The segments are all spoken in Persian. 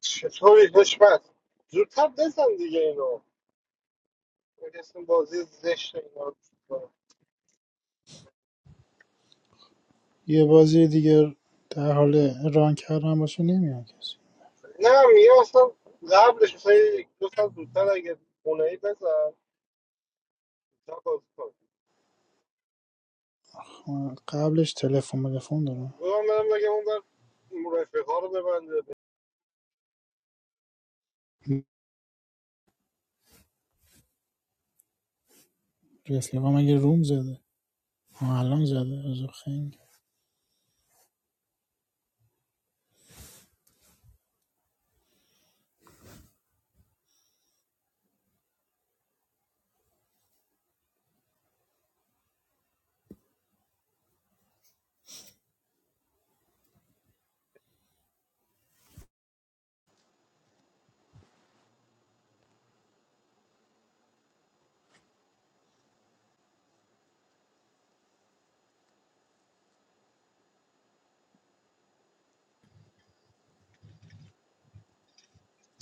چطوری دشمن زودتر بزن دیگه اینو اسم بازی زشت اینا رو کنم. یه بازی دیگه در حال ران کردن باشه نمیاد کسی نه میگم اصلا قبلش مثلا یک دو سال زودتر اگه خونه ای بزن زودتر بازی کن خب، قبلش تلفن تلفن دارم بگم برم بگم اون بر رفقه رو ببنده رفیقام مگه روم زده آه، الان زده از خیلی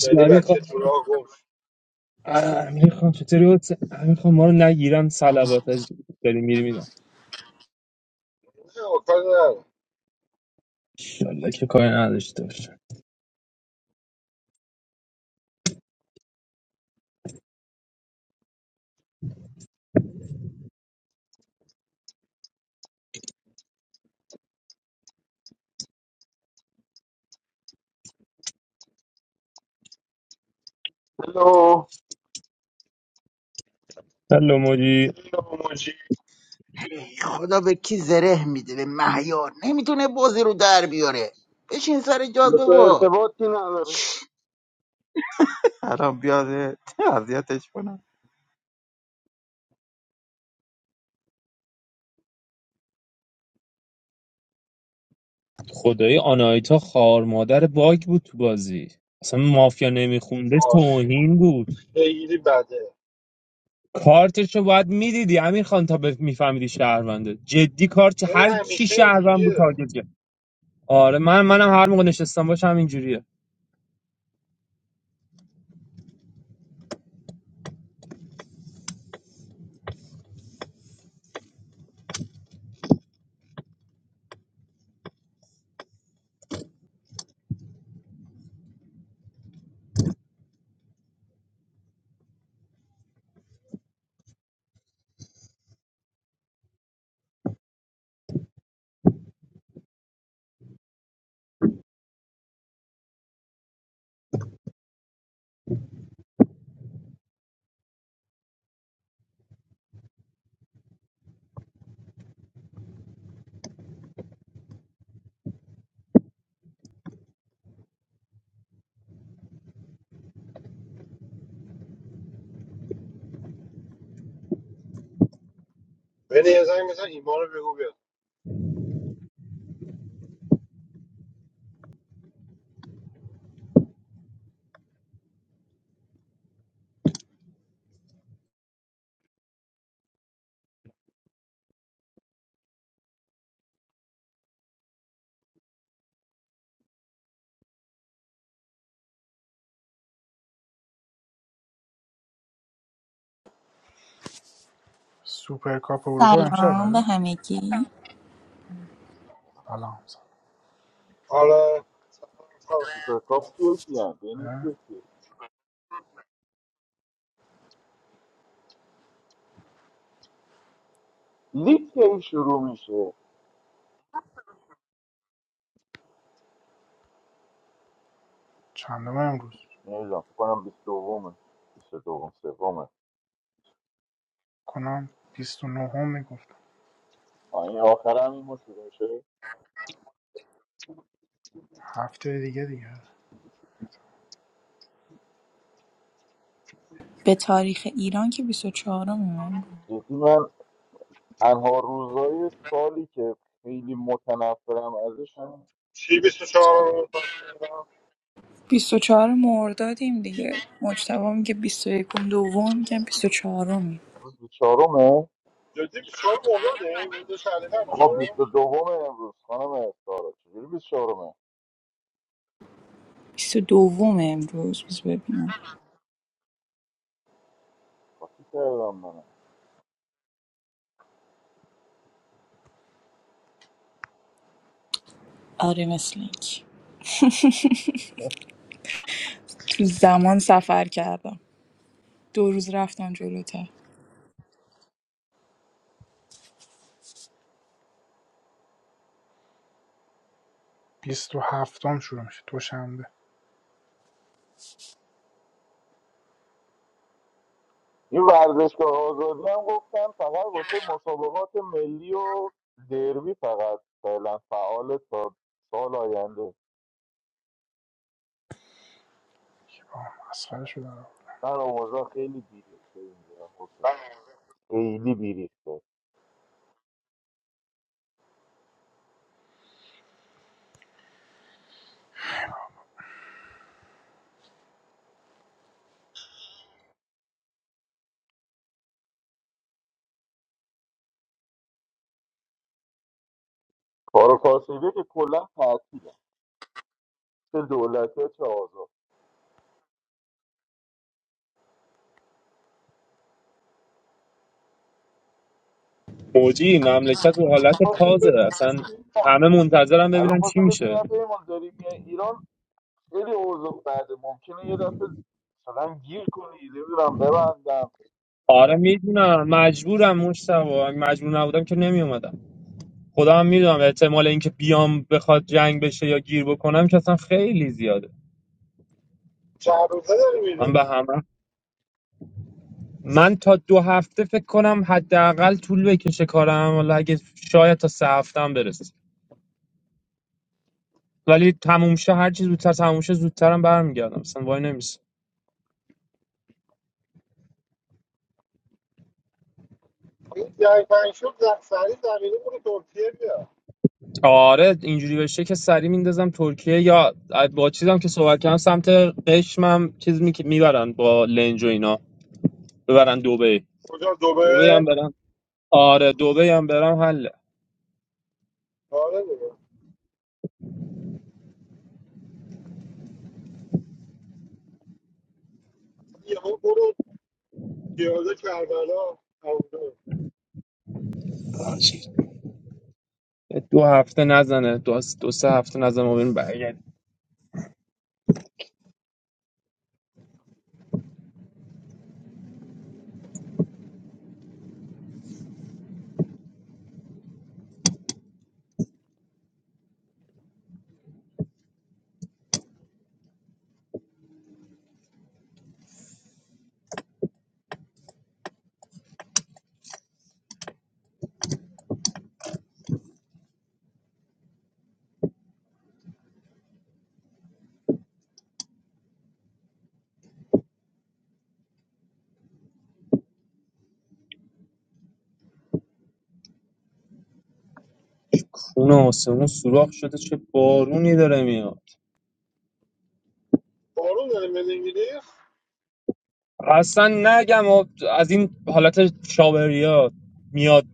یعنی امیر خان بچه تو راه گم شد. امیر خان چطوری بود امیر خان ما رو نگیرن آره. صلوات از داری میری میرم نه آکار نه انشالله که کاری نداشته باشه الو هلو موجی این موجی خدا به کی زره میده به مهیار نمیتونه بازی رو در بیاره بشین سر جاد به تو بابا ارتباطی نداره خدای آنایتا خار مادر باگ بود تو بازی اصلا مافیا نمیخونده آه، توهین بود خیلی بده کارتشو باید میدیدی امیر خان تا به- میفهمیدی شهرونده جدی کارت اون هر چی همیشه شهروند بود اینجوریه تارگت کرد آره من منم هر موقع نشستم باشم اینجوریه بینی یه زنگ مثلا ایمان رو بگو بیاد سوپر کاپ اروپا امشب سلام به بده همگی سلام حالا سلام سلام به کاپ کیه کیه بین سلام کیه کیه لیگ کی شروع میشه چندم امروز نمیدونم فکر کنم 22 بیست دوم سومه کنم 29 نهم میگفتم آه، این آخر هم این ما شروع میشه هفته دیگه دیگه به تاریخ ایران که 24 میم جدی من تنها روزای سالی که خیلی متنفرم ازش هم چی 24 رو 24 مردادیم دیگه مجتبا میگه 21 دوم میگم 24 میم روز 24 جدی شما مرزاده من دو شهر آقا میشه 22 امروز خانم سارا چجوری 24 22 امروز بز ببینم خاطی کردم من آره مثل اینکه. تو زمان سفر کردم دو روز رفتم جلوتر 27 هفتم شروع میشه دوشنبه این ورزشگاه آزادی هم گفتن فقط واسه مسابقات ملی و دربی فقط فعلا فعال تا سال آینده آه مسخره شده من آموزا خیلی بیریخته اینجا حسین. خیلی بیریخته کار و کاسبی که کلا تعطیله چه دولتی چه آزاد موجی مملکت رو حالت خواستیم پازه اصلا بگیم- همه منتظرم الان ببینن چی خواستم بهت میشه بگم پیمان داریم میای ایران خیلی اوضاع بعد ممکنه یه دفعه مثلا گیر کنی نمیدونم ببندم آره میدونم مجبورم مشتبه اگه مجبور نبودم که نمیومدم خدا هم میدونم احتمال اینکه بیام بخواد جنگ بشه یا گیر بکنم که اصلا خیلی زیاده چهار روزه داری میری من به همه من تا دو هفته فکر کنم حداقل طول بکشه کارم ولی اگه شاید تا سه هفته هم برسه ولی تموم شه هر چیز زودتر تموم شه زودترم برمیگردم اصلا وای نمیشه این جنگ تنگ شد زخ- سریع زمینه برو ترکیه بیا آره اینجوری بشه که سری میندازم ترکیه یا با چیزم که صحبت کردم سمت قشمم چیز می... میبرن با لنج و اینا ببرن دبی کجا دبی دوبه هم برم آره دبی هم برم حله آره دیگه یهو برو پیاده کربلا اونجا دو هفته نزنه دو, دو سه هفته نزنه ما بریم برگردیم خونه آسمون سوراخ شده چه بارونی داره میاد بارون داره من انگلیس اصلا نگم آب- از این حالت شاوریا میاد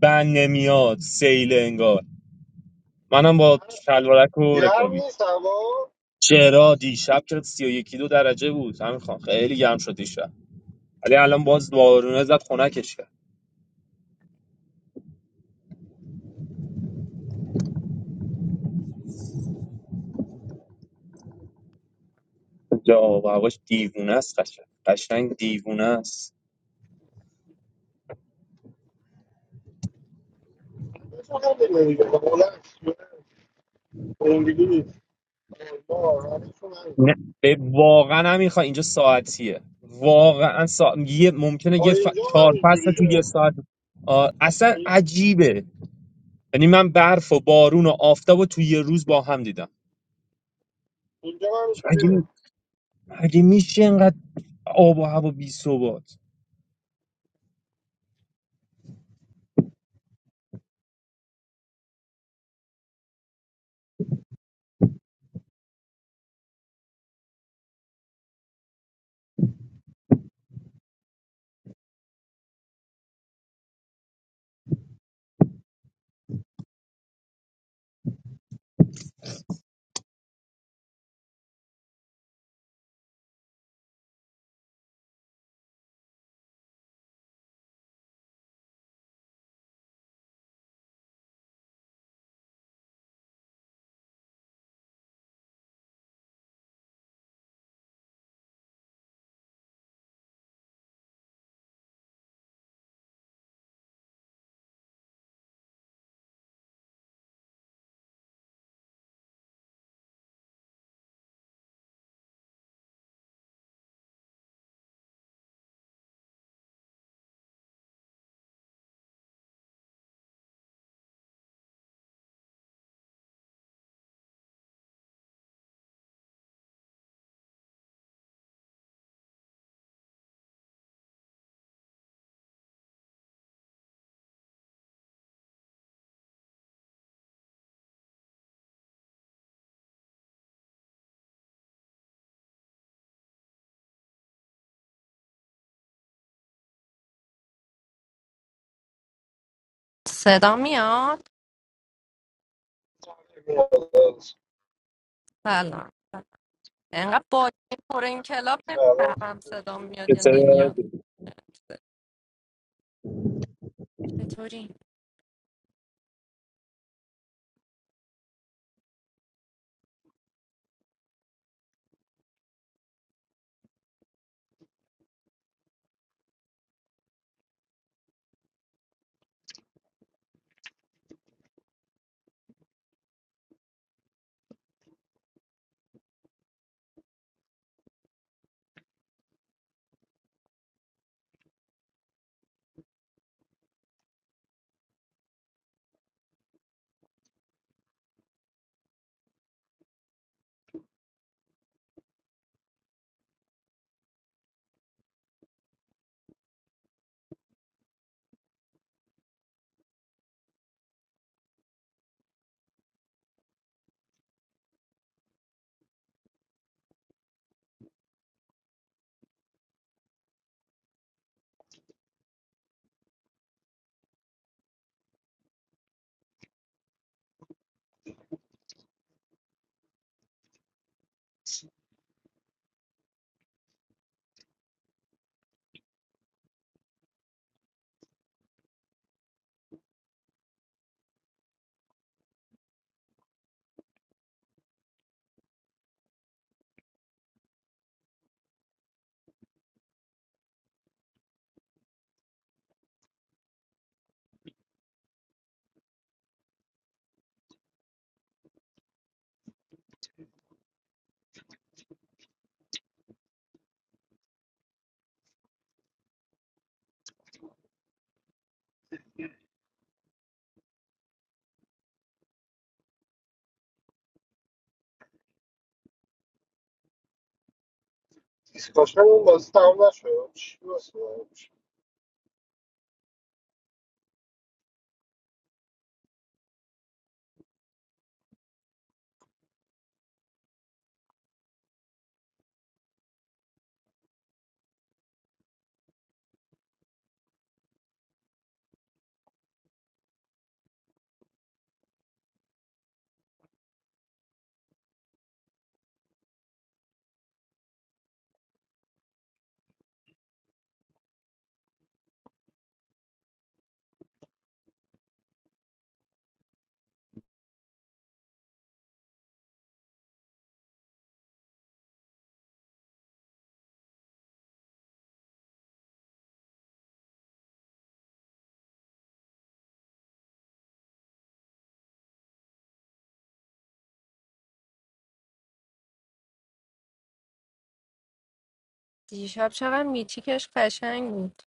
بند نمیاد سیل انگار منم با شلوارک و گرم رکابی نیست هوا چرا دیشب که سی و یکی دو درجه بود همین خان خیلی گرم شد دیشب ولی الان باز بارونه زد خنکش کرد جا و هواش دیوونه است قشنگ قشنگ دیوونه است همه‌شون همینه دیگه. بلند شده. اونجوری نیست آه، همه‌شون همینه. نه به- واقعا هم میخوای اینجا ساعتیه واقعا سا... یه ممکنه یه ف... اینجا هم چهار فصل تو یه اینجوریه ساعت آ، اصلا عجیبه یعنی من برف و بارون و آفتاب رو تو یه روز با هم دیدم اینجا هم اینجوریه مگه, مگه میشه اینقدر آب و هوا بی ثبات صدا میاد سلام انقدر باید پر این کلاب نمیفهمم صدا میاد یا نمیاد چطوری دیسکاشن اون بازی تمام نشد چی بازی بود؟ دیشب شبم میچیکش قشنگ بود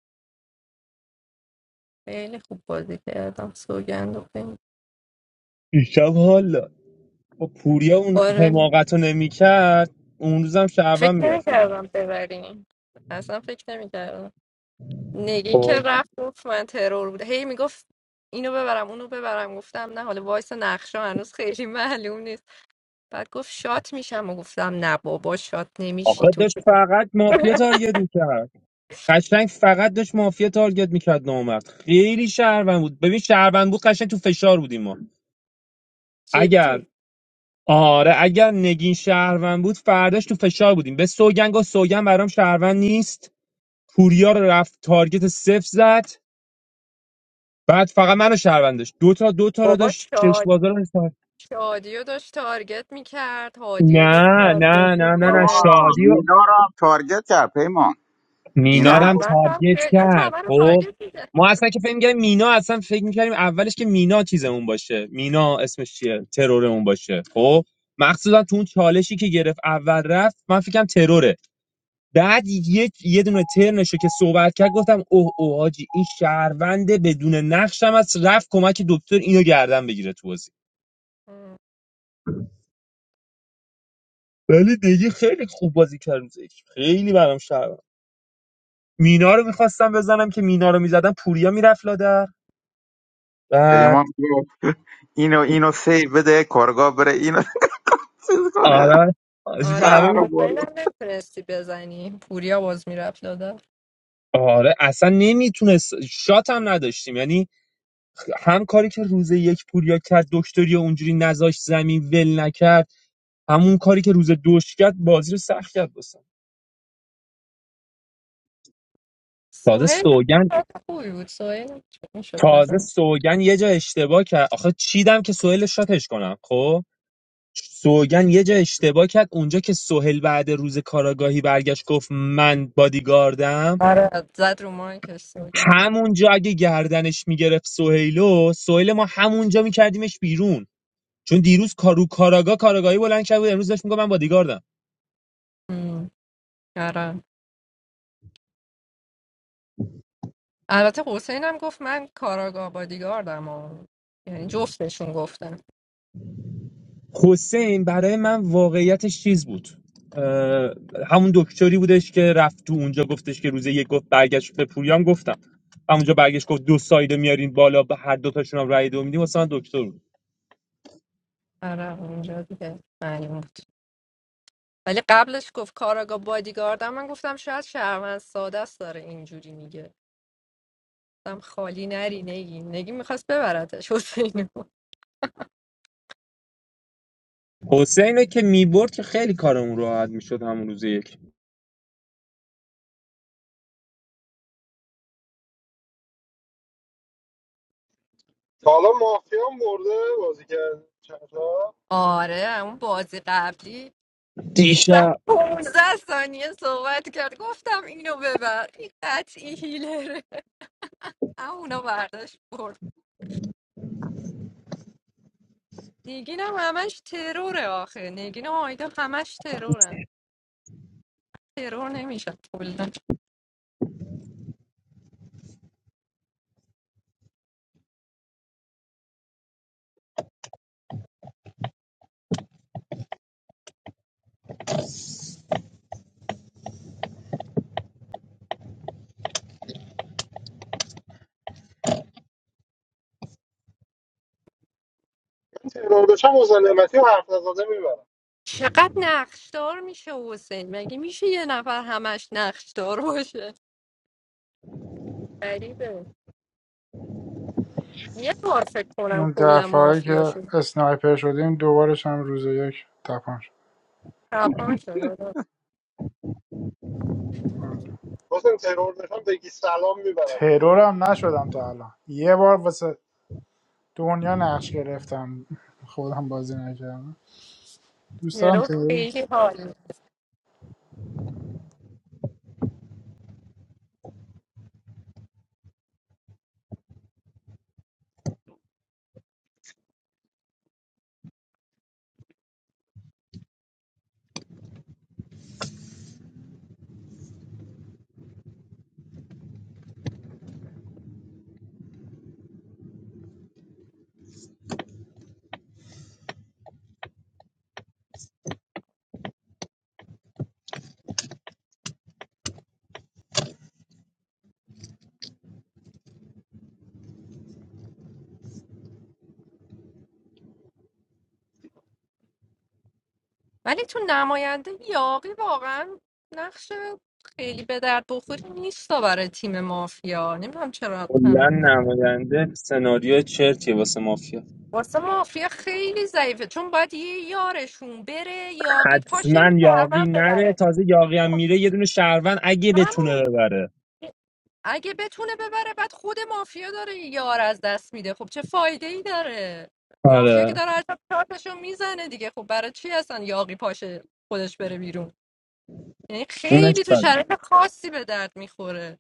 خیلی خوب بازی کردم سوگند و خیلی دیشب حالا با پوریا اون آره حماقت رو نمیکرد اون روزم شعبم فکر میرفت نمیکردم ببریم اصلا فکر نمیکردم نگین که رفت گفت من ترور بوده هی میگفت اینو ببرم اونو ببرم گفتم نه حالا وایس نقشه هنوز خیلی معلوم نیست بعد گفت شات میشم و گفتم نه بابا شات آخه نمیشی داشت فقط مافیا تارگت میکرد قشنگ فقط داشت مافیا تارگت میکرد نامرد خیلی شهروند بود ببین شهروند بود قشنگ تو فشار بودیم ما اگر جدی آره اگر نگین شهروند بود فرداش تو فشار بودیم به سوگن گفت سوگن برام شهروند نیست پوریا رو رفت تارگت صفر زد بعد فقط منو شهروند داشت دوتا دوتا رو بابا داشت چشم شاد بازار رو شادیو داشت تارگت میکرد هادیو داشت نه نه تارگت نه نه نه بابا، میکرد شادی مینا رو هم تارگت کرد پیمان مینا مینا رو رو هم گفت شهروند هم تارگت خیلی داشت کرد همه رو خب تارگت میکرد ما اصلا که فکر می‌کردیم مینا اصلا فکر می‌کردیم اولش که مینا چیزمون باشه مینا اسمش چیه ترورمون باشه خب مخصوصا تو اون چالشی که گرفت اول رفت من فکرم تروره بعد یه یه دونه ترنشو که صحبت کرد گفتم اوه اوه حاجی این شهرونده بدون نقشم از رفت کمک دکتر اینو گردن بگیره تو بازی ولی دیگه خیلی خوب بازی کرد روز یک. خیلی برام شهروند مینا رو میخواستم بزنم که مینا رو میزدم پوریا میرفت لادر پیمان بعد گفت اینو اینو سیو بده کارگاه بره اینو چیز کنه آره حاجی به آره شهر رو حسین برد. هم نمیتونستی بزنی پوریا باز میرفت داده آره اصلا نمیتونست شات هم نداشتیم یعنی هم کاری که روز یک پوریا کرد دکتری و اونجوری نذاشت زمین ول نکرد همون کاری که روز دوش کرد بازی رو سخت کرد بسن تازه سوهیل هم سوگن شاد خوبی بود سوهیل هم میشد تازه بزن سوگن یه جا اشتباه کرد آخه چیدم که سهیل شاتش کنم خب سوگن یه جا اشتباه کرد اونجا که سهیل بعد روز کاراگاهی برگشت گفت من بادیگاردم آره زد رو مایکش سوگند همونجا اگه گردنش میگرفت سهیلو سهیل ما همونجا میکردیمش بیرون چون دیروز کارو کاراگا کاراگاهی بلند کرد بود امروز داشت میگفت من بادیگاردم ام، آره البته حسین هم گفت من کاراگاه بادیگاردم و- یعنی جفتشون گفتن حسین برای من واقعیتش چیز بود اه، همون دکتری بودش که رفت تو اونجا گفتش که روز یک گفت برگشت به پوریام گفتم همونجا برگشت گفت دو سایده میارین بالا به هر دو تاشون هم رأی دو میدیم واسه من دکتر بود آره اونجا دیگه معلوم بود ولی قبلش گفت کاراگا بادیگاردم من گفتم شاید شهروند ساده است داره اینجوری میگه گفتم خالی نری نگی نگی میخواست ببردش حسینو حسین رو که میبرد که خیلی کارمون راحت میشد همون روز یک تا حالا مافیا هم برده بازی کرد چند تا آره اون بازی قبلی سر دیشب 15 ثانیه صحبت کرد گفتم اینو ببر این قطعی هیلره اما اونو برداشت برد. نگین هم همش تروره آخه نگین و آیدا همش ترورن ترور نمیشه کلا من ترور بشم حسین نعمتی و حرف نزاده میبرم چقدر نقشدار میشه حسین مگه میشه یه نفر همش نقشدار باشه غریبه یه بار فکر کنم اون کلا دفعه مافیا که شد اسنایپر شدیم دوبارش هم روز یک تپان شد تپان شد آدم. آره. حسین ترور بشم بگی سلام میبرم ترورم نشدم تا الان یه بار واسه دنیا نقش گرفتم خودم بازی نکردم دوست دارم ترور ترور شم. خیلی حال میده. ولی تو نماینده یاقی واقعا نقش خیلی به درد بخوری نیست برای تیم مافیا نمیدونم چرا کلا نماینده سناریو چرتیه واسه مافیا واسه مافیا خیلی ضعیفه چون باید یه یارشون بره یاقی پاشه این حتما یاقی شهروند نره ببره تازه یاقی هم خب، میره یه دونه شهروند اگه بتونه همون ببره اگه بتونه ببره بعد خود مافیا داره یه یار از دست میده خب چه فایده ای داره مافیا که آره داره هر شب کارتشو میزنه دیگه خب برای چی اصلا یاقی پاشه خودش بره بیرون یعنی اونش خیلی تو بده شرایط خاصی به درد میخوره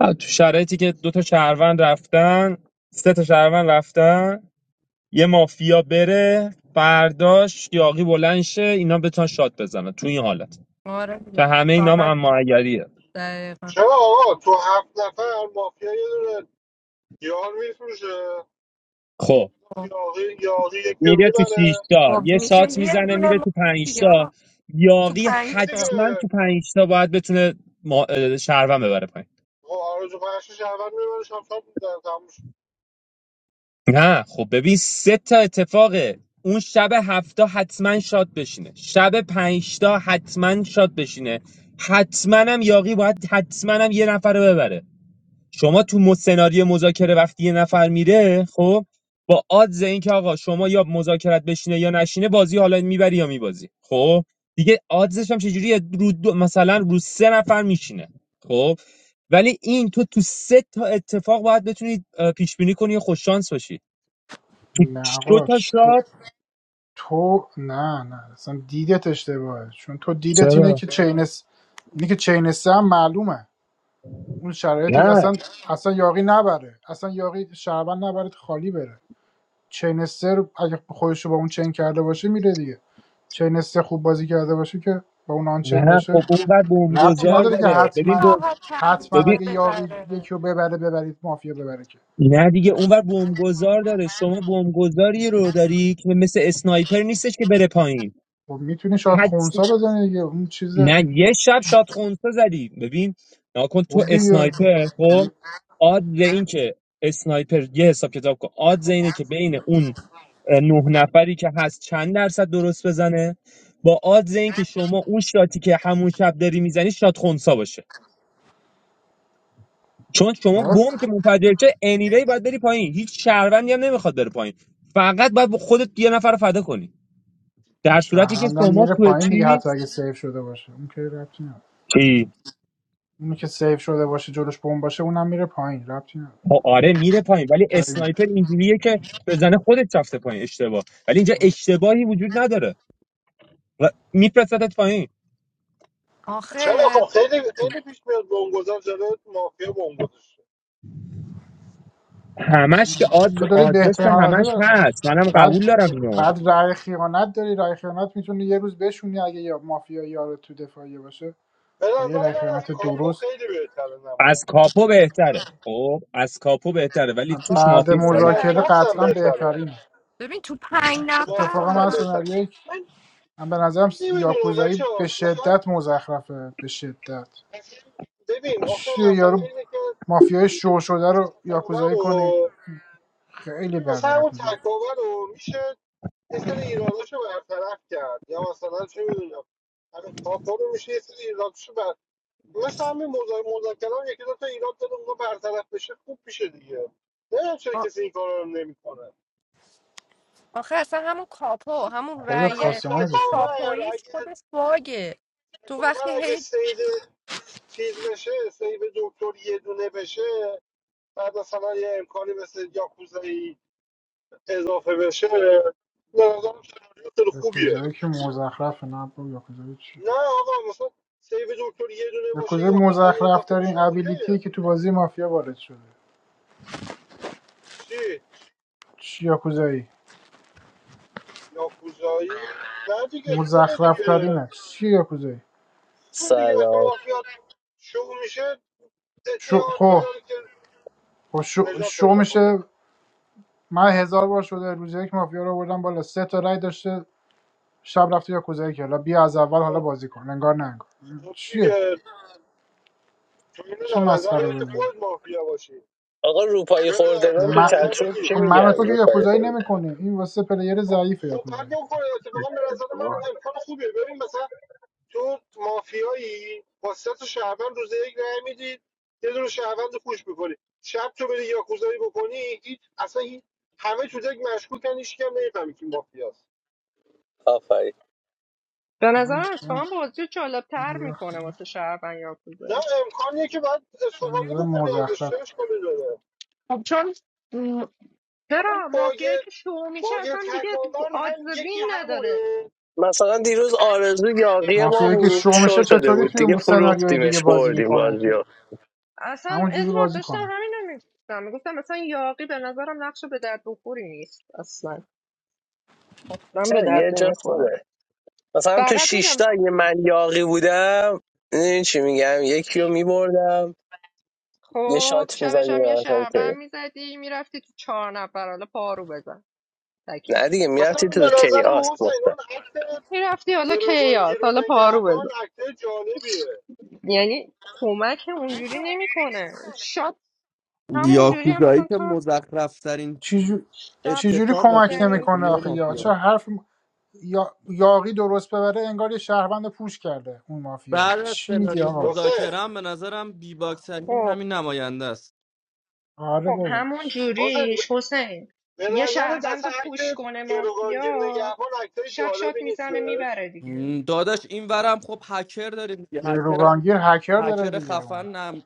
آه، تو شرایطی که دو تا شهروند رفتن سه تا شهروند رفتن یه مافیا بره برداشت یاقی بلند شه اینا بتونن شات بزنن تو این حالت آره که دیگه همه اینام فقط اما دقیقا چرا آقا تو هفت نفر مافیا یه دونه یار میفروشه خب خب یاقی یاقی یکی رو میره تو شیش میبره تا خب یه میشه شات یه میزنه دونه میره تو پنج تا مافیا تو یاقی پنج نه تا. دیگه حتما تو پنج تا باید بتونه ما... اه، شهروند ببره پایین خب آرزو پرشش اول میبره شب شب می‌زنه، تموم شد. نه خب ببین سه تا اتفاقه اون شب هفتا حتما شاد بشینه شب پنجتا حتما شاد بشینه حتما هم یاقی باید حتما هم یه نفر رو ببره شما تو مو- سناریو مذاکره وقتی یه نفر میره خب با آدز اینکه آقا شما یا مذاکرت بشینه یا نشینه بازی حالا میبری یا میبازی خب دیگه آدزش هم چجوریه رو دو مثلا رو سه نفر میشینه خب ولی این تو تو سه تا اتفاق باید بتونی پیش بینی کنی و خوش شانس باشی تو نه چ- دو آقا تا تو, شات تو- نه نه اصلا دیدت اشتباهه چون تو دیدت اینه چرا که چینس اینه که چینس هم معلومه اون شرایطی که نه اصلا اصلا یاقی نبره اصلا یاقی شربن نبره خالی بره چینسه رو اگه خودش رو با اون چین کرده باشه میره دیگه چینسه خوب بازی کرده باشه که با اون آن چین نه باشه خب اون بعد ربطی بمبگذار بابا نداره که داره خیلی ببین حتما بمب... راحت تر ببین حتما میتونه اگه یاقی ببره یکی رو ببره ببرید مافیا ببره که نه دیگه اونور بمبگذار داره شما بمبگذاری رو داری که مثل اسنایپر نیستش که بره پایین خب میتونه شاید حدس خونسا بزنه دیگه اون چیز نه یه شب شاد خونسا زدی ببین نکن خب تو دیگه اسنایپر خب آدز این که اسنایپر یه حساب کتاب کن آدز اینه که بین اون اه، نه نفری که هست چند درصد درست بزنه با آدز این که شما اون شاتی که همون شب داری میزنی شاد خونسا باشه چون شما خب بم که منفجر شه انیوی باید بری پایین هیچ شهروندی هم نمیخواد بره پایین فقط باید با خودت یه نفر رو فدا کنی در صورتی که شهروندم شما میره تو پایین دیگه چی حتی اگه سیف شده باشه اون که ربطی نداره چی اونی که سیف شده باشه جلوش بمب باشه اونم میره پایین ربطی نداره خب آره میره پایین ولی دوتایی میره. اسنایپر اینجوریه که بزنه خودت رفته پایین اشتباه ولی اینجا آره. اشتباهی وجود نداره و میپرستت پایین چرا آخه خب خیلی خیلی پیش میاد بونگوزار جلو مافیا بونگوزشه همش که آدز تو داری آدرس که بهترین حالت همش رو- هست منم بعد قبول دارم اینو بعد رای خیانت داری رای خیانت میتونی یه روز بشونی اگه یا مافیا یار تو دفاعیه باشه به با یه نظر رای من از خیانت کاپو درست خیلی بهتره نماینده از کاپو بهتره خب از کاپو بهتره ولی توش فرد مافیا یا ضعیف مذاکره ضعیف بازپرس هم قطعا بهتره بهترینه ببین تو پنج اتفاقا بازپرس من هم نفر بهتره سناریوی من من به نظرم من س- نمیدونم بچه یاکوزایی به ها مثلا شدت مزخرفه به شدت اصلا ببین آخه چیه یارو مسئله اینه که مافیای شو اون شده رو تکاور یاکوزایی کنی رو خیلی ببین مثلا بده اون یاکوزایی تکاور رو میشه یه سری ایراداش رو برطرف کرد یا مثلا چه میدونم همین کاکا رو میشه یه سری ایراداش رو بر مثل همین مذا- مذاکره هم یکی دو تا ایراد داره اونها برطرف بشه خوب میشه دیگه نمیدونم چرا آ- کسی این کار رو نمیکنه آخه اصلا همون کاپو مثلا همون خودت مثلا رأی کاستماایزش کنی تکاور کاپویش اگه خودش باگه تو تکاور وقتی اگه هی سید چیز بشه سید دکتر یه دونه بشه بعد مثلا یه امکانی مثل یاکوزایی اضافه بشه به نظرم سناریو خیلی خوبیه یاکوزایی که مزخرفه نه با یاکوزایی چی نه آقا مثلا سیو دکتر یه دونه باشه یاکوزایی یاکوزایی مزخرف اضافه ترین بشه اوکیه ابیلیتی که تو بازی مافیا وارد شده چی چی یاکوزایی یاکوزایی نه دیگه خوبه مزخرف دیگه ترینه چی یاکوزایی خوبه دیگه وقتی سلام مافیا شروع میشه این شو آنتو خب داره که خب شو, نجات شو پیدا کنه میشه من هزار بار شده روز یک مافیا رو آوردم بالا سه تا رای داشته شب رفته یا کوزه کرد حالا بیا از اول حالا خب بازی کن انگار نه انگار خب چیه دیگه تو اینو چه در نظر مسخره بگیر که بازی خودت مافیا باشی آقا روپایی جوری در, خوردگان در تو من نظر چتروم بگیر چی خب من و میگن تو که روپایی یاکوزایی خورد نمیکنه این واسه پلیر خب ضعیفه خب بعد یاکوزایی بکنه اتفاقا به نظر من امکان خوبیه ببین مثلا تو مافیایی با سه تا شهروند روز یک رای میدی یه دونه شهروند رو پوش میکنی شب تو بری یاکوزایی بکنی هیچ اصلا هیچ همه تو دک مشکوکن هیچ کم نمیفهمی که مافیاست آفرین به من- نظرم اتفاقا بازی جالب تر من- میکنه واسه شهروند نه یاکوزایی امکانیه که باید استفاده بکنی ازش مزخرف چش کنی داره خب چون م، مثلا چرا باگ مافیایی که شو میشه باگ اصلا دیگه تکاور هم یکی آدزوین نداره همونه مثلا دیروز آرزو یاقی ما مافیایی که بود شو شو میشه شده چطوری بود دیگه توی سناریوهای دیگه فروختیمش بازی بردیم میکنه تو بازیو اصلا همون جوری ادوارد بازی داشتم کنه همین رو میگفتم میگفتم مثلا یاقی به نظرم نقش به درد بخوری نیست اصلا اصلا به چرا یه درد جا نمیخوره خوبه مثلا تو فقط میگم شیشتا اگه من یاقی بودم این چی میگم یکی رو میبردم یه خب شات شبش هم یه میزدیم مثلا شهربند که میزدی میرفتی تو چهار نفر حالا پارو بزن تکی نه دیگه مثلا میرفتی من تو به نظرم کیاس حسین مستم اون حتی میرفتی حالا گروگانگیر کیاس و حالا پارو بزن نگهبان اکته جالبیه یعنی کمک اونجوری نمیکنه شاد همون جوری هم یاکوزایی مثلا که تو مزخرف ترین چجوری شاد چجوری اتفاق کمک واسه میزنی نمیکنه سناریو آخه یا چه مافیا حرف یا... یاقی درست ببره انگار یه شهروند پوش کرده اون مافیا بعد از چی میگی سناریو آقا حسین مذاکره هم به نظرم بی باکسنی خب همین نماینده است آره خب بابا همون حسین ب- جوریش حسین به یه نظرت شهروند اصلا رو پوش اکت کنه گروگانگیر مافیا نگهبان اکته شب شاد جالبی میزنه نیستش میبره دیگه م، داداش این ورم خب هکر داریم دیگه هکر هم گروگانگیر هکر داره هکر دیگه اون خفن نم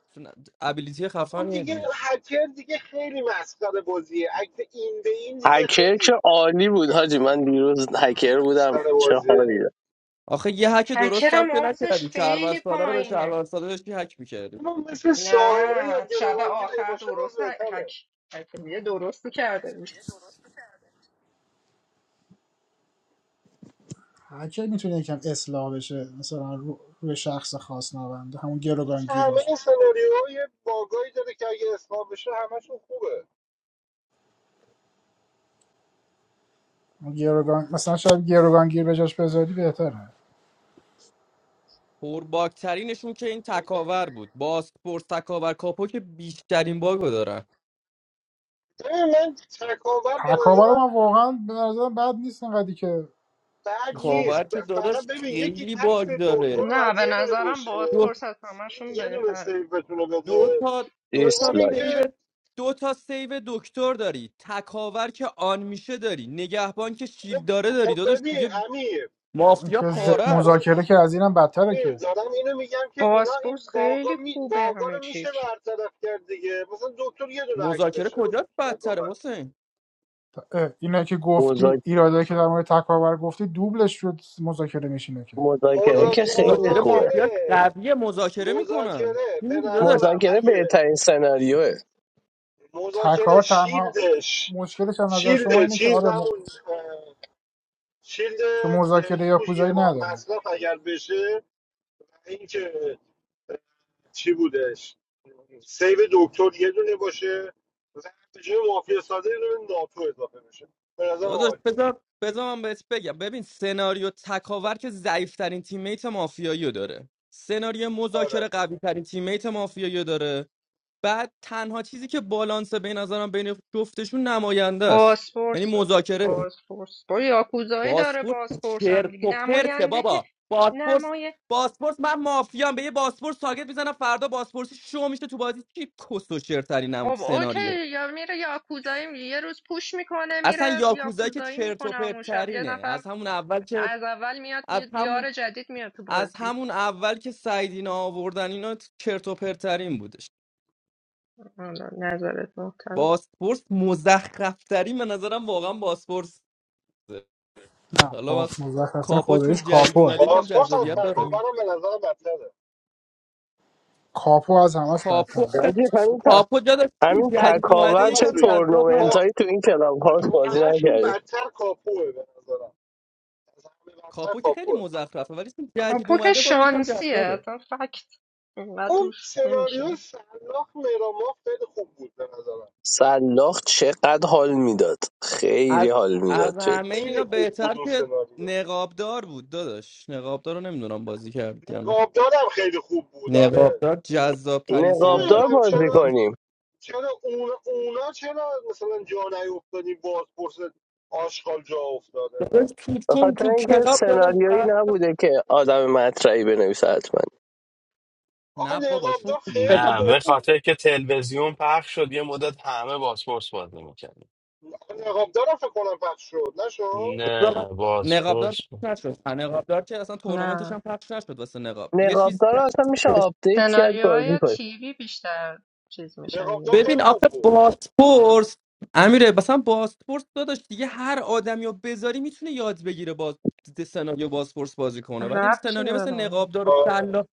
ابیلیتی اون خفن یه دیگه دیگه هکر دیگه خیلی مسخره بازیه اکت این به این دیگه هکر که خیلی عالی بود حاجی من دیروز هکر بودم مسخره چه بازیه حالی داشت. آخه یه هک درست هم هکرم که آتش نکردی شهروند خیلی ساده رو به پایینه شهروند ساده داشتی هک میکردی اما مثل ساهره یا نه شب گروگانگیر اگه آخر باشه باز درست ه- حک بهتره حکمیه درستی کرده بود هکر میتونه یکم اصلاح بشه مثلا رو... روی شخص خاص نبنده همون اصلا گروگانگیر همه باشه این سناریوها یه باگایی داره که اگه اصلاح بشه همشون خوبه اون گروگان... مثلا شاید گروگانگیر به جاش بذاری بهتره پرباکترینشون که این تکاور بود باسپورس تکاور کاپو که بیشترین باگ دارن ببین من تکاور به تکاور رو نظرم من واقعا به نظرم بد نیست اینقدری که بد چیز شده کاور نیست که ب- فقط داداش ببین یکی خیلی عکس باگ داره دکتر نه باید به یه دونه نظرم بشه دو, بازپرس از همشون یه دونه بهتره سیف بتونه دو بده تا دو تا دوم دیسلایک سیو اینکه دو تا سیو دکتر داری تکاور که آن میشه داری نگهبان که شیلد خب داره داری خب داداش ببین دیگه امیر مافیا که ز... امیر پاره است دارم مذاکره که از اینم بدتره امیر که دارم اینو میگم که اینا این بازپرس باگا خیلی می خوبه باگا همه رو میشه چیز برطرف کرد دیگه مثلا دکتر یه دونه عکس مذاکره داشته باشه کجاست نکنه. بدتره حسین اه، اینا که گفتی ایراده که در مورد تکاور گفتی دوبلش شد مذاکره میشینه که مذاکره داداش که مذاک- خیلی مذاکره خوبه مافیا مذاکره قویه مذاکره میکنن مذاکره چی به میگی داداش نظرم مذاکره اگه بهترین سناریوه مذاکره تکار تنها شیلدش مشکلش از نظر شما شیلد اینه که چیز آره م... همون شیلد که زره مذاکره یا پوش کوزایی یه بار نداره مصرف اگر بشه اینکه چی بودش سیو دکتر یه دونه باشه مثلا جای مافیا ساده یه دونه ناتو اضافه بشه به نظر داداش عالی بذار بذار من بهت بگم ببین سناریو تکاور که ضعیف ترین تیمیت مافیایی رو داره سناریو مذاکره آره قوی ترین تیمیت مافیایی رو داره بعد تنها چیزی که بالانس به نظرم بین جفتشون نماینده است یعنی بازپرس مذاکره بازپرس با یاکوزایی داره باسپورس بازپرس هم چرت دیگه و پرته نماینده که بابا باسپورس نمای باسپورس من مافیام به یه باسپورس تارگت میزنم فردا باسپورسی شو میشه تو بازی چی کس و چرترینم خب سناریو اوکی یا میره یاکوزایی می- یه روز پوش میکنه اصلا میره یاکوزایی که یاکوزایی چرت و میکنه پرت همون شب یه ترینه نفر از همون اول که از اول میاد از یه همون دیار جدید میاد تو از بازی همون اول که سعیدینا آوردن اینا چرت و پرت ترین بودش حالا نظرت محترم باسپورس مزخرف ترین به نظرم واقعا باسپورس نه حالا با باز مزخرفین کاپو چون خودش جدید کاپوه اومده یکم پاسپورت از جذابیت داره کاپو تکاورم به نظر بدتره کاپو از همش کاپو بدتره ولی همین ت... کاپو جدا چون همین جدید کا- اومده تکاور چه راست یکم می جذاب کا... تورنومنت هست هایی تو این کلاب هاست بازی همشون نکردیم بدتر کاپوه به نظرم از همه بدتر کاپو که خیلی کاپوه مزخرفه ولی چون جدید کاپو که اومده باز یکم شانسیه جذابه اصلا فکت اینقدر اون توش سناریو نمیشینه سلاخ مراماف خیلی خوب بود به نظرم سلاخ چقدر حال میداد خیلی از حال میداد از همه جدی خیلی اینا خوب بود بهتر اون که سناریو نقابدار بود داداش نقابدار رو نمیدونم بازی کرد یا نه نقابدارم خیلی خوب بود آره نقابدار جذاب من ترین سنا نقابدار نمیدونم بازی چرا کنیم چرا اون اونا چرا مثلا جا نیفتادی بازپرس آشغال جا افتاده داداش نه تو به چون خاطر تو اینکه کلاب داداش سناریویی بس- نبوده که آدم مطرحی بنویسه حتما آخه نه بابا چون نقابدار تو خیلی کلاب نه خوب به بود خاطر که تلویزیون پخش شد یه مدت همه باسپورس بازی میکردن آخه نقابدارم فکر کنم پخش شد نشد نقابدار نه نقابدار باسپورس پخش نشد ها، نقابدار که اصلا تورنمنتش نه هم پخش نشد واسه نقاب یه چیز نقابدار رو اصلا میشه آپدیت کرد بازی سناریوهای کنیم تیوی بیشتر چیز میشن نقابدار دیگه ببین خیلی آخه خوب بود بازپرس امیره مثلا بازپرس داداش دیگه هر آدمی رو بذاری میتونه یاد بگیره باز سناریو بازپرس بازی کنه ولی رب چی سناریو مثل داره نقابدار و آره سلا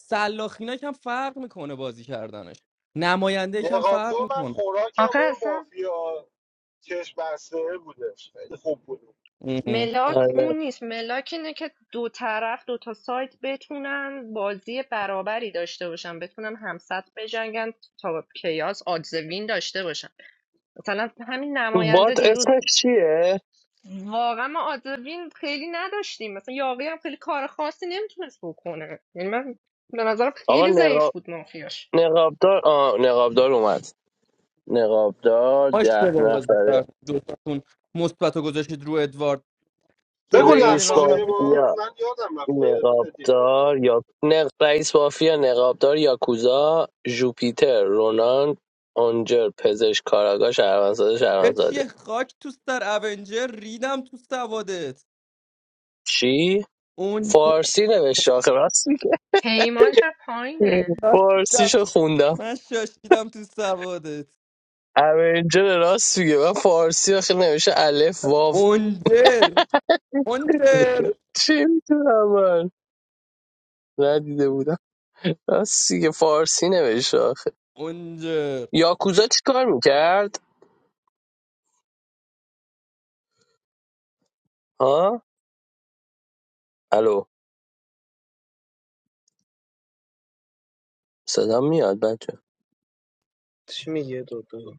سلاخینا که هم فرق میکنه بازی کردنش نماینده که هم فرق نقابدار من میکنه خوراکم آخه اون اصلا مافیا چشم بسته بودش خیلی خوب بود ملاک آره. اون نیست ملاک اینه که دو طرف دو تا سایت بتونن بازی برابری داشته باشن بتونن همسط بجنگن تا کیاس آدز وین داشته باشن مثلا همین تو نماینده بات دیروز اسمش چیه واقعا ما آدوین خیلی نداشتیم مثلا یاقی هم خیلی کار خاصی نمیتونست بکنه یعنی من به نظرم آقا خیلی ضعیف نقاب بود مافیاش نقابدار آه نقابدار اومد نقابدار ده اشتباه بازی نفره کرد دوتاتون مثبت رو گذاشتید رو ادوارد بگو درست ترین رئیس نقشاشو یه راهنمایی بار مافیا من یادم رفته نقابدار یا نق... رئیس مافیا نقابدار یاکوزا جوپیتر رونان آنجر پزشک کاراگاه شهروندزاده شهروندزاده چیه خاک تو سر اونجر ریدم تو سوادت چی اونجا فارسی نوشته آخه راست میگه پیمان چه پایینه شیدم. فارسیشو خوندم من شاشیدم تو سوادت اونجر راست میگه من فارسی آخه نوشته الف واو اونجر اونجر چی میتونم من ندیده بودم راست میگه فارسی نوشته آخه اونجر یاکوزا چی کار میکرد الو صدا میاد بچه چی میگه دو دو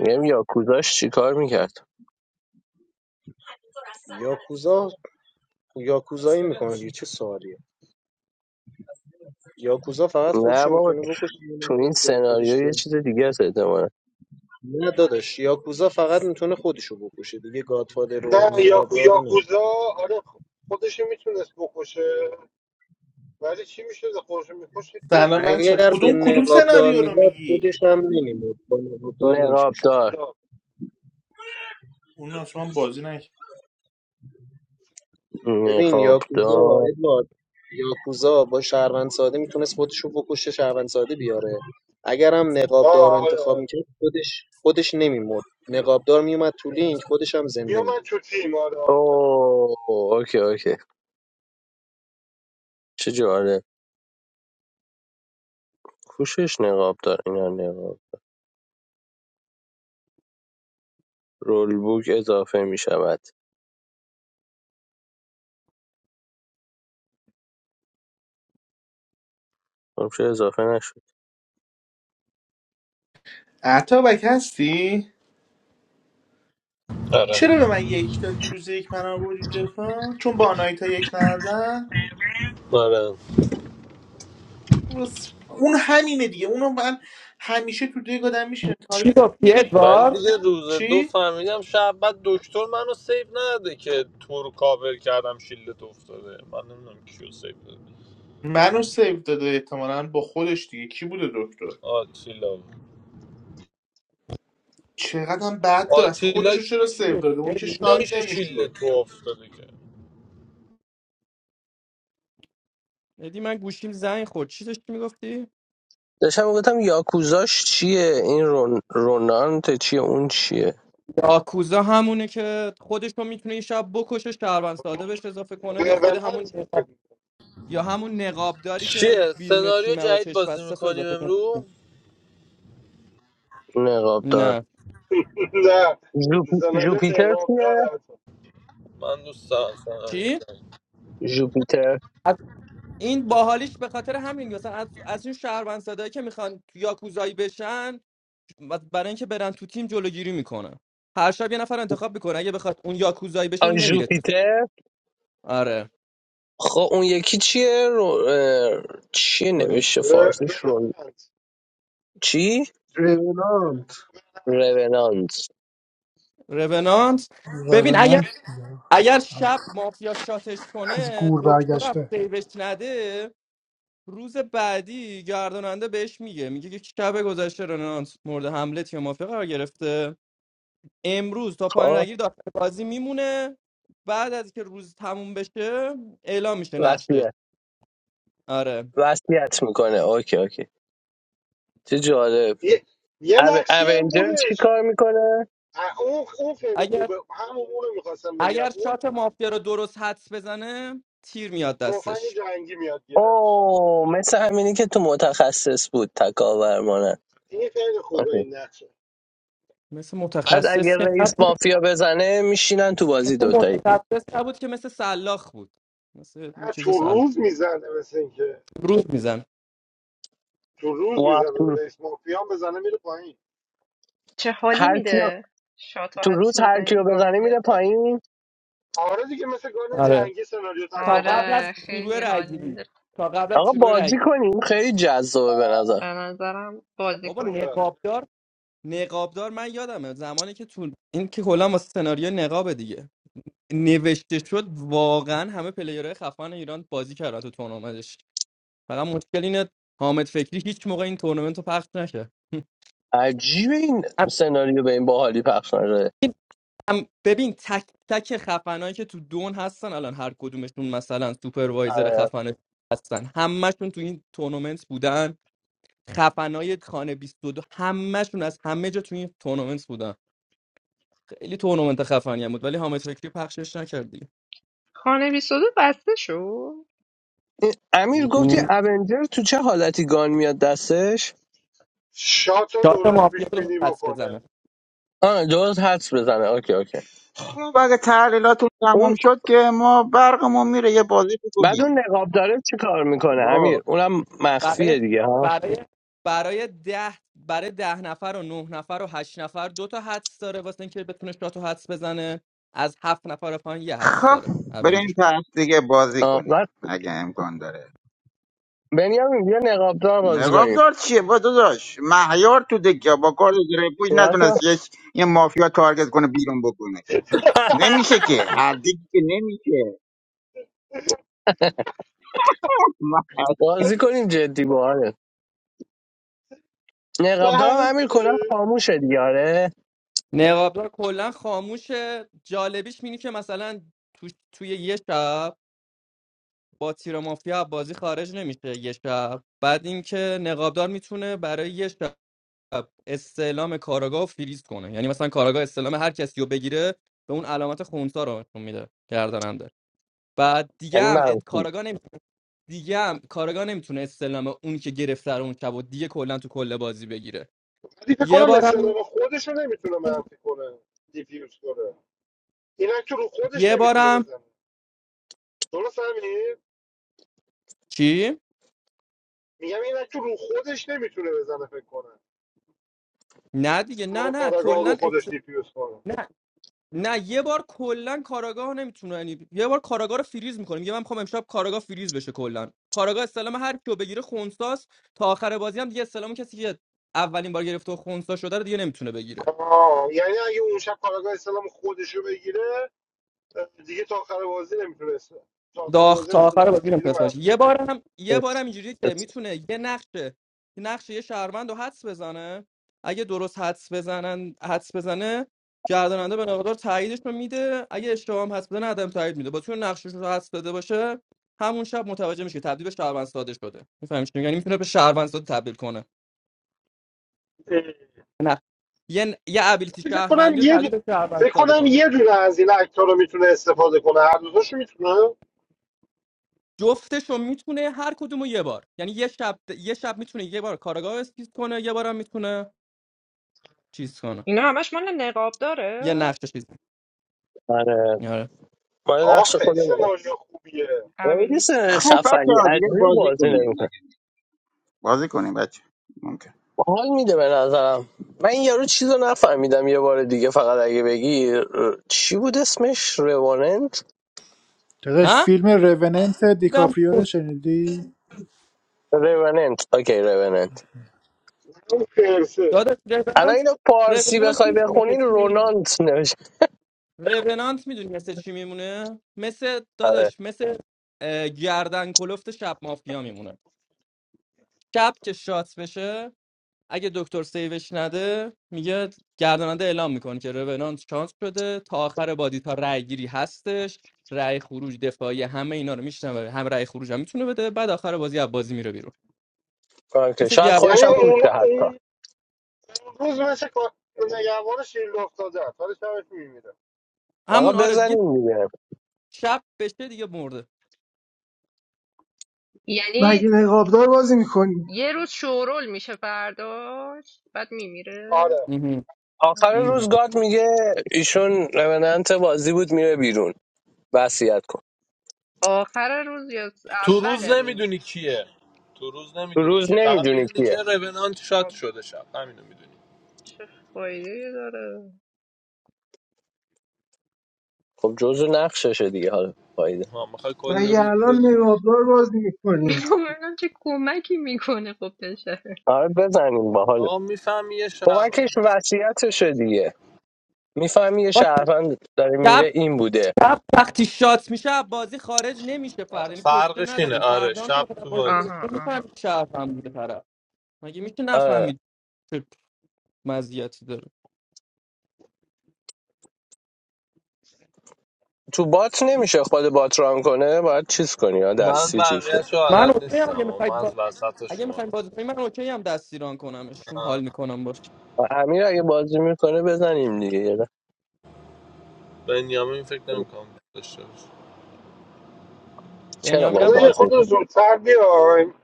میگم یاکوزاش چیکار میکرد یاکوزا یاکوزایی میکنه دیگه چه سوالیه یاکوزا فقط نه خودشو بابا میتونه بکشه یه تو این نفر جای سناریو خودش یه بیاد چیز دیگه است احتمالا نه داداش یاکوزا فقط میتونه خودشو بکشه دیگه گادفادر رو نه یاکو نقابدار رو نمی‌تونه. یاکوزا آره خودش میتونست بکشه ولی چی میشه خودش میکشه یه سلام اتفاقی بچه اگر میفته به کدوم کدوم نقابدار سناریو رو میزد میگی خودش هم نمیمود با نقابدار لینک میشد نقابدار آه اون شما بازی نکرد ببین یاکوزا نقابدار ادوارد یاکوزا با شهروند ساده میتونست خودش رو بکشه شهروند ساده بیاره اگرم نقابدار رو آره انتخاب آره میکرد خودش خودش نمیمرد نقابدار میومد تو لینک خودش هم زنده میومد میموند تو تیم آره آفرین اوه اوکی اوکی چه جالب کوشش نقابدار اینا نقاب رول بوک اضافه میشود چه اضافه نشد عطابک هستی آره چرا به من یک دادی روز یک من آوردی دفاع چون با آنایتا یک ندادن آره راست. اون همینه دیگه اونو من همیشه تو دیگ آدم میشینه چی تارگت گفتی ولی ادوار؟ دیگه روز دو چی فهمیدم شب بعد دکتر منو سیو نده که تو رو کاور کردم شیلت افتاده من نمیدونم کیو سیو داده منو سیو داده احتمالا با خودش دیگه کی بوده دکتر آتیلا چقدرم بد داره اصلا آتیلا خودشو چرا چی سیو گفتی داده اون که ادی؟ شاد نمیشه شیلت نمیشد تو افتاده که ادی من گوشیم زنگ خورد چی داشتی میگفتی؟ داشتم گفتم یاکوزاش چیه این رون... رونانت چیه اون چیه یاکوزا همونه که خودش رو میتونه این شب بکشه شهروند ساده بهش اضافه کنه یا خود همون روننت نقاب یا همون نقابداری که چیه بیرون سناریو تیم رو جدید چشم بازی بسته است رو میکنیم اضافه کنه امرو نقابدار نه نه جوپ... سناریو جوپیتر چیه نقابدار حتی من دوست دارم سناریو چی جدید جوپیتر این باحالیش به خاطر همین مثلا از, از این شهروند صدایی که میخوان یاکوزایی بشن و برای اینکه برن تو تیم جلوگیری میکنه. هر شب یه نفر انتخاب میکنه اگه بخواد اون یاکوزایی بشه آن اون نمیره تو تیم. جوپیتر آره خب اون یکی چیه رو... اه، چیه کدوم نوشته ر- فارسیش رو روننت چی رونالد رونانت رونانت ببین اگر روننت اگر شب مافیا شاتش از کنه گور دکتر هم برگشته سیوش نده روز بعدی گرداننده بهش میگه میگه که شب گذشته رونانت مورد حمله تیم مافیا قرار گرفته امروز تا پایان خب رگیر داخل بازی میمونه بعد از که روز تموم بشه اعلام میشه نقشش وصیت آره وصیت میکنه اوکی اوکی چه جالب یه یه او... نقشی هم اونجر چی بودش کار میکنه اه، اون اون خیلی اگر خوبه همون اون رو میخواستم بگم اگر اون شات مافیا رو درست حدس بزنه تیر میاد تفنگ دستش جنگی میاد گیرش اوه مثل همینی که تو متخصص بود تکاور مانه این خیلی خوبه اوکی. این نقشه مثل بعد اگه متخصص که رئیس نبود، مافیا بزنه میشینن تو بازی مثل دوتایی متخصص نبود که مثل سلاخ بود مثل این نه چیز تو سلاخ روز میزنه مثل اینکه روز میزن تو روز واه، میزنه تو به رئیس مافیا هم بزنه میره پایین چه حالی هر کیو... میده شات و تو حدس روز هر کیو بزنید گام بزنه بیاد میره دست. پایین آره دیگه مثل گان آره جنگی سناریو تا تکاور قبل از آره شروع خیلی حال رگیری میده تا قبل از آقا شروع بازی رگیری کنیم خیلی جذابه به نظر به نظرم بازی بابا کنیم خوبه نقابدار نقابدار من یادمه زمانی که تو این که کلا واسه سناریو نقابه دیگه نوشته شد واقعا همه پلیرهای خفن ایران بازی کردن تو تورنمنتش فقط مشکل اینه حامد فکری هیچ موقع این تورنمنت رو پخش نکرد عجیب این از سناریو به این باحالی پخش نشده این هم- ببین تک تک خفنایی که تو دون هستن الان هر کدومشون مثلا سوپروایزر آره. خفن هستن همشون تو این تورنمنت بودن خفنای خانه بیست و دو همشون از همه جا تو این تورنمنت بودن خیلی تورنمنت خفنی هم بود ولی حامد فکری پخشش نکردی خانه 22 بسته شد این امیر گفتی اونجر تو چه حالتی گان میاد دستش شات رو شات درست مافیا پیش رو بینی پس بزنه بکنه آه درست حدس بزنه اوکی اوکی خب اگه تحلیلاتون اون تمام شد که ما برقمون میره یه بازی بعد اون بکنیم نقاب داره چی کار میکنه امیر بابا، اونم برای مخفیه دیگه ها برای برای ده برای ده نفر و نه نفر و هشت نفر دو تا حدس داره واسه اینکه بتونه شات و حدس بزنه از هفت نفر و پایین یه حدس خب داره بریم اونجش پس دیگه بازی آه. کنیم بعد اگه امکان داره بنیامین بیا نقاب دار بازی نقاب کنیم دار چیه با داداش مهیار تو دکیا با کار پوش بیا تا نتونست یه یه مافیا تارگت کنه بیرون بکنه نمیشه که هر دیگه که نمیشه مه- بازی کنیم جدی باحاله نقاب دارم امیر کلا سهرته خاموشه دیگه آره نقابدار کلا خاموشه جالبیش اینه که مثلا تو توی یه شب با تیر مافیا بازی خارج نمیشه یه شب بعد اینکه نقابدار میتونه برای یه شب استعلام کاراگاه رو فریز کنه یعنی مثلا کاراگاه استعلام هر کسی رو بگیره به اون علامت خونسا رو نشون میده بعد دیگه یعنی هم ات... منفی کاراگا نمی... دیگه هم کاراگا نمیتونه استلم اون که گرفته رو اون شب و دیگه کلا تو کل بازی بگیره ولی فکر یه کنم بارم استعداد خودش رو نمیتونه منفی کنه دیفیوز کنه اینک تو رو خودش یه نمیتونه بارم بزنه درست همین چی میگم اینک تو رو خودش نمیتونه بزنه فکر کنه نه دیگه نه استعلام نه کاراگاه رو کلا خودش است... دیفیوز کنه نه نه یه بار کلا کاراگاه نمیتونه یعنی یه بار کاراگاه رو فریز میکنیم یه من میخوام امشب کاراگاه فریز بشه کلا کاراگاه استلام هر کیو بگیره خونساست تا آخر بازی هم دیگه استلام کسی که اولین بار گرفته و خونسا شده رو دیگه نمیتونه بگیره آه یعنی اگه اون شب کاراگاه اسلام خودش رو بگیره دیگه تا آخر بازی نمیتونست تا آخر داغ بازی تا آخر استعلامشو بازی بگیره نمیتونست باشه یه منفی بارم یه بارم بس- اینجوری که بس. میتونه یه نقش نقش یه شهروند رو حدس بزنه اگه درست حدس بزنن حدس بزنه گرداننده به مقدار تاییدش رو میده اگه اشتباه هم حدس بزنه عدم تایید میده با تو نقشش رو حدس داده باشه همون شب متوجه میشه که تبدیل به شهروند ساده شده میفهمی چی میگم؟ یعنی میتونه به شهروند ساده تبدیل کنه ولی نه یه یه ابیلیتی فکر کنم شهروندی رو یه دو... تبدیل به شهروند فکر ساده کنم کنه یه دونه از این اکتا رو میتونه استفاده کنه هر دوتاشو میتونه جفتشو میتونه هر کدومو یه بار یعنی یه شب یه شب میتونه یه بار کارگاه اسکیز کنه یه بارم میتونه چیز کنه اینا همش مال نقاب داره یه نقش چیز کنه. آره آره ما آه نقش چقدر خیلی خودمه سناریو خوبیه اون یه ابیلیتی سه خب داره بچه خفنی ها دیگه عجیب بازی بازی نمی‌کنه. کنیم بازی کنیم بچه ممکن حال میده به نظرم من این یارو چیز رو نفهمیدم یه بار دیگه فقط اگه بگی ر- چی بود اسمش رواننت داداش ها فیلم روننت دیدم دیکاپریو رو شنیدی رواننت اوکی رواننت اون فرسه داداش الان رونانت اینو فارسی رونانت بخوای میدونی مثل بخونین چی میمونه رونانت نوشته رونانت میدونی مثل چی میمونه مثل آره. داداش مثل اه، گردن کلفت شب مافیا میمونه شب که شات بشه اگه دکتر سیوش نده میگه گرداننده اعلام میکنه که رونانت شانس شده تا آخر بازی تا رأی گیری هستش رأی خروج دفاعی همه اینا رو میشنوه هم رأی خروج هم میتونه بده بعد آخر بازی از بازی میره بیرون اوکی. مثل شاید گرد خودش یعنی هم اون پوسته حتی اون اون روز مثل کار- نگهبان شیرد افتاده است ولی شبش میمیره آقا همون آره دیگه بزنیم دیگه شب بشه دیگه مرده یعنی مگه نقابدار بازی میکنی یه روز شورول میشه فرداش بعد میمیره آره مهم. آخر مهم. روز گاد میگه ایشون رواننت بازی بود میره بیرون وصیت کن آخر روز یا س- تو اول روز روز نمیدونی کیه تو روز تو نمیدونی روز کیه فقط نمیدونی میدونی کیه که رونانت شات خب شده شب همینو میدونی چه فایده داره خب جزو نقششه دیگه حالا فایده ها میخوای کل مگه روز الان بدونی نقابدار بازی میکنی میخوام ببینم چه کمکی میکنه خب بشه آره بزنیم باحال آقا میفهمی یه شب کمکش وصیتشه دیگه میفهمی یه با شهروند داره شب میره این بوده شب وقتی شات میشه از بازی خارج نمیشه فرد یعنی کشته فرقش اینه نداریم آره فردا هم که شب بخواد از تو بازی بره بازی آها آها میفهمید شرف هم بوده طرف مگه میشه آره. نفهمید چه مزیتی داره تو بات نمیشه خود بات ران کنه باید چیز کنی یا من دستی چیز کنی بقیهش رو من حالت اصلا نیستم اگه اما من میخواید از وسط اگه شما میخوایم بازی کنیم من اوکی هم دستیران کنمش چون حال آه. میکنم باش امیر اگه بازی میکنه بزنیم دیگه بنیامین فکر نمیکنم داشته باشه چرا با بنیامینم فردا یه راحت بازی خود میکنم زودتر بیایم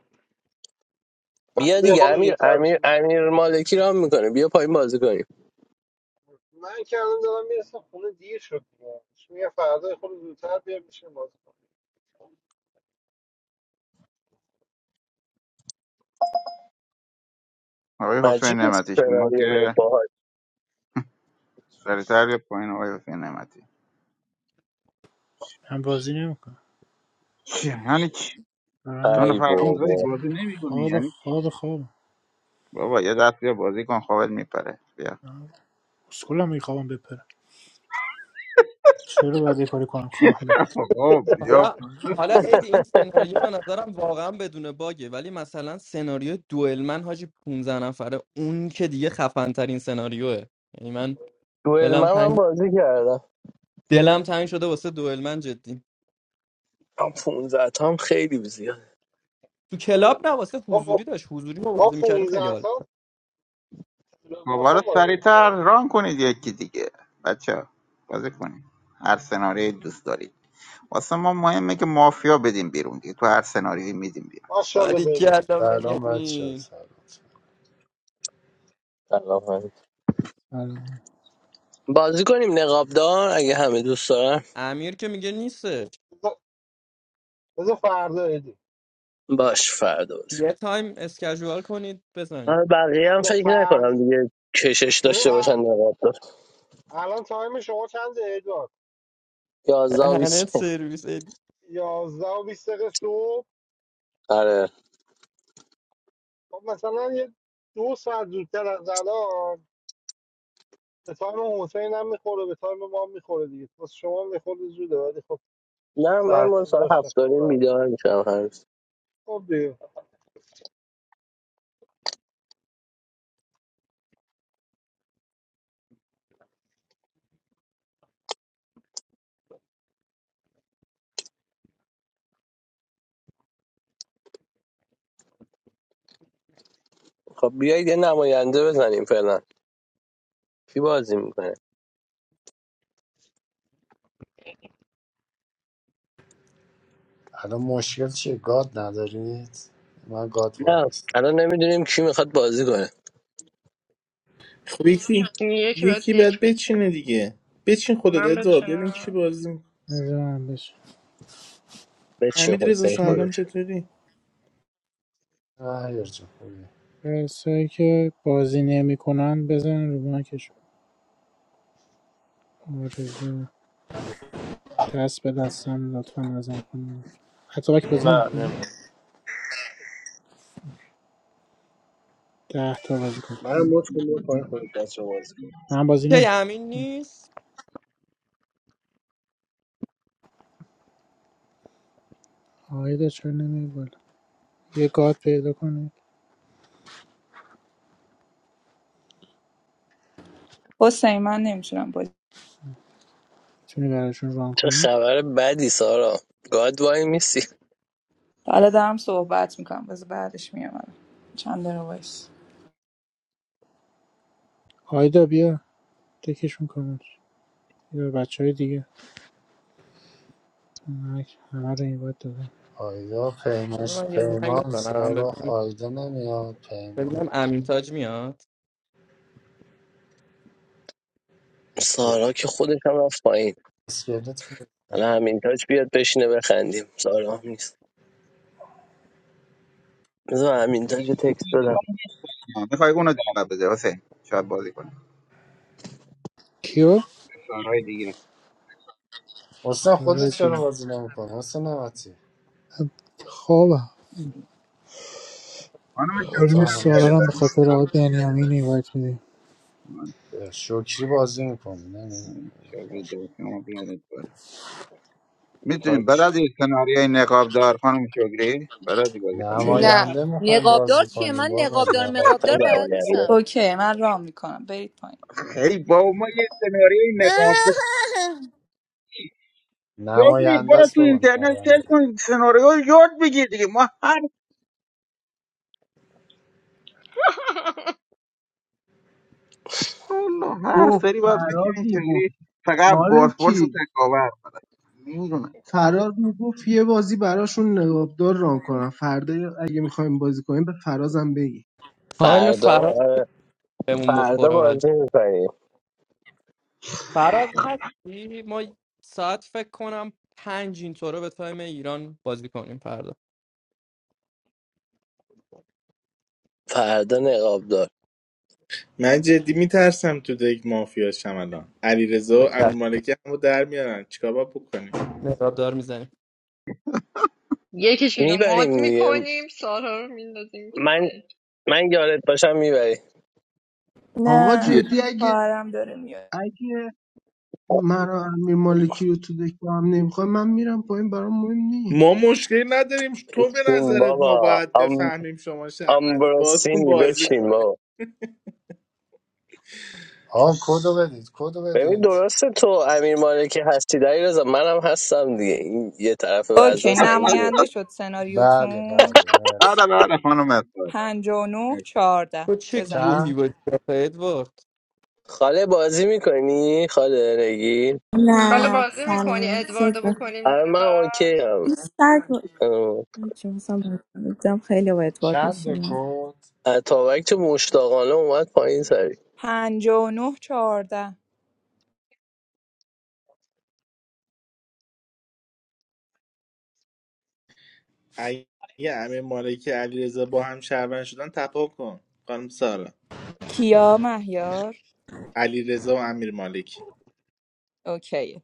بیا فردا یه دیگه خود امیر زودتر امیر بشین امیر مالکی رام میکنه بیا پایین بازی کنیم من که الان دارم میرسم خونه دیر شد دیگه. میگه فردا یه خود زودتر بیام بشین بازی آقای حسین عجیب نعمتی شما سناریو به این که باحال. سریعتر یا پایین آقای حسین نعمتی هم بازی نمیکنم چی؟ یعنی چی دارم تو ای میخوام نفر روم زایی بابا بازی نمی کنی خواب یعنی چی؟ خواب خواب بابا یه دست بیا بازی کن خوابت میپره بیا اسکولم میخوام بپرم چرا باید یه کاری کنم خوابم آقا بیا حالا بپرم حالا ادی این سناریو به نظرم واقعا بدون باگه ولی مثلا سناریو دوئل من حاجی 15 نفره اون که دیگه خفن ترین سناریوه یعنی من دوئل دلم من هم تنگ بازی کردم دلم تنگ شده واسه دوئل من جدی من 15 تا هم خیلی زیاد تو کلاب نه واسه کنیم. حضوری داشت حضوری ما ما بازی میکردیم 15 خیلی حال سال باز موبایل هم رو بازی سریعتر میکنیم ران کنید یکی دیگه بچه ها بازی کنید هر سناریوی دوست دارید واسه ما مهمه که مافیا بدیم بیرون دیگه تو هر سناریویی میدیم بیرون بیا. ماشاءالله بینیم باریکلا سلام بچه ها، بنیامین سلام سلام علیکم. بازی کنیم نقابدار اگه همه دوست دارن امیر که میگه نیستش بذار بذار فردا ایدی باش فردا یه تایم اسکجوال کنید بزنید آه، بقیه هم آره فکر نکنم فردا دیگه کشش ببین داشته باشن ا- در رفتار الان تایم شما چند ادوار یازده و دهنت بیست سرویس ادی. 11 و 20 دقیقه صبح آره خب مثلا یه دو ساعت زودتر از الان به تایم حسین هم میخوره به تایم ما هم میخوره دیگه پس شما میخوره زوده ولی خب نه من ما سرخیز ساعت باش نکنم هفتاری رو بیدار میشم هر روز خب دیگه خب بیایید یه نماینده بزنیم فعلا کی بازی میکنه الان مشکل چیه گاد ندارید من گاد وای نه میستم الان نمیدونیم کی میخواد بازی کنه خب یکی یکی باید یکی باید دک بچین بچینه دیگه بچین خودت من ادوار ببین کی بچنم بازی نمی‌دونم بشه. بچین حمید رضا حسین کی سلام خودش چطوری هر جون خوبی کسایی که بازی نمیکنن بزن رو مایکشون آرزو دست به دستم لطفا نزن خانم حتی وقتی بازی نه نمیکنی نمی‌دونم. ده تا بازی کن من مچ کنم پایین خودت بچه بازی کن من بازی که نمیکنم امین نیست آیدا چرا نمیای بالا یه گاد پیدا کنی حسین من نمیتونم بازی میتونی براشون ران چه کنی خبر بدی سارا گاد وای میسی حالا دارم صحبت میکنم باز بعدش میام چند رو وایس آیدا بیا تکشون کن یا بچه های دیگه من همه رو این باید دادم آیدا بذار پیمش من یه زنگ پیمان بزنم سراخ ببینم آیدا نمیاد پیمان ببینم امین تاج میاد اسک- سارا که خودش هم رفت پایین اسکلت که الان همین تاج بیاد بشینه بخندیم سارا هم نیست بذار همین تاج یه تکست بدم میخوای اونو دعوت بده واسه. شاید بازی کنه کیو؟ سارهای دیگه حسن خودت سارا چرا دیگه بازی نمیکنی حسن نمتی خوابم خانم شعبی تو خانم رو سارا بیارید همش رو هم به خاطر آقای بنیامین این میدیم می‌گی. شکری بازی میکنی نمیاد خانم شعبی دو شما بیارید بالا. تاج میتونیم بلدی سناریوی نقابدار خانم شگری بلدی بازی کنی نه نماینده میخوایم نقابدار بازی چیه کنیم من بابا نقابدار نقاب من مقابدار بلد نماینده نیستم اوکی من رام میکنم برید پایین خیلی با ما یه سناریوی نقابدار شگری نماینده برو است تو بابا اینترنت سرچ نماینده است کن سناریو رو یاد بگیر دیگه ما والا او حرف داری باید فراز بکنی میگفت چجوری فقط بازپرس و مالکی تکاور نمیدونم فراز میگفت یه بازی براشون نقابدار ران کنم فردا اگه میخوایم بازی کنیم به فرازم بگی تایم فردا فراد آره. بهمون فردا بخوره ولی بازی میکنیم فراد هستی ما ساعت فکر کنم پنج اینطوره به تایم ایران بازی کنیم فردا فردا نقاب دار من جدی میترسم تو دک مافیا شم الان علی رضا و امیر مالکی همو در میارن چیکار باید بکنیم نقاب دار میزنیم یکیش رو مد میبریم دیگه میکنیم سارا رو میندازیم تو من دک من یادت باشم میبریم آقا نه بیا. جدی اگه خواهرم داره میاد اگه من و امیر مالکی رو تو دک با هم نمیخوایم من میرم پایین برام مهم نی ما مشکلی نداریم تو به بچین نظرت ما بابا باید ام بفهمیم شما شرمندی باهاتون آمبروسینی بازی بچین کنیم بابا آن کدو بدید کدو ببین بدید درسته تو امیر مالکی هستی دایی رضا منم هستم دیگه این یه طرف وزن اوکی سنگیه نماینده شد بله سناریوتون بله بعد مرسی بعد خانم استاد پنجاه و نه چهارده تو چه بزنید گوهی چند بودی آخه ادوارد خاله بازی میکنی خاله رگی نه حالا بازی میکنی سلام خود ادواردو به خود. بکنیم آره زیر من فرد اوکی هم این سگ رو- چون میدم خیلی با ادوارد چند تا میشینم کد اتابک تو مشتاقانه اومد پایین سری پنجاه و نه چهارده اگه امیر مالکی علی رضا با هم شرمند شدن تپا کن خانم سارا کیا مهیار علی رضا و امیر مالکی اوکی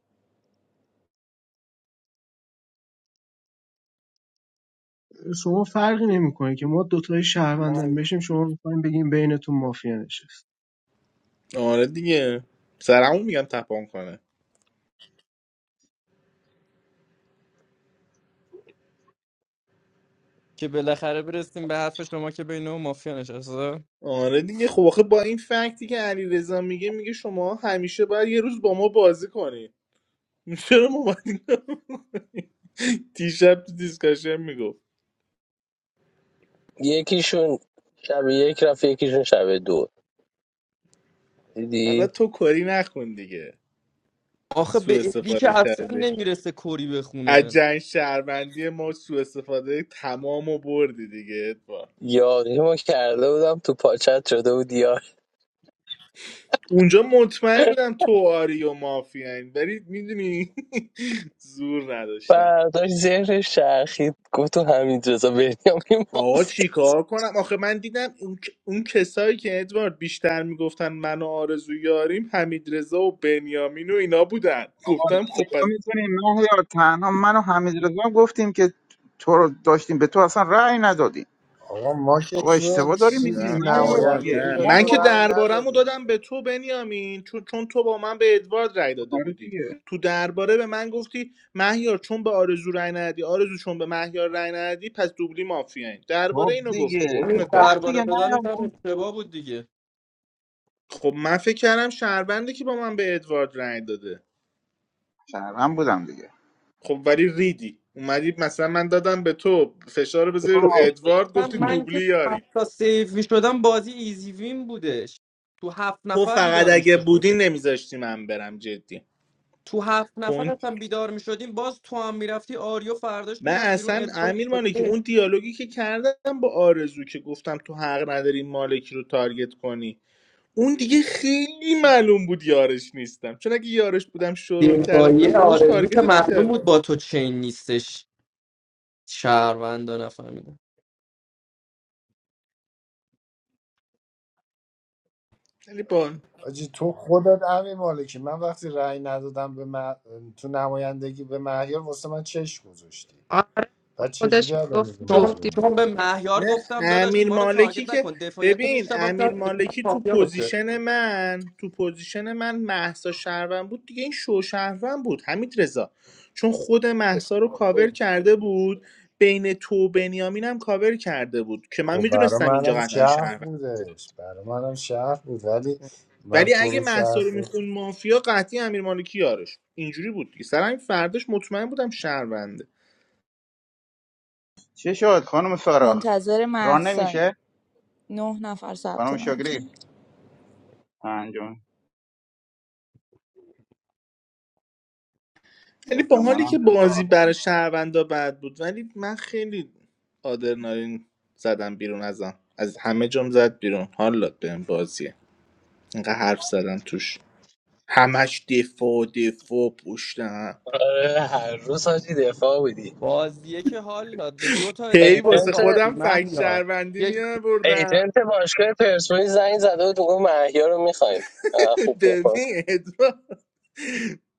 شما فرقی نمیکنه که ما دوتای آقا شهروندن بشیم شما میخوایم بگیم بینتون مافیا نشست آره دیگه سرمون میگم تپان کنه که بالاخره برسیم به حرف شما که بین اون مافیا نشسته آره دیگه خب آخه با این فکتی که علی رضا میگه میگه شما همیشه باید یه روز با ما بازی کنی چرا ما باید این کارو بکنیم؟ دیشب تو دیسکاشن میگفت یکیشون شب یک رفت یکیشون شب دو حالا دیدی تو کاری نکن دیگه آخه به سوء ادی استفاده که اصلا کردی نمیرسه کری از بخونه جنگ شهروندی ما سوء استفاده تمام و بردی دیگه ادوار یاریمو کرده بودم تو پاچت شده بود یار اونجا مطمئن بودم تو آری و مافیاین ولی میدونی زور نداشتم برداشت ذهنش چرخید گفت تو همین رضا بنیامی آقا مافیا چیکار کنم آخه من دیدم اون, اون کسایی که ادوارد بیشتر میگفتن من و آرزو یاریم حمید رضا و بنیامین و اینا بودن گفتم خب اشتباه پس میکنیم مهیار تنها من و حمید رضا گفتیم که تو رو داشتیم به تو اصلا رأی ندادیم آقا ما که بابا تو اشتباه داری میکنیم نه چیز مهیار آقا دیگه نمایندگی نه به ما من تو که مرور رأی دربارم رو ندادیم دادم به تو بنیامین چون, چون تو با من به ادوارد رای داده کار بودی دیگه تو درباره به من گفتی مهیار چون به آرزو رای ندی آرزو چون به مهیار رای ندی پس دوبلی مافیایی خب درباره اینو گفتی دیگه همین قربونت خب برم دیگه درباره مهیار دادن هم من اشتباه بود دیگه خب من فکر کردم شهرونده که با من به ادوارد رای داده شهرم بودم دیگه خب ولی ریدی اومدی مثلا من دادم به تو فشار رو بذاری رو باش. ادوارد اصلا گفتی من که دوبلی تو یاری هفت تا سیف می شدم بازی ایزی وین بودش تو هفت تو نفر فقط بیدار می اگه شدیم بودی نمیذاشتی من برم جدی تو هفت نفر پوینت اصلا بیدار می شدیم باز تو هم میرفتی آریو فرداش من میرفت بیرون اصلا ادوار امیر مالکی اون دیالوگی که کردم با آرزو که گفتم تو حق نداری مالکی رو تارگت کنی اون دیگه خیلی معلوم بود یارش نیستم چون اگه یارش بودم شرول کرده دفاعی بودم باهاش آرزو که تارگتت معلوم میکردم بود با تو چین نیستش شهروندا نفهمیدم آجی تو خودت امی مالکی من وقتی رأی ندادم به مه- تو نمایندگی به مهیار واسه من چشم گذاشتی آره و خودش چجوری الان میگفت میگه چون جفتی معلومه چون به مهیار نه گفتم داداش امیر ما رو مالکی تارگت که نکن دفاعیت رو ببین میشتم شاید امیر ادوار مالکی تو مافیا باشه پوزیشن من تو پوزیشن من مهسا شهروند بود دیگه این شو شهروند بود حمید رضا چون خود مهسا رو کاور کرده بود بین تو و بنیامین هم کاور کرده بود که من خب برا میدونستم اینجا منم قطعا شهر شهروند بودش برا منم شهر بود ولی من ولی تو اگه رو شهر مهسا رو بود. میخون مافیا قطعی امیر مالکی یارش بود. اینجوری بود دیگه سر همین فرداش مطمئن بودم شهرونده چه شد خانم سارا منتظر ران محساییم نمیشه نه نفر ثبت خانم نام شگری کرد انجام ولی با حالی احتمالاً که بازی برای شهروندا بد بود ولی من خیلی آدرنالین زدم بیرون ازم از همه جام زد بیرون حالا بهم بازیه اینقدر حرف زدم توش همش دفاع دفاع پشتم آره هر روز حاجی دفاع بودی بازیه که حال داد به دو تا هی اتفاق واسه ایجنت باختی خودم فکر مهیار شهروندی میان بردم ایجنت باشگاه پرسپولیس زنگ زده بود گفت محیا رو میخوایم خوب دفاع ببین ادوارد.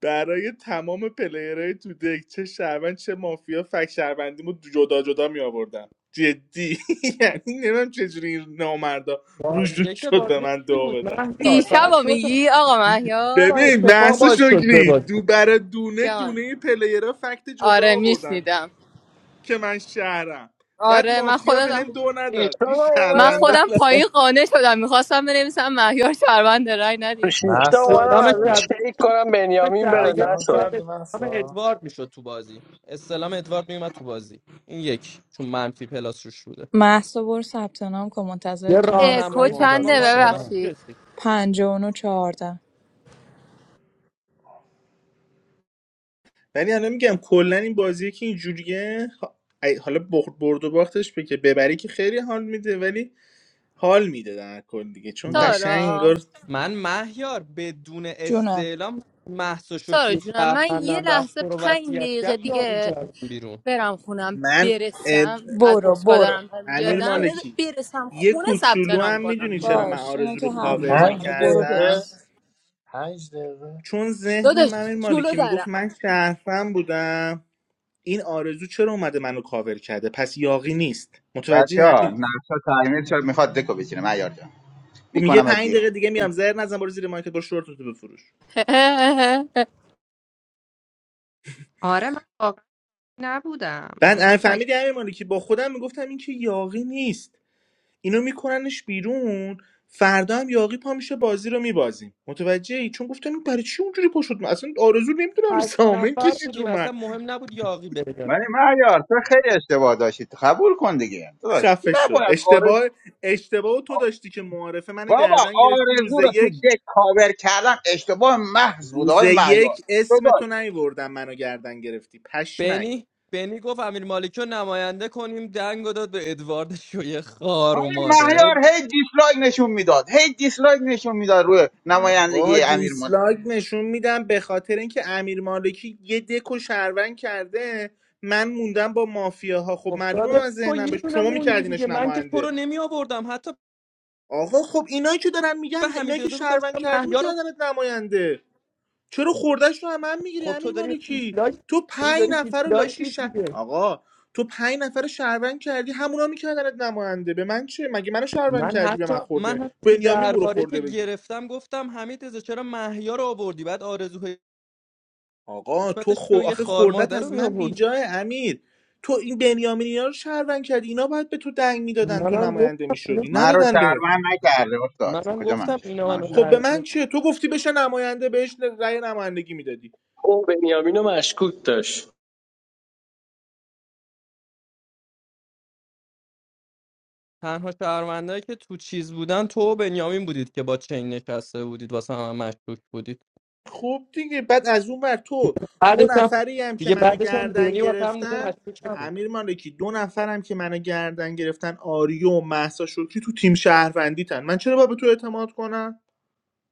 برای تمام پلیرهای تو دک چه شهروند چه مافیا فک شهروندیمو جدا جدا می آوردم جدی یعنی نمیم چجوری این نامردا روش رو بازی که شد به بازی من خوبی دو بود بدن مهداد دیشب فقط دو میگی آقا مهیا تا ببین اتفاق بحث باز شد به شکری بازی دو برای دونه جان دونه پلیرها فکت جدا آره آوردن میشنیدم که من شهرم بعد آره من مافیا به خودم هم دو نداد شیشتا این من من شهروندا اومدم خودم پایین لاش. قانع شدم میخواستم بنویسم مهیار شهروند رای تو ندید شیشتا محسا اومدم استعلام از اون شب چک کنم بنیامین شب بره یک ثبت که نام باید نشد کردی استعلام محسا ادوارد میشد تو بازی استعلام ادوارد میومد تو بازی این یک چون منفی پلاس روش بوده محسا برو ثبت نام کن منتظر یه توییم محسا اکو راهنمایی حتما منتظر چنده باید به من شما ببخشید رسید پنجاه و نه چهارده ولی الان میگم کلا این بازیه که اینجوریه ح- ای- حالا بخ- برد و باختش به که ببری که خیلی حال میده ولی حال میده در کل دیگه چون من قشنگ سارا انگار من مهیار بدون جونم استعلام محس و سارا شوکی جونم من یه شهروندم رفت لحظه رو پنج وصیت دقیقه کرد یا این دیگه کردم بیرون برم خونم من اه، برسم از برو باشگاه برو دارم امیر برمیگردم اوکی بذار مالکی برسم یه خونه ثبت کوچولو نام هم میدونی کنم چرا من باش اینا آرزو رو که حرف کاور میزن پنج حالا برو دقیقه میکردم برس پنج دقیقه چون شد. داداش ذهنم امیر جلو مالکی میگفت دارم من شرفم بودم این آرزو چرا اومده منو کاور کرده پس یاقی نیست بچه متوجه ها همین نقشه تعمیر شد میخواد دکو بچینه معیار جان میگه میکنم از پنج بیرون دقیقه دیگه میام زهر نزن برو زیر مارکت برو شورتتو بفروش آره من واقعا نبودم بعد یعنی امیر فکت فهمیدی امیر مالکی با خودم میگفتم این که یاقی نیست اینو میکننش بیرون فردا هم یاقی پا میشه بازی رو میبازیم متوجه ای چون گفتم این برای چی اونجوری پا شد من اصلا آرزو نمیدونم هشت سامن نفر کشید بودیم رو من اصلا مهم نبود یاقی بره یا ولی معیار تو خیلی اشتباه داشتی قبول کن دیگه داشت خفه شو نباید آرزو اشتباه اشتباه تو داشتی که معارفه منو بابا گردن گرفتی روز آرزو رو تو یک دک کاور کردن اشتباه محض بود روز آقای مهیار یک اسم داداش تو نیوردم منو گردن گرفتی پشمک بنی بنی گفت امیر مالکی رو نماینده کنیم دنگ رو داد به ادوارد شوی خار و آقای مادر مهیار هی دیسلایک نشون میداد هی دیسلایک نشون میداد روی آقا نمایندگی امیر مالک دیسلایک نشون میدم به خاطر اینکه امیر مالکی یه دک و شهروند کرده من موندم با مافیاها خب خب معلومه داداش من تو ذهنم یه بهش دونه شما موندی دیگه میکردینش من که تو نماینده رو نمی آوردم حتی آقا خب اینایی که دارن میگن به اینایی حمید که رضا گفتم شهروند چرا کردی مهیا رو میکردنت نماینده چرا خوردش رو هم, من میگیری خب تو امیر داری مالکی دیسلایک تو تو پنج داری نفر رو دیسلایک لاشی میدی شه دیگه آقا تو پنج نفر رو شهروند کردی همونا میکردنت نماینده به من چه مگه منو شهروند من کردی به حتی من من خورده حتی تو بنیامین برو درباره که خورده بگیر گرفتم گفتم حمید رضا چرا مهیا رو آوردی بعد آرزو آقا تو حکمتش خو... شوی آخه خار خوردت مادر رو از می من آورد بیجاه امیر تو این بنیامینیا رو شهروند کردی اینا باید به تو دنگ میدادن تو منم نماینده گفتم اینا- میشدی من رو ندادن بهت شرمن نکرده استاد منم کجا من گفتم شد اینا من منو خب به شرمن لعنت من چیه تو گفتی بشه نماینده بهش رأی نمایندگی میدادی او بنیامین رو مشکوک داشت تنها شهروندهایی که تو چیز بودن تو و بنیامین بودید که با چین نشسته بودید واسه هم, هم مشکوک بودید خب دیگه بعد از اون ور تو دو بعدش هم نفری هم که دیگه منو بعدش هم گردن بنی واسه هم دیگه گرفتن مشکوک نبود امیر مالکی دو نفرم که منو گردن گرفتن آریو و مهسا شکری تو تیم شهروندیتن من چرا باید به تو اعتماد کنم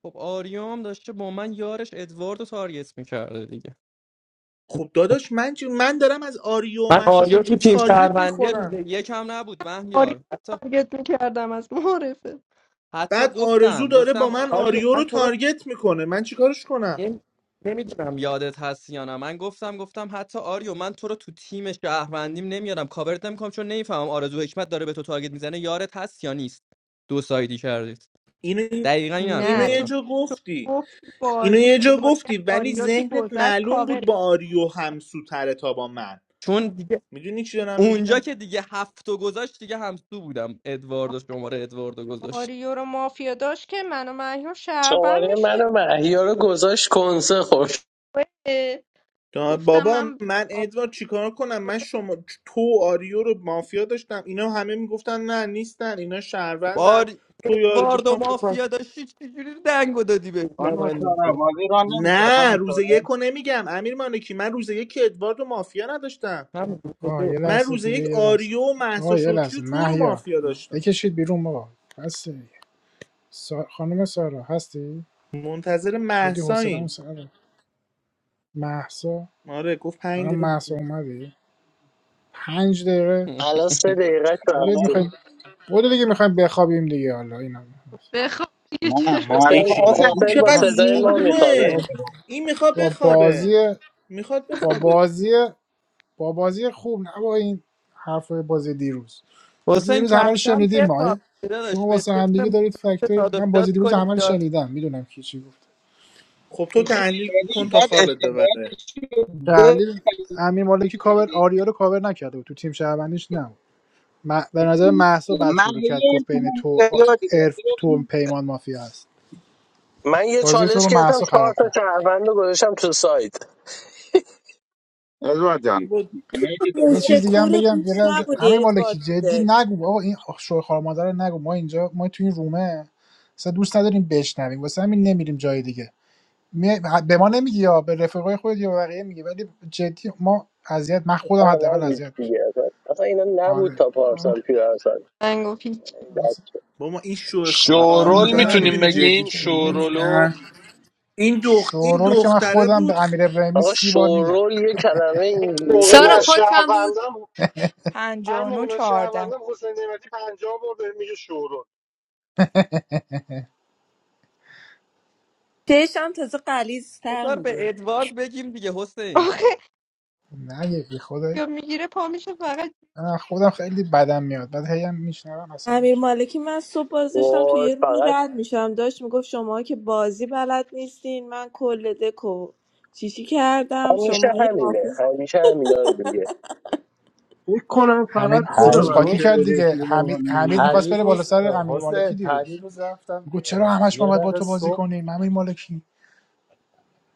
خب آریام داشته با من یارش ادوارد رو تارگت میکرده دیگه خب داداش من چی- من دارم از آریو و من مهسا آریو تو شکری تیم تارگت شهروندی میخورم روز یکم نبود آریو مهیار رو حتی تارگت میکردم از معرفه حتی بعد آرزو گفتم داره گفتم با من آریو آریو من رو تو رو تارگت میکنه من چیکارش کنم یه- نمیدونم یادت هست یا نه من گفتم گفتم حتی آریو من تو رو تو تیم شهروندیم نمیارم کاورت نمیکنم چون نمیفهمم آرزو حکمت داره به تو تارگت میزنه یارت هست یا نیست دو سایدی کردید اینو دقیقا این حرف رو اینو نه یه زدم تو جا تو گفتی گفتی اینو بازی یه جا بازی گفتی ولی آریو که ذهنت گذشت معلوم بود کاوره با آریو همسوتره تا با من چون دیگه میدونی چی دارم اونجا میگم که دیگه هفتو گذاشت دیگه همسو بودم ادواردو شماره ادواردو گذاشت آریو رو مافیا داشت که من و مهیار شهروند شماره من میشد و محیا رو گذاشت کنسه خوش دا- گفتم بابا من من ادوار چیکار کنم من شما تو و آریو رو مافیا داشتم اینا همه میگفتن نه نیستن اینا شهروندن بار تو یار ادواردو گفتم خب پس- مافیا داشتی چجوری دنگو دادی به خانم سارا نماینده بازی ران نمیشه نه خانم روز سارا یک رو نمیگم امیر مالکی من روز یک ادوارد و مافیا نداشتم همین آه یه من لحظه روز دیگه یک یه لحظه آریو و محسا آه یه شکری و لحظه تو رو مهیار مافیا داشتم بکشید بیرون آقا هستی دیگه. سا... خانم سارا هستی منتظر شدی حوصله‌مون محساییم سر رفت. مهسا آره گفت پنج خانم دقیقه مهسا دیگه. اومدی پنج دقیقه الان سه دقیقه بودید رفته سلام. میخوایم بودید دیگه میخوایم بخوابیم دیگه حالا اینا بخوام دیگه نه چرا حسین معرفه یکی این آسان حسین با چقدر نه صدای ما آره، میخوابه زورگوه با, این میخواد با بازی بخوابه میخواد با بخوابه بازی با بازی خوب نه با این حرفای بازی دیروز بازی حسین دیروز همه کم رو کم شنیدیم ما بخواب داداش شما به واسه ترم همدیگه دارید فکت مورد داد و من بازی بیداد دیروز کنیم همه رو داد شنیدم میدونم کی چی گفت خب تو تحلیل کن یعنی تا باید خوابت ببره اشتباهاتش رو بگیره تحلیل امیر مالکی کاور آریا رو کاور نکرده بود تو تیم شهروندیش نبود م- به نظر محسا بد من شروع کرد هی گفت تو بین اون تو دریا دیگه ارف تو پیمان مافیا هست من یه بازی تو چالش رو گرفتم محسا چهار خراب تا کرد شهروند رو گذاشتم تو سایت رضا جان بابا مرسی تو اگه رو موشه چیز باید دیگه دادم. هم کورو بگم یه دوست مرسی لحظه تو امیر نبودی ادوارد مالکی تو جدی دل نگو بابا این شوی خار مادر رو نگو ما اینجا ما تو این رومه اصلا دوست نداریم بشنویم واسه همین نمیریم جای دیگه می- به ما نمیگی یا به رفقای خودت یا به بقیه میگی ولی جدی ما اذیت من خودم آقا حداقل نبود اذیت میشم دیگه اصلا اصلا اینا نبود تا پارسال آره پیرسال من گفت هیچ بابا این شوه خار شورول اینجا مادرم میتونیم نگید میدونی برید جدی بگیم کی مود جای- شورولو کرد این دخ... این شورا رو که من دختره خودم به بود امیر ابراهیمی آقا سی بار میگم شورول یه کلمه این موقع من سارا انگلیسیه کچم بود شهروندم هر پنجاه و موقع نه من چهارده شهروندم حسین نعمتی پنجاه برده میگه شورو چشم تازه قلیزتر بذار به میگه ادوارد بگیم دیگه حسین آخه نگید بی خدای یا میگیره پا میشه فقط من خودم خیلی بدم میاد بعد هی هم میشنوم عصبی امیر میشم مالکی من صبح باز داشتم تو وای یه رومی فقط رد میشم داشت میگفت شما که بازی بلد نیستین من کل دکو چیشی کردم همیشه شما یه همینه حافظ همیشه همینا رو دیگه فکر کنم فقط حمید دیروز خودمم قاطی که پریروز کرد به دیگه رفیق واقعا حمید حمید میخواست نمیگم بره بالا پریروز سر اه، امیر حسین مالکی دیروز پریروز رفتم میگو اه، چرا همش ما یه باید با دقیقه تو بازی صبح کنیم امیر مالکی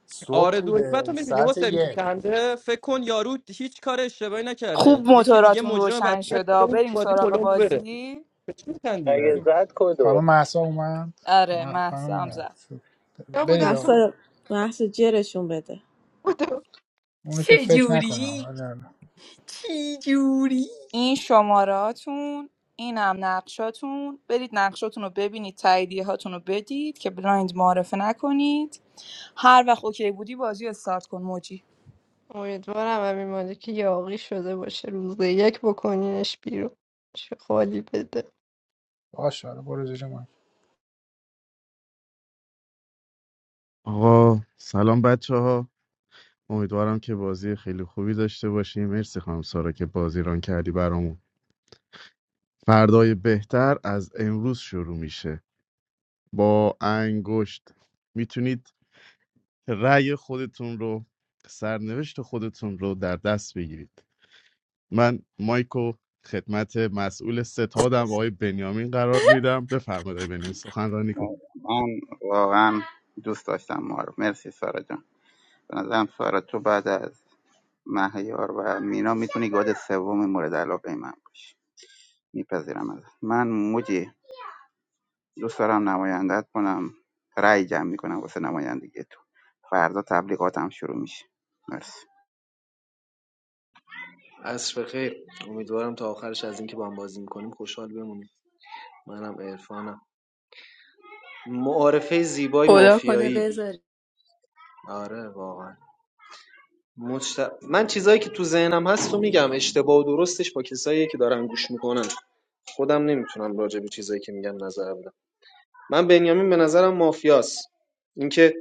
صبح آرزو حکمت رو بوده میبینی ساعت حسین یک میخنده فکر کن یارو هیچ کار اشتباهی نکرده خوب یکی دیگه موتوراتون مجرم روشن وضعیت بده شده اون بریم بازی سراغ پلمپ بره بازی به چی میخندی اگه بریم زد کدو خانم مهسا اومد آره من مهسا هم خانم زد یا برید بودم آقا تو محصا محصا جرشون بده بودم اونو که چه فکر نکنم جوری ولی- چی جوری این شماراتون اینم نقشاتون برید نقشاتون رو ببینید تاییدیه هاتون رو بدید که بلایند معرفه نکنید هر وقت اوکی بودی بازی رو استارت کن موجی امیدوارم امیر مالکی یاقی شده باشه روز یک بکنینش بیرون چه خالی بده باشه حالا برو زیر من آقا سلام بچه امیدوارم که بازی خیلی خوبی داشته باشیم مرسی خانم سارا که بازی ران کردی برامون فردای بهتر از امروز شروع میشه با انگشت میتونید رأی خودتون رو سرنوشت خودتون رو در دست بگیرید من مایکو خدمت مسئول ستادم آقای بنیامین قرار میدم بفرمایید آقای بنیامین سخنرانی کن رو. من واقعا دوست داشتم ما رو مرسی سارا جان به نظرم سارا تو بعد از مهیار و مینا میتونی گاد سوم مورد علاقه من باشی میپذیرم از من موجی دوست دارم نمایندت کنم رأی جمع میکنم واسه نمایندگی تو فردا تبلیغاتم شروع میشه مرسی عصر بخیر امیدوارم تا آخرش از اینکه با هم بازی میکنیم خوشحال بمونیم منم عرفانم معارفه زیبای خدا کنه مافیایی بود. بذاری آره واقعا مجت... من چیزایی که تو ذهنم هست تو میگم اشتباه و درستش با کسایی که دارن گوش میکنن خودم نمیتونم راجع به چیزایی که میگم نظر بدم من بنیامین به نظرم مافیاست اینکه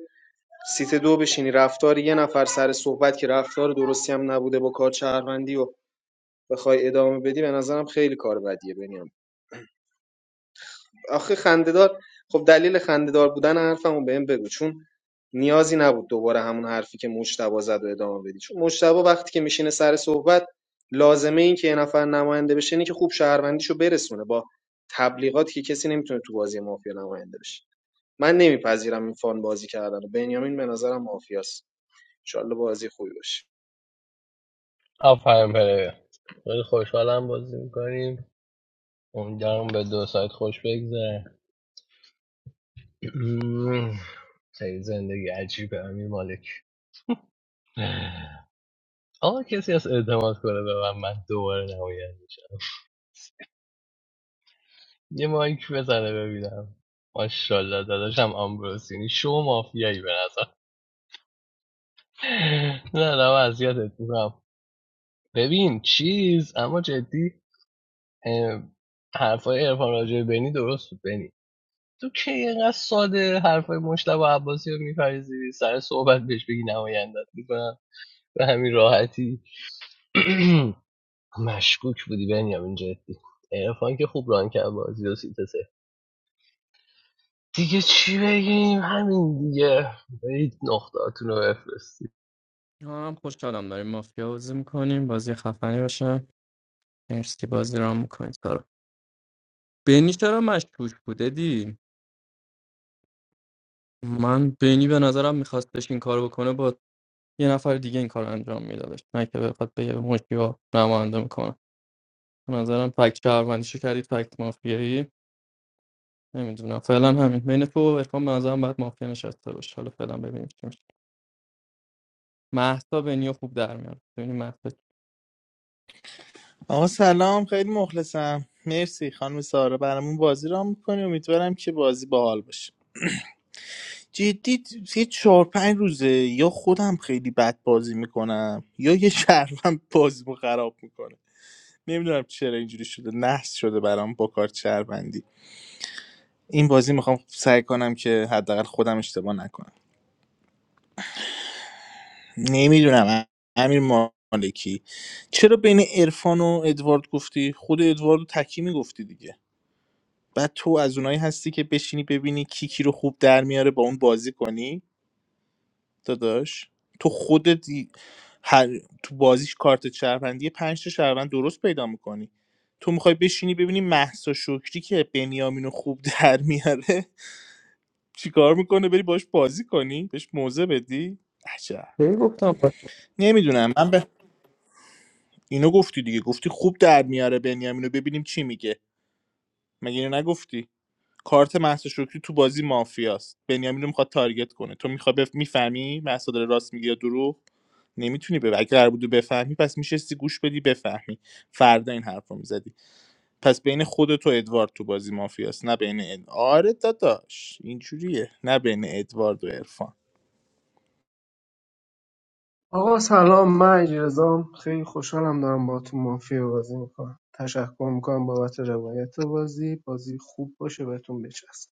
سیت دو بشینی رفتار یه نفر سر صحبت که رفتار درستی هم نبوده با کار شهروندی و بخوای ادامه بدی به نظرم خیلی کار بدیه بنیامین آخه خندهدار خب دلیل خندهدار بودن حرفمو بهم بگو چون نیازی نبود دوباره همون حرفی که مجتبا زد و ادامه بدی چون مجتبا وقتی که میشینه سر صحبت لازمه این که یه نفر نماینده بشه اینه که خوب شهروندیشو برسونه با تبلیغات که کسی نمیتونه تو بازی مافیا نماینده بشه من نمیپذیرم این فان بازی کردن و بنیامین به نظرم مافیاست انشالله بازی خوبی باشه آفرین پلیر خیلی خوشحالم بازی میکنیم امیدوارم به دو ساعت خوش بگذره خیلی زندگی عجیبه امیر مالک آقا کسی از اعتماد کنه به من من دوباره نماینده میشم یه مایک بزنه ببینم ماشاءالله داداشم آمبروسینی شو مافیایی به نظر نه نه من اذیتت میکنم ببین چیز اما جدی حرفای عرفان راجع به بنی درست بود بنی تو که اینقدر ساده حرفای مشتبه عباسی رو میپریزی سر صحبت بهش بگی نمایندت میکنم به همین راحتی مشکوک بودی بنیامین جدی عرفان که خوب ران کرد بازی و سیت سه. دیگه چی بگیم همین دیگه برید نقطاتون رو بفرستید ما هم خوشحالم داریم مافیا بازی میکنیم بازی خفنی باشه مرسی بازی رام میکنید کارو بینی چرا مشکوک بوده دی من بینی به نظرم میخواستش این کار بکنه با یه نفر دیگه این کار انجام میدادش نه که بخواد به یه مشکیا نماینده میکنه به نظرم فکت شهروندیشو کردید فکت مافیایی نمیدونم فعلا همین بین تو و عرفان به نظرم باید مافیا نشسته باشه حالا فعلا ببینیم چی میشه مهسا بنیو خوب در میاد ببینیم مهسا چی- آقا سلام خیلی مخلصم مرسی خانم سارا برامون بازی را میکنی امیدوارم که بازی باحال باشه جدی یه چهار پنج روزه یا خودم خیلی بد بازی میکنم یا یه شهروند بازیمو خراب میکنه نمیدونم چرا اینجوری شده نحس شده برام با کارت شهروندی این بازی میخوام سعی کنم که حداقل خودم اشتباه نکنم نمیدونم امیر مالکی چرا بین عرفان و ادوارد گفتی خود ادوارد و تکی میگفتی دیگه بعد تو از اونایی هستی که بشینی ببینی کی کی رو خوب در میاره با اون بازی کنی داداش تو خودت هر تو بازیش کارت شهروندی پنج تا شهروند درست پیدا میکنی تو میخوای بشینی ببینی محسا شکری که بنیامینو خوب در میاره چیکار میکنه بری باش بازی کنی بهش موزه بدی عجب کی گفتم نمیدونم من به اینو گفتی دیگه گفتی خوب در میاره بنیامینو ببینیم چی میگه مگه اینو نگفتی کارت محسا شکری تو بازی مافیاست بنیامینو میخواد تارگت کنه تو میخوای بف... میفهمی محسا داره راست میگه یا دروغ نمیتونی به اگه قرار بود بفهمی پس میشستی گوش بدی بفهمی فردا این حرف رو میزدی پس بین خودت و ادوارد تو بازی مافیاست نه بین اد... آره داداش اینجوریه نه بین ادوارد و عرفان آقا سلام من اجرزام خیلی خوشحالم دارم با تو مافیا بازی میکنم تشکر میکنم بابت روایت بازی بازی خوب باشه بهتون بچسب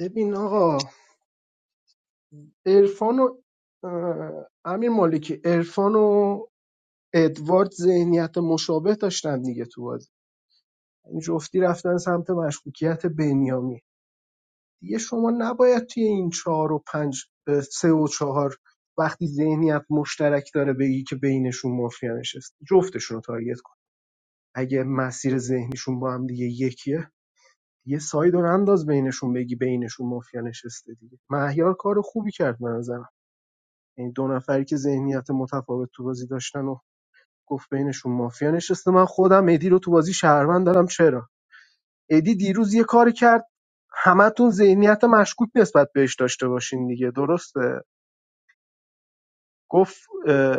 ببین آقا عرفان و اه، امیر مالکی عرفان و ادوارد ذهنیت مشابه داشتن دیگه تو بازی این جفتی رفتن سمت مشکوکیت بنیامین دیگه شما نباید توی این چهار و پنج سه و چهار وقتی ذهنیت مشترک داره بگی که بینشون مافیا نشسته جفتشون رو تارگت کن اگه مسیر ذهنیشون با هم دیگه یکیه یه ساید رو انداز بینشون بگی بینشون مافیا نشسته دیگه مهیار کار خوبی کرد به نظرم این دو نفری که ذهنیت متفاوت تو بازی داشتن و گفت بینشون مافیا نشسته من خودم مهدی رو تو بازی شهروند دارم چرا ادی دیروز یه کاری کرد همتون ذهنیت مشکوک نسبت بهش داشته باشین دیگه درسته گفت اه،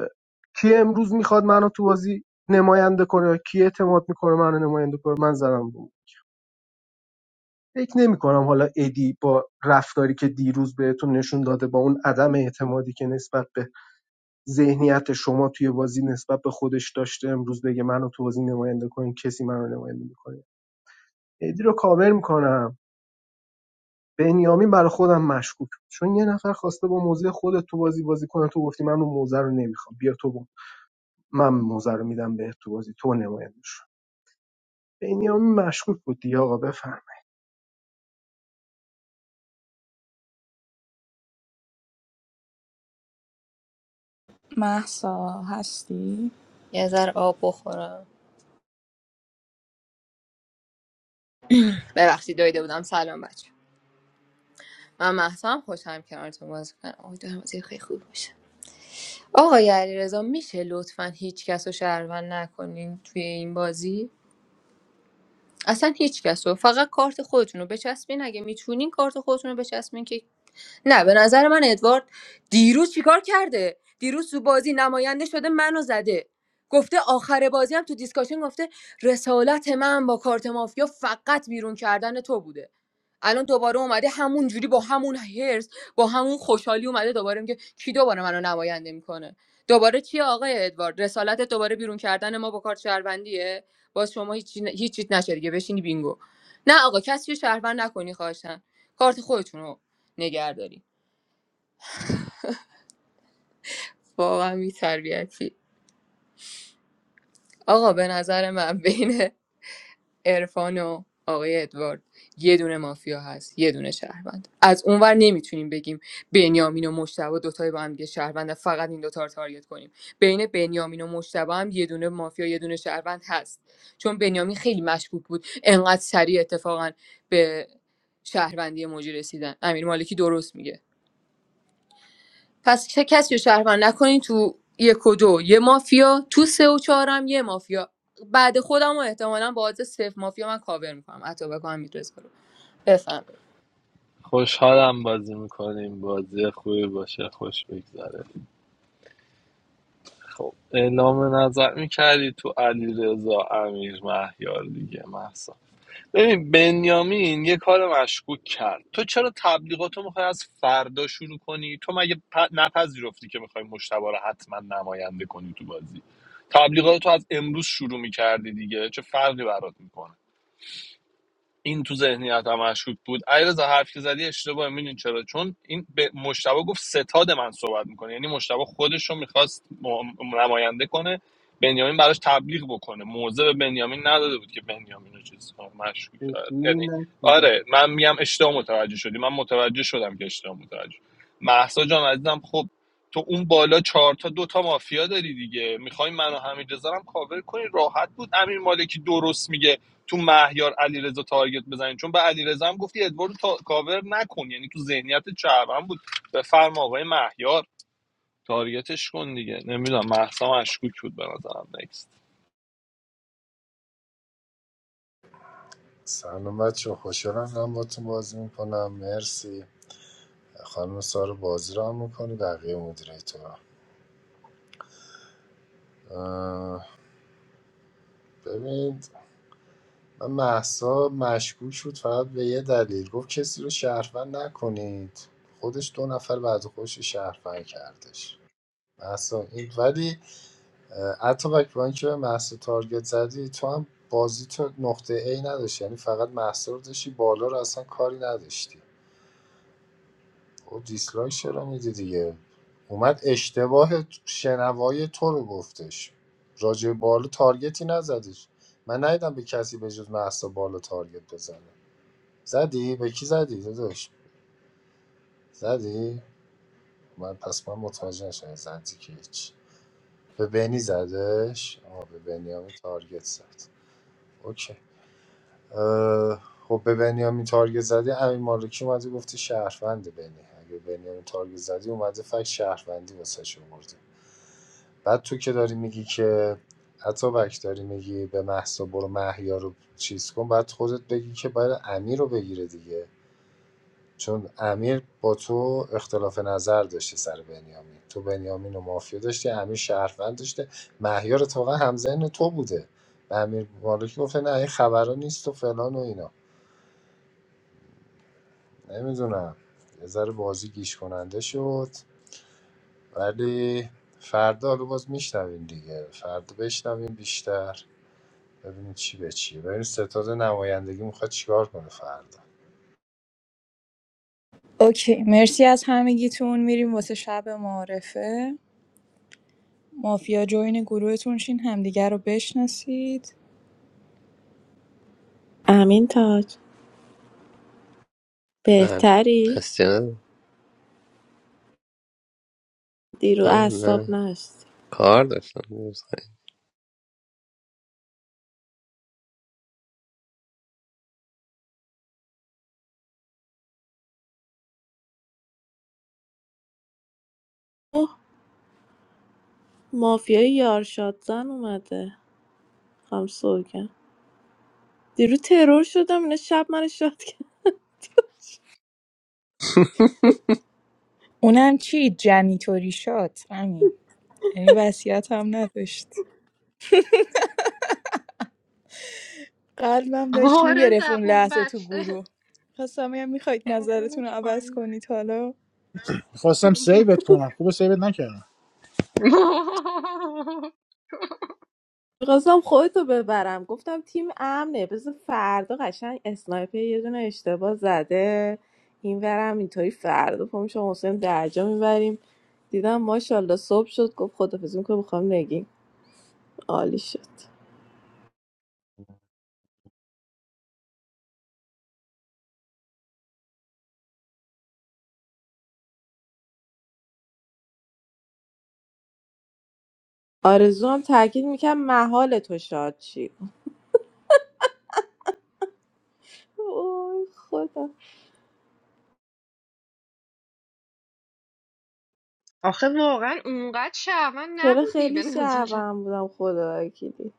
کی امروز میخواد منو تو بازی نماینده کنه کی اعتماد میکنه منو نماینده کنه من زدم بود فکر نمیکنم حالا ادی با رفتاری که دیروز بهتون نشون داده با اون عدم اعتمادی که نسبت به ذهنیت شما توی بازی نسبت به خودش داشته امروز بگه منو تو بازی نماینده کنین کسی منو نماینده میکنه ادی رو کاور میکنم بنیامین برا خودم مشکوک بود چون یه نفر خواسته با موزه خودت تو بازی بازی کنه تو گفتی من اون موزه رو نمیخوام بیا تو با. من موزه رو میدم بهت تو بازی تو نماینده شو بنیامین مشکوک بود دیگه آقا بفهم محسا هستی یه ذره آب بخورم ببخشید دویده بودم سلام بچه من محسن خوشم کنارتون بازی کنم امیدوارم بازی خیلی خوب باشه آقای علیرضا میشه لطفا هیچ کس رو شهروند نکنین توی این بازی اصلا هیچ کس رو فقط کارت خودتون رو بچسبین اگه میتونین کارت خودتون رو بچسبین که نه به نظر من ادوارد دیروز چیکار کرده دیروز تو بازی نماینده شده منو زده گفته آخر بازی هم تو دیسکاشن گفته رسالت من با کارت مافیا فقط بیرون کردن تو بوده الان دوباره اومده همون جوری با همون هرس با همون خوشحالی اومده دوباره میگه کی دوباره منو نماینده میکنه دوباره چی آقای ادوارد رسالت دوباره بیرون کردن ما با کارت شهروندیه باز شما هیچ چی- هیچ چیت نشه دیگه بشینی بینگو نه آقا کسی رو شهروند نکنی خواهشن کارت خودتون رو نگهداری واقعا بی‌تربیتی آقا به نظر من بین عرفان و آقای ادوارد یه دونه مافیا هست یه دونه شهروند از اونور نمیتونیم بگیم بنیامین و مشتبه دوتای با هم دیگه شهروند فقط این دوتا رو تارگت کنیم بین بنیامین و مشتبه هم یه دونه مافیا یه دونه شهروند هست چون بنیامین خیلی مشکوک بود انقدر سریع اتفاقا به شهروندی موجی رسیدن امیر مالکی درست میگه پس چه کسی رو شهروند نکنین تو یک و دو یه مافیا تو سه و چهارم یه مافیا بعد خودم و احتمالا با عادت صفر مافیا من کاور میکنم حتی بکنم میدرس کنم بفهمید خوشحالم بازی میکنیم بازی خوبی باشه خوش بگذره خب اعلام نظر میکردی تو علی رضا امیر مهیار دیگه محسا ببین بنیامین یه کار مشکوک کرد تو چرا تبلیغاتو میخوای از فردا شروع کنی تو مگه پ- نپذیرفتی که میخوای مشتبه رو حتما نماینده کنی تو بازی تبلیغاتو از امروز شروع میکردی دیگه چه فرقی برات میکنه این تو ذهنیت هم مشکوک بود علیرضا حرف که زدی اشتباه میدون چرا چون این به مشتبه گفت ستاد من صحبت میکنه یعنی مشتبه خودش رو میخواست نماینده کنه بنیامین براش تبلیغ بکنه موضع به بنیامین نداده بود که بنیامین رو چیز کنه، مشکوک کرد. یعنی ببین نشنیدم آره من میگم اشتباه متوجه شدی من متوجه شدم که اشتباه متوجه شدی. مهسا جان عزیزم خب تو اون بالا چهار تا دو تا مافیا داری دیگه میخوای منو همین هم کاور کنی راحت بود امیر مالکی درست میگه تو مهیار علیرضا تارگت بزنین چون به علیرضا هم گفتی ادوارد تا... کاور نکن یعنی تو ذهنیت چربن بود بفرما آقای مهیار تارگتش کن دیگه نمیدونم محسا مشکوک بود به نظرم نکست سلام بچه خوشحالم دارم با تو بازی میکنم مرسی خانم سارو بازی رو هم میکنی بقیه مدیریتور ببینید من محسا مشکوک شد فقط به یه دلیل گفت کسی رو شهروند نکنید خودش دو نفر بعد خوش شهروند کردش محسا این ولی اتابک با اینکه به محصه تارگت زدی تو هم بازی تو نقطه ای نداشت یعنی فقط محصه رو داشتی بالا رو اصلا کاری نداشتی او دیسلایک چرا میدی دیگه اومد اشتباه شنوای تو رو گفتش راجع به بالا تارگتی نزدیش من ندیدم به کسی به جز محصه بالا تارگت بزنه زدی؟ به کی زدی؟ داداش زدی؟ من پس من متوجه نشدم زدی که هیچ به بنی زدش آه به بنیامین تارگت زد اوکی خب به بنیامین تارگت زدی امین مالکی اومده گفته شهروند بنی اگه بنیامین تارگت زدی اومده فکر شهروندی واسه آورده بعد تو که داری میگی که بک داری میگی به محسا برو محیا رو چیز کن بعد خودت بگی که باید امیر رو بگیره دیگه چون امیر با تو اختلاف نظر داشته سر بنیامین تو بنیامین و مافیا داشتی امیر شهروند داشته مهیار اتفاقا همزن تو بوده و امیر مالکی گفته نه این خبرها نیست و فلان و اینا نمیدونم یه ذره بازی گیش کننده شد ولی فردا حالا باز میشنویم دیگه فردا بشنویم بیشتر ببینیم چی به چیه ببینیم ستاد نمایندگی میخواد چیکار کنه فردا اوکی مرسی از همگیتون میریم واسه شب معرفه مافیا جوین گروهتون شین همدیگر رو بشناسید امین تاج من بهتری هستی ندارم. دیرو آه، اعصاب نه نشت کار داشتم دیروز. خیلی. مافیای یارشادزن اومده خانم سوگن دیروز ترور شدم اینا شب من شاد کرد اونم چی جنیتوری شد همین یعنی وصیت هم نداشت قلبم داشت آره میگرفت اون زبون لحظه تو بچه گروه خواستم بگم میخواید نظرتون رو کردنش عوض پایین. کنید حالا خواستم سیوت کنم خوب سیوت نکردم میخواستم خودتو ببرم گفتم تیم امنه بذار فردا قشنگ اسنایپر یه دونه اشتباه زده این ورم اینطوری فردا پا میشم حسین درجا میبریم دیدم ماشاءالله صبح شد گفت خدافزی میکنه میخوام نگیم عالی شد آرزو هم تاکید میکرد محال تو شاد چی اوه خدا آخه واقعا اونقدر شعبان چرا نبودی خیلی به نظرم شرمم بودم خدا وکیلی.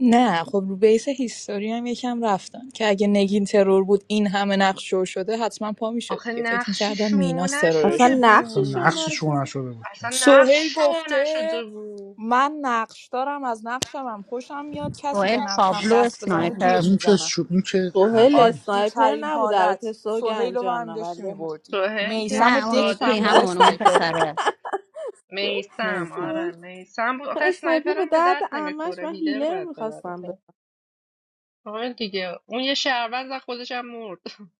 نه خب رو بیس هیستوری هم یکم رفتن که اگه نگین ترور بود این همه نقش شو شده حتما پا میشد آخه دیگه فکر نقشی میکردن شو میناس اصلا نشده ترورشون اصلا نقششون بود رو نقشش رو شد نشده بود که اصلا سهیل نقش شو گفته نشده بود من نقش دارم از نقشم هم خوشم میاد کسی به وائل نقشم تابلو دست آه، بزنه اسنایپر جیغ این که میزنم شو این که سوهل حرفان عادی اسنایپر ترین نبود البته حالت سهیل سوگن رو جان هم داشتی ولی میبردی سوهل که میسم و نه اون دک ساده یکی فهمیده بود همون اون اسنایپره پسره میسم نیستم آره سوهل میسم بود آخه اسنایپر به سنایپرم به درد درد امش نمیخوره من هیدر هیلر باید ببره میخواستم به آره دیگه اون یه شهروند و خودش هم مرد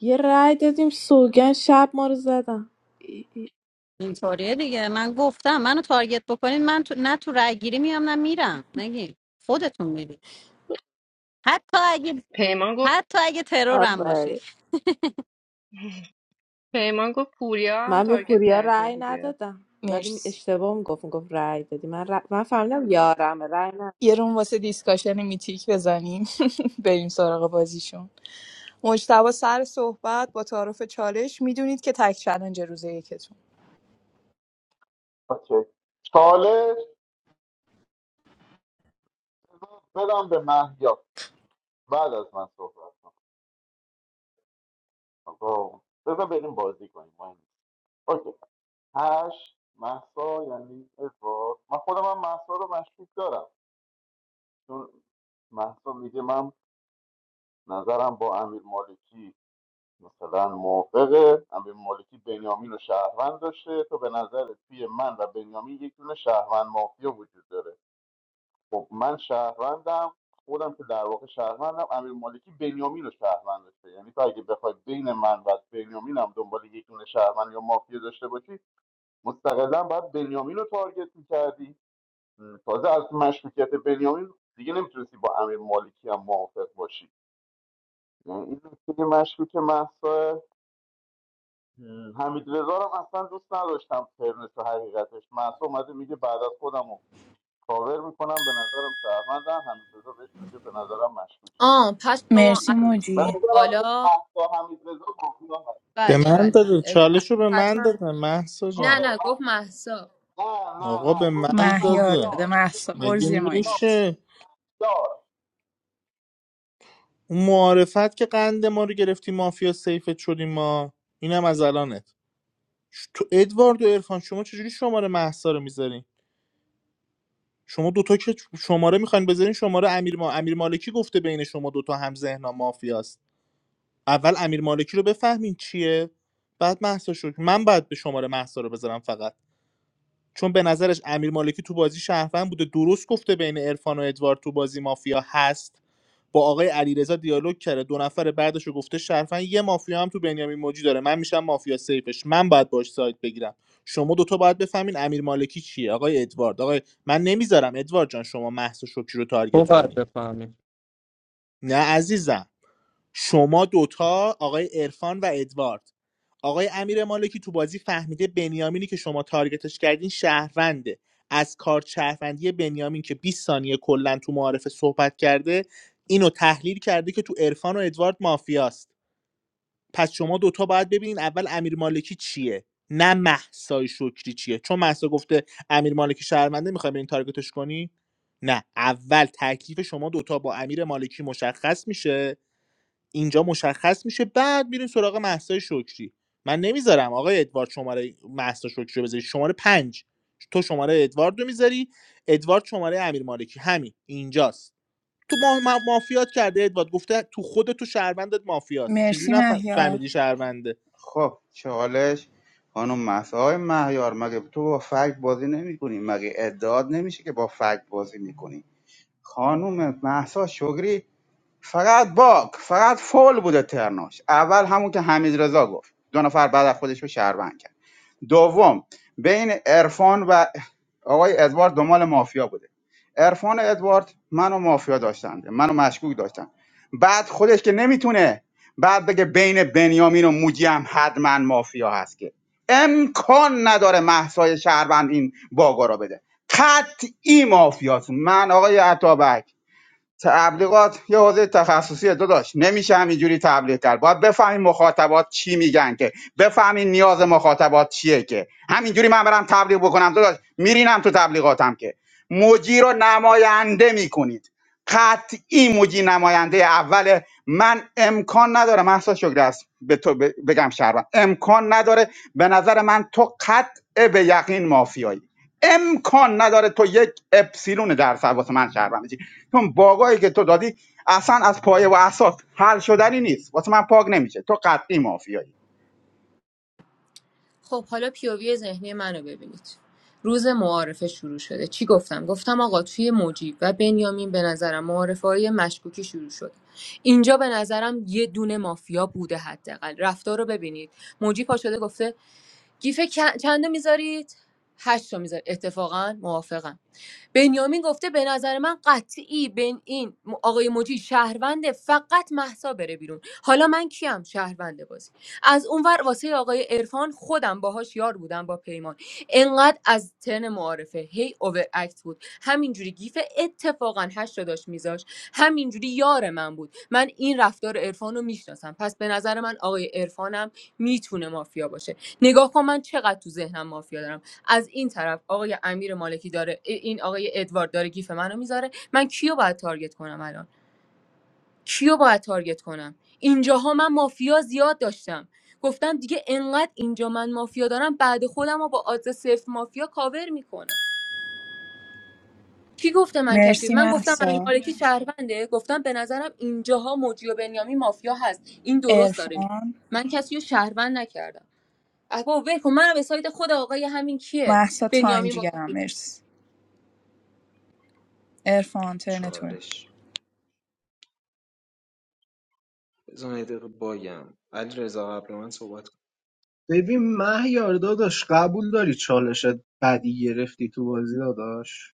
یه رای دادیم سوگن شب ما رو زدم ای ای. اینطوریه دیگه من گفتم منو تارگت بکنین من تو... نه تو رای گیری میام نه میرم نگی خودتون میری حتی اگه پیمان گفت حتی اگه ترورم باشی آفرین. پیمان گفت پوریا هم من به تارگت پوریا کرده رای بوده ندادم ولی مرسی اشتباه میگفت میگفت رای دادی من ر... من فهمیدم یارم رای ندادم یه روم واسه دیسکاشن میتیک بزنیم بریم سراغ بازیشون مجتبی سر صحبت با تعارف چالش میدونید که تک چلنج روز یکتون اوکی. چالش بدم به مهیار بعد از من صحبت کن. آقا بذار بریم بازی کنیم مهم نیست. اوکی هشت محسا یعنی ادوارد من خودم هم محسا رو مشکوک دارم چون محسا میگه من نظرم با امیر مالکی مثلا موافقه امیر مالکی بنیامین و شهروند داشته تو به نظر توی من و بنیامین یک دونه شهروند مافیا وجود داره خب من شهروندم خودم که در واقع شهروندم امیر مالکی بنیامین رو شهروند داشته یعنی تو اگه بخوای بین من و بنیامین هم دنبال یک دونه شهروند یا مافیا داشته باشی مستقلا باید بنیامین رو تارگت میکردی تازه از مشکوکیت بنیامین دیگه نمیتونستی با امیر مالکی هم موافق باشی یعنی این نکته مشکوک محسا حمید رضا هم اصلا دوست نداشتم فرنس و حقیقتش محسا اومده میگه بعد از خودم رو کاور میکنم به نظرم شهروندم حمید رضا بهش میگه به نظرم مشکوک آه پس شما مرسی از نمیدونم به موجی نظرم تو بالا با حمید رضا گفتم به بله من بله داده اه، چالش رو به من حتما داده محسا نه جان آره نه گفت محسا من نه نه آقا نه به من گفتم مهیا داده داده مهیار محسا گفتم برو مگه زیر مایکت میشه مهیار اون معارفت که قند ما رو گرفتی مافیا سیفت شدیم ما اینم از الانت ش- تو ادوارد و عرفان شما چجوری شماره محسا رو میذارین شما دوتا که شماره میخواین بذارین شماره امیر, ما... امیر مالکی گفته بین شما دوتا هم ذهنم مافیاست اول امیر مالکی رو بفهمین چیه بعد مهسا شکر من بعد به شماره مهسا رو بذارم فقط چون به نظرش امیر مالکی تو بازی شهروند بوده درست گفته بین عرفان و ادوارد تو بازی مافیا هست با آقای علیرضا دیالوگ کرده دو نفر بعدش رو گفته شرفن یه مافیا هم تو بنیامین موجی داره من میشم مافیا سیفش من باید باش سایت بگیرم شما دوتا باید بفهمین امیر مالکی چیه آقای ادوارد آقای من نمیذارم ادوارد جان شما مهسا شکری رو تو تارگت باید کنی بفهمی نه عزیزم شما دوتا آقای عرفان و ادوارد آقای امیر مالکی تو بازی فهمیده بنیامینی که شما تارگتش کردین شهرونده از کار شهروندی بنیامین که 20 ثانیه کلا تو معارفه صحبت کرده اینو تحلیل کرده که تو عرفان و ادوارد مافیاست پس شما دوتا باید ببینین اول امیر مالکی چیه نه محسای شکری چیه چون محسا گفته امیر مالکی شهرونده میخوای برین تارگتش کنی نه اول تکلیف شما دوتا با امیر مالکی مشخص میشه اینجا مشخص میشه بعد میریم سراغ مهسا شکری من نمیذارم آقای ادوارد شماره مهسا شکری رو بذاری شماره پنج تو شماره ادوارد رو میذاری ادوارد شماره امیر مالکی همین اینجاست تو ما... ما- مافیات کرده ادوارد گفته تو خود تو شهروندت مافیاست چجوری مرسی مهیا نفهمیدی شهرونده خب چالش خانم مهسا های مهیار مگه تو با فکت بازی نمی کنی مگه ادعاد نمیشه که با فکت بازی میکنی خانم مهسا شگری فقط باک فقط فول بوده ترناش اول همون که حمید رضا گفت دو نفر بعد از خودش رو شهروند کرد دوم بین عرفان و آقای ادوارد دنبال مافیا بوده عرفان و ادوارد منو مافیا داشتن منو مشکوک داشتن بعد خودش که نمیتونه بعد بگه بین بنیامین و موجی هم حتما مافیا هست که امکان نداره محسای شهروند این باگا را بده قطعی مافیاست من آقای عطابک تبلیغات یه حوزه تخصصی داداش نمیشه همینجوری تبلیغ کرد باید بفهمین مخاطبات چی میگن که بفهمین نیاز مخاطبات چیه که همینجوری من برم تبلیغ بکنم داداش میرینم تو تبلیغاتم که موجی رو نماینده میکنید قطعی موجی نماینده اوله من امکان نداره محسا شکر است به تو ب- بگم شهروند امکان نداره به نظر من تو قطع به یقین مافیایی امکان نداره تو یک اپسیلون در واسه من شهروند بشی. چون باگایی که تو دادی اصلا از پایه و اساس حل شدنی نیست واسه من پاک نمیشه تو قطعی مافیایی خب حالا پیووی ذهنی منو ببینید روز معارفه شروع شده چی گفتم گفتم آقا توی مجیب و بنیامین به نظرم معارفه مشکوکی شروع شد اینجا به نظرم یه دونه مافیا بوده حداقل رفتار رو ببینید موجی پا شده گفته گیف چندو میذارید هشت تا میذارید اتفاقا موافقم بنیامین گفته به نظر من قطعی بن این آقای موجی شهرونده فقط محسا بره بیرون حالا من کیم شهرونده بازی از اونور واسه آقای عرفان خودم باهاش یار بودم با پیمان انقدر از تن معارفه هی اوور اکت بود همینجوری گیف اتفاقا هشت رو داشت میذاش همینجوری یار من بود من این رفتار عرفان رو میشناسم پس به نظر من آقای عرفانم میتونه مافیا باشه نگاه کن من چقدر تو ذهنم مافیا دارم از این طرف آقای امیر مالکی داره این آقای ادوارد داره گیف منو میذاره من کیو باید تارگت کنم الان کیو باید تارگت کنم اینجاها من مافیا زیاد داشتم گفتم دیگه انقدر اینجا من مافیا دارم بعد خودم رو با آدرس صفر مافیا کاور میکنم کی گفته من کسی مرسی من گفتم امیر محسا مالکی شهرونده گفتم به نظرم اینجاها موجی و بنیامین مافیا هست این درست داره میگه ارفان من کسی رو شهروند نکردم اگه ول کن منو به سایت خود آقای همین کیه محسا تایم بنیامین با جیگرم مرسی ارفان ترنتور چالش بزن یه دقیقه بایم علیرضا قبل من صحبت ببین مهیار داداش قبول داری چالشت بدی گرفتی تو بازی داداش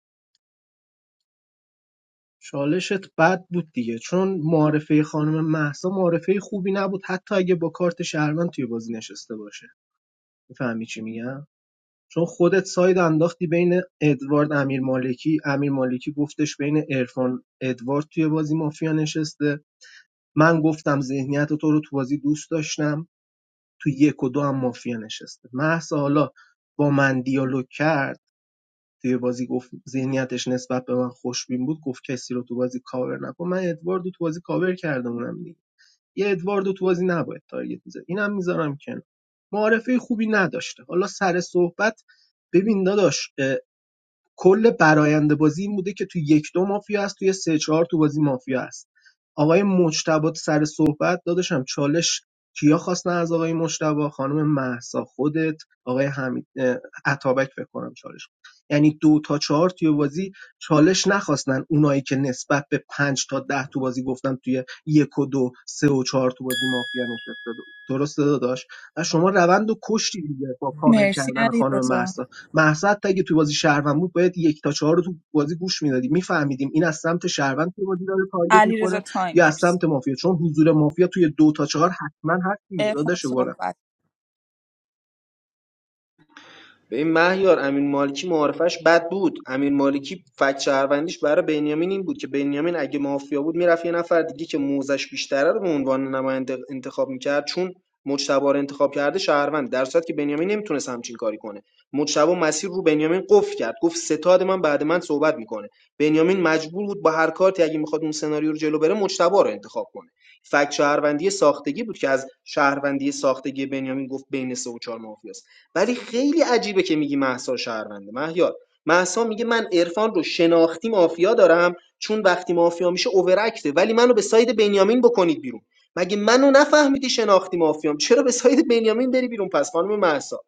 چالشت بد بود دیگه چون معرفه خانم محسا معرفه خوبی نبود حتی اگه با کارت شهروند توی بازی نشسته باشه میفهمی چی میگم چون خودت ساید انداختی بین ادوارد امیر مالکی امیرمالکی امیرمالکی گفتش بین ارفان ادوارد توی بازی مافیا نشسته من گفتم ذهنیت تو رو تو بازی دوست داشتم تو یک و دو هم مافیا نشسته محسا حالا با من دیالوگ کرد توی بازی گفت ذهنیتش نسبت به من خوشبین بود گفت کسی رو تو بازی کاور نکن من ادوارد تو بازی کاور کردم اونم دیگه یه ادوارد تو بازی نباید تارگت میزد اینم میذارم کنار معارفه خوبی نداشته حالا سر صحبت ببین داداش کل برآیند بازی این بوده که تو یک دو مافیا هست توی سه چهار تو بازی مافیا هست آقای مجتبی سر صحبت داداشم چالش کیا خواستن از آقای مجتبی خانم مهسا خودت آقای حمید اه، عطابک فکر کنم چالش خواست. یعنی دو تا چهار توی بازی چالش نخواستن اونایی که نسبت به پنج تا ده تو بازی گفتن توی یک و دو سه و چهار تو بازی مافیا نشسته درسته داداش و شما روند و کشتی دیگه با کاور مرسی کردن علی خانم رزا مهسا مهسا تا اگه تو بازی شهروند بود باید یک تا چهار رو تو بازی گوش میدادیم میفهمیدیم این از سمت شهروند تو بازی داره تارگت علی رزا میخوره تایم یا از مرسی سمت مافیا چون حضور مافیا توی دو تا چهار حتما هست دیگه ارفان داداش گلم صحبت ببین مهیار امین مالکی معارفش بد بود امین مالکی فکت شهروندیش برای بنیامین این بود که بنیامین اگه مافیا بود میرفت یه نفر دیگه که موزش بیشتره رو به عنوان نماینده انتخاب میکرد چون مجتبا رو انتخاب کرده شهروند در صورتی که بنیامین نمیتونست همچین کاری کنه مجتبا مسیر رو بنیامین قفل کرد گفت ستاد من بعد من صحبت میکنه بنیامین مجبور بود با هر کارتی اگه میخواد اون سناریو رو جلو بره مجتبا رو انتخاب کنه فکت شهروندی ساختگی بود که از شهروندی ساختگی بنیامین گفت بین سه و چهار مافیاست ولی خیلی عجیبه که میگی مهسا شهرونده مهیار مهسا میگه من عرفان رو شناختی مافیا دارم چون وقتی مافیا میشه اوورکته ولی منو به ساید بنیامین بکنید بیرون مگه منو نفهمیدی شناختی مافیام چرا به ساید بنیامین بری بیرون پس خانم مهسا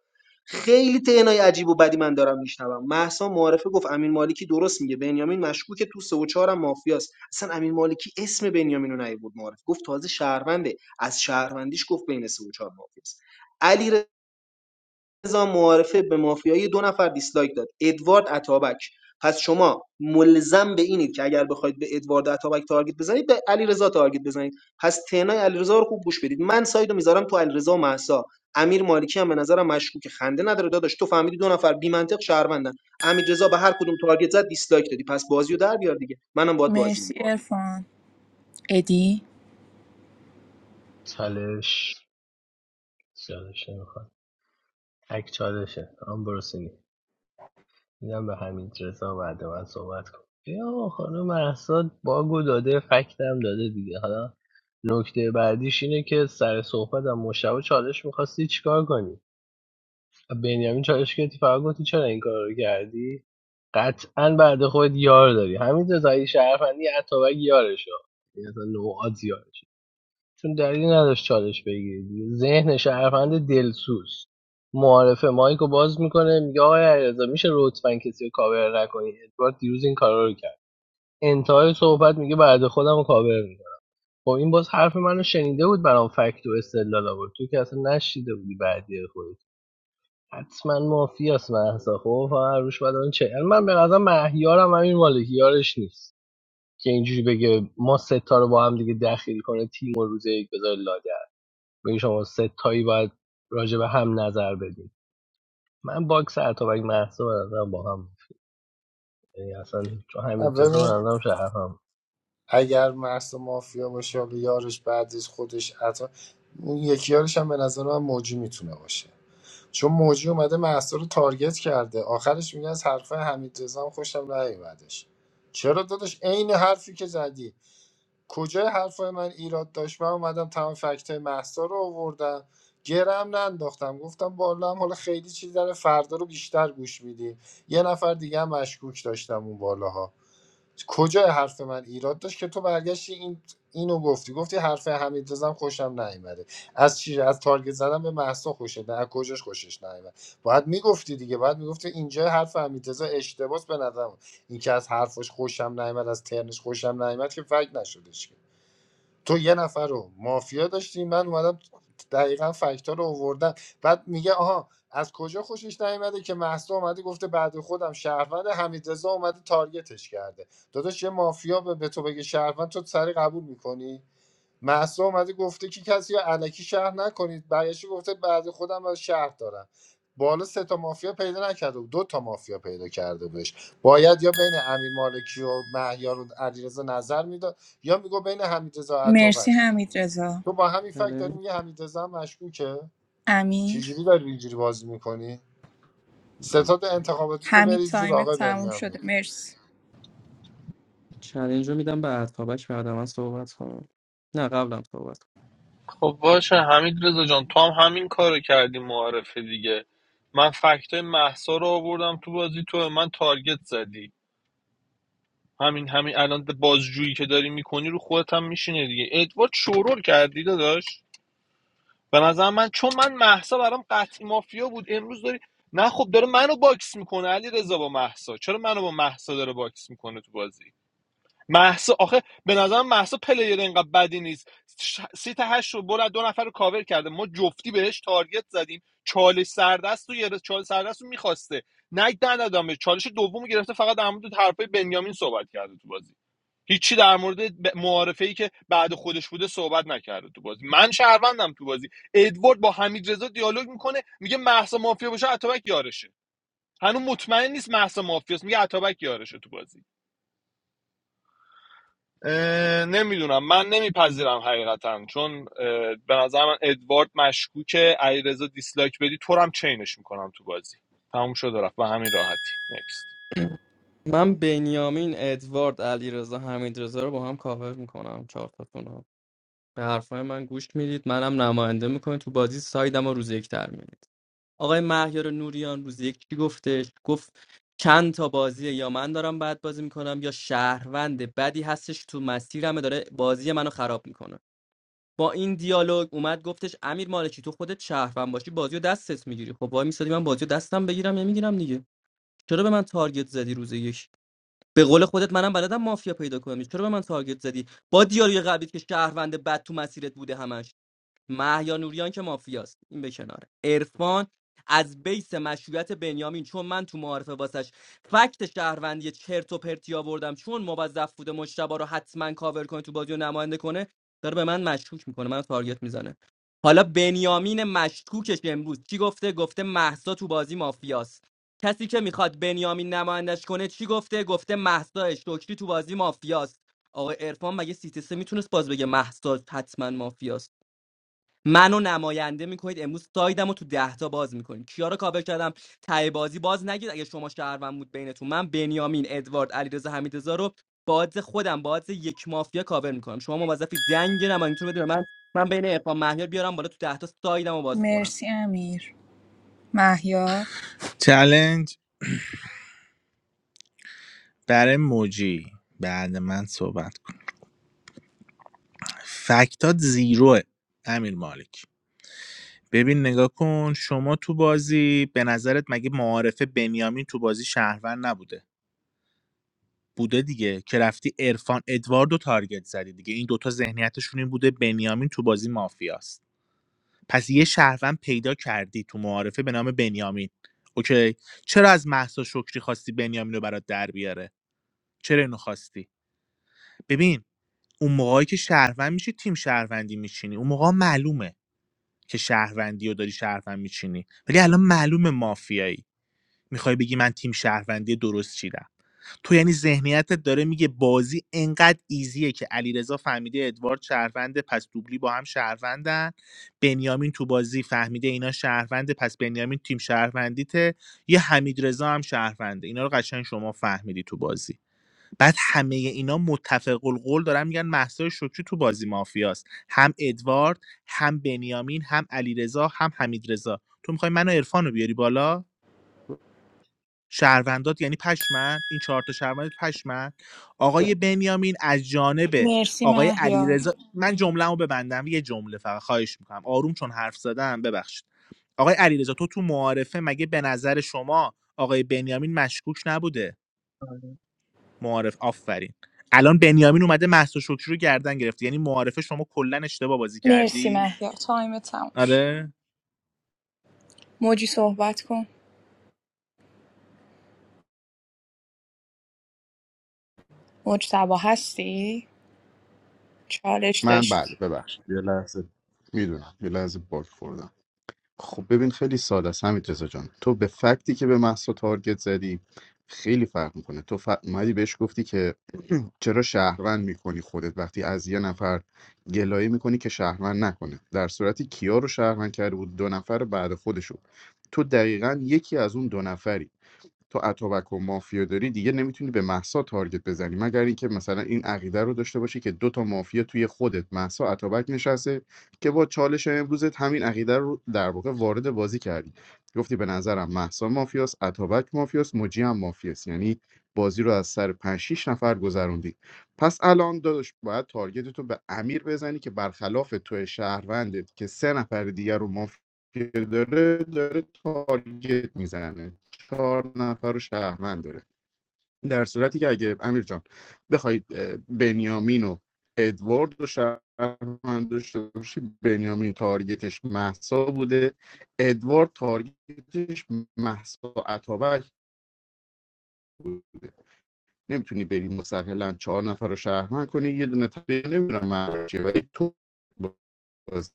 خیلی تنهای عجیب و بدی من دارم میشنوم مهسا معارفه گفت امین مالکی درست میگه بنیامین مشکوکه تو سه و چهارم مافیاست اصلا امین مالکی اسم بنیامین رو نیورد معارفه گفت تازه شهرونده از شهروندیش گفت بین سه و چهار مافیاست علی رضا معارفه به مافیای دو نفر دیسلایک داد ادوارد اتابک پس شما ملزم به اینید که اگر بخواید به ادوارد اتابک تارگت بزنید به علیرضا تارگت بزنید پس تنای علیرضا رو خوب گوش بدید من سایدو میذارم تو علیرضا و مهسا امیر مالکی هم به نظرم مشکوک خنده نداره داداش تو فهمیدی دو نفر بی منطق شهروندن امیر رضا به هر کدوم تارگت زد دیسلایک دادی پس بازیو در بیار دیگه منم باید بازی مرسی میکنم ارفان ادی چالش چالش نمیخواد تک چالشه هم برسونی میدم به همین رضا بعد من صحبت کن یا خانم محساد باگو داده فکتم داده دیگه حالا نکته بعدیش اینه که سر صحبت هم مشتبه چالش میخواستی چیکار کنی بنیامین چالش گرفتی فقط گفتی چرا این کار رو کردی قطعا بعد خودت یار داری همین رضایی شرفندی اتابک یارشو یعنی اصلا نوعات یارشه چون دلیلی نداشت چالش بگیری دیگه. ذهن شرفند دلسوز معارفه مایکو باز میکنه میگه آقای علیرضا میشه لطفا کسی رو کاور نکنی ادوارد دیروز این کارا رو کرد انتهای صحبت میگه بعد خودم رو کاور میکنم خب این باز حرف منو شنیده بود برام فکت و استدلال آورد تو که اصلا نشیده بودی بعدی خودت حتما مافیاس مهسا خب فقط هر روش بدن چه یعنی من به نظر مهیارم همین مالکیارش نیست که اینجوری بگه ما ستا رو با هم دیگه دخیل کنه تیم و روز یک بذاره لاگر بگه شما ستایی باید راجع به هم نظر بدین من باکس اتابک مهسا به نظرم با هم یعنی اصلا چون نه، همین جزا به ببین نظرم شرفم اگر مرس مافیا باشه حالا یارش بعدیز خودش عطا اون یکی یارش هم به نظر من موجی میتونه باشه چون موجی اومده محسا رو تارگت کرده آخرش میگه از حرفه حمید رضا هم خوشم نیومدش چرا داداش عین حرفی که زدی کجای حرفای من ایراد داشت من اومدم تمام فکتای محسا رو آوردم گرم ننداختم گفتم بالا هم حالا خیلی چیز داره فردا رو بیشتر گوش میدیم یه نفر دیگه هم مشکوک داشتم اون بالاها کجای حرف من ایراد داشت که تو برگشتی این اینو گفتی گفتی حرف حمید رزم خوشم نیومده از چی از تارگت زدن به محسا خوشت نه از کجاش خوشش نیومد باید میگفتی دیگه باید میگفتی اینجا حرف حمید رضا اشتباس به نظر این که از حرفش خوشم نیامد از ترنش خوشم نیامد که فکت نشدش که تو یه نفر رو مافیا داشتی من اومدم دقیقا فکتا رو آوردم بعد میگه آها از کجا خوشش نیامده که محسا اومده گفته بعد خودم شهروند حمیدرضا اومده تارگتش کرده داداش یه مافیا به به تو بگه شهروند تو سری قبول میکنی محسا اومده گفته که کسی رو علکی شهر نکنید برگشته گفته بعد خودم از شهر دارم بالا سه تا مافیا پیدا نکرده بود دو تا مافیا پیدا کرده بودش باید یا بین امیر مالکی و مهیار و علیرضا نظر میداد یا میگو بین حمیدرضا مرسی عطابک حمید رزا. تو با همین فکت بله داری میگه حمیدرضا هم مشکوکه امیر چجوری داری اینجوری بازی میکنی ستاد انتخاباتی تو حمید بریز جور تایم آقای تموم شده بنیامین مرسی چالش رو میدم به عطابک بعد من صحبت کنم نه قبلم صحبت کنم. خب باشه حمید رضا جان تو هم همین کارو کردی معارفه دیگه من فکتای محسا رو آوردم تو بازی تو به من تارگت زدی همین همین الان بازجویی که داری میکنی رو خودت هم میشینه دیگه ادوارد شورول کردی داداش به نظر من چون من محسا برام قطعی مافیا بود امروز داری نه خب داره منو باکس میکنه علی رضا با محسا چرا منو با محسا داره باکس میکنه تو بازی محسا آخه به نظر محسا پلیر اینقدر بدی نیست ش... سی تا هشت رو برد دو نفر رو کاور کرده ما جفتی بهش تارگت زدیم چالش سردست رو گرفت چالش سردست رو میخواسته نه ندادم بهش. چالش دوم رو گرفته فقط در مورد حرفای بنیامین صحبت کرده تو بازی هیچی در مورد ب- معارفه ای که بعد خودش بوده صحبت نکرده تو بازی من شهروندم تو بازی ادوارد با حمید رضا دیالوگ میکنه میگه محسا مافیا باشه اتابک یارشه هنوز مطمئن نیست محسا مافیاست میگه اتابک یارشه تو بازی اه، نمیدونم من نمیپذیرم حقیقتا چون اه، به نظر من ادوارد مشکوکه علیرضا دیسلایک بدی تو رو هم چینش میکنم تو بازی تموم شد و رفت به همین راحتی نکست من بنیامین ادوارد علیرضا حمیدرضا رو با هم کاور میکنم چهار تاتون. به حرفای من گوش میدید منم نماینده میکنید تو بازی سایدم رو روز یک در میارید آقای مهیار نوریان روز یک چی گفتش گفت چند تا بازی یا من دارم بد بازی میکنم یا شهروند بدی هستش تو مسیرم داره بازی منو خراب میکنه با این دیالوگ اومد گفتش امیر مالکی تو خودت شهروند باشی بازی رو دستت میگیری خب وای میسادی من بازی رو دستم بگیرم یا میگیرم دیگه چرا به من تارگت زدی روز یک به قول خودت منم بلدم مافیا پیدا کنم چرا به من تارگت زدی با دیالوگ قبلیت که شهروند بد تو مسیرت بوده همش مهیا نوریان که مافیاست این به کنار عرفان از بیس مشروعیت بنیامین چون من تو معارفه واسش فکت شهروندی چرت و پرتی آوردم چون موظف بوده مشتبه رو حتما کاور کنه تو بازی و نماینده کنه داره به من مشکوک میکنه من تارگت میزنه حالا بنیامین مشکوکش امروز چی گفته گفته محسا تو بازی مافیاست کسی که میخواد بنیامین نمایندش کنه چی گفته گفته محسا شکری تو بازی مافیاست آقای عرفان مگه سیتیسه میتونست باز بگه محسا حتما مافیاست منو نماینده میکنید امروز سایدم رو تو دهتا باز میکنید کیا رو کابل کردم ته بازی باز نگید اگه شما شهروند بود بینتون من بنیامین ادوارد علیرضا حمیدرضا رو باز خودم باز یک مافیا کاور میکنم شما موظفی دنگ نمایانتون رو بدید به من من بین عرفان مهیار بیارم بالا تو دهتا سایدم رو باز کنم مرسی امیر مهیار چلنج برای موجی بعد من صحبت کنم فکتات زیروه امیر مالکی. ببین نگاه کن شما تو بازی به نظرت مگه معارفه بنیامین تو بازی شهروند نبوده بوده دیگه که رفتی عرفان ادواردو تارگت زدی دیگه این دوتا ذهنیتشون این بوده بنیامین تو بازی مافیاست پس یه شهروند پیدا کردی تو معارفه به نام بنیامین اوکی چرا از محسا شکری خواستی بنیامین رو برات در بیاره چرا اینو خواستی ببین اون موقعی که شهروند میشی تیم شهروندی میچینی اون موقع معلومه که شهروندی رو داری شهروند میچینی ولی الان معلومه مافیایی میخوای بگی من تیم شهروندی درست چیدم تو یعنی ذهنیتت داره میگه بازی انقدر ایزیه که علیرضا فهمیده ادوارد شهرونده پس دوبلی با هم شهروندن بنیامین تو بازی فهمیده اینا شهرونده پس بنیامین تیم شهروندیته یه حمید رضا هم شهرونده اینا رو قشنگ شما فهمیدی تو بازی بعد همه اینا متفق القول دارن میگن مهسا شکری تو بازی مافیاست هم ادوارد هم بنیامین هم علیرضا هم حمیدرضا تو میخوای منو عرفان بیاری بالا شهروندات یعنی پشمن این چهار تا شهروند پشمن آقای بنیامین از جانب مرسی آقای مهیار علیرضا من جمله‌مو ببندم یه جمله فقط خواهش میکنم آروم چون حرف زدم ببخشید آقای علیرضا تو تو معارفه مگه به نظر شما آقای بنیامین مشکوک نبوده آره. معارف آفرین الان بنیامین اومده مهسا شکری رو گردن گرفت یعنی معارفه شما کلا اشتباه بازی مرسی کردی مهیار تایم تموم شد آره موجی صحبت کن موج تبا هستی چالش من بله داشتی ببخشید یه لحظه میدونم یه لحظه باک خوردم خب ببین خیلی ساده است همین رضا جان تو به فکتی که به محسا تارگت زدی خیلی فرق میکنه تو ف... اومدی بهش گفتی که چرا شهروند میکنی خودت وقتی از یه نفر گلایه میکنی که شهروند نکنه در صورتی کیا رو شهروند کرده بود دو نفر بعد خودشو تو دقیقا یکی از اون دو نفری تو اتوبک و مافیا داری دیگه نمیتونی به محسا تارگت بزنی مگر اینکه مثلا این عقیده رو داشته باشی که دو تا مافیا توی خودت محسا اتوبک نشسته که با چالش امروزت همین عقیده رو در واقع وارد بازی کردی گفتی به نظرم محسا مافیاست اتوبک مافیاست موجی هم مافیاست یعنی بازی رو از سر 5 6 نفر گذروندی پس الان داداش باید تارگت تو به امیر بزنی که برخلاف تو شهروندت که سه نفر دیگر رو مافیا داره داره تارگت میزنه چهار نفر رو شهروند داره در صورتی که اگه امیر جان بخواید اه، بنیامین و ادوارد رو شهروند داشته باشی بنیامین تارگتش محسا بوده ادوارد تارگتش محسا عطابک نمیتونی بری مستقلا چهار نفر رو شهروند کنی یه دونه تبیه نمیرم ولی تو بازی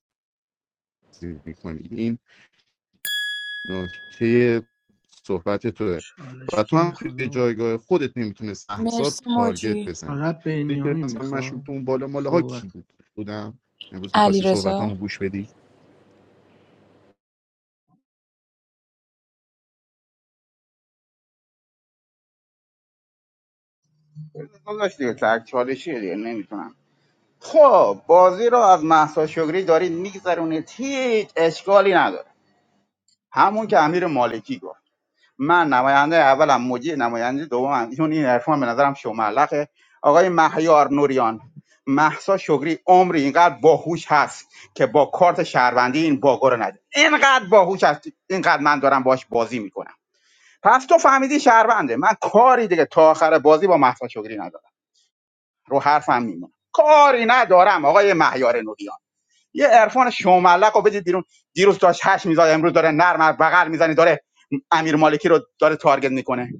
میکنی این نکته صحبت توه چالش و تو کی هم میخواد توی آقا؟ جایگاه خودت نمیتونست احسا مرسی تارگت موجی بزنی فقط دیدی بنیامین مثلا میخواد مشروط اون بالا ماله ها کی صحبت بود بودم امروز علی میخواستی صحبت رضا هم گوش بدی گذاشت دیگه سر چالشی دیگه نمیتونم خب بازی رو از مهسا شگری دارید میگذرونید هیچ اشکالی نداره همون که امیر مالکی گفت من نماینده اولم موجی نماینده دومم ایشون این عرفان به نظرم شوملقه آقای مهیار نوریان محسا شگری عمری اینقدر باهوش هست که با کارت شهروندی این باگو رو نده اینقدر باهوش هست اینقدر من دارم باش بازی میکنم پس تو فهمیدی شهرونده من کاری دیگه تا آخر بازی با محسا شگری ندارم رو حرفم میمونم کاری ندارم آقای مهیار نوریان یه عرفان شوملق رو بدید بیرون دیروز داشت هش میزاد امروز داره نرم از بغل میزنه داره امیر مالکی رو داره تارگت میکنه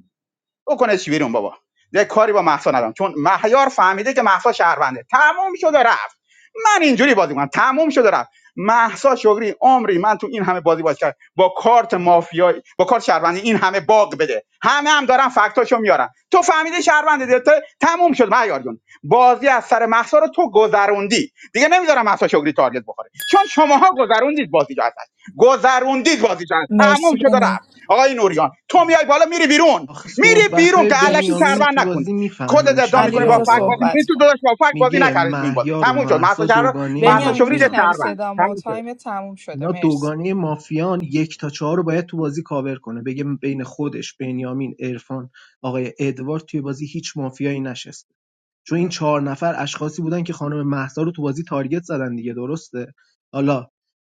بکنه چی بیرون بابا یه کاری با مهسا ندارم چون مهیار فهمیده که مهسا شهرونده تموم شد و رفت من اینجوری بازی میکنم. تموم شد و رفت مهسا شغری عمری من تو این همه بازی بازی کرد با کارت مافیایی با کارت شهروندی این همه باغ بده همه هم دارن فکتاشو میارن تو فهمیده شهرونده دیگه ت- تموم شد مهیار جون بازی از سر مهسا رو تو گذروندی دیگه نمیذارم مهسا شغری تارگت بخوره چون شماها گذروندید بازی جو ازش گذروندید بازی جو ازش. تموم مرسی شد و بنی رفت آقای نوریان تو میای بالا میری بیرون آخه میری صحبت بیرون های که علکی بنیامین مرسی رو شهروند تو بازی نکنی میفهمین خودت چی ادعا علی میگه میکنی با رضا فک بازی آقا میکنی صحبت تو کن داداش با فک بازی میگه نکردی تو این بازی مهیار و تموم شد مهسا مهسا شهر دوگانه مهسا بنیامین شوری ده مافیان میشنوی شهروند صدامو تموم شد تایم تموم شده اینا مرسی دوگانه مافیان یک تا چهار رو باید تو بازی کاور کنه بگه بین خودش بنیامین عرفان آقای ادوارد توی بازی هیچ مافیایی نشسته چون این چهار نفر اشخاصی بودن که خانم مهسا رو تو بازی تارگت زدن دیگه درسته حالا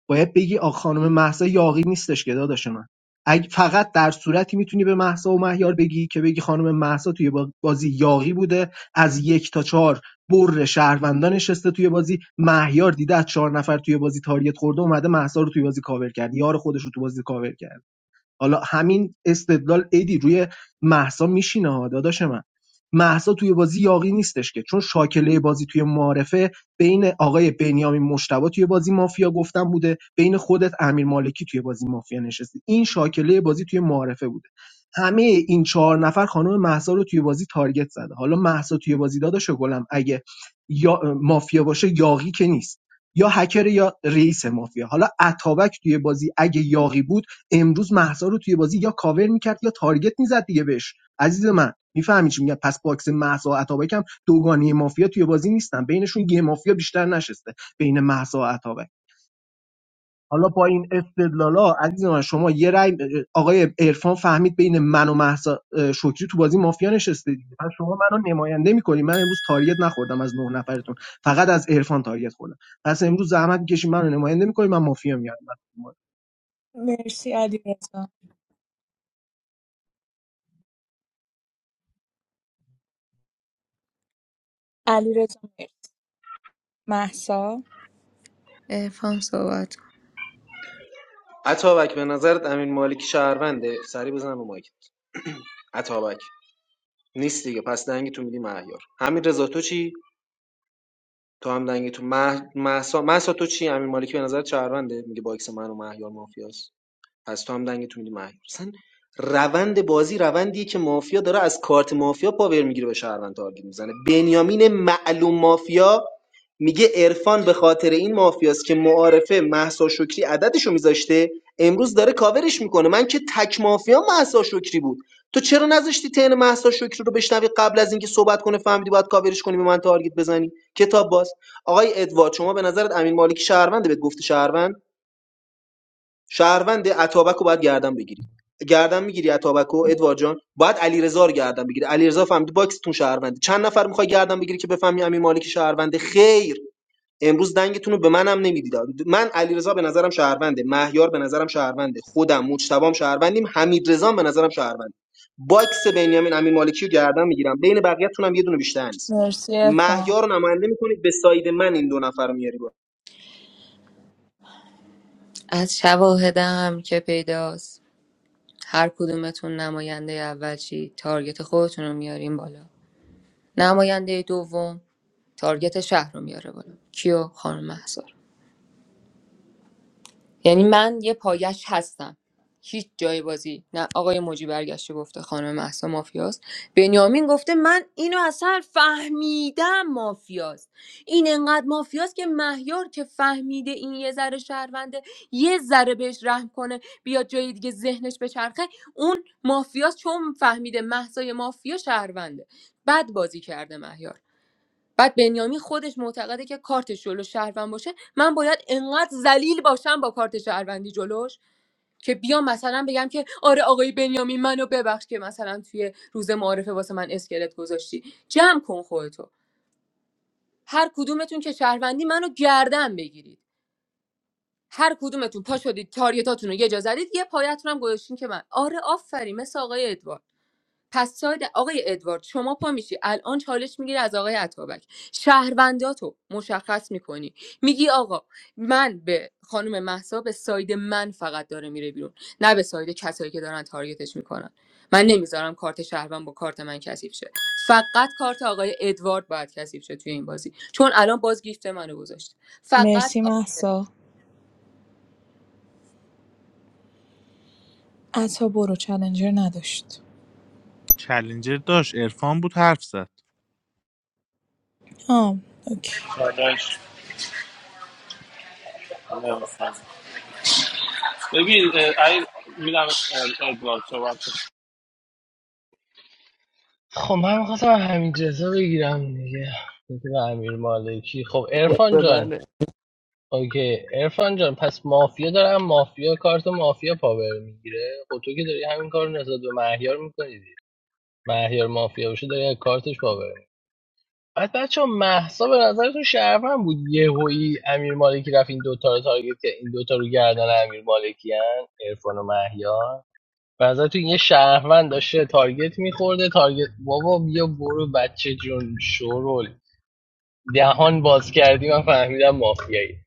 باید بگی آ خانم مهسا یاغی نیستش که داداش من اگه فقط در صورتی میتونی به مهسا و مهیار بگی که بگی خانم مهسا توی بازی یاغی بوده از یک تا چهار بر شهروندان نشسته توی بازی مهیار دیده از چهار نفر توی بازی تاریت خورده اومده مهسا رو توی بازی کاور کرد یار خودش رو توی بازی کاور کرد حالا همین استدلال ایدی روی مهسا میشینه ها داداش من مهسا توی بازی یاقی نیستش که چون شاکله بازی توی معارفه بین آقای بنیامین مشتبا توی بازی مافیا گفتن بوده بین خودت امیر مالکی توی بازی مافیا نشستی این شاکله بازی توی معارفه بوده همه این چهار نفر خانم مهسا رو توی بازی تارگت زده حالا مهسا توی بازی داداش گلم اگه یا مافیا باشه یاقی که نیست یا هکر یا رئیس مافیا حالا اتابک توی بازی اگه یاقی بود امروز مهسا رو توی بازی یا کاور میکرد یا تارگت میزد دیگه بهش عزیز من میفهمی چی میگم پس باکس مهسا و عطابک هم دوگانی مافیا توی بازی نیستن بینشون یه مافیا بیشتر نشسته بین مهسا و عطابک حالا با این استدلالا عزیز من شما یه رأی آقای عرفان فهمید بین من و مهسا اه، شکری تو بازی مافیا نشسته دیگه پس شما منو نماینده میکنی من امروز تاریت نخوردم از نه نفرتون فقط از عرفان تاریت خوردم پس امروز زحمت میکشی منو نماینده میکنی من مافیا میارم مرسی علی رضا علی رضا مرسی محسا عرفان صحبت عطابک به نظرت امیر مالکی شهرونده سری بزن رو مایک عطابک نیست دیگه پس دنگ میدی مهیار همین تو چی تو هم دنگی تو مه... مهسا... مهسا تو چی امیر مالکی به نظر شهرونده میگه باکس من و مهیار مافیاس. پس تو هم دنگتو میدی مهیار اصلا روند بازی روندیه که مافیا داره از کارت مافیا پاور میگیره به شهروند تارگت میزنه بنیامین معلوم مافیا میگه عرفان به خاطر این مافیاست که معارفه محسا شکری عددشو میذاشته امروز داره کاورش میکنه من که تک مافیا محسا شکری بود تو چرا نذاشتی تن محسا شکری رو بشنوی قبل از اینکه صحبت کنه فهمیدی باید کاورش کنی به من تارگت بزنی کتاب باز آقای ادوارد شما به نظرت امین مالکی شهرونده بهت گفته شهروند شهروند اتابک رو باید گردن بگیری گردن میگیری اتابک رو ادوارد جان باید علیرضا رو گردن بگیری علیرضا فهمید باکستون شهرونده چند نفر میخوای گردن بگیری که بفهمی امین مالک شهرونده خیر امروز دنگتون رو به منم نمیدید من علیرضا به نظرم شهرونده مهیار به نظرم شهرونده خودم مجتبام شهروندیم حمیدرضا هم به نظرم شهرونده باکس بنیامین امین مالکی رو گردن میگیرم بین بقیه‌تون هم یه دونه بیشتر نیست مرسی عرفان. مهیار رو نماینده میکنید به ساید من این دو نفر رو میاری بالا. از شواهدم که پیداست هر کدومتون نماینده اول چی تارگت خودتون رو میارین بالا نماینده دوم تارگت شهر رو میاره بالا کیو خانم مهسا یعنی من یه پایش هستم هیچ جای بازی نه آقای موجی برگشته گفته خانم محسا مافیاست بنیامین گفته من اینو اصلا فهمیدم مافیاست این انقدر مافیاست که مهیار که فهمیده این یه ذره شهرونده یه ذره بهش رحم کنه بیاد جای دیگه ذهنش بچرخه اون مافیاست چون فهمیده محسای مافیا شهرونده بد بازی کرده مهیار بعد بنیامین خودش معتقده که کارتش جلو شهروند باشه من باید انقدر ذلیل باشم با کارت شهروندی جلوش که بیام مثلا بگم که آره آقای بنیامین منو ببخش که مثلا توی روز معارفه واسه من اسکلت گذاشتی جمع کن خودتو هر کدومتون که شهروندی منو گردن بگیرید هر کدومتون پا شدید تاریتاتون رو یه جا زدید یه پایتون هم گذاشتین که من آره آفرین مثل آقای ادوارد پس ساید آقای ادوارد شما پا میشی الان چالش میگیری از آقای عطابک شهرونداتو مشخص میکنی میگی آقا من به خانم محسا به ساید من فقط داره میره بیرون نه به ساید کسایی که دارن تارگتش میکنن من نمیذارم کارت شهروند با کارت من کثیف شه فقط کارت آقای ادوارد باید کثیف شه توی این بازی چون الان باز گیفت منو گذاشت فقط مرسی آ- محسا عطا برو چلنجر نداشت چلنجر داشت عرفان بود حرف زد آم اوکی چالش نمی‌خوام. ببین اه، ای میدم ادوارد صحبت کن. خب من میخواستم همین جزا بگیرم دیگه بده امیر مالکی خب ارفان به جان منه اوکی ارفان جان پس مافیا دارم مافیا کارت مافیا پاور میگیره خب تو که داری همین کار رو نسبت به مهیار میکنی دیگه. مهیار مافیا باشه داری از کارتش پاور می‌گیری. بعد بچه محسا به نظرتون شرفم بود یه هویی امیر مالکی رفت این دوتا رو تارگت کرد این دوتا رو گردن امیر مالکی هن ارفان و مهیار به نظرتون یه شهروند داشته تارگت میخورده تارگت بابا بیا برو بچه جون شورول دهان باز کردی من فهمیدم مافیایی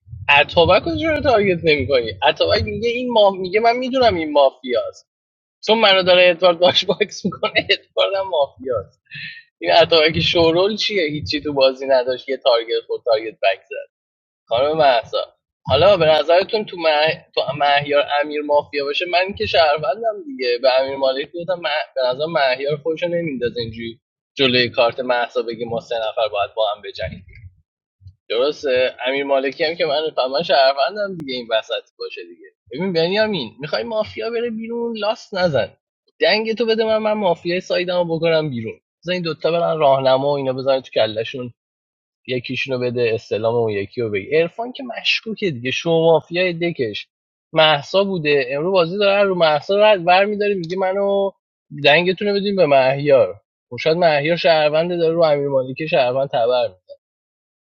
اتابک رو چرا تارگت نمی اتابک میگه این ما... میگه من میدونم این مافیاست چون منو داره ادوارد باش باکس میکنه ادوارد هم مافیاست این اتابک شورول چیه هیچی تو بازی نداشت یه تارگت خود تارگت بک زد خانم مهسا حالا به نظرتون تو, مه... تو مهیار امیر مافیا باشه من که شهروندم دیگه به امیر مالک گفتم مه... به نظر مهیار خودشو نمیندازه اینجوری جلوی کارت مهسا بگی ما سه نفر باید با هم بجنگیم درسته امیر مالکی هم که من من شهروندم دیگه این وسط باشه دیگه ببین بنیامین میخوای مافیا بره بیرون لاست نزن دنگ تو بده من من مافیای سایدمو بکنم بیرون بزن این دوتا برن راهنما و اینا بزنن تو کلشون یکیشونو بده استلام اون یکی رو بگی عرفان که مشکوکه دیگه شو مافیای دکش محسا بوده امرو بازی داره رو محسا رد برمیداره میگه منو دنگتون رو بدین به مهیار خب شاید مهیار شهروند داره رو امیر مالکی شهروند تبر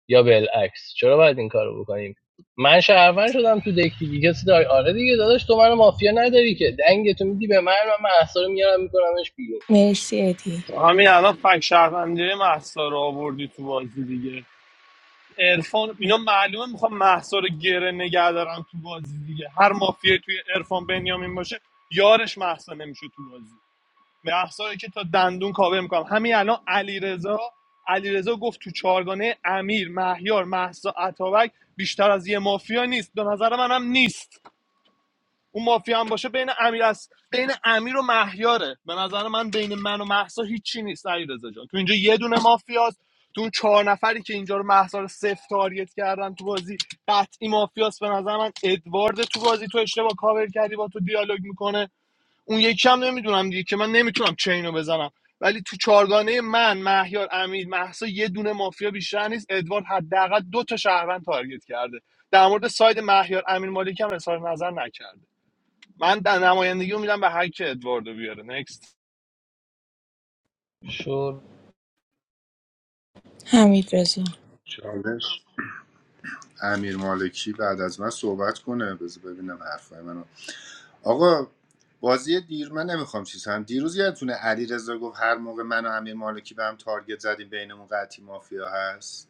یا بالعکس چرا باید این کارو بکنیم من شهروند شدم تو دک دیگه کسی داره آره دیگه داداش تو منو مافیا نداری که دنگ تو میدی به من و من احسا رو میارم میکنمش بیرون مرسی ادی همین الان فک شهروندی محسا رو آوردی تو بازی دیگه عرفان اینا معلومه میخوام محسا رو گره نگه دارم تو بازی دیگه هر مافیه توی عرفان بنیامین باشه یارش محسا نمیشه تو بازی محسا رو که تا دندون کاوه میکنم همین الان علیرضا علیرضا گفت تو چارگانه امیر مهیار محسا اتابک بیشتر از یه مافیا نیست به نظر منم نیست اون مافیا هم باشه بین امیر است بین امیر و مهیاره به نظر من بین من و محسا هیچی نیست علیرضا جان تو اینجا یه دونه مافیاست تو اون چهار نفری که اینجا رو محسا رو صفر تاریت کردن تو بازی قطعی مافیاست به نظر من ادوارد تو بازی تو اشتباه کاور کردی با تو دیالوگ میکنه اون یکی هم نمیدونم دیگه که من نمیتونم چینو بزنم ولی تو چارگانه من مهیار امیر محسا یه دونه مافیا بیشتر نیست ادوارد حداقل دو تا شهروند تارگت کرده در مورد ساید مهیار امیر مالکی هم اظهار نظر نکرده من در نمایندگی میدم به هر کی ادواردو بیاره نکست شور حمید رضا چالش امیر مالکی بعد از من صحبت کنه بذار ببینم حرفای منو آقا بازی دیر من نمیخوام چیز هم دیروز یادتونه علی رضا گفت هر موقع من و امیر مالکی به هم تارگت زدیم بینمون قطعی مافیا هست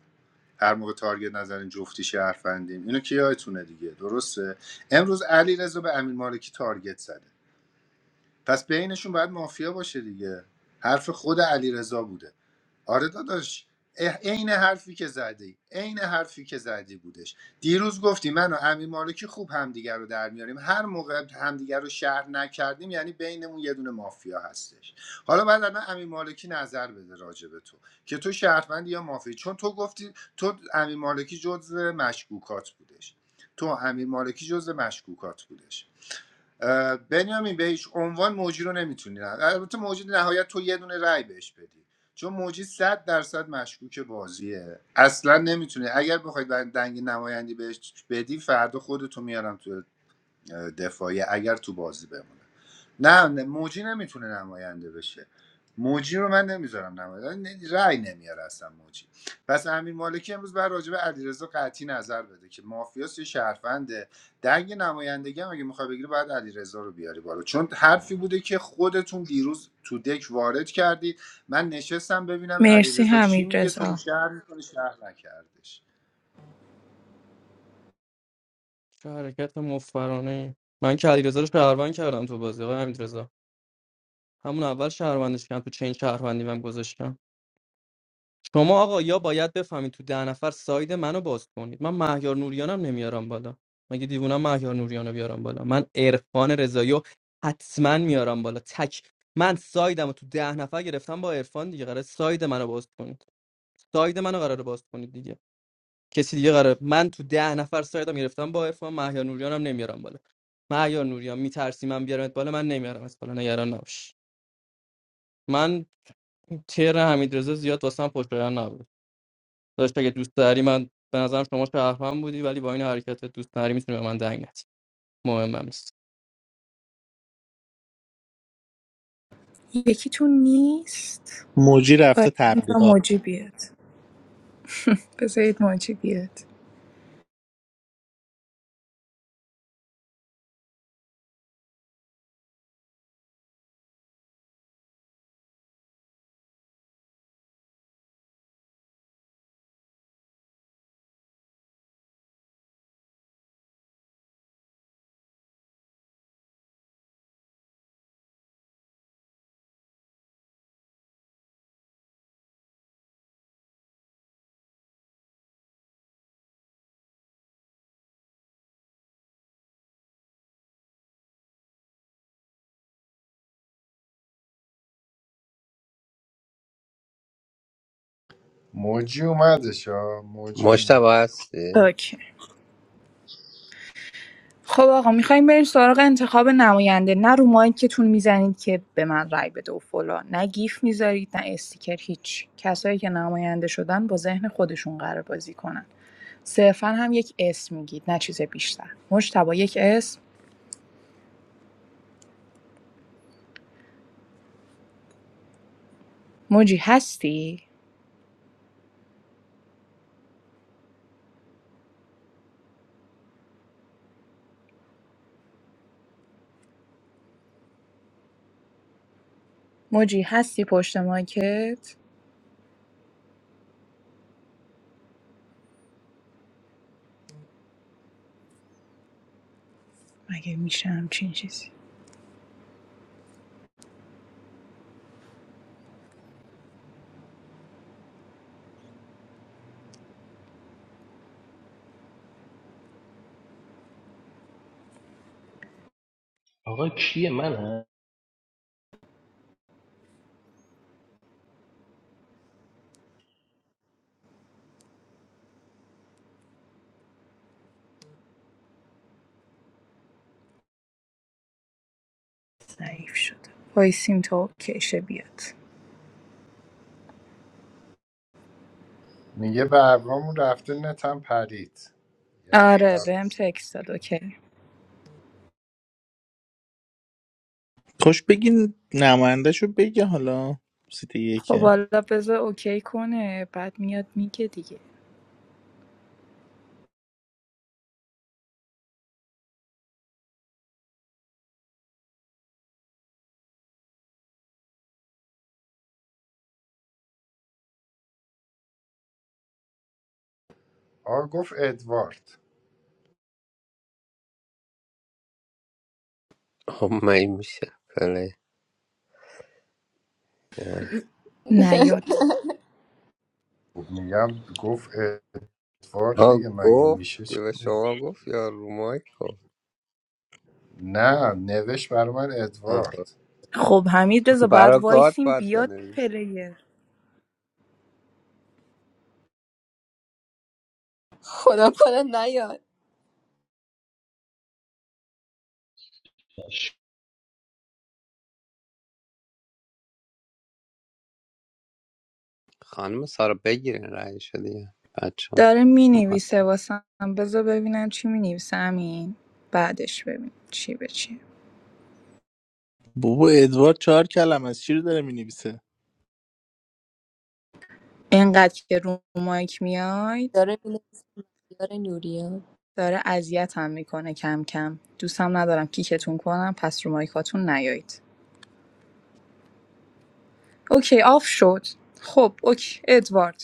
هر موقع تارگت نزنیم جفتی شهروندیم اینو که یادتونه دیگه درسته امروز علی رضا به امیر مالکی تارگت زده پس بینشون باید مافیا باشه دیگه حرف خود علیرضا بوده آره داداش اه- عین حرفی که زدی عین حرفی که زدی بودش دیروز گفتی من و امیر مالکی خوب همدیگر رو در میاریم هر موقع همدیگر رو شهر نکردیم یعنی بینمون یه دونه مافیا هستش حالا بعد الان امیر مالکی نظر بده راجع به تو که تو شهروندی یا مافیا چون تو گفتی تو امیر مالکی جزو مشکوکات بودش تو امیر مالکی جزو مشکوکات بودش بنیامین به هیچ عنوان موجی رو نمیتونی رد- البته موجی نهایت تو یه دونه رای بهش بدی چون موجی صد درصد مشکوک بازیه اصلا نمیتونه اگر بخواید دنگ نمایندی بهش بدی فردا خودتو میارم تو دفاعی اگر تو بازی بمونه نه نه، موجی نمیتونه نماینده بشه موجی رو من نمیذارم نماینده رأی نمیاره اصلا موجی پس امیر مالکی امروز بر راجع به علیرضا قطعی نظر بده که مافیاس یه شهرفنده دنگ نمایندگی هم اگه میخوای بگیری باید علیرضا رو بیاری بالا چون حرفی بوده که خودتون دیروز تو دک وارد کردید من نشستم ببینم مرسی علیرضا چی حمید میگه تو رو رضا شهر میکنه شهر نکردش چه حرکت مفرانه ای. من که علیرضا رو شهروند کردم تو بازی آقای حمیدرضا همون اول شهروندش کردم تو چین شهروندی من گذاشتم شما آقا یا باید بفهمید تو ده نفر ساید منو باز کنید من مهیار نوریانم نمیارم بالا مگه دیوونم مهیار نوریانو بیارم بالا من عرفان رضایی رو حتما میارم بالا تک من سایدم رو تو ده نفر گرفتم با عرفان دیگه قرار ساید منو باز کنید ساید منو قرار باز کنید دیگه کسی دیگه قرار من تو ده نفر سایدم گرفتم با عرفان مهیار نوریانم نمیارم بالا مهیار نوریان میترسی من بیارمت بالا من نمیارم از بالا نگران نباش من تیر حمیدرضا زیاد واسم پشت نبود داشت اگه دوست داری من به نظرم شما شهروند بودی ولی با این حرکت دوست داری میتونی به من دنگ ندی مهم هم نیست یکیتون نیست موجی رفته باید اینجا تبلیغات موجی بیاد بذارید موجی بیاد موجی اومدش ها موجی اومد مشتبه هستی اوکی خب آقا میخوایم بریم سراغ انتخاب نماینده نه رو مایکتون میزنید که به من رای بده و فلان نه گیف میذارید نه استیکر هیچ کسایی که نماینده شدن با ذهن خودشون قرار بازی کنن صرفا هم یک اسم میگید نه چیز بیشتر مجتبی یک اسم موجی هستی موجی هستی پشت مایکت مگه میشه همچین چیزی آقا کیه من ضعیف شده وایسیم تو کشه بیاد میگه ببرامون رفته نتم پرید آره بهم تکست داد اوکی خوش بگین نمایندهشو بگه حالا سیت خب یکه حالا بذار اوکی کنه بعد میاد میگه دیگه آ گفت ادوارد خب من این میشه پلی نه. نیاد خب میگم گفت ادوارد ها دیگه مگه میشه گفتی چ- به شما گفت یا رو مایک گفت نه نوشت برای من آه، خب. ادوارد خب حمید رضا باید برا گاد وایسیم باید بیاد بنویس پلیر خدا کنه نیاد خانم سارا بگیرین رأی دیگه بچه داره مینویسه ماتم. واسم بذار ببینم چی مینویسه همین بعدش ببینم چی به چی. بابا ادوارد چهار کلم از چی رو داره مینویسه اینقدر که رو مایک میاید داره می‌نویسه مهیار نوریا داره اذیتم میکنه کم کم دوستم ندارم کیکتون کنم پس رو مایکاتون نیایید اوکی آف شد خب اوکی ادوارد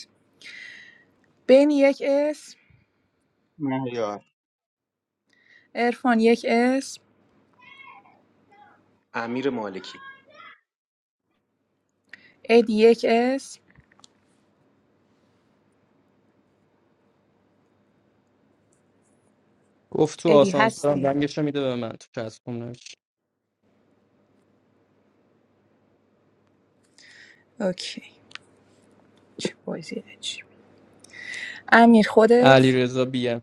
بین یک اسم مهیار ارفان یک اسم امیر مالکی ادی یک اسم گفت تو ادی آسانسورم هستی دنگش میده به من تو چسبون نمیشه اوکی چه بازی عجیب. امیر علی خودت رضا بیم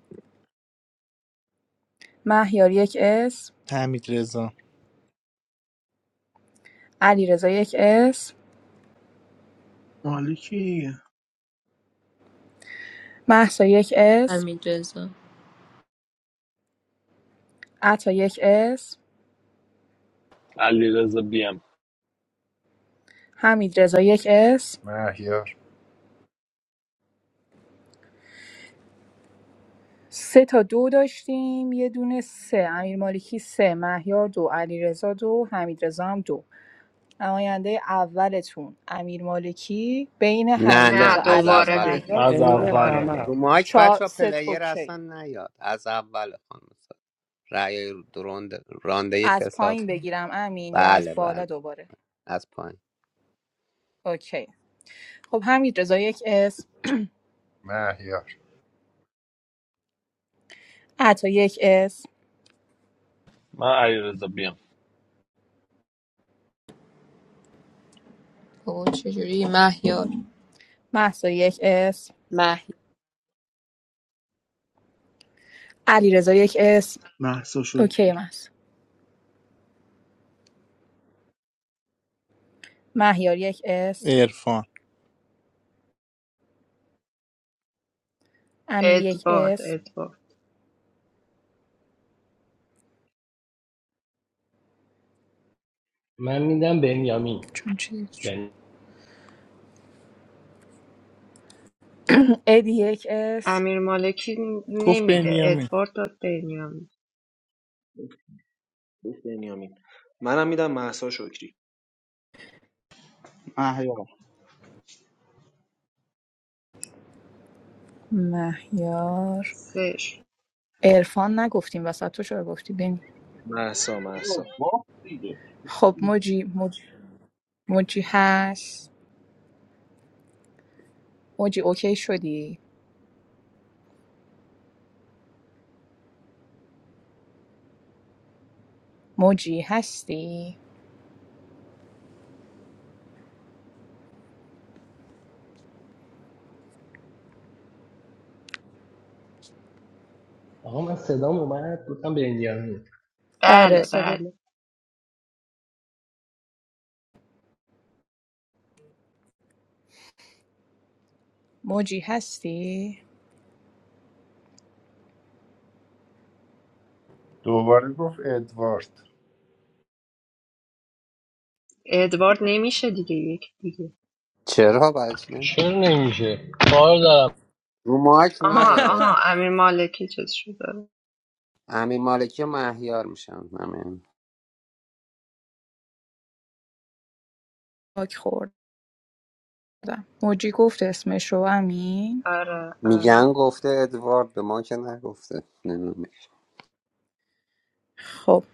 مهیار یک اسم حمید رضا علیرضا یک اسم مالکی محسا یک اسم حمید رضا عطا یک اسم علیرضا بیم حمید رضا یک اسم مهیار سه تا دو داشتیم یه دونه سه امیر مالکی سه مهیار دو علیرضا دو حمیدرضا هم دو نماینده اولتون امیر مالکی بین نه نه حمیدرضا نه از علیرضا دوباره اول بگیر مهیار دیگه از از بین اول دوباره اول همه رو بگیر مایک چهار بچه ست پلیر اصلا اوکی نیاد از اول خانم سارا رأی درون رانده از کساب پایین بگیرم امین یا از بله بله بالا دوباره از پایین اوکی خب حمیدرضا یک اسم مهیار عطا یک اسم من علیرضا بیم بابا چجوری مهیار محسا یک اسم علیرضا یک اسم مهسا اوکی شکری محسا مهیار یک اسم عرفان امیر یک ادوارد اسم ادوارد من میدم بنیامین چون چی چی؟ بن... ادی یک اس امیر مالکی گفت نمیده بنیامین ادوارد داد بنیامین گفت بنیامین منم میدم محسا شکری مهیار مهیار سش عرفان نگفتیم وسط تو چرا گفتی بین محسا بابا محسا باخت دیگه. خب موجی موج... موجی هست موجی اوکی شدی موجی هستی آقا من صدام اومد گفتم بنیامین آره بله صدا بله موجی هستی دوباره گفت ادوارد ادوارد نمیشه دیگه یک دیگه چرا برای چی چرا نمیشه نمیشه کار دارم رو مایک آها نیا آها ادوارد امیر مالکی چیز شده امیر مالکی و مهیار میشن همین باک خوردم موجی گفت اسمش رو امین آره آره میگن گفته ادوارد به ما که نگفته نمی‌دونم. خب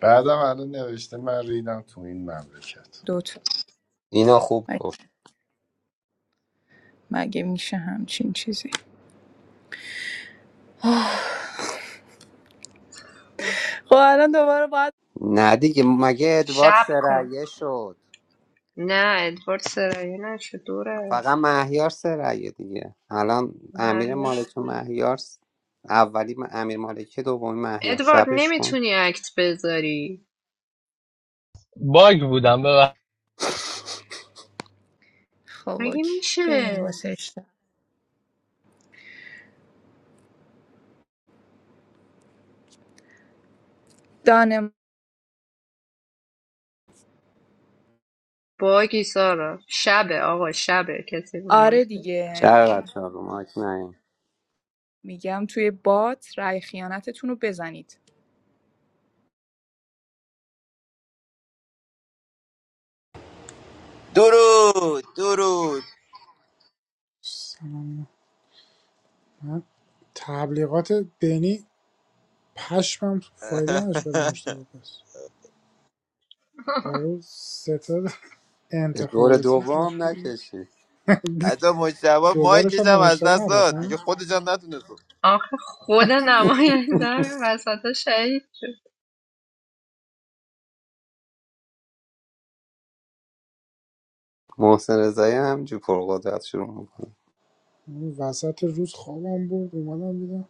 بعدم الان نوشته من ریدم تو این مملکت دوتا اینو خوب م- گفت مگه میشه همچین چیزی خب الان دوباره باید نه دیگه مگه ادوارد شب کن سرعیه شد نه ادوارد سرایه نشد فقط دوره مهیار سرعیه دیگه الان امیر نه مالکی و مهیار س- اولی م- امیر مالکی دومی مهیار ادوارد شبش کن نمیتونی اکت بذاری باگ بودم ببخش خب مگه اوکی بریم میشه واسه اشتر دانم باگی سارا شبه آقا شبه کسی بود آره مایکل دیگه شب بچه ها، رو مایک نیا میگم توی بات رای خیانتتون رو بزنید درود درود تبلیغات بینی پشمم فایده نداشت برای مشتبه پس برای ستاد به دور انتخاباتی دوم تشکیل نکشی داد. حتی مجتبا دوبارش مایکش هم به هم از مشتبه دست نداد داد نه دیگه خودش هم نتونست آخه خود نماینده همین وسط ها شهید شد محسن رضایی هم جو پرقدرت شروع میکنه اون وسط روز خوابم بود اومدم دیدم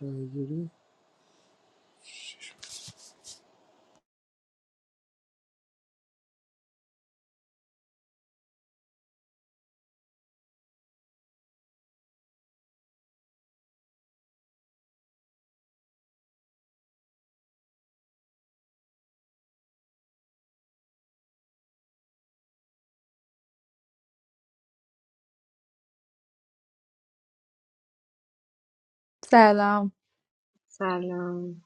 رایگیری سلام سلام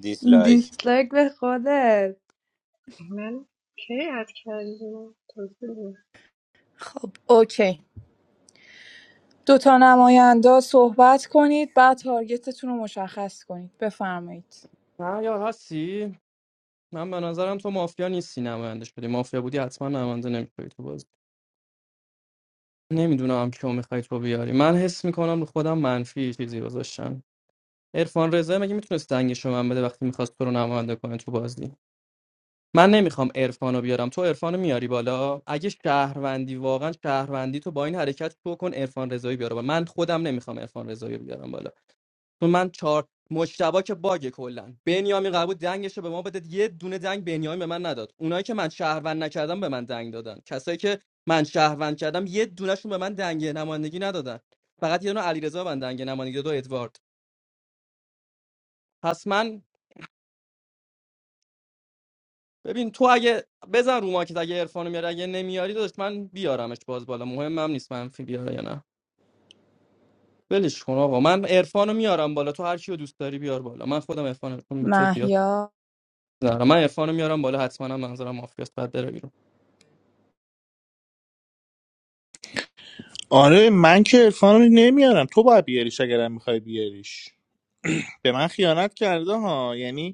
دیسلایک دیسلایک به خودت من کی اد کردی توضیح بده. خب اوکی دو تا نماینده صحبت کنید بعد تارگتتون رو مشخص کنید بفرمایید نه یار هستی من به نظرم تو مافیا نیستی نماینده شدی مافیا بودی حتما نماینده نمیشدی تو بازی نمیدونم کیو میخوای تو بیاری من حس میکنم رو خودم منفی چیزی گذاشتم عرفان رضا مگه میتونست دنگش رو من بده وقتی میخواست تو رو نماینده کنه تو بازی من نمیخوام عرفانو بیارم تو عرفانو میاری بالا اگه شهروندی واقعا شهروندی تو با این حرکت تو کن عرفان رضایی بیاره بالا من خودم نمیخوام عرفان رضایی بیارم بالا تو من چهار مشتبا که باگ کلا بنیامین قبول دنگش رو به ما بده یه دونه دنگ بنیامین به من نداد اونایی که من شهروند نکردم به من دنگ دادن کسایی که من شهروند کردم یه دونهشون به من دنگ نمایندگی ندادن فقط یه دونه علیرضا به من دنگ نمایندگی داد و ادوارد پس من ببین تو اگه بزن رو ماکت اگه عرفانو میاری اگه نمیاری داشت من بیارمش باز بالا مهمم نیست منفی بیاره یا نه ولش کن آقا من عرفانو میارم بالا تو هر کیو دوست داری بیار بالا من خودم عرفان چون به تو زیاد مهیار نه من عرفانو میارم بالا حتما هم منظورم مافیاست بعد بره بیرون آره من که عرفان رو نمیارم تو باید بیاریش اگرم میخوای بیاریش به من خیانت کرده ها یعنی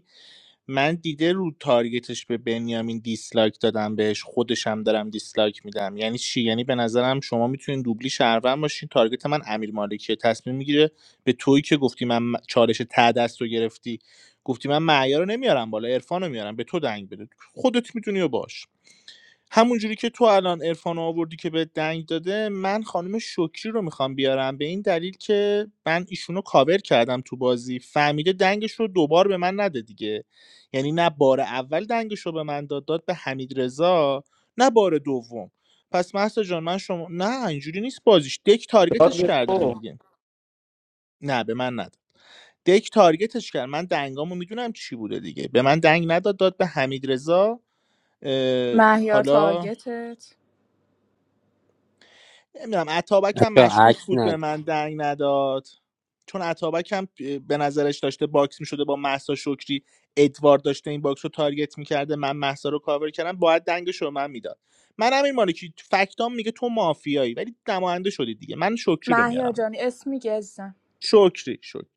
من دیده رو تارگتش به بنیامین دیسلایک دادم بهش خودشم دارم دیسلایک میدم یعنی چی یعنی به نظرم شما میتونین دوبلی شهروند باشین تارگت من امیر مالکیه تصمیم میگیره به تویی که گفتی من م- چالش ته دست رو گرفتی گفتی من معیار رو نمیارم بالا عرفان رو میارم به تو دنگ بده خودت میدونی و باش همونجوری که تو الان عرفان رو آوردی که به دنگ داده من خانم شکری رو میخوام بیارم به این دلیل که من ایشونو کاور کردم تو بازی فهمیده دنگش رو دوبار به من نده دیگه یعنی نه بار اول دنگش رو به من داد داد به حمید رضا نه بار دوم پس محسا جان من شما نه اینجوری نیست بازیش دک یاد تارگتش بگیر کردن تو. دیگه نه به من نداد دک تارگتش کرد من دنگامو میدونم چی بوده دیگه به من دنگ نداد داد به حمید رضا مهیار حالا تارگتت نمیدونم اتابک هم بچه مشکوک بود عکس به من دنگ نداد چون اتابک هم به نظرش داشته باکس می شده با مهسا شکری ادوارد داشته این باکس رو تارگت میکرده من مهسا رو کاور کردم باید دنگش رو به من میداد من همین مالکی فکتام میگه تو مافیایی ولی نماینده شدی دیگه من شکری رو مهیار میارم جان اسم میگی عزیزم شکری شکری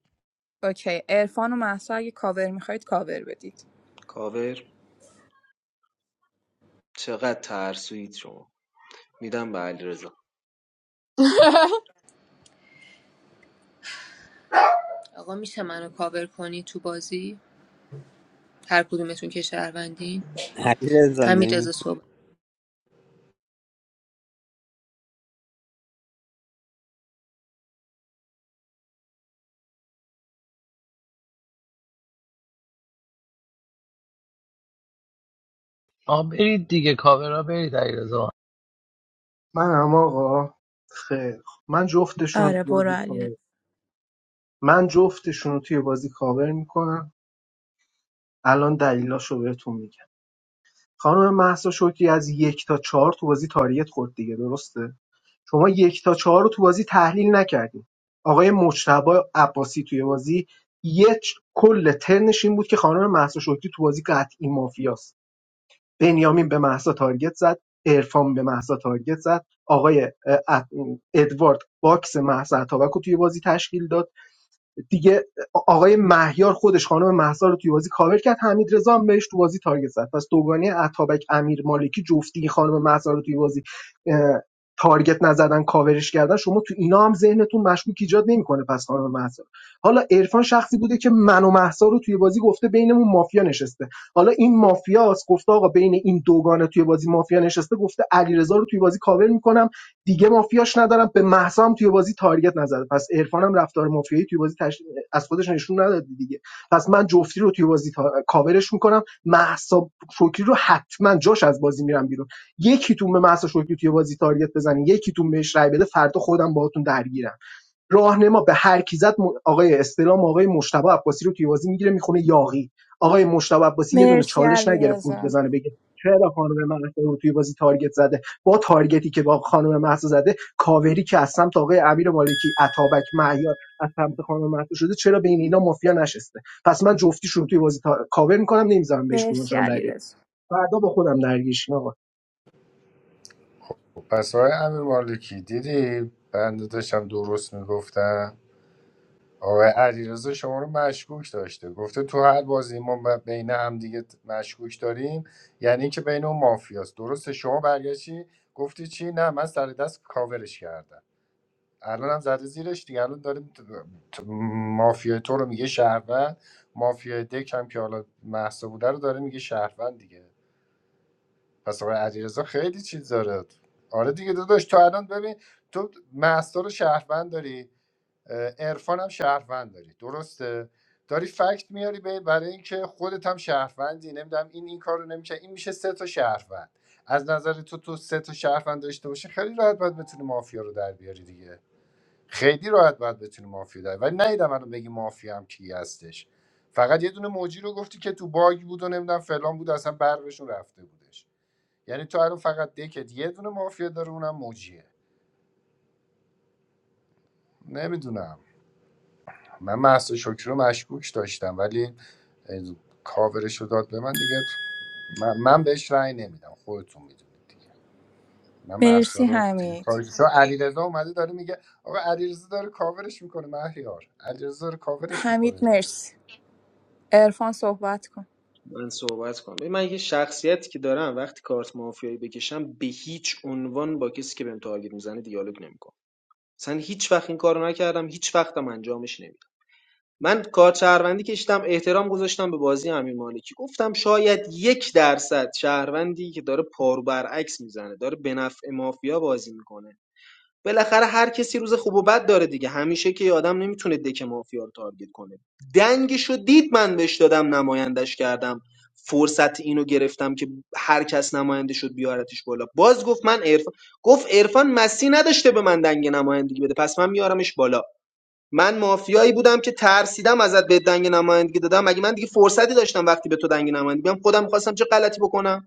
اوکی عرفان و محسا اگه کاور میخواید کاور بدید کاور چقدر ترسویید شما میدم به علیرضا آقا میشه منو کاور کنی تو بازی هر کدومتون که شهروندین علی رضا همین رضا نمیتونه صحبت آقا برید دیگه کاورا برید علیرضا منم آقا خیر من جفتشون رو تو آره برو بازی علی کاور من جفتشون رو توی بازی کاور میکنم الان دلیلاشو بهتون میگم خانم مهسا شوکی از یک تا چهار تو بازی تاریت خورد دیگه درسته شما یک تا چهار رو تو بازی تحلیل نکردیم آقای مجتبا عباسی توی بازی یک کل ترنش این بود که خانم مهسا شوکی تو بازی قطعی مافیاست بنیامین به مهسا تارگت زد عرفان به مهسا تارگت زد آقای اه، ادوارد باکس مهسا اتابک رو توی بازی تشکیل داد دیگه آقای مهیار خودش خانم مهسا رو توی بازی کاور کرد حمید رضا هم بهش تو بازی تارگت زد پس دوگانه عطابک امیر مالکی جفتی خانم مهسا رو توی بازی تارگت نزدن کاورش کردن شما تو اینا هم ذهنتون مشکوک ایجاد نمیکنه پس خانم مهسا حالا عرفان شخصی بوده که من و مهسا رو توی بازی گفته بینمون مافیا نشسته حالا این مافیاست گفته آقا بین این دوگانه توی بازی مافیا نشسته گفته علیرضا رو توی بازی کاور میکنم دیگه مافیاش ندارم به مهسا هم توی بازی تارگت نزد پس عرفان هم رفتار مافیایی توی بازی تش... از خودش نشون نداد دیگه پس من جفتی رو توی بازی تا... کاورش میکنم مهسا شکری رو حتما جاش از بازی میرم بیرون یکیتون به مهسا شکری توی بازی تارگت بزنین یکیتون بهش رای بده فردا خودم باهاتون درگیرم راهنما به هر کی زد آقای استلام آقای مجتبی عباسی رو توی بازی میگیره میخونه یاغی آقای مجتبی عباسی یه دونه مرسی چالش علی نگرفت ورود رزا. بزنه بگه چرا خانم مهسا رو توی بازی تارگت زده با تارگتی که با خانم مهسا زده کاوری که از سمت آقای امیر مالکی عطابک معیار از سمت خانم مهسا شده چرا بین اینا مافیا نشسته پس من جفتیشون رو توی بازی تا... کاور میکنم نمیذارم بهش مرسی کدومشون رای علی بدید رزا. فردا با خودم درگیشین آقا خب پس های امیر مالکی دیدی بنده داشتم درست میگفتم آقای علیرضا شما رو مشکوک داشته گفته تو هر بازی ما ب- بین هم دیگه ت- مشکوک داریم یعنی اینکه بین اون مافیاست درسته شما برگشتی گفتی چی نه من سر دست کاورش کردم الان هم زده زیرش دیگه الان داریم ت- ت- مافیای تو رو میگه شهروند مافیای دک هم که حالا محسا بوده رو داره میگه شهروند دیگه پس آقای علیرضا خیلی چیز داره آره دیگه داداش تو الان ببین تو محسا رو شهروند داری عرفان هم شهروند داری درسته داری فکت میاری به- برای اینکه خودت هم شهروندی نمیدونم این این کارو نمیشه این میشه سه تا شهروند از نظر تو تو سه تا شهروند داشته باشه خیلی راحت باید بتونی مافیا رو در بیاری دیگه خیلی راحت باید بتونی مافیا در بیاری. ولی نیدم الان بگی مافیا هم کی هستش فقط یه دونه موجی رو گفتی که تو باگ بود و نمیدونم فلان بود اصلا برقشون رفته بودش یعنی تو الان فقط دکت یه دونه مافیا داره اونم موجیه نمیدونم من محسا شکری رو مشکوک داشتم ولی اه، کاورش رو داد به من دیگه من, من بهش رأی نمیدم خودتون میدونید دیگه من محسا مرسی رو دیگه حمید کارش چون علیرضا اومده داره میگه آقا علیرضا داره کاورش میکنه مهیار علیرضا داره کاورش میکنه حمید مرسی عرفان صحبت کن من صحبت کنم ببین، من یه شخصیتی که دارم وقتی کارت مافیایی بکشم به هیچ عنوان با کسی که بهم تارگت میزنه دیالوگ نمیکنم اصلا هیچ وقت این کارو نکردم هیچ وقتم انجامش نمیدم من کارت شهروندی کشیدم احترام گذاشتم به بازی امیر مالکی گفتم شاید یک درصد شهروندی که داره پارو برعکس میزنه داره به نفع مافیا بازی میکنه بالاخره هر کسی روز خوب و بد داره دیگه همیشه که یه آدم نمیتونه دک مافیا رو تارگت کنه دنگشو دید من بهش دادم نمایندش کردم فرصت اینو گرفتم که هر کس نماینده شد بیارتش بالا باز گفت من عرفان گفت عرفان مسی نداشته به من دنگ نمایندگی بده پس من میارمش بالا من مافیایی بودم که ترسیدم ازت به دنگ نمایندگی دادم مگه من دیگه فرصتی داشتم وقتی به تو دنگ نمایندگی بدم خودم خواستم چه غلطی بکنم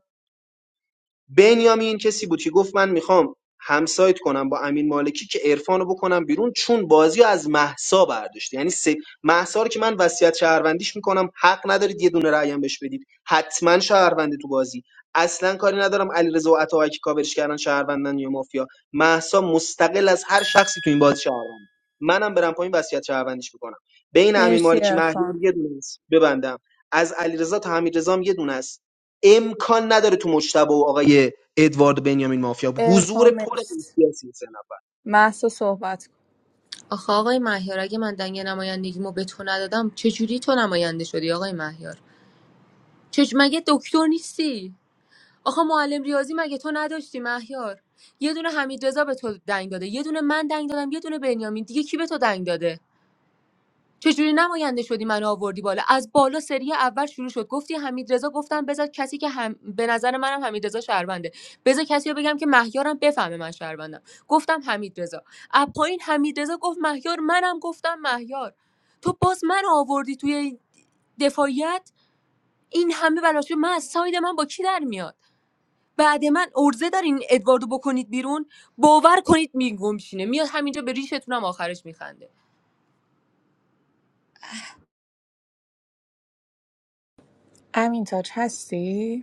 بنیامین کسی بود که گفت من میخوام همسایت کنم با امین مالکی که عرفانو بکنم بیرون چون بازی رو از محسا برداشت یعنی سه محسا رو که من وصیت شهروندیش میکنم حق ندارید یه دونه رأی هم بهش بدید حتما شهرونده تو بازی اصلا کاری ندارم علیرضا و عطاهایی که کاورش کردن شهروندن یا مافیا محسا مستقل از هر شخصی تو این بازی شهروند منم برم پایین وصیت شهروندیش میکنم بین امین مرسی مالکی مهیار عرفان یه دونه است ببندم از علیرضا تا حمیدرضا هم یه دونه است امکان نداره تو مجتبی و آقای ادوارد بنیامین مافیا بود. حضور عرفان پر مرسی سیاسی حسین عباس. محسا صحبت کن آخه آقای مهیار اگه من دنگ نمایندگیمو به تو ندادم چجوری تو نماینده شدی آقای مهیار چج مگه دکتر نیستی آخه معلم ریاضی مگه تو نداشتی مهیار یه دونه حمید رضا به تو دنگ داده یه دونه من دنگ دادم یه دونه بنیامین دیگه کی به تو دنگ داده چجوری نماینده شدی منو آوردی بالا از بالا سری اول شروع شد گفتی حمید رضا گفتم بذار کسی که هم... به نظر منم حمید رضا شهرونده بذار کسی رو بگم که مهیارم بفهمه من شهروندم گفتم حمید رضا از پایین حمید رضا گفت مهیار منم گفتم مهیار تو باز من آوردی توی دفاعیت این همه بلاش من از ساید من با کی در میاد بعد من ارزه دارین ادواردو بکنید بیرون باور کنید میگم میشینه میاد همینجا به ریشتونم آخرش میخنده امین تاج هستی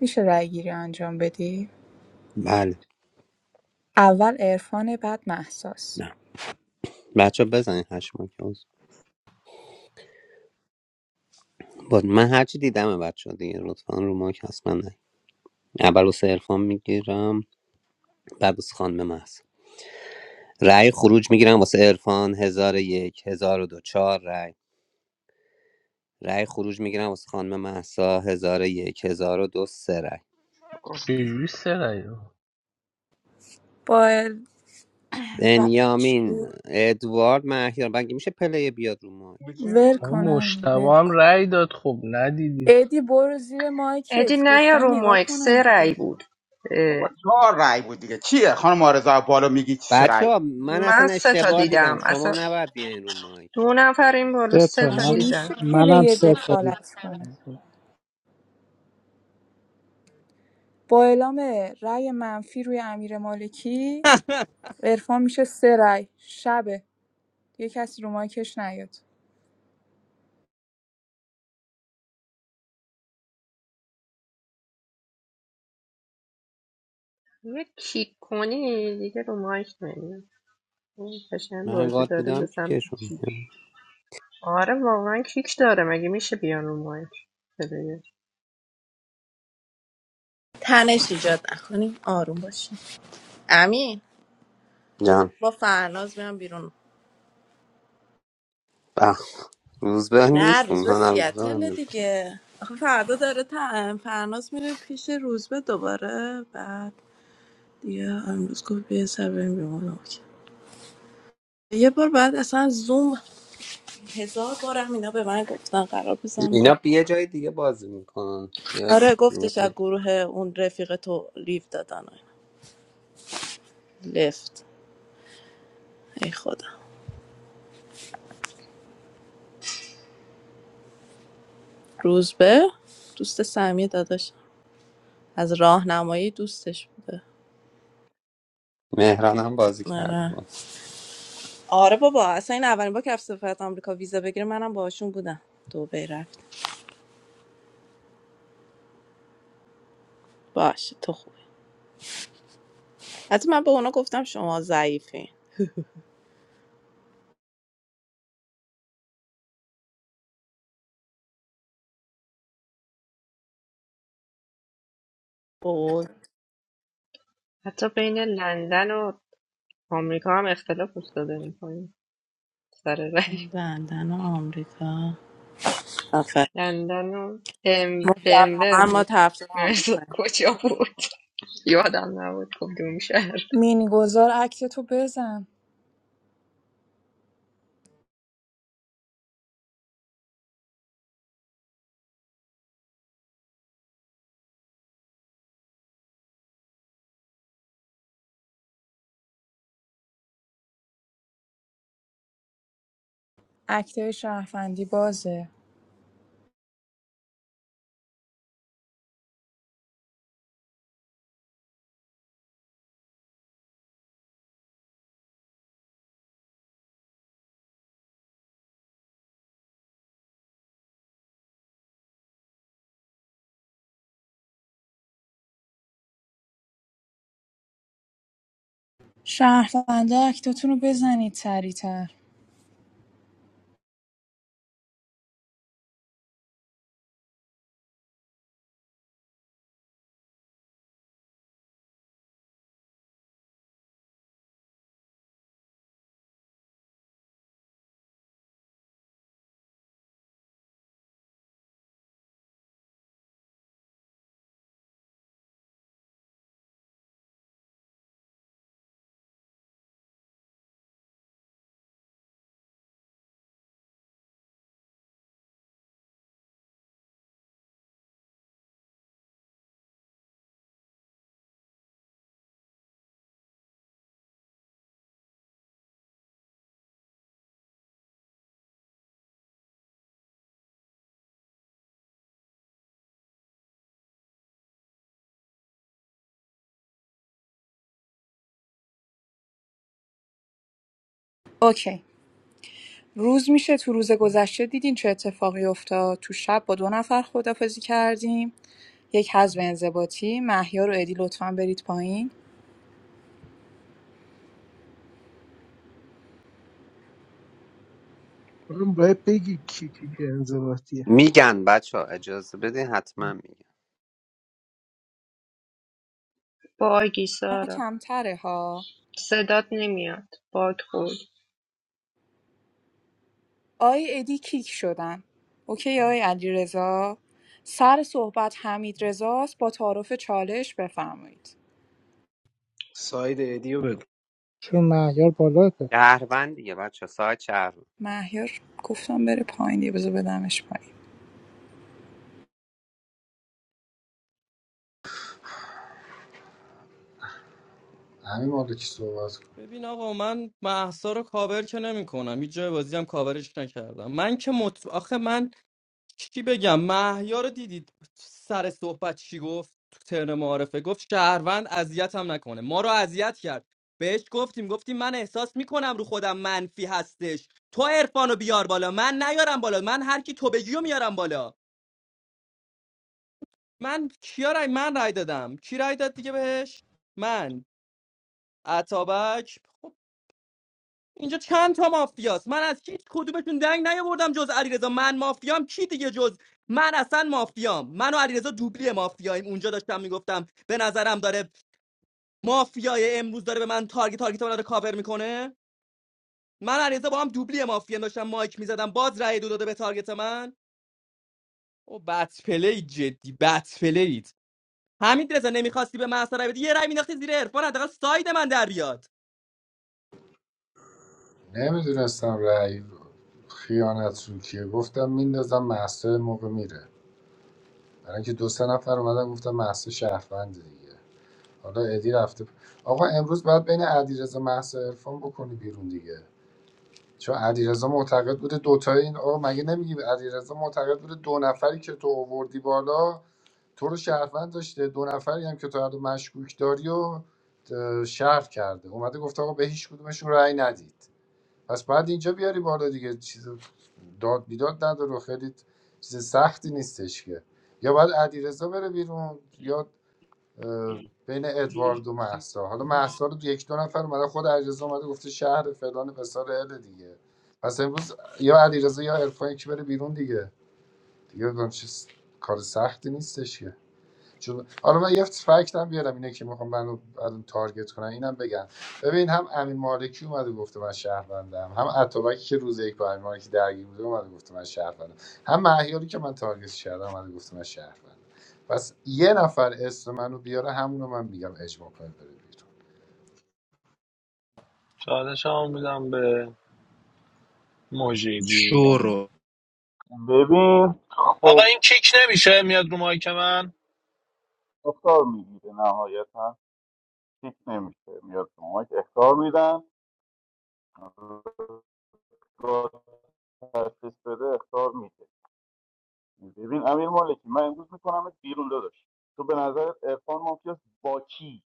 میشه رای گیری انجام بدی؟ بله اول عرفان بعد مهساس نه بچه بزنین هشت ماک عضو. باز من هرچی دیدم بچه دیگه لطفا رو ماک هست من نه اول واسه عرفان میگیرم بعد واسه خانم محس رأی خروج میگیرم واسه عرفان هزار و یک هزار و دو چهار رأی رأی خروج میگیرم واسه خانم محسا هزار و یک هزار و دو سه رأی چجوری سه رأی با ال... و... چی؟ بنیامین ادوارد مهیار بگی میشه پلی بیاد رو ماک چه- ول آقا کنم مشتبه ول هم کن رأی داد خب ندیدی ادی برو زیر ادی مایکت نه یا گفتم رو نگاه مایک کنن سه دیگه رأی بود اه، بابا چهار رای بود دیگه چیه خانم آرزا بالا میگی چی سه بچه رای بود؟ ها من من اصلا سه تا اشتباه دیدم دیدم شما اصلا نباید بیاین رو ماک دو نفر این بالا سه سه تا تا مگه من میشه دیدم منم پلیر سه تا دخالت کنه دیدم با اعلام رأی منفی روی امیر مالکی عرفان میشه سه رأی شبه یه کسی رو مایکش نیاد یه کیک کنی دیگه رو مایک نمیاد این قشنگ من بازی گاد داره بودم به که سمت کشون کیک آره واقعا کیک داره مگه میشه بیان رو مایک پلیر تنش ایجاد نکنیم آروم باشیم امین جان با فرناز میام بیرون بخ روزبه نه نیست روزبه اونها روزبه هم سیاتل نیست. دیگه آخه فردا داره تا فرناز میره پیش روزبه دوباره بعد دیگه امروز گفت بیا سر بریم بیرون. اوکی. یه بار بعد اصلا زوم هزار بارم اینا به من گفتن قرار بزن اینا با- بیا یه جای دیگه بازی میکنن یا آره گفتش از گروه اون رفیق تو لیف دادن و اینا. لفت ای خدا روزبه دوست سمی داداش از راهنمایی دوستش بوده مهران هم بازی کرده آره باز آره بابا اصلا این اولین با که رفت سفارت آمریکا ویزا بگیره منم باشون بودم دبی رفتیم. باشه تو خوبی حتی من به اونا گفتم شما ضعیفین بود حتی بین لندن و آمریکا هم اختلاف افتاده این پایین سر رنگ لندن و آمریکا آفر لندن و دن- دنور مسلما ما بود تفسیر نمی‌دونم آمریکا کجا بود یادم نبود کدوم شهر مینی گذار اکتتو بزن اکتای شهروندی بازه شهروندا اکتاتون رو بزنید سریعتر اوکی روز میشه تو روز گذشته دیدین چه اتفاقی افتاد تو شب با دو نفر خدافزی کردیم یک حزب انضباطی مهیار و ادی لطفا برید پایین من باید بگی کی کی که انضباطیه میگن بچه ها اجازه بدین حتما میگن باگی ما سارا کمتره ها صدات نمیاد باگ خورد آی ادی کیک شدن اوکی آی علیرضا رضا سر صحبت حمید رضاست با تعارف چالش بفرمایید ساید ادیو بگو چون معیار بالا پس شهروند دیگه بچه ها، ساعت شهروند مهیار گفتم بره پایین یه بذار بدمش پایین همین موقع که صحبت کنه ببین آقا من مهسا رو کاور که نمیکنم هیچ جای بازی هم کاورش نکردم من که مط... آخه من چی بگم مهیا رو دیدید سر صحبت چی گفت تو ترن معارفه گفت شهروند اذیتم نکنه ما رو اذیت کرد بهش گفتیم گفتیم من احساس میکنم رو خودم منفی هستش تو عرفانو بیار بالا من نیارم بالا من هر کی تو بگیو میارم بالا من کیا رای من رای دادم کی رای داد دیگه بهش من عطابک خب اینجا چند تا مافیاست من از هیچ کدومتون دنگ نیاوردم جز علیرضا من مافیام کی دیگه جز من اصلا مافیام من و علیرضا دوبلی مافیاییم اونجا داشتم میگفتم به نظرم داره مافیای امروز داره به من تارگت تارگت من داره کاور میکنه من و علیرضا با هم دوبلی مافیا داشتم مایک میزدم باز رأی دو داده به تارگت من او بد پلید جدی بد پلید همین رضا نمیخواستی به من اثر بدی یه رأی مینداختی زیر عرفان حداقل ساید من در بیاد نمیدونستم رأی خیانت رو کیه گفتم میندازم محسا موقع میره برای اینکه دو سه نفر اومدن گفتم محسا شهروند دیگه حالا ادی رفته آقا امروز باید بین علیرضا مهسا عرفان بکنی بیرون دیگه چون علیرضا معتقد بوده دوتای این آقا مگه نمیگی علیرضا معتقد بوده دو نفری که تو آوردی بالا تو رو شهروند داشته دو نفری هم که تو الان مشکوک داری و اه، شهر کرده اومده گفته آقا به هیچ کدومشون رأی ندید پس بعد اینجا بیاری بالا دیگه چیز داد بیداد نداره و خیلی چیز سختی نیستش که یا باید علیرضا بره بیرون یا اه، بین ادوارد و محسا حالا محسا رو یک دو نفر اومده خود علیرضا اومده گفته شهر فلان بسار ال دیگه پس امروز یا علیرضا یا عرفان یکی بره بیرون دیگه دیگه چیز کار سختی نیستش که چون حالا من یه فکت هم بیارم اینه که میخوام منو الان تارگت کنن اینم بگن ببین هم امین مالکی اومده گفته من شهروندم هم اتوبکی که روز یک با امین مالکی درگیر بوده اومده گفته من شهروندم هم مهیاری که من تارگت کردم اومده گفته من شهروندم پس یه نفر اسم منو بیاره همونو من میگم اجماع کنید بره بیرون چالش هم میدم به موجی دیروزم ببین آقا خب این کیک نمیشه میاد رو مایک من اختار میگیره نهایتا هیچ نمیشه میاد تو مایک اختار میدن را تشخیص بده اختار میده ببین امیر مالکی من امروز میکنم بیرون داداش تو به نظر عرفان مافیاس با کی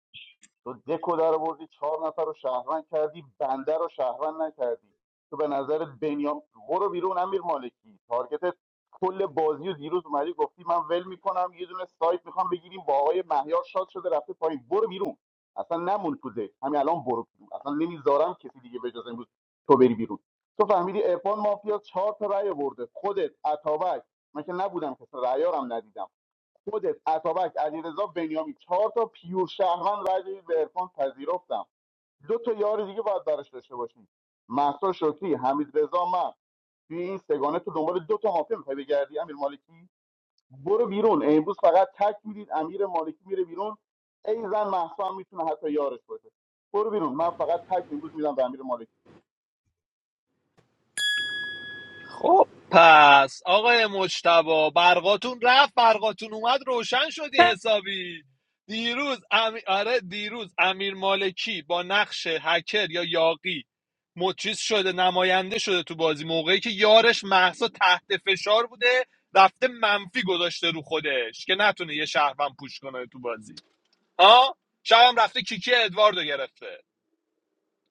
تو دکو در آوردی چهار نفر رو شهروند کردی بنده رو شهروند نکردی تو به نظر بنیام برو بیرون امیر مالکی تارگتت کل بازی و دیروز اومدی گفتی من ول میکنم یه دونه سایت میخوام بگیریم با آقای مهیار شاد شده رفته پایین برو بیرون اصلا نمون تو دک همین الان برو بیرون اصلا نمیذارم کسی دیگه به جز امروز تو بری بیرون تو فهمیدی ارفان مافیا چهار تا رأی برده خودت عطابک من که نبودم کسی رأیارم ندیدم خودت اتابک علیرضا بنیامی چهار تا پیور شهروند رای دادید به عرفان پذیرفتم دو تا یار دیگه باید براش داشته باشیم مهسا شکری حمید رضا من توی این سگانه تو دنبال دو تا مافیا میخوای بگردی امیر مالکی برو بیرون امروز فقط تک میدید امیر مالکی میره بیرون ای زن مهسا هم میتونه حتی یارش باشه برو بیرون من فقط تک امروز میدم به امیر مالکی خب پس آقای مجتبا برقاتون رفت برقاتون اومد روشن شدی حسابی دیروز امی... آره دیروز امیر مالکی با نقش هکر یا یاقی مچیز شده نماینده شده تو بازی موقعی که یارش محسا تحت فشار بوده رفته منفی گذاشته رو خودش که نتونه یه شهروند پوش کنه تو بازی ها شبم رفته کیکی ادواردو گرفته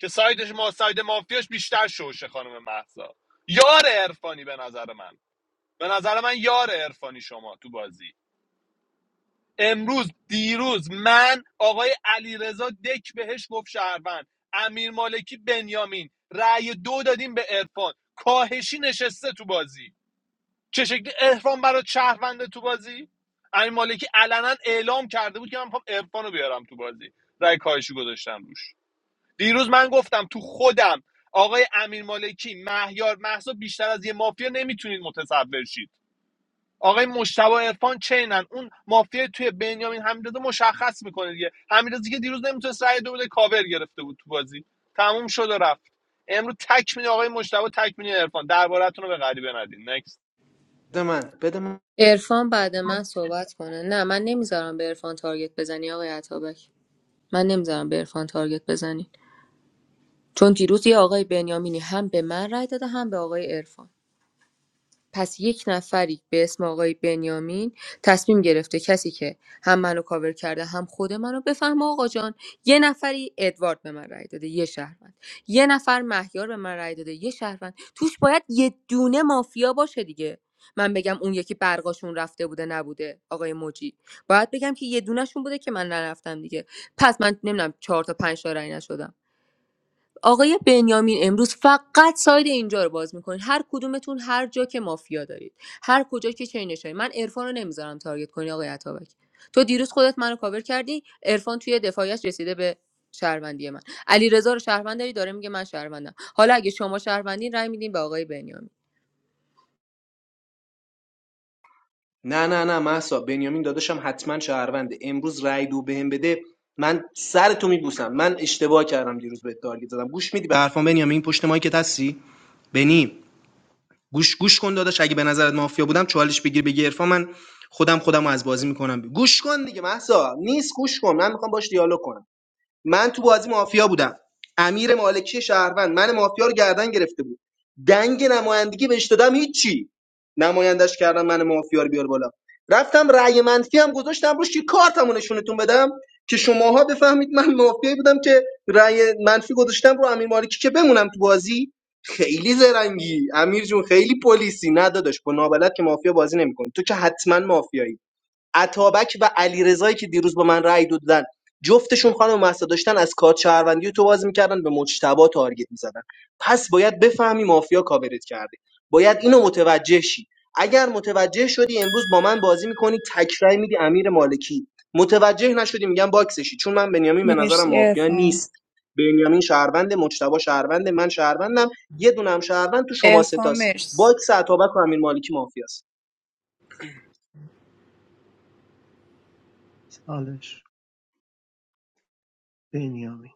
که سایدش ما ساید مافیاش بیشتر شوشه خانم محسا یار عرفانی به نظر من به نظر من یار عرفانی شما تو بازی امروز دیروز من آقای علیرضا دک بهش گفت شهروند امیر مالکی بنیامین رأی دو دادیم به عرفان کاهشی نشسته تو بازی چه شکلی عرفان برای شهرونده تو بازی امیر مالکی علنا اعلام کرده بود که من میخوام عرفان رو بیارم تو بازی رأی کاهشی گذاشتم روش دیروز من گفتم تو خودم آقای امیر مالکی مهیار محسا بیشتر از یه مافیا نمیتونید متصور شید آقای مشتبه عرفان چینن اون مافیا توی بنیامین حمیدرضا مشخص میکنه دیگه حمیدرضا که دیروز نمیتونست رأی دو بده کاور گرفته بود تو بازی تموم شد و رفت امروز تک میده آقای مشتبه تک میده عرفان دربارتون رو به غریبه ندین نکست بده من بده من عرفان بعد من صحبت کنه نه من نمیذارم به عرفان تارگت بزنی آقای عطابک من نمیذارم به عرفان تارگت بزنی چون دیروز یه آقای بنیامینی هم به من رای داده هم به آقای عرفان پس یک نفری به اسم آقای بنیامین تصمیم گرفته کسی که هم منو کاور کرده هم خود منو بفهمه آقا جان یه نفری ادوارد به من رای داده یه شهروند یه نفر مهیار به من رای داده یه شهروند توش باید یه دونه مافیا باشه دیگه من بگم اون یکی برقاشون رفته بوده نبوده آقای موجی باید بگم که یه دونهشون بوده که من نرفتم دیگه پس من نمیدونم چهار تا پنج تا رأی نشدم آقای بنیامین امروز فقط ساید اینجا رو باز میکنید هر کدومتون هر جا که مافیا دارید هر کجا که چینش دارید من عرفان رو نمیذارم تارگت کنی آقای عطابک تو دیروز خودت منو کاور کردی عرفان توی دفاعیش رسیده به شهروندی من علی رو شهروند داری داره میگه من شهروندم حالا اگه شما شهروندین رای میدین به آقای بنیامین نه نه نه محسا بنیامین داداشم حتما شهرونده امروز رای دو بهم بده من سر تو میبوسم من اشتباه کردم دیروز به تارگت زدم گوش میدی به حرفان بنیامین پشت مایکت هستی بنی گوش گوش کن داداش اگه به نظرت مافیا بودم چالش بگیر بگی عرفان من خودم خودم از بازی میکنم گوش کن دیگه محسا نیست گوش کن من میخوام باش دیالوگ کنم من تو بازی مافیا بودم امیر مالکی شهروند من مافیا رو گردن گرفته بود دنگ نمایندگی بهش دادم هیچی نمایندش کردم من مافیا رو بیار بالا رفتم رأی منفی هم گذاشتم روش که کارتمو نشونتون بدم که شماها بفهمید من مافیایی بودم که رأی منفی گذاشتم رو امیر مالکی که بمونم تو بازی خیلی زرنگی امیر جون خیلی پلیسی نه داداش با نابلد که مافیا بازی نمیکنی تو که حتما مافیایی اتابک و علیرضایی که دیروز با من رأی دادن جفتشون خانم مهسا داشتن از کارت شهروندی تو بازی میکردن به مجتبا تارگت میزدن پس باید بفهمی مافیا کاورت کرده باید اینو متوجه شی اگر متوجه شدی امروز با من بازی میکنی تکرای میدی امیر مالکی متوجه نشدی میگم باکسشی چون من بنیامین به نظرم مرسی مافیا ارفان نیست بنیامین شهروند مجتبا شهروند من شهروندم یه دونم شهروند تو شما ارفان ستاست مرسی باکس اتابک و امیر مالکی مافیاست سالش بنیامین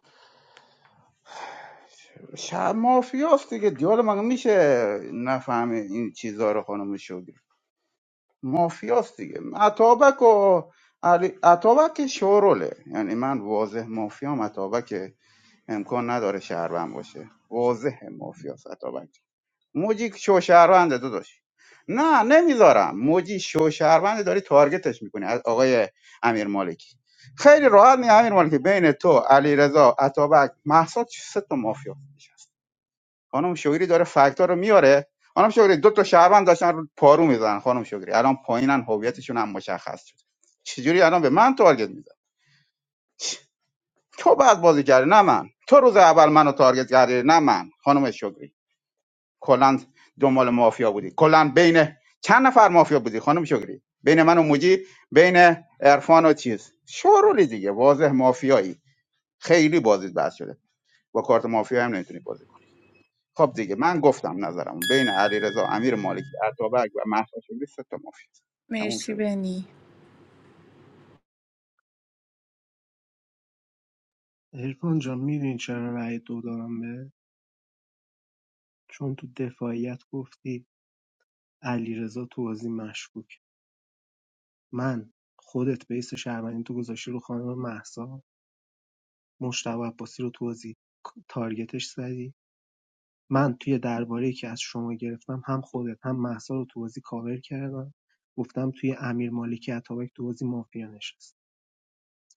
شب مافیاست دیگه دیال مگه میشه نفهمه این چیزا رو خانم شوری مافیاست دیگه عطابک و علی عطابک شوروله یعنی من واضح مافیام عطابک امکان نداره شهروند باشه واضح مافیا ستابک موجی شو شهرونده داداش نه نمیذارم موجی شو شهرونده داری تارگتش میکنی از آقای امیر مالکی خیلی راحت می امیر مالکی بین تو علیرضا عطابک محسا چه سه تا مافیا نشست خانم شوگری داره فکتا رو میاره خانم شوگری دو تا شهروند داشتن رو پارو میزنن خانم شوگری الان پایینن هویتشون هم مشخص شد چجوری الان به من تارگت می‌زنی؟ تو بعد بازی کردی نه من تو روز اول منو تارگت کردی نه من خانم شکری کلا دنبال مافیا بودی کلا بین چند نفر مافیا بودی خانم شکری بین من و موجی بین عرفان و چیز شورولی دیگه واضح مافیایی خیلی بازیت بحث شده با کارت مافیا هم نمیتونی بازی کنی خب دیگه من گفتم نظرم بین علیرضا امیر مالکی عطابک و مهسا شکری سه تا مافیا تموم مرسی شده بنی عرفان جان میدونی چرا رأی دو دادم بهت چون تو دفاعیت گفتی علیرضا تو بازی مشکوک من خودت بیس شهروندی تو گذاشتی رو خانم مهسا مشتبه عباسی رو تو بازی تارگتش زدی من توی درباره که از شما گرفتم هم خودت هم مهسا رو تو بازی کاور کردم گفتم توی امیر مالکی اتابک تو بازی مافیا نشست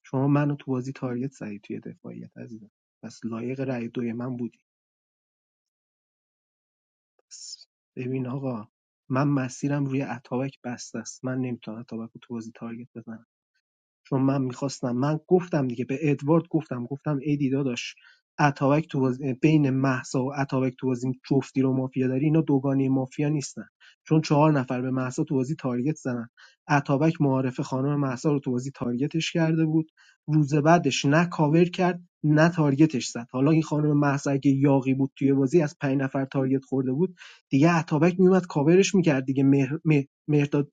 شما منو تو بازی تارگت زدی توی دفاعیت عزیزم پس لایق رأی دوی من بودی بس ببین آقا من مسیرم روی اتابک بسته است من نمیتونم اتابک رو تو بازی تارگت بزنم چون من میخواستم من گفتم دیگه به ادوارد گفتم گفتم ای دی داداش اتابک تو بازی- بین محسا و اتابک تو بازی جفتی رو مافیا داری اینا دوگانی مافیا نیستن چون چهار نفر به محسا تو بازی تارگت زدن اتابک معارف خانم محسا رو تو بازی تارگتش کرده بود روز بعدش نه کاور کرد نه تارگتش زد حالا این خانم محسا اگه یاقی بود توی بازی از پنج نفر تارگت خورده بود دیگه اتابک میومد کاورش میکرد دیگه مهر... مه- مهرداد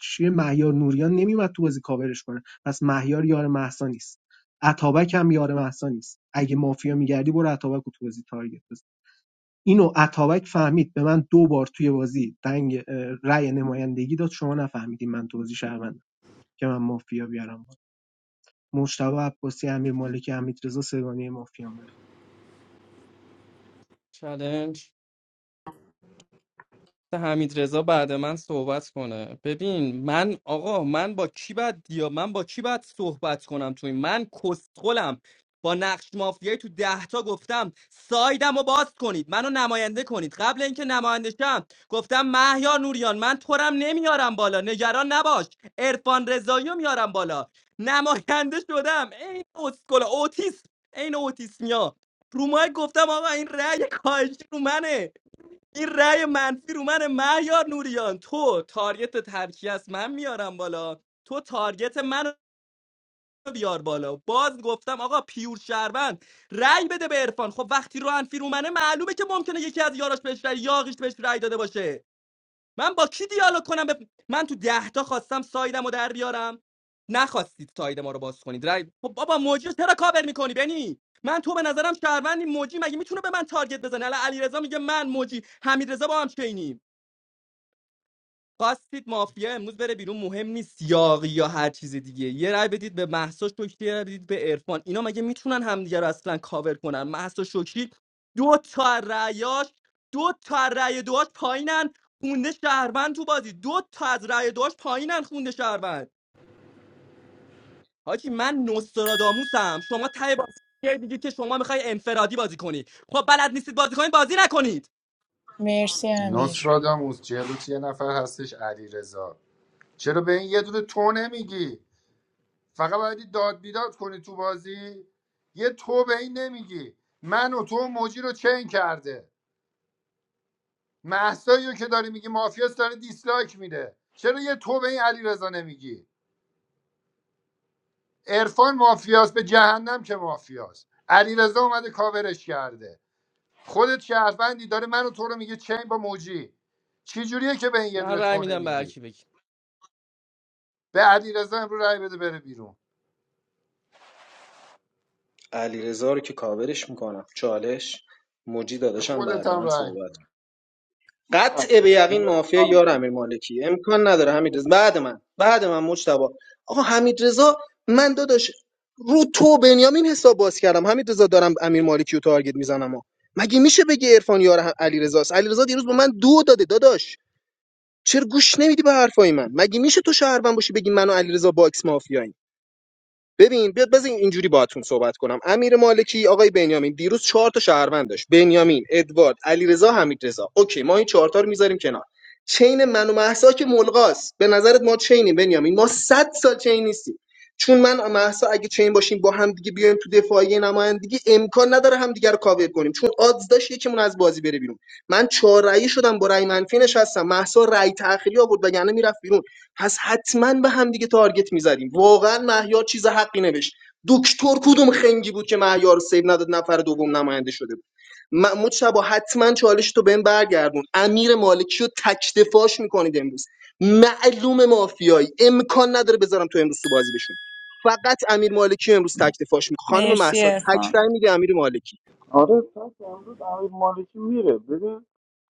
چیه مهیار نوریان نمیومد تو بازی کاورش کنه پس مهیار یار مهسا نیست اتابک هم یار مهسا نیست اگه مافیا میگردی برو اتابک رو تو بازی تارگت بزن اینو اتابک فهمید به من دو بار توی بازی دنگ اه، رأی نمایندگی داد شما نفهمیدین من تو بازی شهروندم که من مافیا بیارم مجتبی عباسی امیر مالکی حمیدرضا سگانه مافیا من چالش حمیدرضا بعد من صحبت کنه ببین من آقا من با کی باید دیا من با کی باید صحبت کنم توی من کسخلم با نقش مافیایی تو ده تا گفتم سایدم رو باز کنید منو نماینده کنید قبل اینکه نماینده شم گفتم مهیار نوریان من تورم نمیارم بالا نگران نباش عرفان رضایی رو میارم بالا نماینده شدم این اسکل اوتیسم این اوتیسمیا رو مایک گفتم آقا این رأی کاهشی رو منه این رأی منفی رو من مهیار نوریان تو تارگت ترکیه است من میارم بالا تو تارگت من بیار بالا باز گفتم آقا پیور شهروند رأی بده به عرفان خب وقتی رو انفی رو منه معلومه که ممکنه یکی از یاراش بهش رأی یاقیش بهش رأی داده باشه من با کی دیالوگ کنم به- من تو ده تا خواستم سایدم رو در بیارم نخواستید ساید ما رو باز کنید رأی خب بابا موجی رو چرا کاور میکنی بنی من تو به نظرم شهروندی موجی مگه میتونه به من تارگت بزنه الان علیرضا میگه من موجی حمیدرضا با هم چینیم خواستید مافیا امروز بره بیرون مهم نیست یاقی یا هر چیز دیگه یه رأی بدید به مهسا شکری یه رأی بدید به عرفان اینا مگه میتونن همدیگه رو اصلا کاور کنن مهسا شکری دو تا رأیاش دو تا از رأی دواش پایینن خونده شهروند تو بازی دو تا از رأی دواش پایینن خونده شهروند حاجی من نوستراداموسم شما ته بازی یه دیگه که شما میخوای انفرادی بازی کنی خب بلد نیستید بازی کنید بازی نکنید مرسی امیر نصراداموس جلوت یه نفر هستش علیرضا چرا به این یه دونه تو نمیگی فقط باید داد بیداد کنی تو بازی یه تو به این نمیگی من و تو و موجی رو چین کرده محسایی رو که داری میگی مافیاس داره دیسلایک میده چرا یه تو به این علی نمیگی عرفان مافیاس به جهنم که مافیاس علی اومده کاورش کرده خودت شهروندی داره من و تو رو میگه چین با موجی چی جوریه که به این یه من دونه رأی تو میدم به هر نمیگی کی بگی به علی رضا امرو رای بده بره بیرون علیرضا رو که کاورش میکنم چالش موجی به داداشم خودت بعد هم من رای صحبت می‌دم. کن قطع به یقین مافیا یار امیر مالکی امکان نداره حمید رضا بعد من بعد من مجتبی آقا حمید رضا من داداش رو تو بنیامین حساب باز کردم حمید رضا دارم امیر مالکی رو تارگت میزنم مگه میشه بگی عرفان یار علیرضا است علیرضا دیروز به من دو داده داداش چرا گوش نمیدی به حرفای من مگه میشه تو شهروند باشی بگی من و علیرضا باکس مافیاییم ببین بیاد بزن اینجوری باهاتون صحبت کنم امیر مالکی آقای بنیامین دیروز چهار تا شهروند داشت بنیامین ادوارد علیرضا حمیدرضا اوکی ما این چهار تا رو میذاریم کنار چین من و مهسا که ملغاست به نظرت ما چینیم بنیامین ما 100 سال چین نیستیم چون من و مهسا اگه چین باشیم با هم دیگه بیایم تو دفاعی نمایندگی امکان نداره هم دیگه رو کاور کنیم چون آدز داشت یکیمون از بازی بره بیرون من چهار رأی شدم با رأی منفی نشستم مهسا رأی تأخیری آورد وگرنه میرفت بیرون پس حتما به هم دیگه تارگت میزدیم واقعا مهیار چیز حقی نوشت دکتر کدوم خنگی بود که مهیار رو سیو نداد نفر دوم نماینده شده بود محمود شبا حتما چالش تو بهم برگردون امیر مالکی رو تکتفاش میکنید امروز معلوم مافیایی امکان نداره بذارم تو امروز تو بازی بشون فقط امیر مالکی امروز تکتفاش میکنه خانم مرسی مهسا ارفان تکرای میگه امیر مالکی آره تک امروز امیر مالکی میره ببین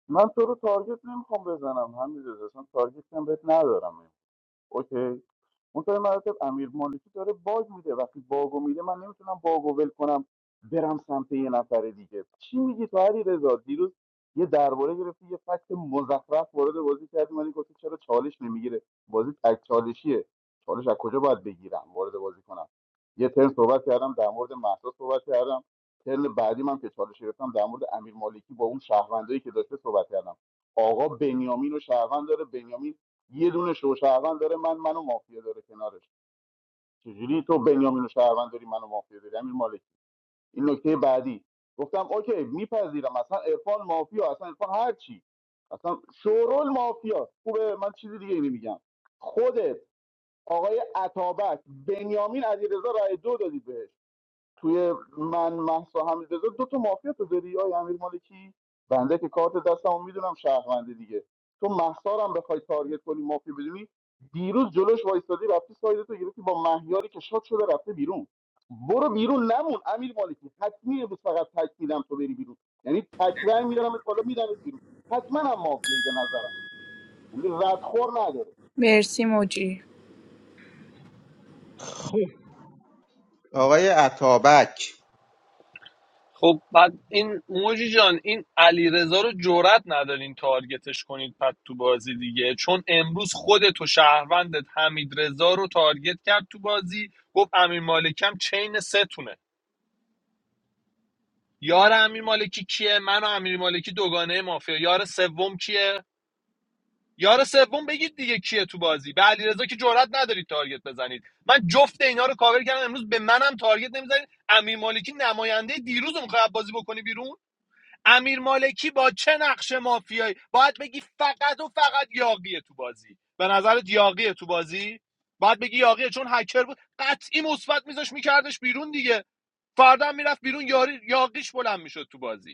من تو رو تارگت نمیخوام بزنم همین رضا، اصلا تارگت هم بهت ندارم اوکی منتها به مراتب امیر مالکی داره باگ میده وقتی باگو میده من نمیتونم باگو ول کنم برم سمت یه نفر دیگه چی میگی تو علی دیروز یه درباره گرفتی یه فکت مزخرف وارد بازی کردی من گفتی چرا چالش نمیگیره بازی تک چالشیه چالش از کجا باید بگیرم وارد بازی کنم یه ترم صحبت کردم در مورد مهسا صحبت کردم ترم بعدی من که چالش گرفتم در مورد امیر مالکی با اون شهروندایی که داشته صحبت کردم آقا بنیامین و شهروند داره بنیامین یه دونه شو شهروند داره من منو مافیا داره کنارش چجوری تو بنیامین شهروند داری منو مافیا داری امیر مالکی این نکته بعدی گفتم اوکی میپذیرم اصلا عرفان مافیا اصلا عرفان هر چی اصلا شورول مافیا خوبه من چیزی دیگه نمیگم خودت آقای عطابک بنیامین علیرضا رای دو دادی بهش توی من محسا همین دو تا مافیا تو داری آی امیر مالکی بنده که کارت دستمو میدونم شهرونده دیگه تو محسا رو هم بخوای تارگت کنی مافیا بدونی دیروز جلوش وایستادی رفتی ساید تو گرفتی با مهیاری که شاد شده رفته بیرون برو بیرون نمون امیر مالکی حتمی امروز فقط تک میدم تو بری بیرون یعنی تک رای میدارم بالا میدمت بیرون حتما هم مافیایی به نظرم یعنی ردخور نداره مرسی موجی آقای عطابک خب بعد این موجی جان این علیرضا رو جرأت ندارین تارگتش کنید پد تو بازی دیگه چون امروز خود تو شهروندت حمیدرضا رو تارگت کرد تو بازی گفت امین مالکم چین ستونه یار امیر مالکی کیه من و امیر مالکی دوگانه مافیا یار سوم کیه یار سوم بگید دیگه کیه تو بازی به علیرضا که جرئت ندارید تارگت بزنید من جفت اینا رو کاور کردم امروز به منم تارگت نمیزنید امیر مالکی نماینده دیروز رو میخواد بازی بکنی بیرون امیر مالکی با چه نقش مافیایی باید بگی فقط و فقط یاقیه تو بازی به نظرت یاقیه تو بازی باید بگی یاقیه چون هکر بود قطعی مثبت میذاش میکردش بیرون دیگه فردا هم میرفت بیرون یاری یاقیش بلند میشد تو بازی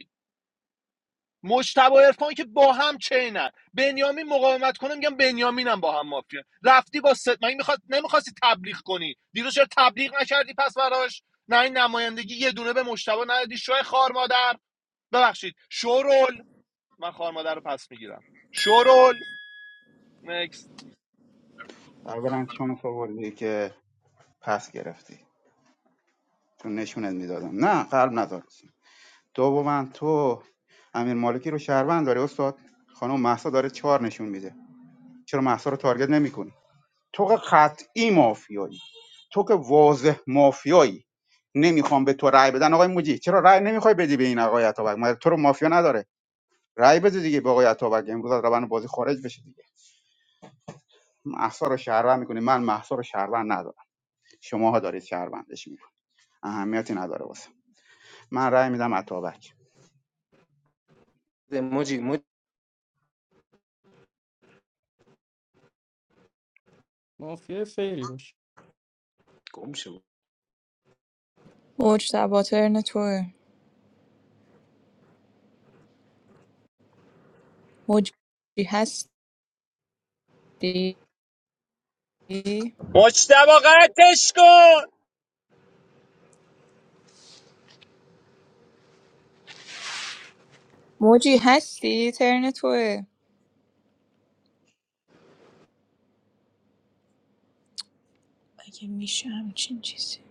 مجتبی عرفان که با هم چینن بنیامین مقاومت کنه میگم بنیامینم با هم مافیا رفتی با ست مگه میخواد نمیخواستی تبلیغ کنی دیروز چرا تبلیغ نکردی پس براش نه این نمایندگی یه دونه به مجتبی ندادی شوی خار مادر ببخشید شورول من خار مادر رو پس میگیرم شورول نکست اولا شانس آوردی که پس گرفتی تو نشونت میدادم نه قلب نذار دوما تو امیر مالکی رو شهروند داری استاد خانم محسا داره چهار نشون میده چرا محسا رو تارگت نمیکنی تو که قطعی مافیایی تو که واضح مافیایی نمیخوام به تو رأی بدن آقای موجی چرا رأی نمیخوای بدی به این آقای عطابک مگر تو رو مافیا نداره رأی بده دیگه به آقای عطابک امروز از روند بازی خارج بشه دیگه محسا رو شهروند میکنی من محسا رو شهروند ندارم شماها دارید شهروندش میکنید اهمیتی نداره واسه من رأی میدم عطابک مافیا فیری باش موج تبا ترن توه موجی هستی مجتبی قطعش کن موجی هستی ترن توه اگه میشه همچین چیزی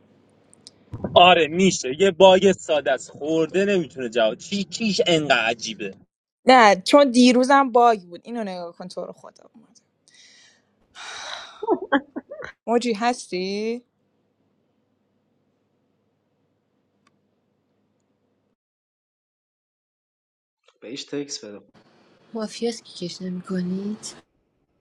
آره میشه یه باگ ساده است خورده نمیتونه جواب چی چیش انقدر عجیبه نه چون دیروزم باگ بود اینو نگاه کن تو رو خدا اومد موجی هستی مافیاست که کش نمیکنید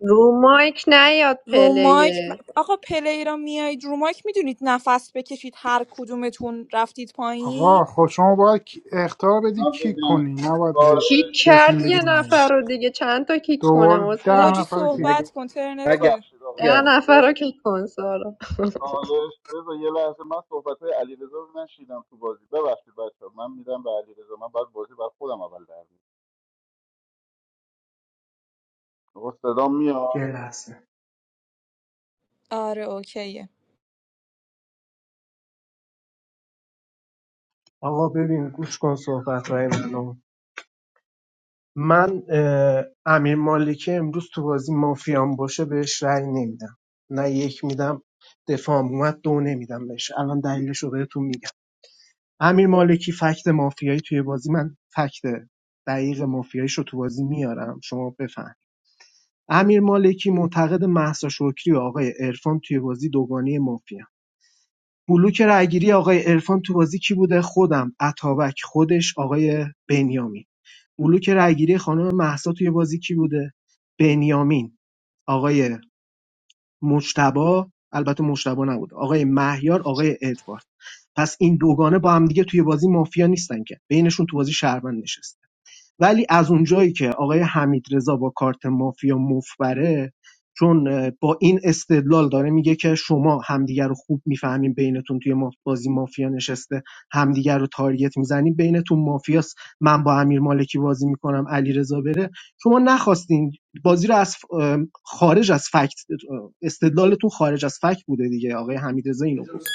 رو مایک نیاد رو مایک پلیر آقا پلی را میایید رو مایک میدونید نفس بکشید هر کدومتون رفتید آقا پایین خب شما باید کی- اختار بدی من کیک بگم، کنی نباید کار هی کیک بهشون کرد بگی یه نه نفر رو دیگه چند تا کیک کنه دوباره ده موجی واسه نفر رو کیک صحبت کن ترن تو توه آقا. ده من نفر رو کیک کن چالش بذار یه لحظه من صحبت های علیرضا رو نشیدم تو بازی ببخشید بچه من میدم به علیرضا من بعد بازی بر خودم اول در میاد صدا میاد یه لحظه آره اوکیه آقا ببین گوش کن صحبت رای منو. من اه، امیر مالکی امروز تو بازی مافیان باشه بهش رأی نمیدم نه یک میدم دفاع هم اومد دو نمیدم بهش الان دلیلش رو بهتون میگم امیر مالکی فکت مافیایی توی بازی من فکت دقیق مافیاییش رو تو بازی میارم شما بفهم امیر مالکی معتقد محسا شکری و آقای عرفان توی بازی دوگانی مافیا بلوک رأیگیری آقای عرفان تو بازی کی بوده خودم اتابک خودش آقای بنیامین بلوک رأیگیری خانم مهسا توی بازی کی بوده؟ بنیامین، آقای مجتبی البته مجتبی نبود، آقای مهیار، آقای ادوارد. پس این دوگانه با هم دیگه توی بازی مافیا نیستن که. بینشون تو بازی شهروند نشسته. ولی از اونجایی که آقای حمیدرضا با کارت مافیا مفبره چون با این استدلال داره میگه که شما همدیگر رو خوب میفهمین بینتون توی ماف- بازی مافیا نشسته همدیگر رو تارگت میزنین بینتون مافیاست من با امیر مالکی بازی میکنم علیرضا بره شما نخواستین بازی رو از خارج از فکت استدلالتون خارج از فکت بوده دیگه آقای حمیدرضا اینو گفته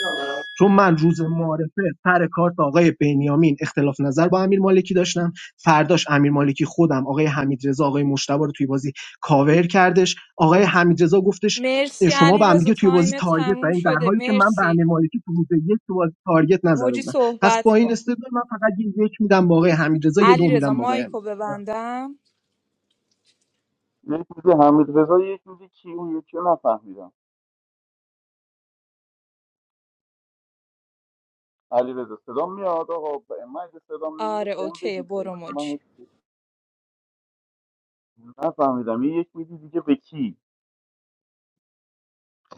چون من روز معارفه سر کارت آقای بنیامین اختلاف نظر با امیر مالکی داشتم فرداش امیر مالکی خودم آقای حمیدرضا آقای مشتبه رو توی بازی کاور کردش آقای حمیدرضا گفتش مرسی شما علی به هم رضا دیگه توی بازی تایم تارگت تموم زدین در شده حالی که من به مرسی امیر مالکی تو روز یک تو بازی تارگت نزده موجی بودم پس صحبت با این کن استدلال من فقط یه یک میدم به آقای حمیدرضا یه دو علیرضا رضا میدم به آقای مایکو حمیدرضا ببندم یه چیزی حمید رضا یه چیزی کی اون یکی رو نفهمیدم علیرضا صدا میاد آقا ب- من اگه صدام نمیاد آره بهم اوکی بگید هی. برو من موجی هیچ نفهمیدم یه یک میدی دیگه به کی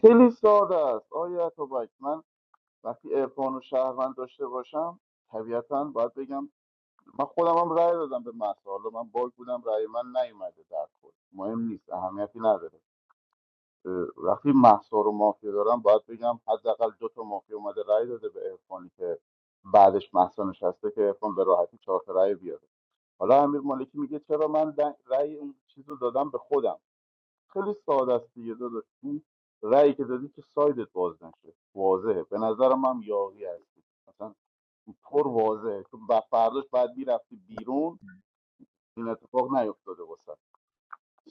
خیلی ساده است آیا تو من وقتی عرفان و شهروند داشته باشم طبیعتا باید بگم من خودم هم رأی دادم به مهسا حالا من باگ بودم رأی من نیومده در کل مهم نیست اهمیتی نداره اه، وقتی مهسا رو مافیا دارم باید بگم حداقل دو تا مافیا اومده رأی داده به عرفانی که بعدش مهسا نشسته که عرفان به راحتی چهار تا رأی بیاره حالا امیر مالکی میگه چرا من دن- رأی اون چیز رو دادم به خودم خیلی ساده است دیگه داداش این رأیی که دادی که سایدت باز نشه واضحه به نظرم هم یاقی هستی مثلا پر واضحه تو ب- فرداش بعد میرفتی بیرون این اتفاق نیفتاده باشد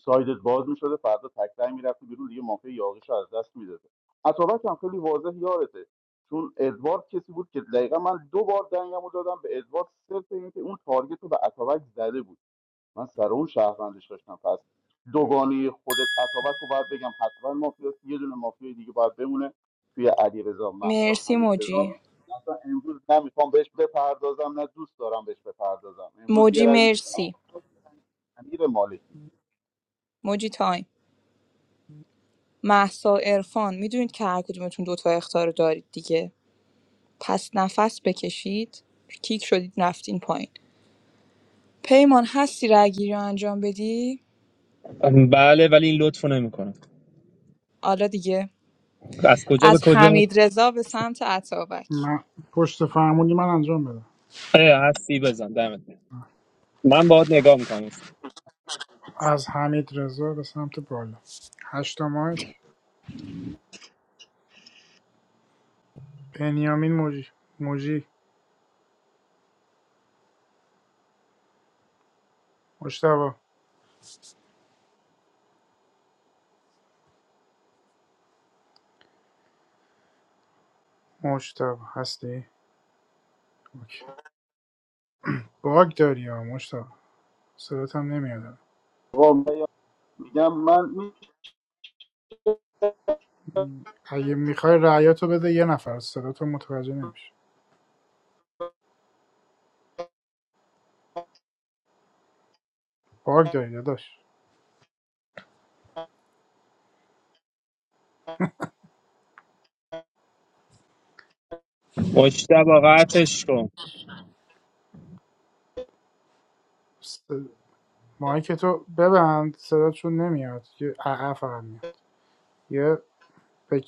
سایدت باز میشده فردا تکرار میرفته بیرون دیگه مافیا یاقیش از دست میداده اتابک هم خیلی واضح یارته چون ادوارد کسی بود که دقیقا من دو بار دنگم رو دادم به ادوارد صرف اینکه اون تارگت رو به اتابک زده بود من سر اون شهروندش داشتم پس دوگانه خودت اتابک رو باید بگم حتما مافیاست یه دونه مافیا دیگه باید بمونه توی علی رضا محسا مرسی حمید موجی رضا مثلا امروز نمیخوام بهش بپردازم نه دوست دارم بهش بپردازم امروز یه موجی رای میدید مرسی امیر مالکی موجی تایم محسا ارفان میدونید که هر کدومتون دوتا اختار دارید دیگه پس نفس بکشید کیک شدید رفتین پایین پیمان هستی رای گیری رو انجام بدی بله ولی این لطفو نمیکنه حالا دیگه از کجا به از کجا حمید رضا به سمت عطابک من پشت فرمونی من انجام بدم اه، هستی بزن دمت گرم. من باهات نگاه میکنم از حمید رضا به سمت بالا هشتا مایک بنیامین موجی موجی مشتبا مشتبا هستی؟ اوکی. باگ داری ها مشتبا صدات هم نمیاد آقا من میگم من میشک اگه میخوای رعیاتو بده یه نفر صدات رو متوجه نمیشه باگ داری داداش مشته با قطعش کن س- مایک تو ببند صداتشون نمیاد یه عقه فقط میاد یه به...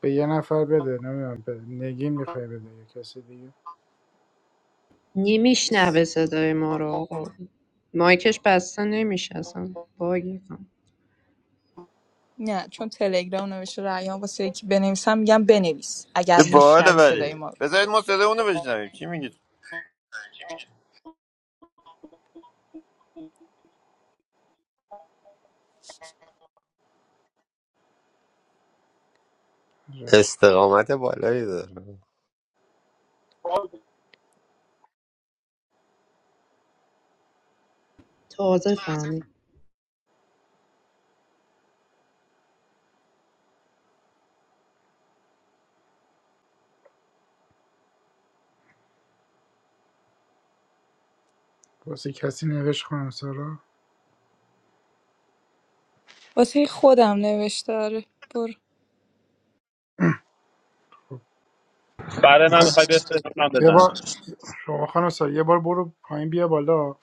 به یه نفر بده نمیدونم به نگین میخوای بده یا کسی دیگه نمیشنوه صدای ما رو آقا مایکش بسته نمیشه اصلا باگی کن نه چون تلگرام نوشته رایان واسه یکی بنویسم میگم بنویس چه اگر باحاله میشنوی ولی صدای ما رو. بذارید ما صدا اونو بشنویم چی میگید اوکی. استقامت بالایی داره تازه فهمید واسه کسی نوشت خانم سارا واسه خودم نوشته آره برو برای من میخواد میخوای بفرست من یه بار بزنم شما خانم سارا یه بار برو پایین بیا بالا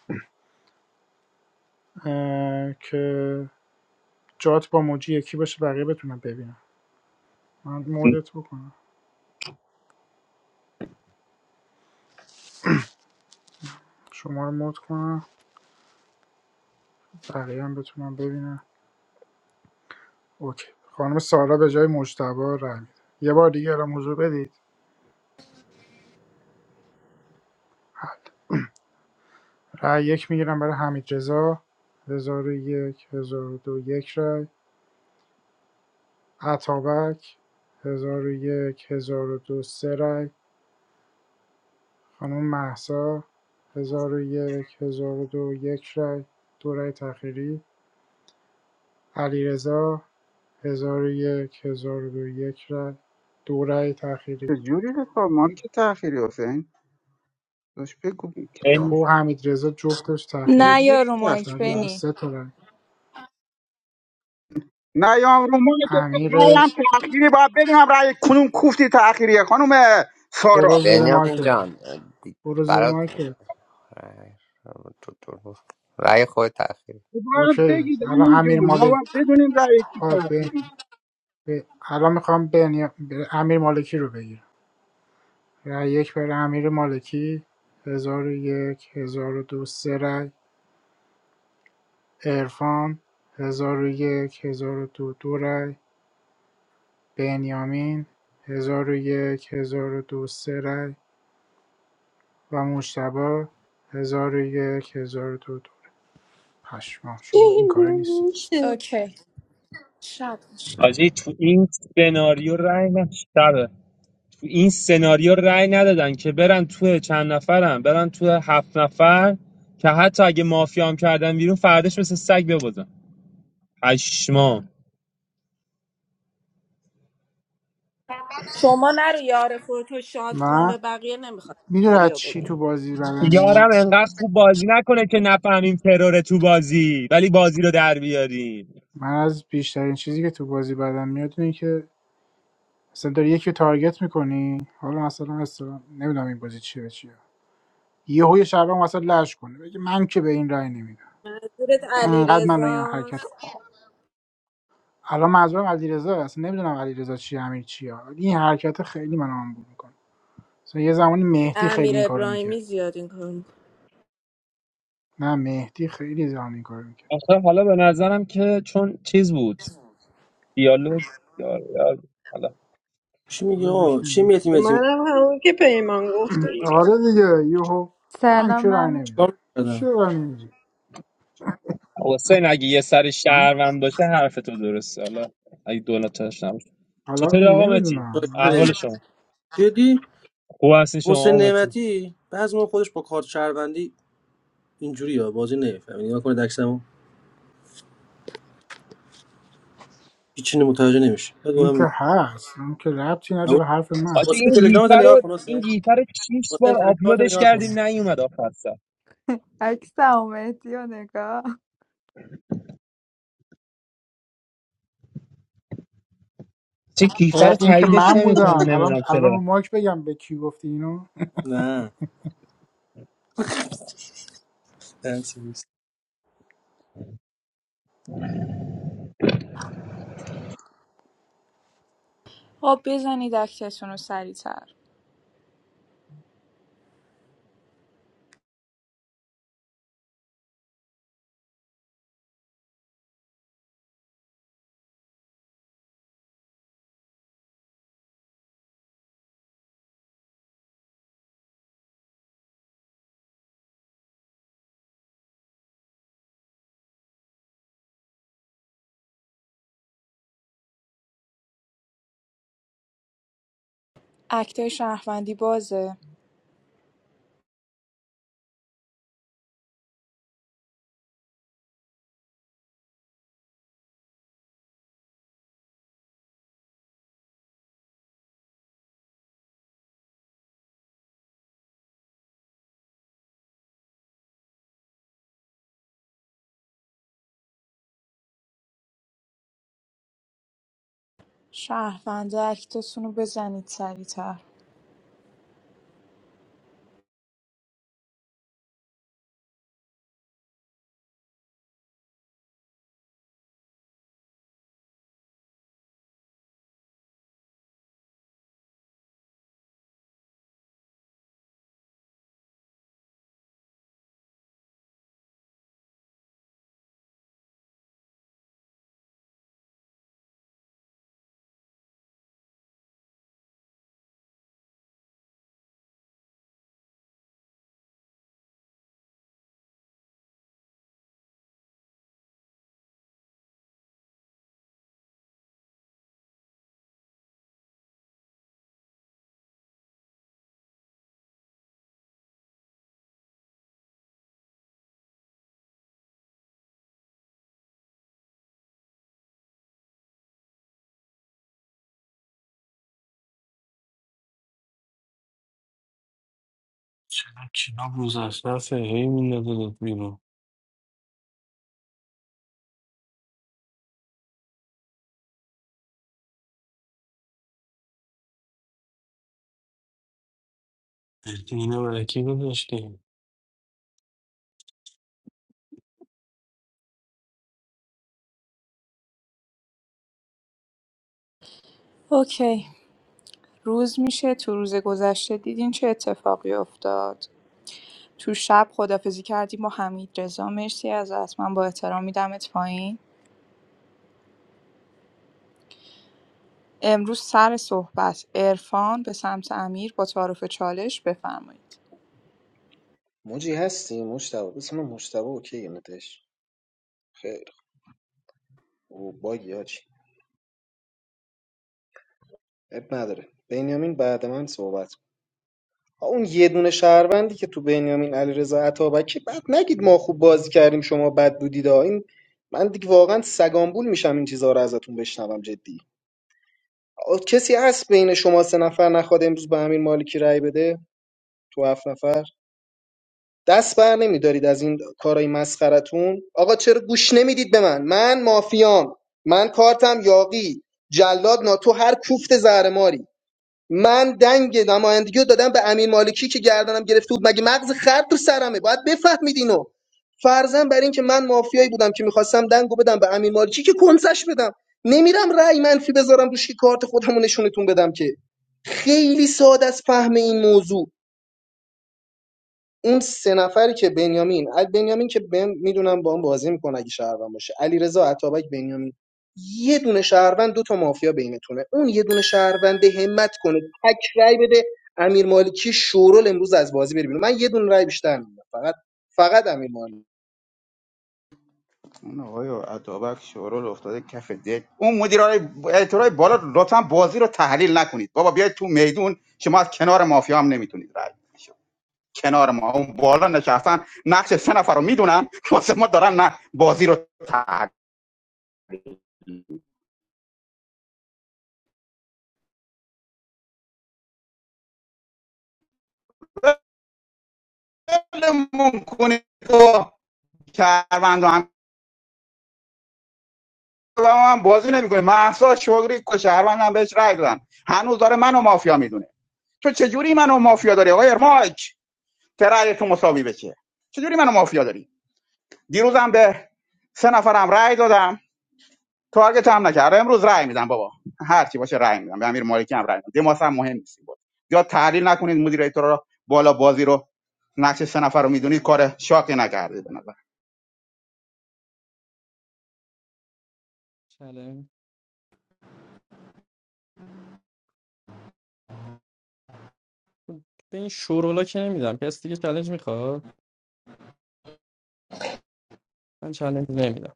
اه، که جات با موجی یکی باشه بقیه بتونم ببینم من مودت بکنم شما رو مود کنم بقیه هم بتونم ببینم اوکی خانم سارا به جای مجتبا رای میده یه بار دیگه الان حضور بدید رای یک میگیرم برای حمید رضا هزار و یک هزار و دو یک رای عطابک هزار و یک هزار و دو سه رای خانم مهسا ۱۰۰۱ ۱۰۰۲ یک هزار و دو یک رای دو رای تأخیری علیرضا ۱۰۰۱ ۱۰۰۲ یک هزار و دو یک رای دو رای تأخیری چجوری به ما که تأخیری حسین داشت بگو که این تأخیر تو حمید رضا جفتش تأخیری نه بود یا چجوری رو تأخیر مایک ولی حالا شد؟ بنی سه تا رای نه یا رومان ما که امیر رای هم تأخیری باید بدونم رای کنون کوفتی تأخیریه خانم سارا برو زیر بنیامین مایکت جان دی- برو زیر برات مایکت رای تو تو- رای خود تأخیر باید اوکی بگید الان همین امیر جون ما باید مالک بدونیم رای کی آه، به- تأخیری به- الان میخوام بنیا... به امیر مالکی رو بگیرم رای یک برای امیر مالکی ۱۰۰۱ ۱۰۰۲ سه رای عرفان ۱۰۰۱ ۱۰۰۲ دو دو رأی، بنیامین ۱۰۰۱ ۱۰۰۲ سه رأی و مجتبی ۱۰۰۱ ۱۰۰۲ پشمام شما این این کاره نمیشه نیستید اوکی شب باش. حاجی تو این سناریو رای نشتبه تو این سناریو رای ندادن که برن تو چند نفرم برن تو هفت نفر که حتی اگه مافیا هم کردن بیرون فردش مثل سگ ببازن پشمام شما نرو یار خودتو شاد کن من به بقیه نمیخواد میدونی از سناریو چی بدی تو بازی بدم یارم میاد انقدر خوب بازی نکنه که نفهمیم ترور تو بازی ولی بازی رو در بیاریم من از بیشترین چیزی که تو بازی بدم میاد اینه که مثلا داری یکی رو تارگت میکنی حالا مثلا مثلا نمیدونم این بازی چیه به چیه یهو یه هوی شبه مثلا لش کنه بگه من که به این رای نمیدم حضورت علی انقدر منو این حرکت رزاست الان منظورم علیرضا اصلا نمیدونم علیرضا چی امیر چیه این حرکت خیلی من آمبول میکنه مثلا یه زمانی مهدی امیر خیلی این کارو ابراهیمی میکرد زیاد این کار میکنه نه مهدی خیلی زمان این کارو میکرد آخه حالا به نظرم که چون چیز بود دیالوگ یار یار حالا Shimmy آره oh, ولشون کن. shimmy etim etim. منم همون که پیمان گفته دیگه آره دیگه یهو من سلام که رای من نمیدم What happened? چرا رای نمیدی حسین اگه یه سر ها؟ شهروند باشه حرف تو درسته حالا اگه دو نتاش نباشه حالا چطوری آقا متی نمیدونم Sorry. احوال شما Jadi, خوب هستین شما osen آقا متی nemati. Baze mo kodes pakard chervandi. Injuri ya bozde ne. Family, mo kore dakhsham o. Kichne mutajaj ne moosh. این که Aguhami. هست اون که ربطی نداره به حرف من حاجی Osen این telegram ta گیفه niya رو khonashe. این گیفه رو 6 Osen بار telegram ta آپلودش niya khon. کردیم نیومد آخر سر عکس مهدی و نگاه چه گیفه رو اه، این که تاییدش من بودم نمیکنه الان نمیدونم الان چرا رو ماک بگم به کی گفتی اینو Nah. Osen. خب بزنید اکتتون رو سریعتر اکتای شهروندی بازه شهروند اکتتون رو بزنید سریعتر چرا کلاب روز از دست هی میندازه بیرون مهدی، اینو برای کی گذاشتی اوکی روز میشه تو روز گذشته دیدین چه اتفاقی افتاد تو شب خدافزی کردیم با حمید رضا مرسی از من با احترام میدمت پایین امروز سر صحبت عرفان به سمت امیر با تعارف چالش بفرمایید اوکی نتش خیر او باگی هاچی اب نداره بنیامین بعد من صحبت اون یه دونه شهروندی که تو بنیامین علیرضا عطابکی بعد نگید ما خوب بازی کردیم شما بد بودید آ. این من دیگه واقعا سگانبول میشم این چیزها رو ازتون بشنوم جدی آ، کسی هست بین شما سه نفر نخواد امروز به امیر مالکی رأی بده تو هفت نفر دست بر نمیدارید از این کارای مسخرتون آقا چرا گوش نمیدید به من من مافیام من کارتم یاقی جلاد ناتو هر کوفت زهرماری من دنگ نمایندگی رو دادم به امین مالکی که گردنم گرفته بود مگه مغز خر تو سرمه باید بفهمید اینو فرضاً بر این که من مافیایی بودم که میخواستم دنگو بدم به امین مالکی که کنسش بدم نمیرم رأی منفی بذارم روش که کارت خودم رو نشونتون بدم که خیلی ساده از فهم این موضوع اون سه نفری که بنیامین ال- بنیامین که بهم میدونم با هم بازی میکنه اگه شهروند باشه علیرضا عطابک بنیامین یه دونه شهروند دو تا مافیا بینتونه اون یه دونه شهروند همت کنه تک رای بده امیر مالکی شورول امروز از بازی بری بیرون من یه دونه رای بیشتر میدم فقط فقط امیر مالکی اون آقای عطابک شورال افتاده کف دک اون مدیرای اعتراعی بالا لطفا بازی رو تحلیل نکنید بابا بیاید تو میدون شما از کنار مافیا هم نمیتونید رای بدید. کنار ما اون بالا نشستن نقش سه نفر رو میدونن واسه ما دارن نه بازی رو تحلیلمون کنید و شهروند هم و ما هم بازی نمیکنه محسا شغری که شهروند هم بهش رای دادن هنوز داره منو مافیا میدونه تو چجوری منو مافیا داری آقای ارماک ترای تو مساوی بشه چجوری منو مافیا داری دیروز هم به سه نفرم رای دادم تارگت هم نکرد آره، امروز رأی میدم بابا هر چی باشه رأی میدم به امیر مالکی هم رأی میدم دماس هم مهم نیست بود یا تحلیل نکنید مدیر ایتورا رو بالا بازی رو نقش سه نفر رو میدونید کار شاقی نکردید به نظر چله. به این شورولا که نمیدم کسی دیگه چالش میخواد من چالش نمیدم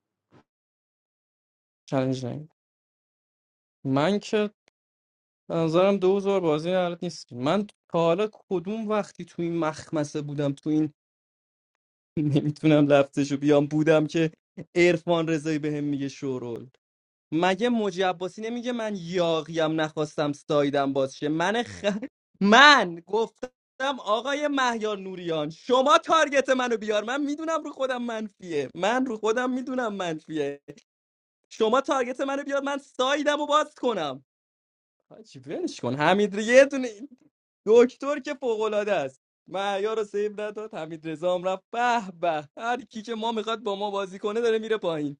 چالش نمیدم من که به نظرم دو زور بازی حالت نیست من تا حالا کدوم وقتی تو این مخمسه بودم تو این نمیتونم لفتشو بیام بودم که عرفان رضایی بهم میگه شورول مگه موجی عباسی نمیگه من یاقیم نخواستم سایدم باز شه من خ... من گفتم آقای مهیار نوریان شما تارگت منو بیار من میدونم رو خودم منفیه من رو خودم میدونم منفیه شما تارگت منو بیاد من سایدم رو باز کنم حاجی ولش کن حمید یه دونه دکتر که فوق العاده است معیار رو سیو نداد حمید رضا هم رفت به به هر کی که ما میخواد با ما بازی کنه داره میره پایین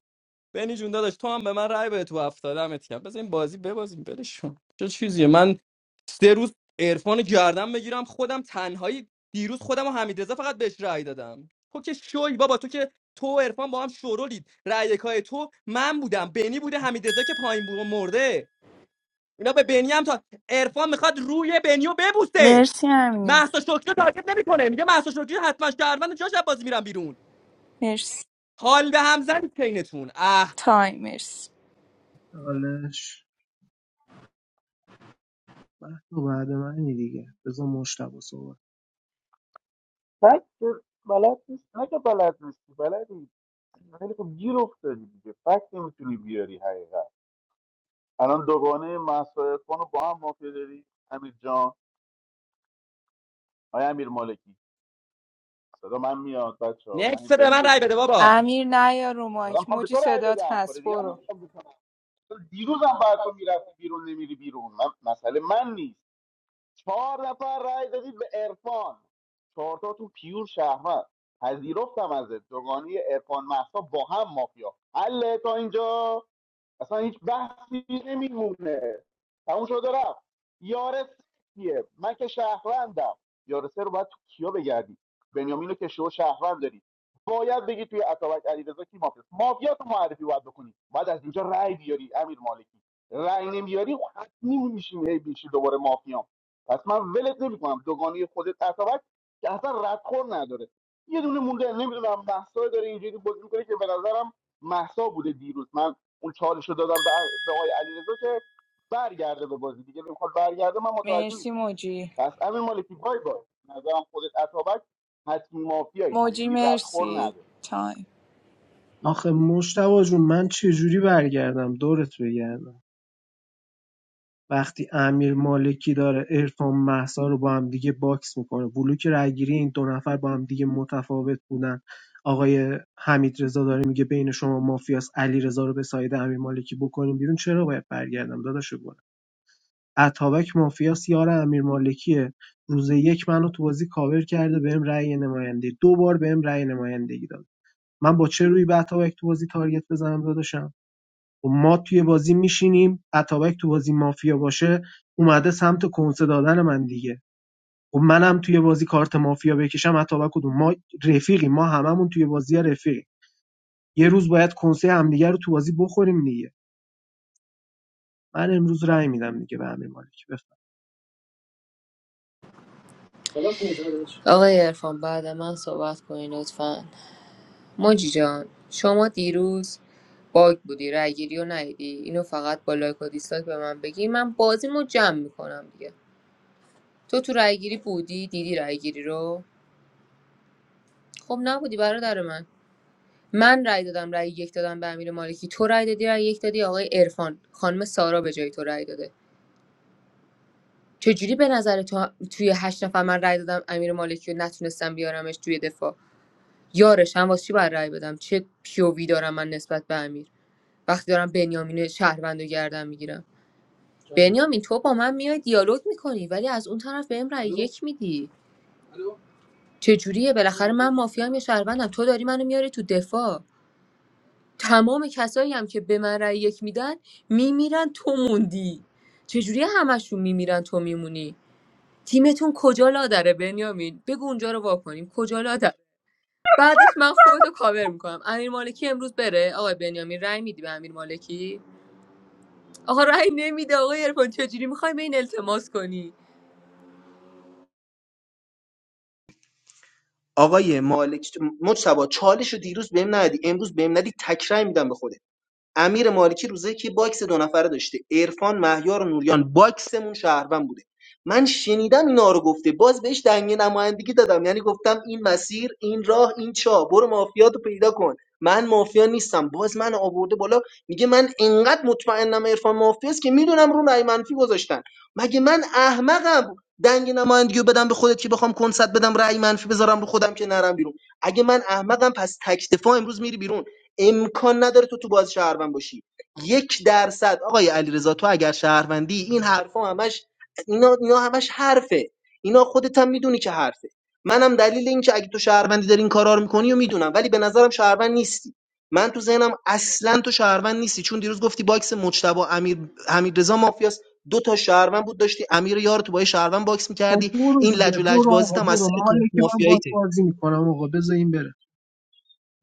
بنی جون داداش تو هم به من رأی بده تو هفتاد دمت کرد بذار این بازی ببازیم بلشون چه چیزیه من سه روز عرفان گردم بگیرم خودم تنهایی دیروز خودم و حمیدرضا فقط بهش رأی دادم تو که شوی بابا تو که تو و عرفان با هم شورولید رأی یکای تو من بودم بنی بوده حمیدرضا که پایین بود و مرده اینا به بنی هم تا عرفان میخواد روی بنیو ببوسه مرسی امیر مهسا شکری رو تارگت نمیکنه میگه مهسا شکری حتما شهروند جاش از بازی میرم بیرون مرسی حال به هم زن چینتون اه تایم مرسی حالش تو بعد منی دیگه بذار مشتبه صحبت بلد نیست نه که بلد نیستی بلدی ولی خب گیر افتادی دیگه فکت نمیتونی بیاری حقیقت الان دوگانه محسا رو با هم مافیا داری امیر جان آیا امیر مالکی صدا من میاد بچه ها من نکس این به بهم من رأی بگی بده بابا امیر نیا رو دارم مایک میخوام به موجی تو رأی صدات بدم کار هست دیگه هم برو نمیخوام بکنم دیروزم باید تو میرفتی بیرون نمیری بیرون من مسئله من نیست چهار نفر رأی دادید به عرفان چهار تاتون پیور شهرمند پذیرفتم از دوگانی عرفان محسا با هم مافیا حله تا اینجا اصلا هیچ بحثی نمیمونه تموم شد و رفت یار کیه من که شهروندم یار سه رو باید تو کیا بگردی بنیامینو که شو شهروند داری باید بگی توی اتابک علیرضا کی مافیاست مافیا تو معرفی باید بکنی باید از اینجا رأی بیاری امیر مالکی رأی نمیاری حتمی میشیم هی میشی دوباره مافیا پس من ولت نمیکنم دوگانه خودت اتابک که اصلا ردخور نداره یه دونه مونده نمیدونم محسا داره اینجوری بازی میکنه که به نظرم محسا بوده دیروز من اون چالش دادم به, به آقای علیرضا که برگرده به بازی دیگه بخواد برگرده من متوجه مرسی نیستم موجی پس امین مالکی بای بای به نظرم خودت اتابک حتمی مافیایی ها موجی یعنی ردخور مرسی نداره تایم آخه مشتبه جون من چه جوری برگردم دورت بگردم وقتی امیر مالکی داره عرفان مهسا رو با هم دیگه باکس میکنه بلوک رأیگیری این دو نفر با هم دیگه متفاوت بودن آقای حمیدرضا داره میگه بین شما مافیاس علیرضا رو به ساید امیر مالکی بکنیم بیرون چرا باید برگردم داداش گلم اتابک مافیاس یار امیر مالکیه. روز یک منو تو بازی کاور کرده بهم رأی نماینده دو بار بهم رأی نمایندگی داد من با چه روی به اتابک تو بازی تارگت بزنم داداشم و ما توی بازی میشینیم اتابک تو بازی مافیا باشه اومده سمت کنسه دادن من دیگه خب منم توی بازی کارت مافیا بکشم اتابک کدوم ما رفیقیم ما هممون توی بازی رفیقیم یه روز باید کنسه همدیگه رو تو بازی بخوریم دیگه من امروز رأی میدم دیگه به امیر مالک بفرم. آقای عرفان بعد من صحبت کنین لطفا موجی جان شما دیروز باگ بودی رای گیری رو ندیدی اینو فقط با لایک و دیسلایک به من بگی من بازیمو جمع میکنم دیگه تو تو رای گیری بودی دیدی رای گیری رو خب نبودی برادر من من رای دادم رای یک دادم به امیر مالکی تو رای دادی رای یک دادی آقای عرفان خانم سارا به جای تو رای داده چجوری به نظر تو توی هشت نفر من رای دادم امیر مالکی رو نتونستم بیارمش توی دفاع یارش هم واسه چی باید رای بدم چه پیووی دارم من نسبت به امیر وقتی دارم بنیامین شهروند رو گردن میگیرم بنیامین تو با من میای دیالوگ میکنی ولی از اون طرف بهم رای یک میدی چجوریه بالاخره من مافیام یا شهروندم تو داری منو میاری تو دفاع تمام کسایی هم که به من رأی یک میدن میمیرن تو موندی چجوری همشون میمیرن تو میمونی تیمتون کجا لادره بنیامین بگو اونجا رو واکنیم کجا لادر بعدش من خودتو کاور میکنم امیر مالکی امروز بره آقای بنیامین رای میدی به امیر مالکی آقا رأی نمیده آقای عرفان چجوری میخوایم این التماس کنی آقای مالکی مجتبی چالش رو دیروز بهم ندی امروز بهم ندی تک رای میدم به خودت امیر مالکی روزه که باکس دو نفره داشته عرفان مهیار نوریان باکسمون شهروند بوده من شنیدم اینا رو گفته باز بهش دنگ نمایندگی دادم یعنی گفتم این مسیر این راه این چا برو مافیاتو پیدا کن من مافیا نیستم باز من آورده بالا میگه من انقدر مطمئنم عرفان مافیاست که میدونم رو رای منفی گذاشتن مگه من احمقم دنگ نمایندگیو بدم به خودت که بخوام کنسرت بدم رای منفی بذارم رو خودم که نرم بیرون اگه من احمقم پس تک دفاع امروز میری بیرون امکان نداره تو تو باز شهروند باشی یک درصد آقای علیرضا تو اگر شهروندی این حرفا همش اینا اینا همش حرفه اینا خودت هم میدونی که حرفه منم دلیل این که اگه تو شهروندی داری این کارا رو میکنی و میدونم ولی به نظرم شهروند نیستی من تو ذهنم اصلا تو شهروند نیستی چون دیروز گفتی باکس مجتبی امیر حمیدرضا مافیاس دو تا شهروند بود داشتی امیر یار تو با یه شهروند باکس خب میکردی برو این دیگه لج و لج برو بازیت آقا هم از برو سر کارت مالک من باز مافیایی بازی میکنم آقا بذار این بره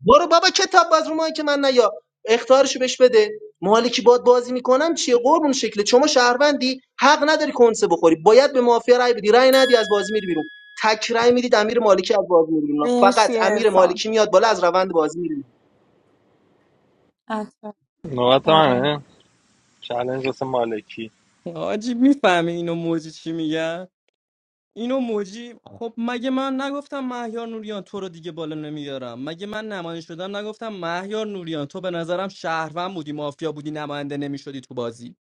برو بابا کتاب باز رو ماهی که من نیا اختارشو بهش بده مالی که باد بازی میکنم چیه قربون شکل، شما شهروندی حق نداری کنسه بخوری باید به مافیا رای بدی رای ندی از بازی میری بیرون تک رای میدید امیر مالکی از بازی میری بیرون فقط مرسی امیر ارفان مالکی میاد بالا از روند بازی میری بیرون عطا نوبت آره منه چالش واسه مالکی حاجی میفهمی اینو موجی چی میگن اینو موجی خب مگه من نگفتم مهیار نوریان تو رو دیگه بالا نمیارم مگه من نماینده شدم نگفتم مهیار نوریان تو به نظرم شهروند بودی مافیا بودی نماینده نمیشدی تو بازی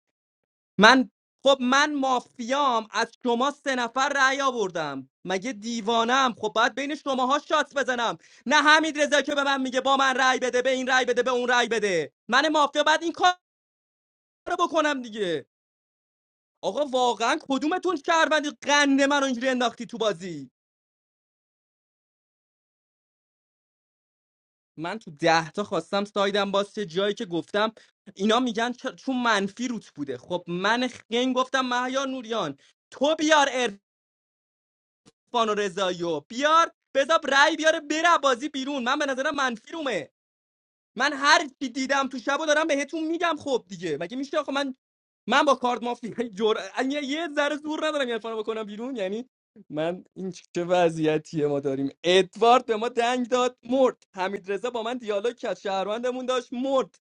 من خب من مافیام از شما سه نفر رأی آوردم مگه دیوانم خب باید بین شماها شات بزنم نه حمید رضا که به من میگه با من رأی بده به این رأی بده به اون رأی بده من مافیا بعد این کار رو بکنم دیگه آقا واقعا کدومتون شهروندی قنده من رو اینجوری انداختی تو بازی من تو ده تا خواستم سایدم باز چه جایی که گفتم اینا میگن چ- چون منفی روت بوده خب من خنگ گفتم مهیا نوریان تو بیار عرفان و رضایی و بیار بذار رأی بیاره بره بازی بیرون من به نظرم منفی رومه من هر چی دیدم تو شبو دارم بهتون میگم خب دیگه مگه میشه آخه من من با کارت مافیا جور. یه یه ذره زور ندارم یعنی فانا بکنم بیرون یعنی من این چه وضعیتیه ما داریم ادوارد به ما دنگ داد مرد حمید رضا با من دیالوگ کرد شهروندمون داشت مرد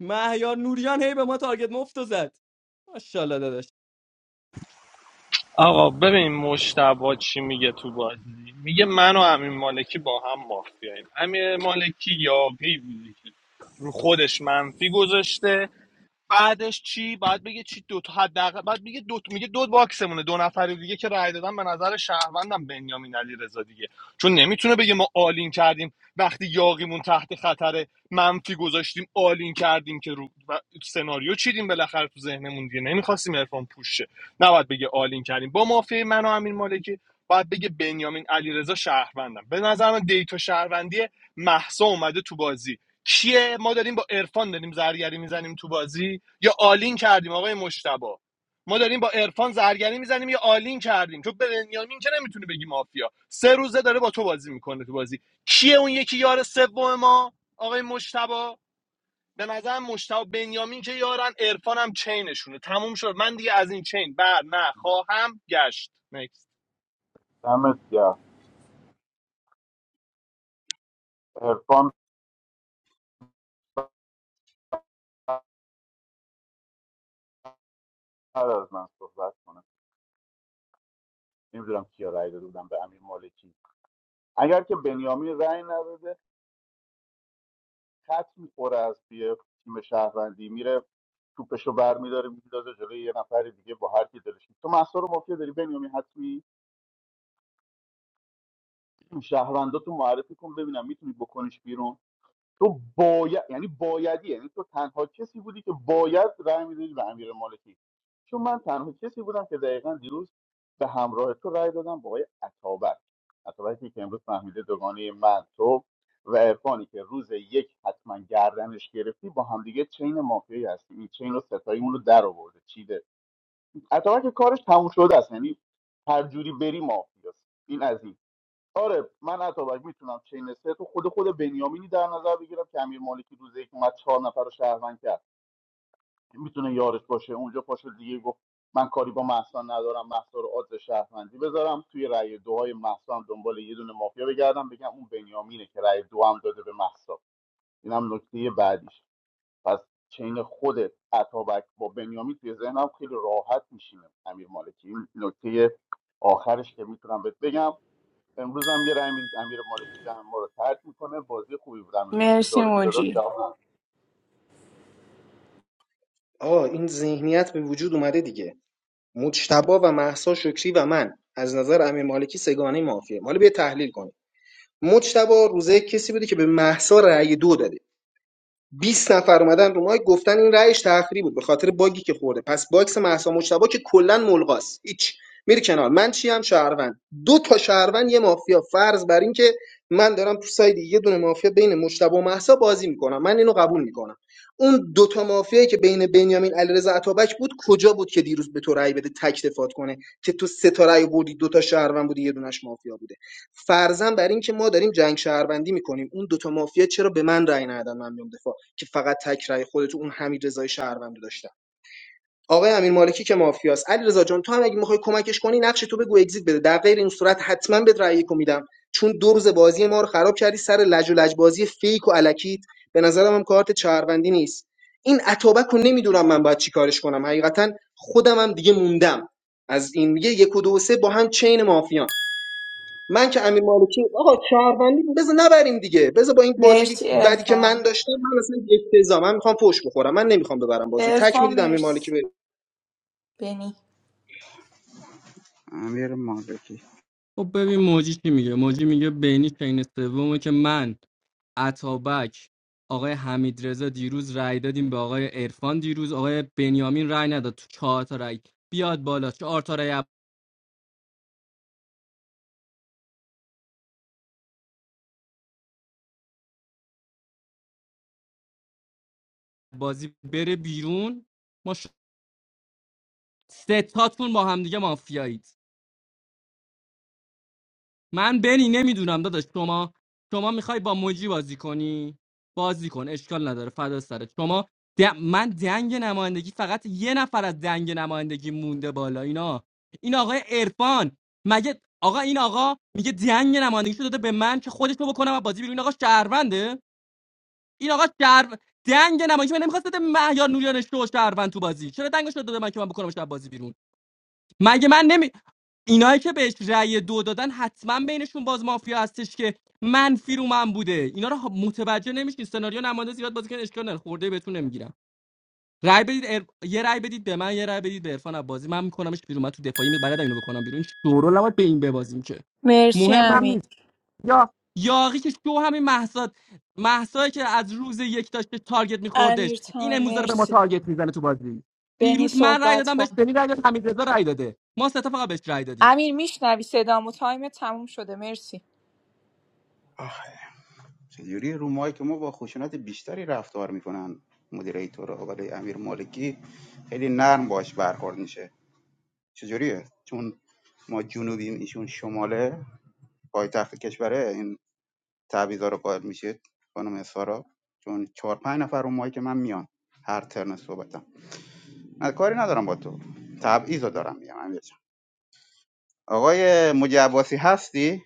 مهیار نوریان هی به ما تارگت مفت و زد ماشاءالله داداش. آقا ببین مشتبا چی میگه تو بازی میگه من و امین مالکی با هم مافیاییم امین مالکی یاقی بوده که رو خودش منفی گذاشته بعدش چی بعد بگه چی دو تا حداقل بعد میگه دو میگه دو باکسمونه دو نفر دیگه که رای دادن به نظر شهروندم بنیامین علیرضا دیگه چون نمیتونه بگه ما آلین کردیم وقتی یاقیمون تحت خطر منفی گذاشتیم آلین کردیم که رو و سناریو چیدیم بالاخره تو ذهنمون دیگه نمیخواستیم عرفان پوش شه نباید بگه آلین کردیم با مافیای من و امین مالکی باید بگه بنیامین علیرضا شهروندم به نظر من دیتا شهروندی محسا اومده تو بازی کیه ما داریم با عرفان داریم زرگری میزنیم تو بازی یا آلین کردیم آقای مشتبا ما داریم با عرفان زرگری میزنیم یا آلین کردیم چون به بنیامین که نمیتونه بگی مافیا سه روزه داره با تو بازی میکنه تو بازی کیه اون یکی یار سوم ما آقای مشتبا به نظرم مشتبا بنیامین که یارن عرفان هم چینشونه تموم شد من دیگه از این چین بر نخواهم گشت Next. دمت گرم عرفان بعد از من صحبت کنه نمیدونم کیا رأی داده بودم به امیر مالکی اگر که بنیامین رای نداده خط میخوره از توی تیم شهروندی میره توپشو برمیداره میندازه جلوی یه نفر دیگه با هر کی دلش تو محصا رو مافیا داری بنیامین حتمی شهروندا تو معرفی کن ببینم میتونی بکنیش بیرون تو باید یعنی بایدی یعنی تو تنها کسی بودی که باید رأی میدادی به امیر مالکی چون من تنها کسی بودم که دقیقا دیروز به همراه تو رأی دادم به آقای عطابک عطابکی که امروز فهمیده دوگانه من تو و عرفانی که روز یک حتما گردنش گرفتی با همدیگه چین مافیایی هستی این چین رو ستاییمون رو در آورده چیده عطابک کارش تموم شده است یعنی هر جوری بری مافیاست این از این آره من اتابک میتونم چین سه تو خود خود بنیامینی در نظر بگیرم که امیر مالکی روز یک اومد چهار نفر رو شهروند کرد که میتونه یارش باشه اونجا پاشو دیگه گفت من کاری با محسا ندارم محسا رو عادل شهروندی بذارم توی رأی دوهای محسا هم دنبال یه دونه مافیا بگردم بگم اون بنیامینه که رأی دو هم داده به محسا اینم نکته بعدیش پس چین خود اتابک با بنیامین توی ذهنم خیلی راحت میشینه امیر مالکی این نکته آخرش که میتونم بهت بگم امروز هم یه رای میدید امیر مالکی جمع ما رو ترد میکنه بازی خوبی بود امیر مالکی مرسی داد و بیدادات موجی جواب آه این ذهنیت به وجود اومده دیگه مجتبا و محسا شکری و من از نظر امیر مالکی سگانه مافیا حالا بیا تحلیل کنیم مجتبا روزه کسی بوده که به محسا رأی دو داده 20 نفر اومدن رو مایک گفتن این رأیش تخریب بود به خاطر باگی که خورده پس باکس مهسا مجتبی که کلا ملغاست هیچ میری کنار من چی هم شهروند دو تا شهروند یه مافیا فرض بر این که من دارم تو ساید یه دونه مافیا بین مجتبی و مهسا بازی میکنم من اینو قبول میکنم اون دو تا مافیایی که بین بنیامین علیرضا عطابک بود کجا بود که دیروز به تو رأی بده تک دفات کنه که تو سه تا رأی بردی دو تا شهروند بودی یه دونش مافیا بوده فرضاً بر این که ما داریم جنگ شهروندی میکنیم اون دو تا مافیا چرا به من رأی ندادن من میام دفاع که فقط تک رأی خودت و اون حمیدرضای شهروند رو داشتم آقای امیر مالکی که مافیاست علیرضا جان تو هم اگه میخوای کمکش کنی نقش تو بگو اگزییت بده در غیر این صورت حتما بهت رأی یکو میدم چون دو روز بازی ما رو خراب کردی سر لج و لج بازی فیک و الکیت به نظرم هم کارت شهروندی نیست این اتابک رو نمیدونم من باید چیکارش کنم حقیقتا خودم هم دیگه موندم از این میگه یک و دو و سه با هم چین مافیان من که امیر مالکی آقا شهروندی بذار نبریم دیگه بذار با این بازی مرسی بدی که من ارفان داشتم من اصلا افتضاح من میخوام فوش بخورم من نمیخوام ببرم بازیو رو. تک ارفان میدید امیر مرسی مالکی بره بنی امیر مالکی خب ببین موجی چی میگه موجی میگه بینی چین سومه که من عطابک آقای حمید رضا دیروز رأی دادیم به آقای عرفان دیروز آقای بنیامین رأی نداد تو چهار تا رأی بیاد بالا چهار تا رأی بازی بره بیرون ما ش... سه تاتون با هم دیگه مافیایید من بنی نمیدونم داداش شما شما میخوای با موجی بازی کنی بازی کن اشکال نداره فدا سرت شما د- من دنگ نمایندگی فقط یه نفر از دنگ نمایندگی مونده بالا اینا این آقای عرفان مگه آقا این آقا میگه دنگ نمایندگی داده به من که خودش رو بکنم و بازی بیرون این آقا شهرونده این آقا شهر دنگ نمایندگی من نمیخواست بده مهیار نوریان شو شهروند تو بازی چرا دنگش رو داده من که من بکنم شب بازی بیرون مگه من نمی اینایی که بهش رأی دو دادن حتما بینشون باز مافیا هستش که منفی رو من بوده اینا رو متوجه نمیشین سناریو نماینده زیاد بازی کردن اشکال نداره خورده بهتون نمیگیرم رأی بدید ار... یه رأی بدید به من یه رأی بدید به عرفان عبازی من میکنمش بیرون من تو دفاعی می بلدم اینو بکنم بیرون این شورو نباید به این ببازیم که مرسی مهمم نیست. امیر یا یاقی که شو همین محسا محسایی که از روز یک داشت به تارگت میخوردش امیر این تایم امروز داره به ما مرسی تارگت میزنه تو بازی بنی دیروز من رای صحبت دادم بهش کن بنی رای داد حمید رای داده ما سه تا فقط بهش رای دادیم امیر میشنوی صدامو تایم تموم شده مرسی چجوری رو ماهی که ما با خشونت بیشتری رفتار میکنن مدیر رو ولی امیر مالکی خیلی نرم باش برخورد میشه چجوریه چون ما جنوبیم ایشون شماله پایتخت کشوره تعویضا رو قائل میشید خانم سارا چون چهار پنج نفر اون مایی که من میان هر ترن صحبتم نه کاری ندارم با تو تبعیض رو دارم میگم امیر جان آقای مجی عباسی هستی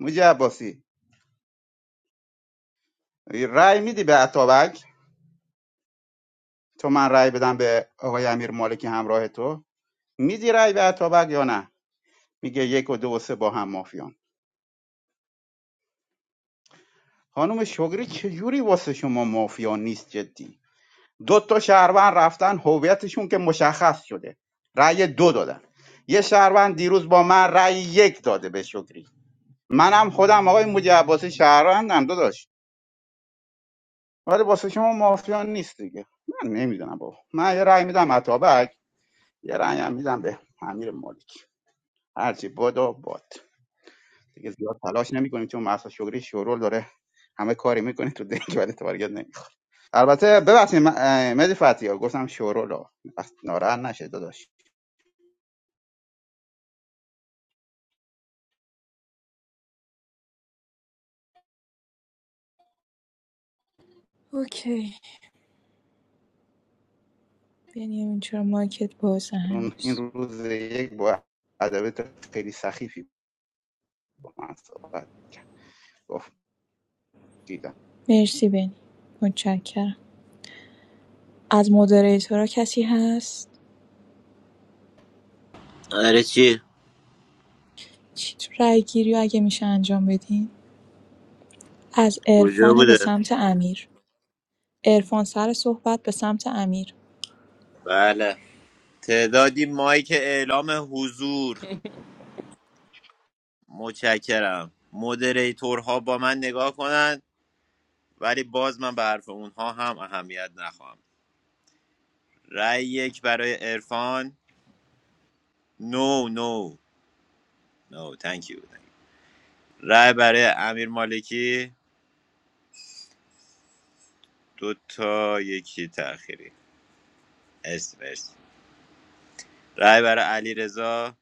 مجی عباسی رأی میدی به عطابک تو من رأی بدم به آقای امیر مالکی همراه تو میدی رأی به عطابک یا نه میگه یک و دو و سه با هم مافیان خانم شگری چجوری واسه شما مافیا نیست جدی دو تا شهروند رفتن هویتشون که مشخص شده رأی دو دادن یه شهروند دیروز با من رأی یک داده به شکری منم خودم آقای مجی عباسی شهروندم دو ولی واسه شما مافیان نیست دیگه من نمیدونم بابا من یه رأی میدم عطابک یه رأی هم میدم به امیر مالک هرچی باد و باد دیگه زیاد تلاش نمیکنیم چون مهسا شکری شورول داره همه کاری میکنه تو دنگ ولی تارگت نمیخوره البته ببخشید مدی فتیا گفتم شورول ها، ناراحت نشه داداش اوکی بنیامین چرا مایکت بازه چون این هنوز روز یک با ادبیات خیلی سخیفی با من صحبت کرد گفت دیدم مرسی بنی متشکرم از مدریتورا کسی هست آره چی چی تو رای گیری اگه میشه انجام بدین از کجا عرفان به بوده سمت امیر عرفان سر صحبت به سمت امیر بله تعدادی مایک اعلام حضور متشکرم مودریتورها با من نگاه کنند ولی باز من به حرف اونها هم اهمیت نخواهم رأی یک برای عرفان نو نو نو تانکیو رای برای امیر مالکی دو تا یکی تأخیری اسم مرسی رای برای علی رضا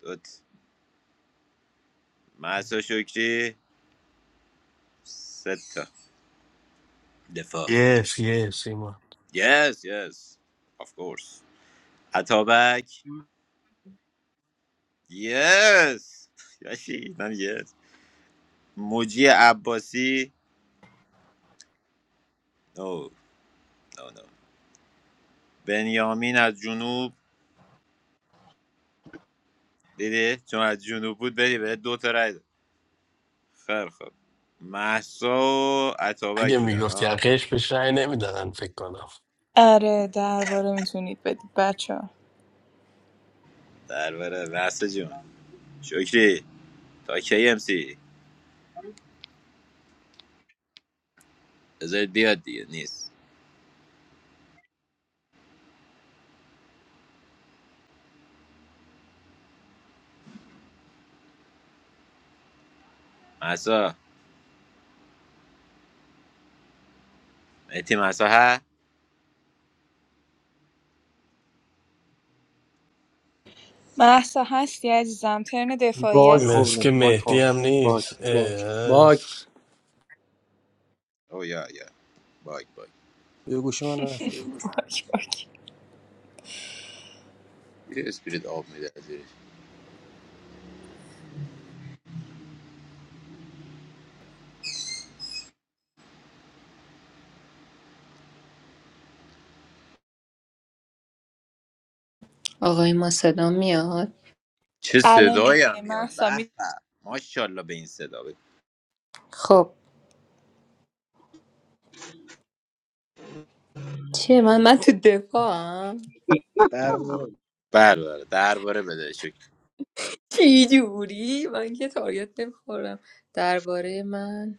دو تا محسا شکری سه تا دفاع yes یس ایمان yes. یس of course عطابک Yes. یاشی من yes. موجی عباسی No no no. بنیامین از جنوب دیدی چون از جنوب بود بری به دو تا رای داد. خیر خوب محسا و اگه عطابک بودن میگفتی ها حقش بهش رأی نمیدادن فکر کنم آره درباره میتونید بدید بچه ها درباره واسه جون شکری تا کی ام سی بذارید بیاد دیگه نیست مسا مهدی مسا ها محسا هستی عزیزم ترن دفاعی Bagh مثل khobre. که Bagh مهدی khob. هم Bagh. نیست Bagh. اه. Bagh. او یا یا باگ باگ Yo guşman afda. باک باک. یه اسپریت آب میده از زیرش. آقای ما صدا میاد چه الان صدایی هم اوکی میاد محسا به می به. ماشاءالله به این صدا بده خب چیه من من تو دفاعم در مورد- بله بله. درباره بده شکری چی جوری من که تاریت نمیخورم درباره من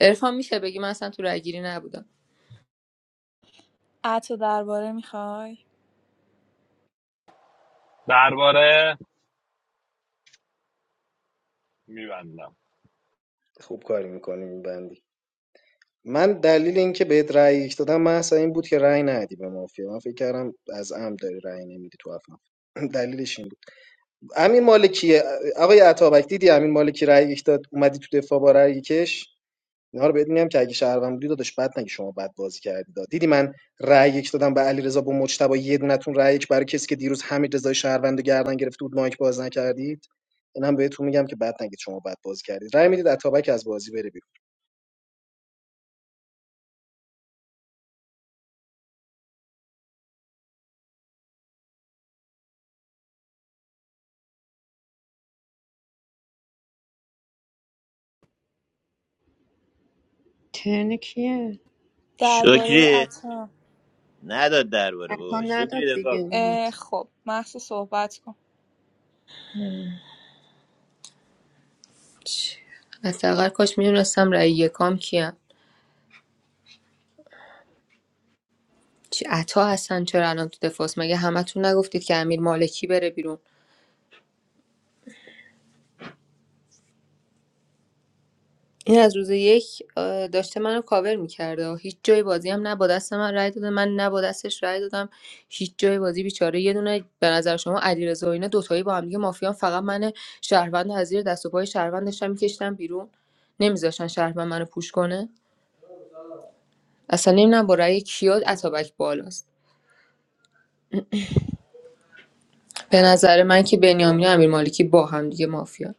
عرفان میشه بگی من اصلا تو رای گیری نبودم عطا درباره میخوای درباره میبندم خوب کاری میکنیم این بندی من دلیل اینکه بهت رأی یک دادم من اصلا این بود که رأی ندی به مافیا من فکر کردم از عمد داری رأی نمیدی تو افغان دلیلش این بود امیر مالکی آقای عطابک دیدی امیر مالکی رأی یک داد اومدی تو دفاع با رأی کش اینا رو بهت میگم که اگه شهروند بودی داداش بد نگی شما بد بازی کردی داد دیدی من رأی یک دادم به علیرضا با مجتبی یه دونتون رأی یک برای کسی که دیروز همین رضای شهروند رو گردن گرفته بود مایک باز نکردید اینم بهتون میگم که بد نگید شما بد بازی کردید رأی میدید اتابک از بازی بره بیرون ترن کیه درباره شکری عطا نداد درباره بابا امکان نداد شکری دفاع کن. دیگه اه، رات خب محسا صحبت کن حداقل کاش میدونستم رای یکام کیم چی عطا هستن چرا الان تو دفاعست مگه همتون نگفتید که امیر مالکی بره بیرون این از روز یک آه، داشته منو کاور میکرده هیچ جای بازی هم نه با دست من رای داده من نه با دستش رای دادم هیچ جای بازی بیچاره یه دونه به نظر شما علیرضا و اینا دوتایی با هم دیگه مافیان فقط من شهروند از زیر دست و پای شهروند داشتم میکشتم بیرون نمیذاشتن شهروند منو پوش کنه اصلا نمیدونم با رأی کیا اتابک بالاست به نظر من که بنیامین و امیر مالکی با هم دیگه مافیا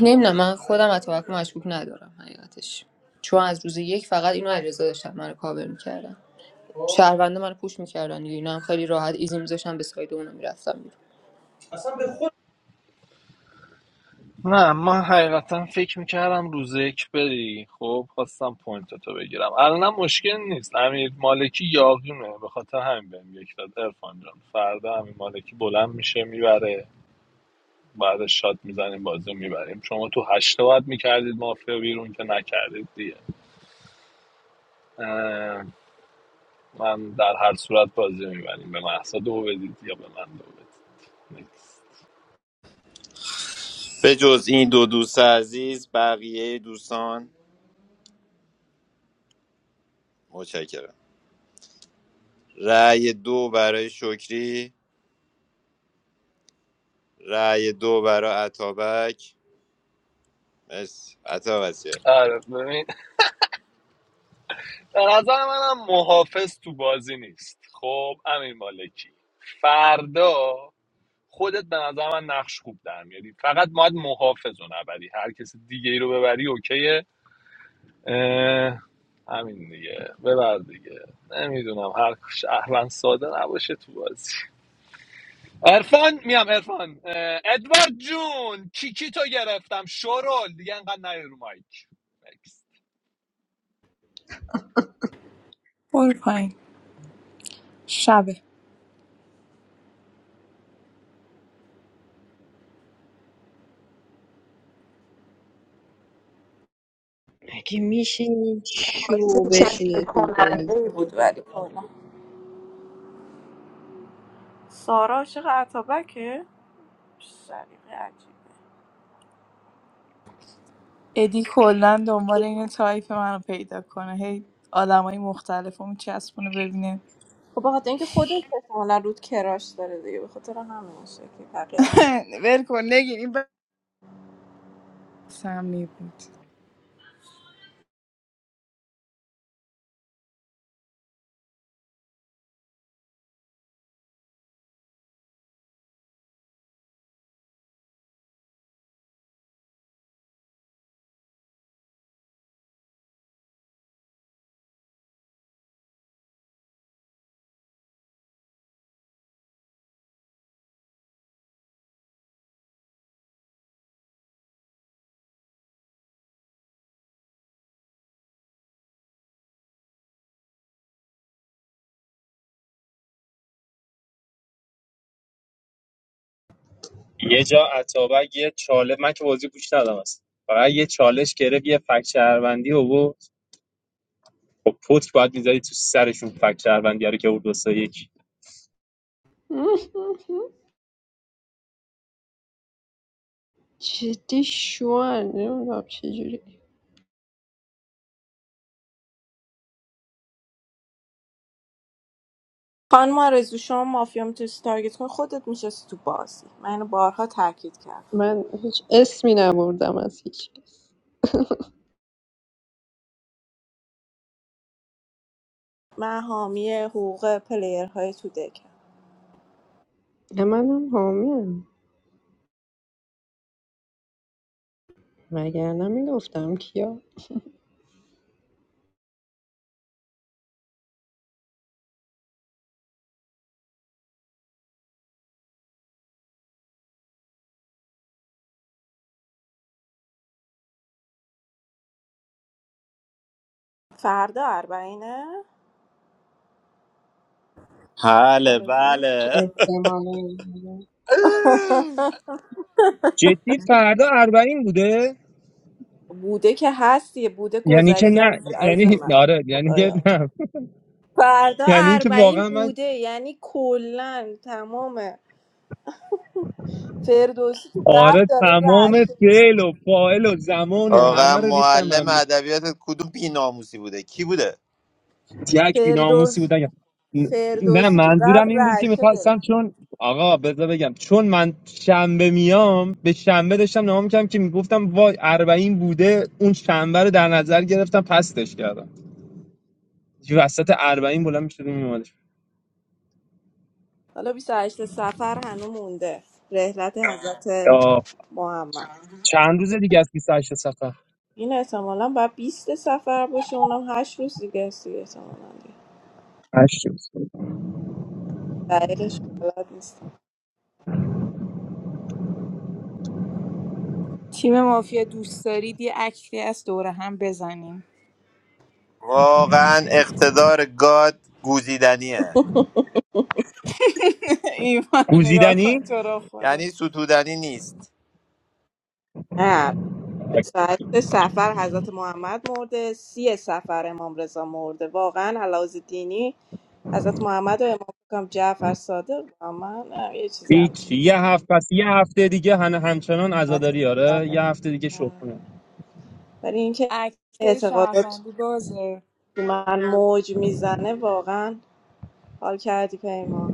نمیدونم من خودم اتابک رو مشکوک ندارم حقیقتش چون از روز یک فقط اینو علیرضا داشتم منو کاور میکردم شهروندا منو پوش می‌کردن دیگه اینا هم خیلی راحت ایزی می‌ذاشتن به ساید اونا می‌رفتم بیرون نه من حقیقتا فکر میکردم روز یک بری خب خواستم پوینتتو بگیرم الانم مشکل نیست امیر مالکی یاقیمه به خاطر همین بهم یک داد ارفان جان فردا امیر مالکی بلند میشه میبره بعد شات میزنیم بازی رو میبریم شما تو هشته باید میکردید مافیا بیرون که نکردید دیگه اه، من در هر صورت بازی رو میبریم به محصا دو بدید یا به من دو بدید Next. به جز این دو دوست عزیز بقیه دوستان متشکرم رأی دو برای شکری رأی دو برای عطابک مرسی عطا وسیق آره ببین به نظر منم محافظ تو بازی نیست خب امیر مالکی فردا خودت به نظر من نقش خوب در میاری فقط باید محافظ رو نبری هر کسی دیگه ای رو ببری اوکیه اه، همین دیگه ببر دیگه نمیدونم هر شهروند ساده نباشه تو بازی ارفان میام ارفان ادوارد جون کیکی تو گرفتم شورول دیگه انقدر نیار رو مایک Next. برو پایین شبه مگه میشینی شو بشینه تو بازی بود ولی کلا. سارا عاشق عطابکه سلیقه عجیبه ادی کلا دنبال این تایپ منو پیدا کنه هی آدمای مختلف رو میچسبونه ببینه خب بخاطر اینکه خودش احتمالا رود کراش داره دیگه به خاطر همین شکلی بقیه رو ول کن نگین این بس سمی بود یه جا اتابک یه چاله من که بازی گوش ندادم اصلا فقط یه چالش گرفت یه فک شهروندی آورد خب پتک باید میذاری تو سرشون فک شهروندی رو که اون دو سه یک جدی شو نمیدونم چجوری خانم آرزو شما مافیا میتونی تارگت کنی خودت میشستی تو بازی من اینو بارها تاکید کردم من هیچ اسمی نبردم از هیچ کس من حامی حقوق پلیرهای تو دکم نه، منم حامیم مگر نمیگفتم کیا فردا اربعینه بله آرزو بله احتمالاً. جدی فردا اربعین بوده بوده که هستی بوده یعنی که گذشته نه از از یعنی من آره یعنی که خدایا نه فردا یعنی که اربعین واقعا من بوده یعنی کلا تمام فردوسی تو قبل آره داره تمام رعشه گرفت. فعل و فاعل و زمان و آه. واقعا همه رو معلم ریختم ادبیات کدوم بیناموسی بوده کی بوده یک بیناموسی فردوس بودن که- نه فردوسی تو منظورم قبل این بود که رعشه گرفت میخواستم چون آقا بذار بگم چون من شنبه میام به شنبه داشتم نگاه میکردم که میگفتم وای اربعین بوده اون شنبه رو در نظر گرفتم پستش کردم یه وسط اربعین بلند میشد میومدش حالا 28 سفر هنو مونده رحلت حضرت محمد چند روز دیگه از 28 سفر این احتمالا باید 20 سفر باشه اونم 8 روز دیگه است دیگه احتمالا دیگه هشت روز دقیقش بلد نیستم تیم مافیا دوست دارید یه اکتی از دوره هم بزنیم واقعا اقتدار گاد گوزیدنیه ایمان رو نگاه کن گوزیدنی تو رو خدا یعنی ستودنی نیست نه 28 سفر حضرت محمد مرده سی سفر امام رضا مرده واقعا علاوه دینی حضرت محمد و امام کم جعفر صادق و من نه، یه چیزی هیچ همچین یه هفته پس یه هفته دیگه هن همچنان عزاداری آره یه هفته دیگه شو نه. کنه، ولی اینکه اکت اعتقادات شهروندی بازه تو من موج میزنه واقعا حال کردی پیمان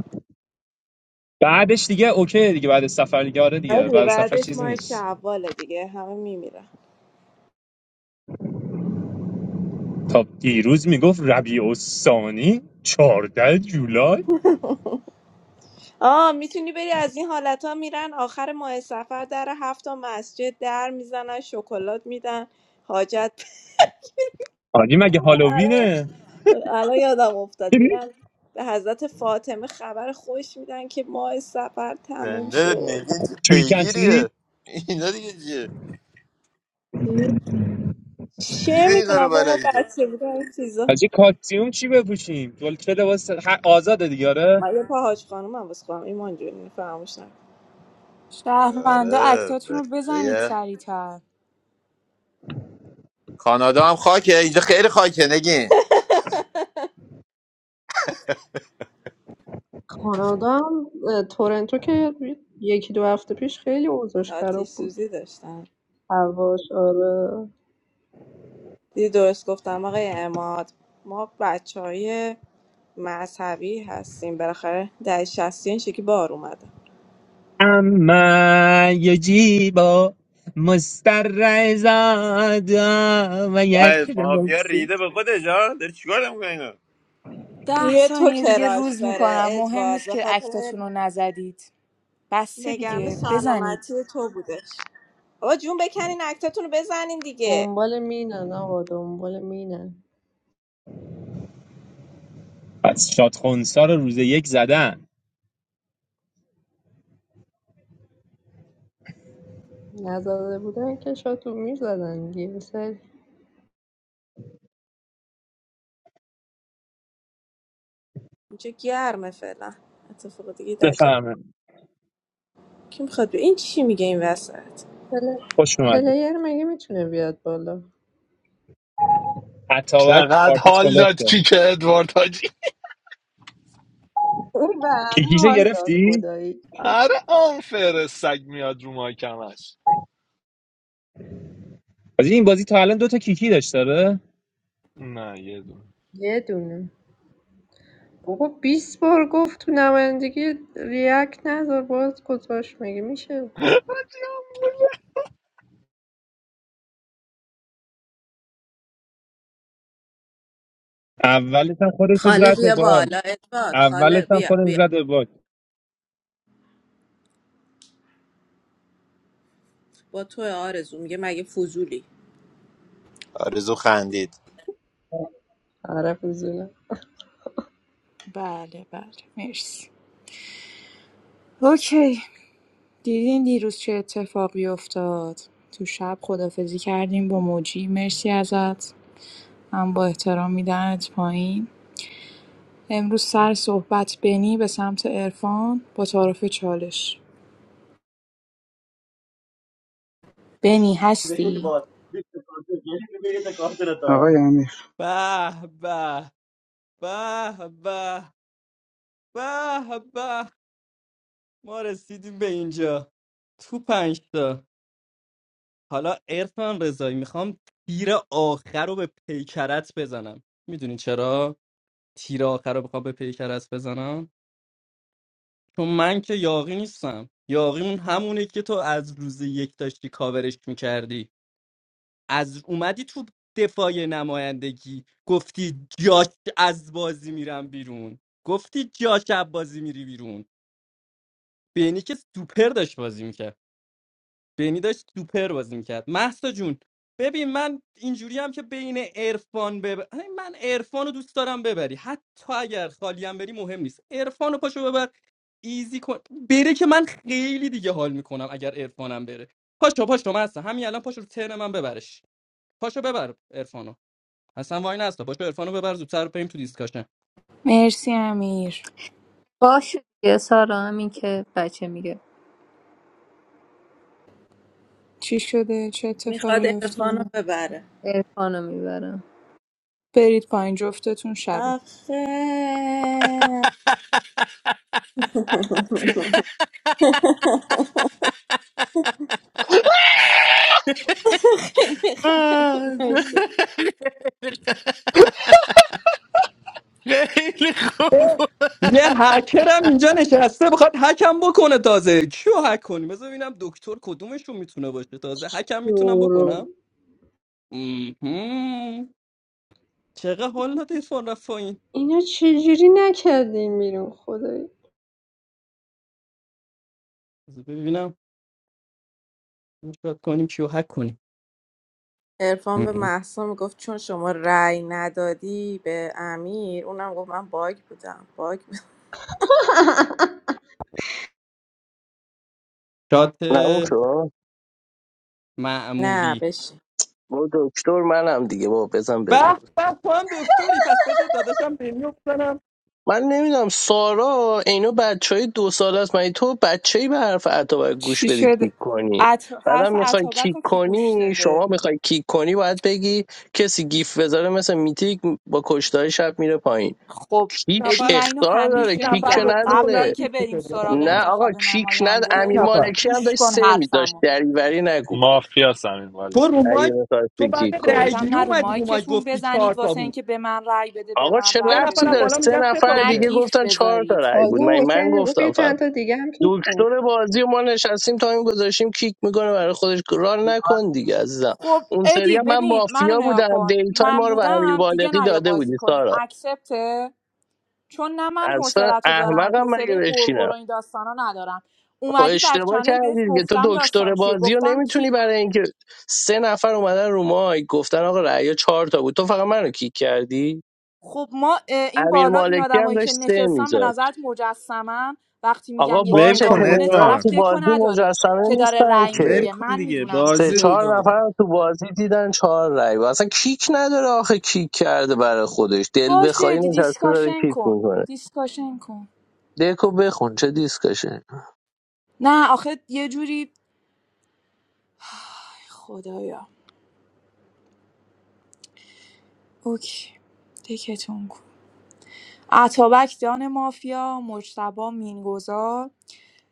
بعدش دیگه اوکی دیگه بعد از سفر دیگه آره دیگه آره بعد دیگه از سفر بعدش چیزی ماه نیست شوال دیگه همه میمیرن تا دیروز میگفت ربیع الثانی 14 جولای آه میتونی بری از این حالت ها میرن آخر ماه سفر در هفت تا مسجد در میزنن شکلات میدن حاجت آجی مگه هالووینه الان یادم افتاد میرن به حضرت فاطمه خبر خوش میدن که ماه سفر تموم زنده شد نگین چه شوریکن چی پیگیریه اینا دیگه چیه چه دیگه اینا میدونم رو با ما بلدی تو بچه بودن این چیزا حاجی کاکسیوم چی بپوشیم دل- چه لباس ه- آزاده دیگه آره من یه پا حاج خانومم واسه خواهم ایمان جون اینو فراموش نکن شهروندا آره اکتاتون رو بزنید بسته سریعتر کانادا هم خاکه اینجا خیلی خاکه نگین کانادا هم اه، تورنتو که یکی دو هفته پیش خیلی اوضاعش آتیش خراب بود سوزی داشتن هواش آره دیدی درست گفتم آقای اماد ما بچه های مذهبی هستیم بالاخره در شستین شکی بار اومده اما یه جیبا مسترزادا و وای یک مافیا لباسی ریده به خودش ها داری چیکار نمیکنه ده روی تو ثانیه دیگه کراش روز داره میکنم مهم ادوارد نیست به که خاطر اکتاتون رو نزدید بسته نگران دیگه سلامتی بزنید تو بودش آقا جون بکنین اکتاتون رو بزنین دیگه دنبال مینن آقا دنبال مینن از شاد خونسا رو روز یک زدن نزده بودن که شاتو میزدن یه سری اینجا گرمه فعلا اتفاق دیگه در جا بفهمه کی میخواد بیا این چی میگه این وسط پل... خوش اومده پلیر مگه میتونه بیاد بالا اتاوک چقدر پارتی حال داد سلفته کیک ادوارد اون به همه کیکیشو حال داد گرفتی؟ خدایی آره آنفر سگ میاد رو مایکمش حاجی این بازی تا الان دو تا کیکی داشت داره نه یه دونه یه دونه بابا 20 بار گفت تو نمایندگی ریاکت نذار باز گذاشت مگه میشه اولش هم خودش رو خاله زد به بیا باک بالا ادوارد اولش خاله هم بیا خودش بیا زد به باک با تو آرزو میگه مگه فضولی آرزو خندید عرب بزنه بله بله مرسی اوکی دیدین دیروز چه اتفاقی افتاد تو شب خدافزی کردیم با موجی مرسی ازت من با احترام میدمت پایین امروز سر صحبت بنی به سمت عرفان با تعارف چالش بنی هستی آقای امیر به به به به به به ما رسیدیم به اینجا تو پنج حالا ارفان رضایی میخوام تیر آخر رو به پیکرت بزنم میدونی چرا تیر آخر رو بخوام به پیکرت بزنم چون من که یاقی نیستم یاقی اون همونه که تو از روز یک داشتی کاورش میکردی از اومدی تو دفاع نمایندگی گفتی جاش از بازی میرم بیرون گفتی جاش از بازی میری بیرون بینی که سوپر داشت بازی میکرد بینی داشت سوپر بازی میکرد محسا جون ببین من اینجوری هم که بین عرفان ببر من عرفان رو دوست دارم ببری حتی اگر خالی هم بری مهم نیست عرفان رو پاشو ببر ایزی کن بره که من خیلی دیگه حال میکنم اگر عرفانم بره پاشو پاشو من هستم همین الان پاشو رو ترن من ببرش پاشو ببر عرفانو اصلا وای نستا پاشو عرفانو ببر زودتر بریم تو مرسی امیر باشه دیگه سارا همین که بچه میگه چی شده چه میخواد اتفاقی عرفان رو افتاده ببره ارفانو میبرم برید پایین جفتتون شبه آخه خیلی یه هکرم اینجا نشسته بخواد هکم بکنه تازه کیو هک کنی بذار ببینم دکتر کدومشون میتونه باشه تازه هکم میتونم بکنم مهم. چقدر حال داده ایرفان رفت پایین اینو چجوری نکردیم بیرون خدایی بذار ببینم شاد کنیم کیو هک کنیم ارفان به مهم. محسا میگفت چون شما رأی ندادی به امیر اونم گفت من باگ بودم باگ بودم شات نه اون شد؟ نه معمولی بشین با دکتر منم دیگه با بزن بره به به تو هم دکتری پس بذار داداشم بینیو بزنم من نمیدونم سارا اینو بچه های دو سال است مگه تو بچه ای به حرف عطا باید گوش چی بدی کیک شده کنی عط... بعدم حرف میخوای عطابک کیک رو کی گوش کنی داده شما میخوای کیک کنی باید بگی کسی گیف بذاره مثل میتیک با کشتای شب میره پایین خب کیک ادی نفر من اینو اختار داره 20 همیشه کیک که نفر میگم گفتم تو قبل بعد نداره اینکه 20 بریم میشدی آقا سراغ نه ادوارد. آقا انتخاب کیک ند 20 امیر نماینده نفر مالکی هم گوش داشت کن سه میداشت حرفمو دریوری نگو مافیا سمین تو مالک رو اگه مایک میخواست تو کیک بعد کنی رای گفتم گیری نه رو اومدی رو مایک مایکتون گفتی چهار بزنید تا واسه بود اینکه به من رأی بده به آقا من چه سه رأی ربطی نفر از داره بده بالا سه میگن سه تا نفر نه دیگه بوده گیف گفتن چهار تا بذارید رأی بود من تازه من حسین میگفت گفتم یه فقط چند تا دیگه هم توپ کن دکتر بازی و ما نشستیم تا این گذاشتیم کیک میکنه برای خودش ران نکن دیگه عزیزم خب اون سری ادی هم من ببین منو مافیا نگاه بودم کن دیتا من ما رو به امیر بودم دیگه بالقی نیا داده بازی بودی کنی سارا اکسپته چون نه من اصلا حوصلتو دارم احمقم مگه حوصله قرقر بشینم و این داستانا ندارم خب اومدی بک اشتباه چنل بهت کردی دیگه تو گفتم داستان دکتر چیه بازی رو گفتم نمیتونی کی برای اینکه سه نفر اومدن رو مایک گفتن آقا رأی چهار تا بود تو فقط منو کیک کردی خب ما این امیر بالا این مالکی هم آدمایی که داشت سه نشستن به می‌ذاشت. نظرت مجسمن وقتی میگم آقا یکی ول باشه نگاه کن کنه پلیرهای طرف تو ادوارد دکو بازی نداره مجسمه که داره نیستن رأی ول که میگیره کن من دیگه میدونم سه بازی چیه بود چهار آقا نفر رو تو بازی دیدن چهار رای و اصلا کیک نداره آخه کیک کرده برای خودش دل باشه بخوایی دی- نشسته داره دیسکاشن کیک کن میکنه دیسکاشن کن دکو بخونه نه آخه یه جوری خدایا اوکی دکتون کن اتابک دان مافیا مجتبی مینگذار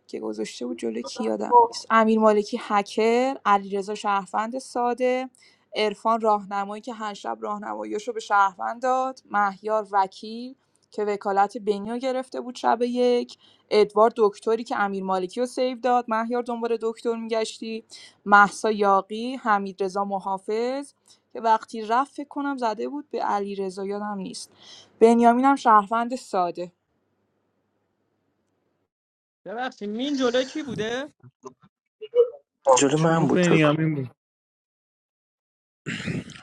که گذاشته بود جلو کی یادم نیست امیر مالکی هکر علیرضا شهروند ساده عرفان راهنمایی که هر شب راهنماییشو رو به شهروند داد مهیار وکیل که وکالت بنیو گرفته بود شب یک ادوارد دکتری که امیر مالکی رو سیو داد مهیار دنبال دکتر میگشتی محسا یاقی حمیدرضا محافظ که وقتی رفت فکر کنم زده بود به علیرضا یادم نیست بنیامینم شهروند ساده ببخشید مین جلوی کی بوده جلو چرا من بود تو کن. بنیامین بود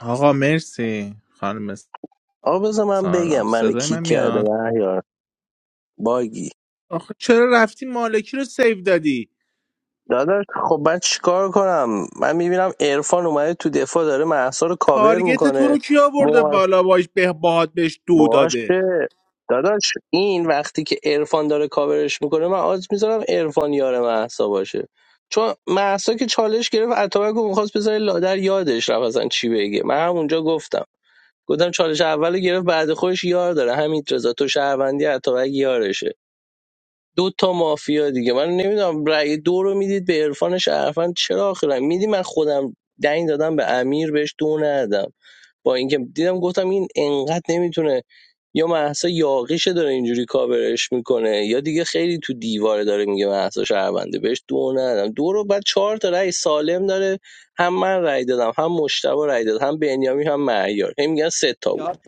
آقا مرسی خانم آقا بذار من سارا بگم من صدای کیک من میاد کرده مهیار باگی آخه چرا رفتی مالکی رو سیو دادی داداش خب من چیکار کنم من میبینم عرفان اومده تو دفاع داره محسا رو کاور تارگت تو میکنه رو کی آورده بالا باش به باهات بهش دو داده باشه داداش این وقتی که عرفان داره کاورش میکنه من آز میذارم عرفان یار محسا باشه چون محسا که چالش گرفت اتابک رو میخواست بذاره لادر یادش رفت اصلا چی بگه من همونجا گفتم گفتم چالش اول گرفت بعد خودش یار داره همین رضا تو شهروندی اتابک یارشه دو تا مافیا دیگه من نمیدونم رأی دو رو میدید به عرفان شهروند چرا آخرا میدی من خودم دنگ دادم به امیر بهش دو ندادم با اینکه دیدم گفتم این انقدر نمیتونه یا مهسا یاقیشه داره اینجوری کاورش میکنه یا دیگه خیلی تو دیواره داره میگه مهسا شهرونده بهش دو ندم دو رو بعد چهار تا رأی سالم داره هم من رأی دادم هم مشتبه رأی داد هم بنیامی هم معیار هی میگن سه تا بود یاد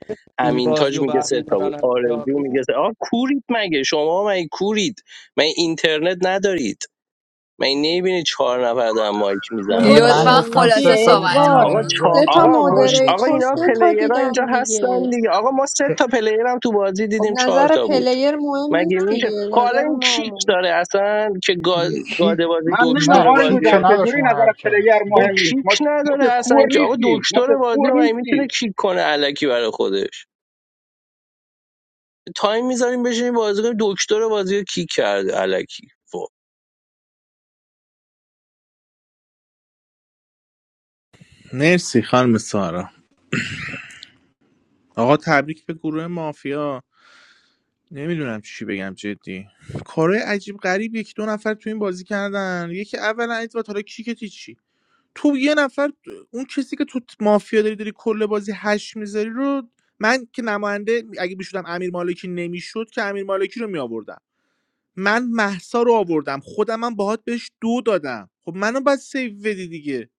جوری امین بازی تاج و میگه سه تا بود برمیدارن از آرزو یاری میگه سه آه کورید مگه شما مگه کورید من اینترنت ندارید من نمیبینید چهار نفر دارن مایک میزنن هم بابا آقا لطفا من چی گفتم سه خلاصه میگی تا بود صحبت هم ادوارد آقا چا... سه مهزاد کنید تا از آقا پایین مش گفت آقا مودریتور سه اینا تا سه تا بود پلیرها اینجا دیدن هستن دیگه دیگه آقا ما سه تا پلیرم تو بازی خب دیدیم چهار نظر تا بود پلیر مهم مگه نیست میشه دیگه خب حالا نظر این ما کیک مهم داره اصلا که گا... کی گاده بازی من نمیدونم نه دکتر آرزو کیک بازی که جان و نداشت چجوری اون نظر حرکت پلیر خب مهم نه نیست کیک ما ما نداره که کور اصلا که آقا نیستیم ما که دکتر بازی کور و مگه میتونه نیستیم کیک کنه الکی برای خودش تایم میذاریم بشینیم بازی کنیم دکتر بازی رو کیک کرده الکی خب مرسی خانم سارا آقا تبریک به گروه مافیا نمیدونم چی بگم جدی کارهای عجیب غریب یک دو نفر تو این بازی کردن یکی اولا ادوارد حالا کیک چی تو یه نفر اون کسی که تو مافیا داری داری کل بازی هش میذاری رو من که نماینده اگه میشدم امیر مالکی نمیشد که امیر مالکی رو می آوردم من محسا رو آوردم خودم هم باهات بهش دو دادم خب منو باید سیو بدی دیگه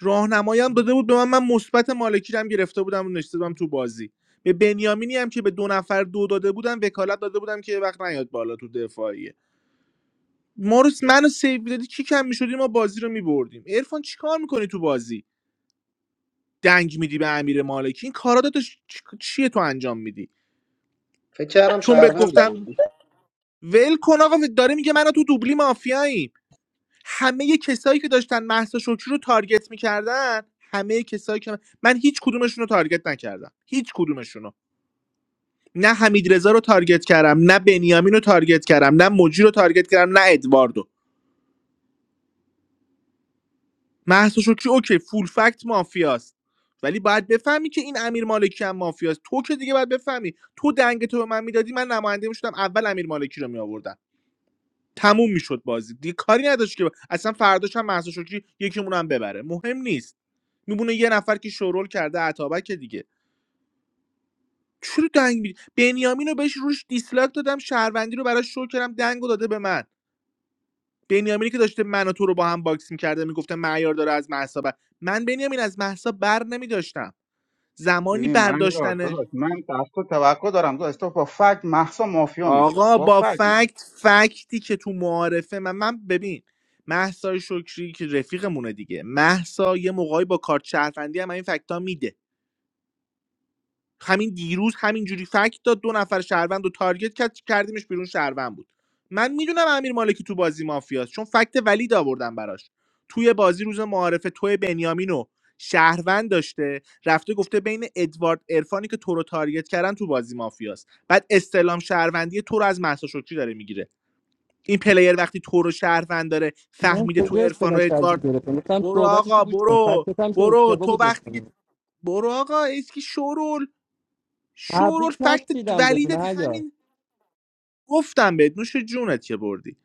راهنمایی هم داده بود به من من مثبت مالکی رو هم گرفته بودم و نشسته بودم تو بازی به بنیامینی هم که به دو نفر دو داده بودم وکالت داده بودم که یه وقت نیاد بالا تو دفاعیه ما رو منو سیو دادی کی کم میشدی ما بازی رو میبردیم عرفان چیکار میکنی تو بازی دنگ میدی به امیر مالکی این کارا داداش چیه تو انجام میدی فکر کردم چون بهت شهروند گفتم بودی ول کن آقا داره میگه منو تو دوبلی مافیاییم همه کسایی که داشتن مهسا شکری رو تارگت میکردن همه کسایی که من هیچ کدومشون رو تارگت نکردم هیچ کدومشون رو نه حمید رو تارگت کردم نه بنیامین رو تارگت کردم نه موجی رو تارگت کردم نه ادواردو مهسا شکری اوکی فول فکت مافیاست ولی باید بفهمی که این امیر مالکی هم مافیاست تو که دیگه باید بفهمی تو دنگ تو به من میدادی من نماینده میشدم اول امیر مالکی رو میآوردم تموم میشد بازی دیگه کاری نداشت که اصلا فرداش هم مهسا شکری یکیمون هم ببره مهم نیست میبونه یه نفر که شورول کرده عطابک دیگه چرا دنگ می... بنیامین رو بهش روش دیسلاک دادم شهروندی رو براش شو کردم دنگ داده به من بنیامینی که داشته من و تو رو با هم باکس میکرده میگفته معیار داره از محسا من بنیامین از محسا بر نمیداشتم زمانی ببین من یار برداشتنه داداش من تاسو تو توقع دارم داداش تو با فکت محسا مافیا میشو آقا با با فکت من فکت فکتی که تو معارفه من من ببین محسا شکری که رفیقمونه دیگه محسا یه موقعی با کارت شهروندی هم این فکت ها میده همین دیروز همینجوری فکت داد دو نفر شهروند رو تارگت کرد کردیمش بیرون شهروند بود من میدونم امیر مالکی تو بازی مافیاست چون فکت ولید آوردم براش توی بازی روز معارفه توی بنیامین و شهروند داشته رفته گفته بین ادوارد ارفانی که تو رو تارگت کردن تو بازی مافیاست بعد استلام شهروندی تو رو از مهسا شکری داره میگیره این پلیر وقتی تو رو شهروند داره من فهمیده تو کجا ارفان و استلام شرجو ادوارد گرفتم گفتم برو صحبتشو آقا گوش کن برو فکرت هم که برو اشتباه تو بود وقتی واسه که من برو آقا اسکی شورول شورول تبریک فکت نشیدم بدون ولیدت حیا همین گفتم بهت نوش جونت که بردی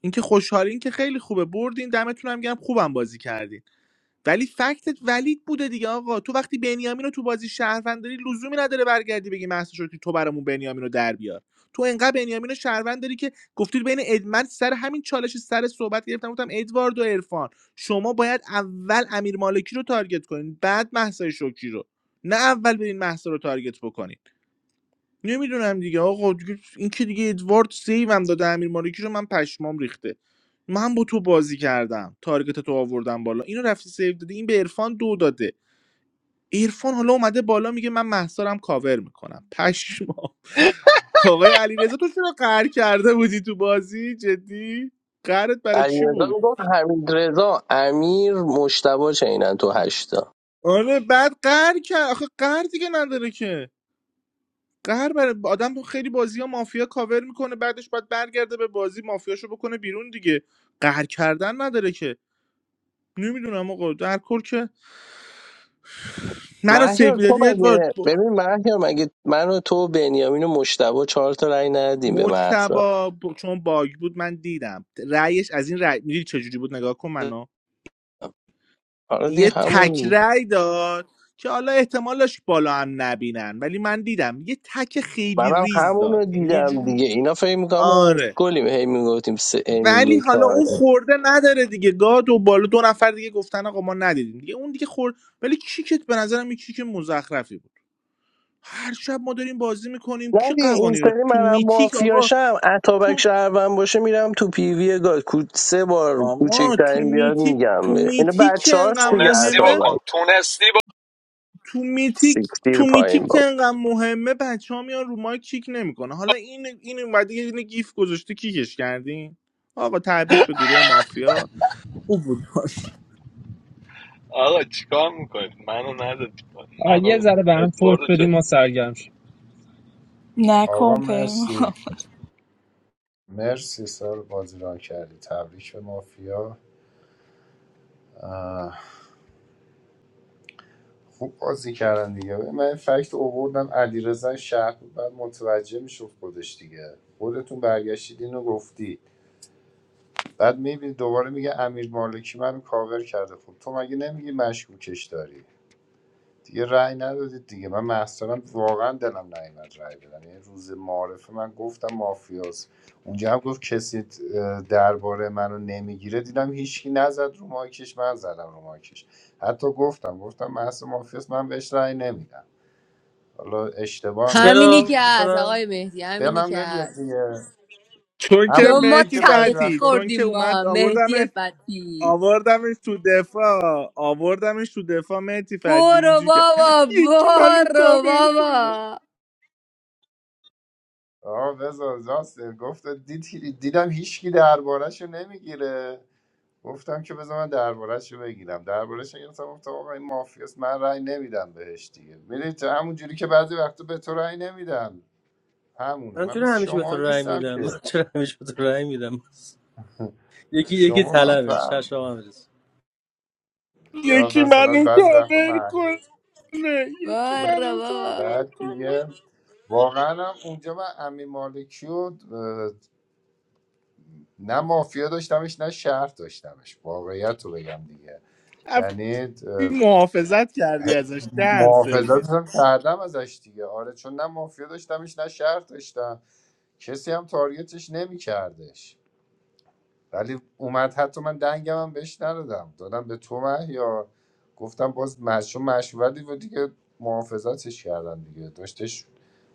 اینکه خوشحالین که خیلی خوبه بردین دمتون هم گرم خوبم بازی کردین ولی فکتت ولید بوده دیگه آقا تو وقتی بنیامین رو تو بازی شهروند داری لزومی نداره برگردی بگی مهسا شکری تو برامون بنیامین رو در بیار تو انقدر بنیامین رو شهروند داری که گفتید بین اد... من سر همین چالش سر صحبت گرفتم گفتم ادوارد و عرفان شما باید اول امیر مالکی رو تارگت کنین بعد مهسا شکری رو نه اول برین مهسا رو تارگت بکنین نمیدونم دیگه آقا دیگه این که دیگه ادوارد سیوم داده امیر مالکی رو من پشمام ریخته من با تو بازی کردم تارگت تو آوردم بالا اینو رفتی سیو داده این به عرفان دو داده عرفان حالا اومده بالا میگه من محصارم کاور میکنم پشمام آقای علیرضا تو چرا قهر کرده بودی تو بازی جدی قهرت برای چی علیرضا بود میگفت حمید رضا امیر مشتبه چینن تو هشتا آره بعد قهر کرد آخه قهر دیگه نداره که قهر بر آدم تو خیلی بازی ها مافیا کاور میکنه بعدش باید برگرده به بازی مافیاشو بکنه بیرون دیگه قهر کردن نداره که نمیدونم آقا در کل که منو سیف مهیار تو دادی ادوارد مگه با- ببین مهیار مگه من و تو و بنیامین و مشتبه چهار تا رأی ندیم به مهسا مجتبا با- چون باگ بود من دیدم رأیش از این رأی میدونی چجوری بود نگاه کن منو حالا دیگه یه تک همون رأی داد که حالا احتمالش بالا هم نبینن ولی من دیدم یه تک خیلی منم ریز همون داد رو یعنی یه دیدم جوری دیگه اینا فکر میکنم ما آره گلیم هی میگفتیم سه هی ولی میگیم حالا چهار اون خورده نداره دیگه گاد و بالا دو نفر دیگه گفتن آقا ما ندیدیم دیگه اون دیگه خورد ولی کیکت به نظرم این کیک مزخرفی بود هر شب ما داریم بازی میکنیم کی نه دیگه این قوانین رو سری تو منم میتیک آقا مافیاشم اتابک تو شهروند باشه میرم تو پیوی گاز کو- سه بار آقا تو کوچکترین بیاد میتیک میگم تو به اینا میتیک که بچه هاست انقدر دیگه تونستی مهمه بکن اتابک تونستی بکن تو میتیک سیکتیر تو پایین بابا میتیک که انقدر مهمه بچه ها میان رو مایک کیک نمیکنه حالا این این اومده یه دونه گیف گذاشته کیکش کردین آقا تبریک به گروه مافیا خوب بود آقا چیکار میکنید منو ندادی پایین. آقا یه منو ذره به هم فوش ادواردو چه بدیم ما سرگرم شیم نکن آقا پیمان مرسی مرسی سال بازی ران کردی تبریک به مافیا آه، خوب بازی کردن دیگه من فکت اووردم علیرضا شهر بود بعد متوجه میشد خودش دیگه خودتون برگشتید اینو گفتی بعد میبینی دوباره میگه امیر مالکی من کاور کرده خب تو مگه نمیگی مشکوکش داری دیگه رأی ندادید دیگه من مثلا واقعا دلم نیومد رأی بدم یعنی روز معارفه من گفتم مافیاس اونجا هم گفت کسی درباره منو نمیگیره دیدم هیچکی نزد رو مایکش من زدم رو مایکش حتی گفتم گفتم محصه مافیاس من بهش رأی نمیدم حالا اشتباه همینی میکنم Shelo. که هست Wassalam. آقای مهدی دلم همینی که نمیاد هست دیگه چون که همون چون ما جوری مهدی که بعضی تلخی فتی وقتا چون خوردیم که ما اومد مهدی آوردمش فتی آوردمش تو دفاع آوردمش تو دفاع مهدی فتی برو اینجوری که بابا یکی منو برو کاور کنه بابا آه بذار راست گفت دید دیدم هیچکی دربارهشو نمیگیره گفتم که بذار من دربارهش رو بگیرم دربارهش رو گرفتم گفتم آقا این مافیاست من رأی نمیدم بهش دیگه میدونی همون جوری که بعضی وقتا به تو رأی نمیدم همونه Man من مثل chunahamish شما baturay نیستم mida. که Man chunahamish baturay mida. Mas. خب Yeki yeki شما هم thalam esh. Shah فرق داره. shaham esh. یا یکی مثلا منو بعضی وقتا کاور معلومه کنه یکی برو منو بابا کاور بعد کنه دیگه واقعا هم اونجا من امی مالکی و اه، نه مافیا داشتمش نه شهر داشتمش واقعیت رو بگم دیگه رفتی یعنی محافظت کردی ازش دهن محافظت سرویس هم کردم ازش دیگه آره چون نه مافیا داشتمش نه شهر داشتم کسی هم تارگتش نمیکردش ولی اومد حتی من دنگم هم بهش ندادم دادم به تو مه، یا گفتم باز مشروع مشوردی و دیگه محافظتش کردم دیگه داشتش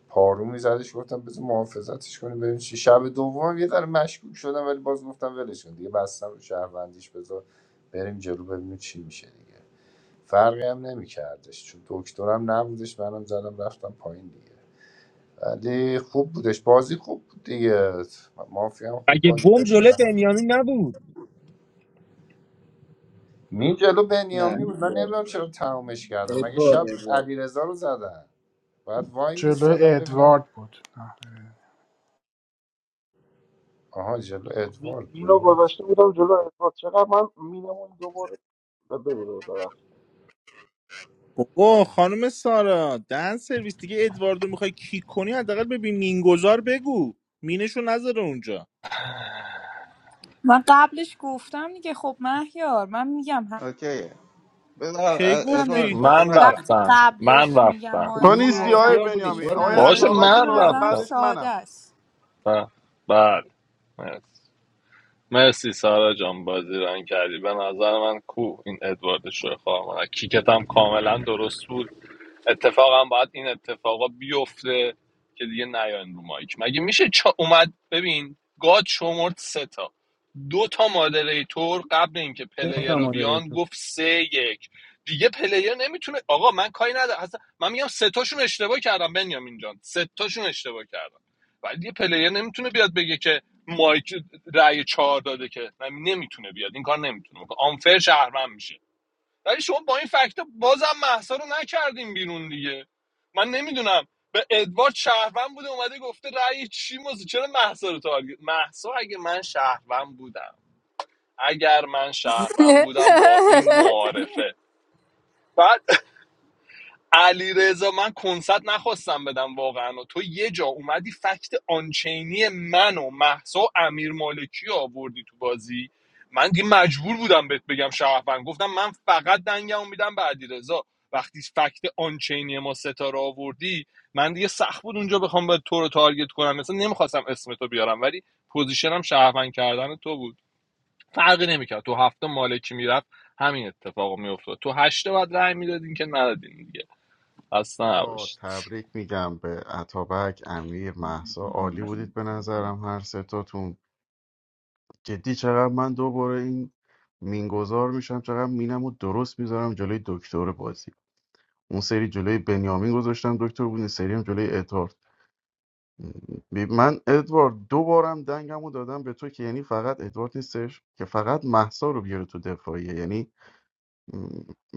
پارو میزدش گفتم بذار محافظتش کنیم بریم چی شب دوم یه ذره مشکوک شدم ولی باز گفتم ولش کن دیگه بستم رو شهروندیش بذار بریم جلو ببینیم چی میشه دیگه فرقی هم نمیکردش چون دکترم نبودش منم زدم رفتم پایین دیگه ولی خوب بودش بازی خوب بود دیگه مافیا هم خوب اگه بازی بم داشت جلو بنیامین نبود می جلو نه بنیامی ادوارد بود من نمیدونم چرا تمومش کردم مگه ادوارد شب ادوارد علیرضا رو زدن بعد وای جلو میستادم ببینم ادوارد بود نه آها جلو می- ادوارد مینو بود گذاشته بودم جلو اثبات چقدر من مینمون دوباره ببینم ببخشید بابا خانم سارا دهن سرویس دیگه ادواردو میخوای کیک کنی حداقل ببین مینگذار بگو مینشو نذاره اونجا من قبلش گفتم دیگه خب مهیار من میگم اوکی بذار کی ا- هم داری ادوارد گفتی من اتابک جان وقتی رفتم من قبلش میگم رفتم تو مایک شما نیستی آقای مافیا نزنید بودی بنیامی گیف آقای قربونت باشه نذارید بشم عطابک دیگه به من تازه نظرم رفتم بعدش ساده منم است ب- بله مرسی مرسی سارا جان بازی ران کردی به نظر من کو این ادوارد شوی خواهر مادر. کیکت هم کاملا درست بود اتفاقا باید این اتفاقا بیفته که دیگه نیاین رو مایک مگه میشه چا اومد ببین گاد شمرد سه تا دو تا مادریتور قبل اینکه پلیر گفتم رو بیان مودریتور گفت سه یک دیگه پلیر نمیتونه آقا من کاری ندارم اصلا من میگم سه تاشون اشتباه کردم بنیامین جان سه تاشون اشتباه کردم ولی دیگه پلیر نمیتونه بیاد بگه که مایک رأی چهار داده که نمیتونه بیاد این کار نمیتونه بکنه آنفر شهرمند میشه ولی شما با این فکت بازم محسا رو نکردیم بیرون دیگه من نمیدونم به ادوارد شهروند بوده اومده گفته رأی چی موزه چرا محسا رو تارگت محسا اگه من شهروند بودم اگر من شهروند بودم با این معارفه بعد علی من کنسرت نخواستم بدم واقعا و تو یه جا اومدی فکت آنچینی من و محسا و امیر مالکی رو آوردی تو بازی من دیگه مجبور بودم بهت بگم شهروند گفتم من فقط دنگمو میدم به علی وقتی فکت آنچینی ما ستا رو آوردی من دیگه سخت بود اونجا بخوام به تو رو تارگت کنم مثلا نمیخواستم اسم تو بیارم ولی پوزیشنم شهروند کردن تو بود فرقی نمیکرد تو هفته مالکی میرفت همین اتفاق میافتاد تو هشته باید رأی میدادین که ندادین دیگه خسته آقا نباشید تبریک میگم به عطابک امیر محسا عالی بودید به نظرم هر ستاتون جدی چقدر من دوباره این مینگذار میشم چقدر مینم رو درست میذارم جلوی دکتر بازی اون سری جلوی بنیامین گذاشتم دکتر بود این سری هم جلوی ادوارد بی- من ادوارد دو بارم دنگمو دادم به تو که یعنی فقط ادوارد نیستش که فقط محسا رو بیاره تو دفاعیه یعنی م،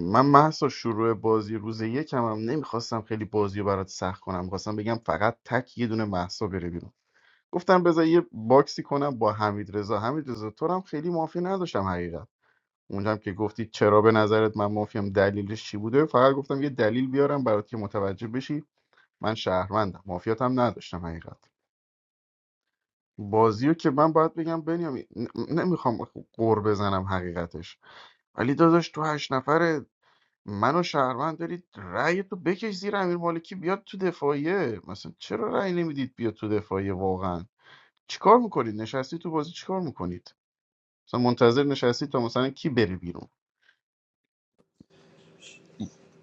من محسا شروع بازی روز یکم هم نمیخواستم خیلی بازی رو برات سخت کنم میخواستم بگم فقط تک یه دونه محسا بره بیرون گفتم بذار یه باکسی کنم با حمید رضا حمید رضا تو رو هم خیلی مافی نداشتم حقیقت اونجا هم که گفتی چرا به نظرت من مافیم دلیلش چی بوده فقط گفتم یه دلیل بیارم برات که متوجه بشی من شهروندم مافیات هم نداشتم حقیقت بازی رو که من باید بگم بنیامین ن- نمیخوام قور بزنم حقیقتش ولی داداش تو هشت نفره منو و شهروند دارید رأی تو بکش زیر امیر مالکی بیاد تو دفاعیه مثلا چرا رأی نمیدید بیاد تو دفاعیه واقعا چیکار میکنید نشستی تو بازی چیکار میکنید مثلا منتظر نشستی تا مثلا کی بره بیرون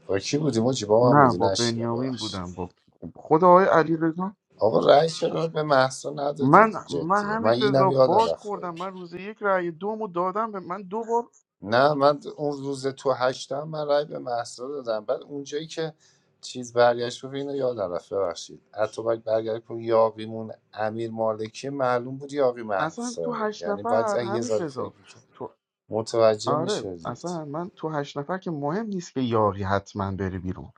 با کی بودیم ما با من نه بودی با نشیدم بنیامین ببخشید بودم با خود آقای علی آقا رأی چرا به محسا من ندادید من جدی من همین رضا اینم یادم باگ رفت بگم. خوردم من روز یک رأی دومو دادم به من دو بار نه من اون روز تو هشتم من رای به محصا دادم بعد اونجایی که چیز برگشت رو اینو یاد رفت ببخشید اتوبک برگشت رو یاقیمون امیر مالکی معلوم بود یاقی اصلا تو محسا هشت یعنی باید نفر یه همین ذره فکر رضا میکرد تو متوجه آره میشدید اصلا من تو هشت نفر که مهم نیست که یاری حتما بری بیرون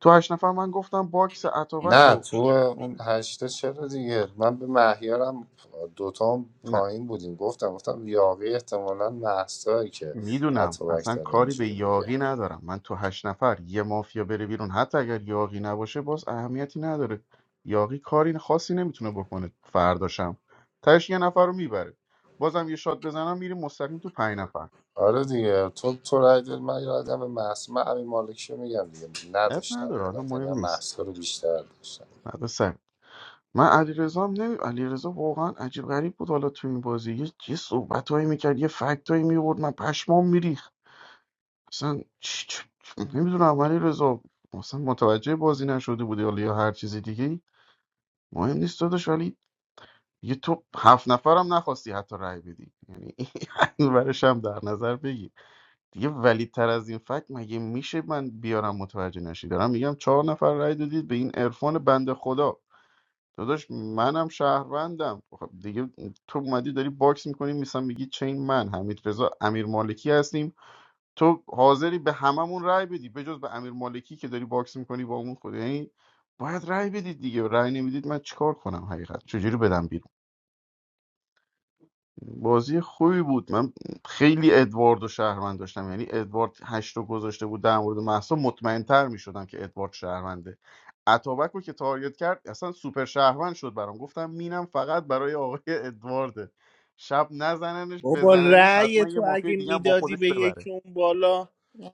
تو هشت نفر من گفتم باکس اتابک نه رو تو اون هشته چرا دیگه من به مهیارم دوتا هم نه پایین بودیم گفتم گفتم یاقی احتمالا محسایی که میدونم اتوبک اصلا داره کاری به اینجوری میگه یاقی ندارم من تو هشت نفر یه مافیا بره بیرون حتی اگر یاقی نباشه باز اهمیتی نداره یاقی کاری خاصی نمیتونه بکنه فرداشم تاش یه نفر رو میبره بازم یه شات بزنم میریم مستقیم تو پنج نفر آره دیگه تو تو رای دادی، من یادم محص من امین مالکی رو میگم دیگه اب نداشتم نداره حالا واقعا یعنی مهم من نیست محصا رو بیشتر داشتم بعد سر من علیرضا هم نمی علیرضا واقعا عجیب غریب بود حالا تو این بازی یه یه صحبتایی میکرد یه فکتایی میورد من پشمام میریخت اصلا چ- چ- چ- نمیدونم ولی رضا اصلا متوجه بازی نشده بودی حالا یا هر چیز دیگه مهم نیست داداش ولی یه تو هفت نفرم نخواستی حتی رای بدی یعنی این ورش هم در نظر بگی دیگه ولی تر از این فکت مگه میشه من بیارم متوجه نشی دارم میگم چهار نفر رای دادید به این عرفان بنده خدا داداش منم شهروندم خب دیگه تو اومدی داری باکس میکنی میسم میگی چین من حمید رضا امیر مالکی هستیم تو حاضری به هممون رأی بدی به جز به امیر مالکی که داری باکس میکنی با اون خود یعنی باید رأی بدید دیگه رأی نمیدید من چیکار کنم حقیقت چجوری بدم بیرون بازی خوبی بود من خیلی ادوارد و شهروند داشتم یعنی ادوارد هشت رو گذاشته بود در مورد محسا مطمئنتر میشدم که ادوارد شهرونده اتابک رو که تارگت کرد اصلا سوپر شهروند شد برام گفتم مینم فقط برای آقای ادوارده شب نزننش بابا بزننش رأی حتما یه تو مافیا اگه دیگه هم با میدادی خودش به ببره یکی اون بالا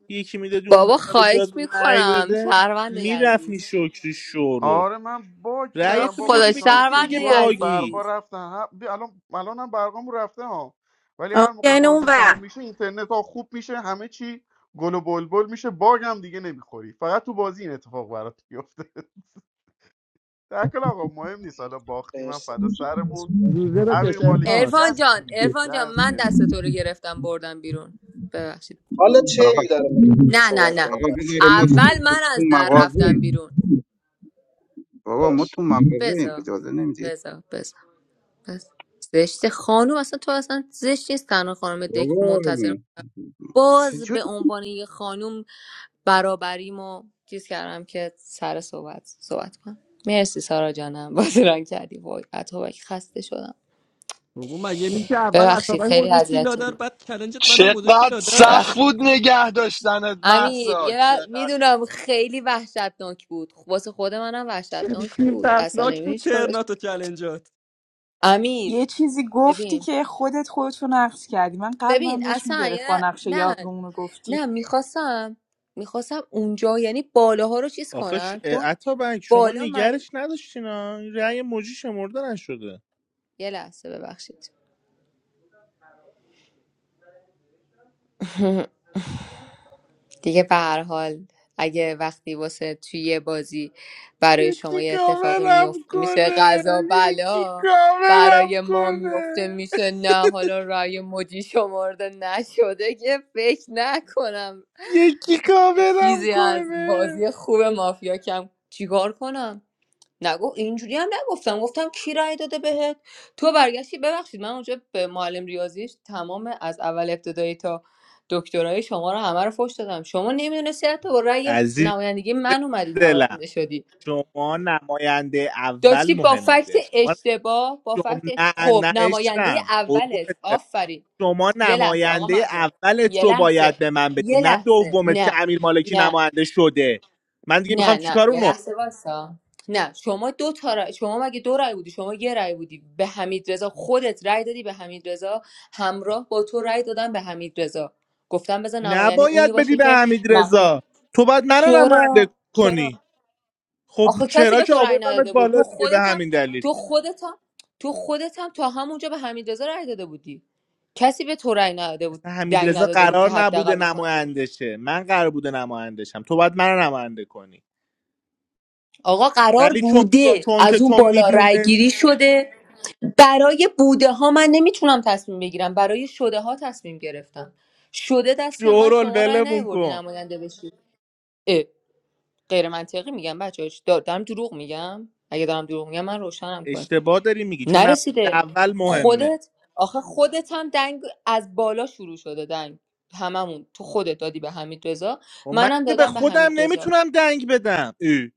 یکی میدادی اون بابا بالا به خواهش جاد رأی میکنم بده شهروند عزیز میرفتی شکری شورول آره من باگ تو رو رأی بودم تو بابا خدا میدادی به شانس یکی دیگه گو شهرونده هم باگی برقا عزیز رفتن هم- بی- الان الانم برقامو رفته ها ولی آه، هر موقع بیا اینو اون بازی تموم ور. میشه اینترنت ها خوب میشه همه چی گل و بلبل میشه باگ هم دیگه نمیخوری فقط تو بازی این اتفاق برات میفته در آقا مهم نیست حالا باختی من مرسی فدا مرسی. سرمون زوزه امیر بکش مالکی ارفان ارفان جان جستی ارفان جان جنس من دست سرویس تو رو گرفتم بردم بیرون ببخشید حالا آقا چه میدارم نه نه صحبت نه کنم آقا بس بذار ما اول من تو از در مغازه رفتم بیرون بابا ما باش تو مغازه ایم بزا اجازه نمیدید بزا بزا بزا زشت خانوم اصلا تو اصلا زشت نیست تنها خانم دک بابا منتظر باز به چجوری عنوان یه خانوم برابریمو چیز کردم که سر صحبت صحبت کنم مرسی سارا جانم بازران کردی وای اتابک خسته شدم بابا مگه میشه اول ببخشید اتابک خیلی گذاشتی اذیت لادر شدی بعد کلنجت منم گذاشتی چقدر لادر سخت ببخشید بود نگه داشتنت امیر محسا یه را... چقدر میدونم خیلی وحشتناک بود واسه خود منم وحشتناک شریفی بود اصلا ترسناک نمی‌دونی بود هیچ کارش ترنات و چلنجات امیر یه چیزی گفتی ببین که خودت خودتو نقص کردی من ببین قلبم داشت اصلا میگرفت یه با ر- نقش نه یاقیمون رو گفتی نه میخواستم میخواستم اونجا یعنی بالاها رو چیز آخه ش... کنم چون عطا بنگ شما بالا معلوم نگرش نداشتین ها این رأی موجی شمرده نشده یه لحظه ببخشید دیگه به هر حال اگه وقتی واسه توی یه بازی برای شما یکی یه اتفاقی کاورم میفته میشه کنه غذا یکی بلا کاورم برای ما کنه میفته میشه نه حالا رأی مدی شمرده نشده که فکر نکنم یکی کاورم چیزی از کنه بازی خوب مافیا کم چیکار کنم نگو اینجوری هم نگفتم گفتم کی رأی داده بهت تو برگشتی ببخشید من اونجا به معلم ریاضیش تمام از اول ابتدایی تا دکترای شما رو همه رو فوش دادم شما نمیدونستی حتی با رأی عزیز نمایندگی من اومدی دلم نماینده شدی شما نماینده اول داشتی با مهم فکت بوده شما اشتباه با شما فکت نه خب نه نماینده عشقم اولت قربونت برم آفرین شما یه لحظه آقا نماینده مهداد اولت یه رو لحظه باید به من بدی یه نه لحظه دومت که نه امیر مالکی نه نماینده شده من دیگه نه میخوام نه چیکار یه اونو لحظه واسا نه شما دو تا رای- شما مگه دو رای بودی شما یه رای بودی به حمید رضا خودت رای دادی به حمید رضا همراه با تو رای دادن به حمید رضا گفتم بذار نماینده اونی نباید بدی باشه به که حمید مخفی رضا تو باید منو نماینده چرا چرا کنی خب آخه کسی چرا به که تو رای آوردمت نداده بود تو بالا دیگه به خودتم همین دلیل تو خودتم تو خودتم تا همونجا به حمید رضا رای داده بودی کسی به تو رای نداده بود اصلا حمید دنگ رضا نداده بود قرار که حداقل نبوده بکنم نماینده شه من قرار بوده نماینده شم تو باید منو نماینده کنی آقا قرار ولی چون بوده چون که از اون تو بالا رای گیری میدونست شده برای بوده ها من نمیتونم تصمیم بگیرم برای شده ها تصمیم گرفتم شده دست من شورول شما رأی ولمون نیاوردی کن نماینده بشی اه، غیر منطقی میگم بچه دارم دروغ میگم اگه دارم دروغ میگم من روشنم کن اشتباه داری میگی چون نماینده نرسیده اول مهمه خودت آخه خودت هم دنگ از بالا شروع شده دنگ هممون تو خودت دادی به حمید رضا و من منم که به دادم به خودم حمید رضا نمیتونم دنگ بدم ای.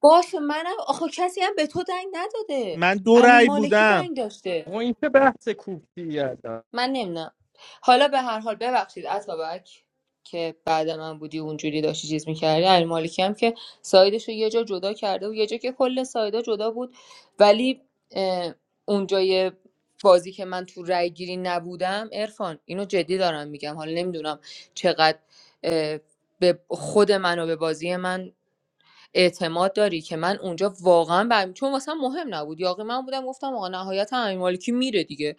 باشه منم آخه کسی هم به تو دنگ نداده من دو امیر رأی مالکی بودم دنگ داشته آقا این که بحث کوفتی هستم من نمیدونم حالا به هر حال ببخشید اتابک که بعد من بودی و اونجوری داشتی چیز میکردی علی مالکی هم که سایدش رو یه جا جدا کرده و یه جا که کل سایدا جدا بود ولی اه، اونجای بازی که من تو رای گیری نبودم عرفان اینو جدی دارم میگم حالا نمیدونم چقدر اه، به خود من و به بازی من اعتماد داری که من اونجا واقعا برم چون واسه من مهم نبود یاقی من بودم گفتم آقا نهایت امیر مالکی میره دیگه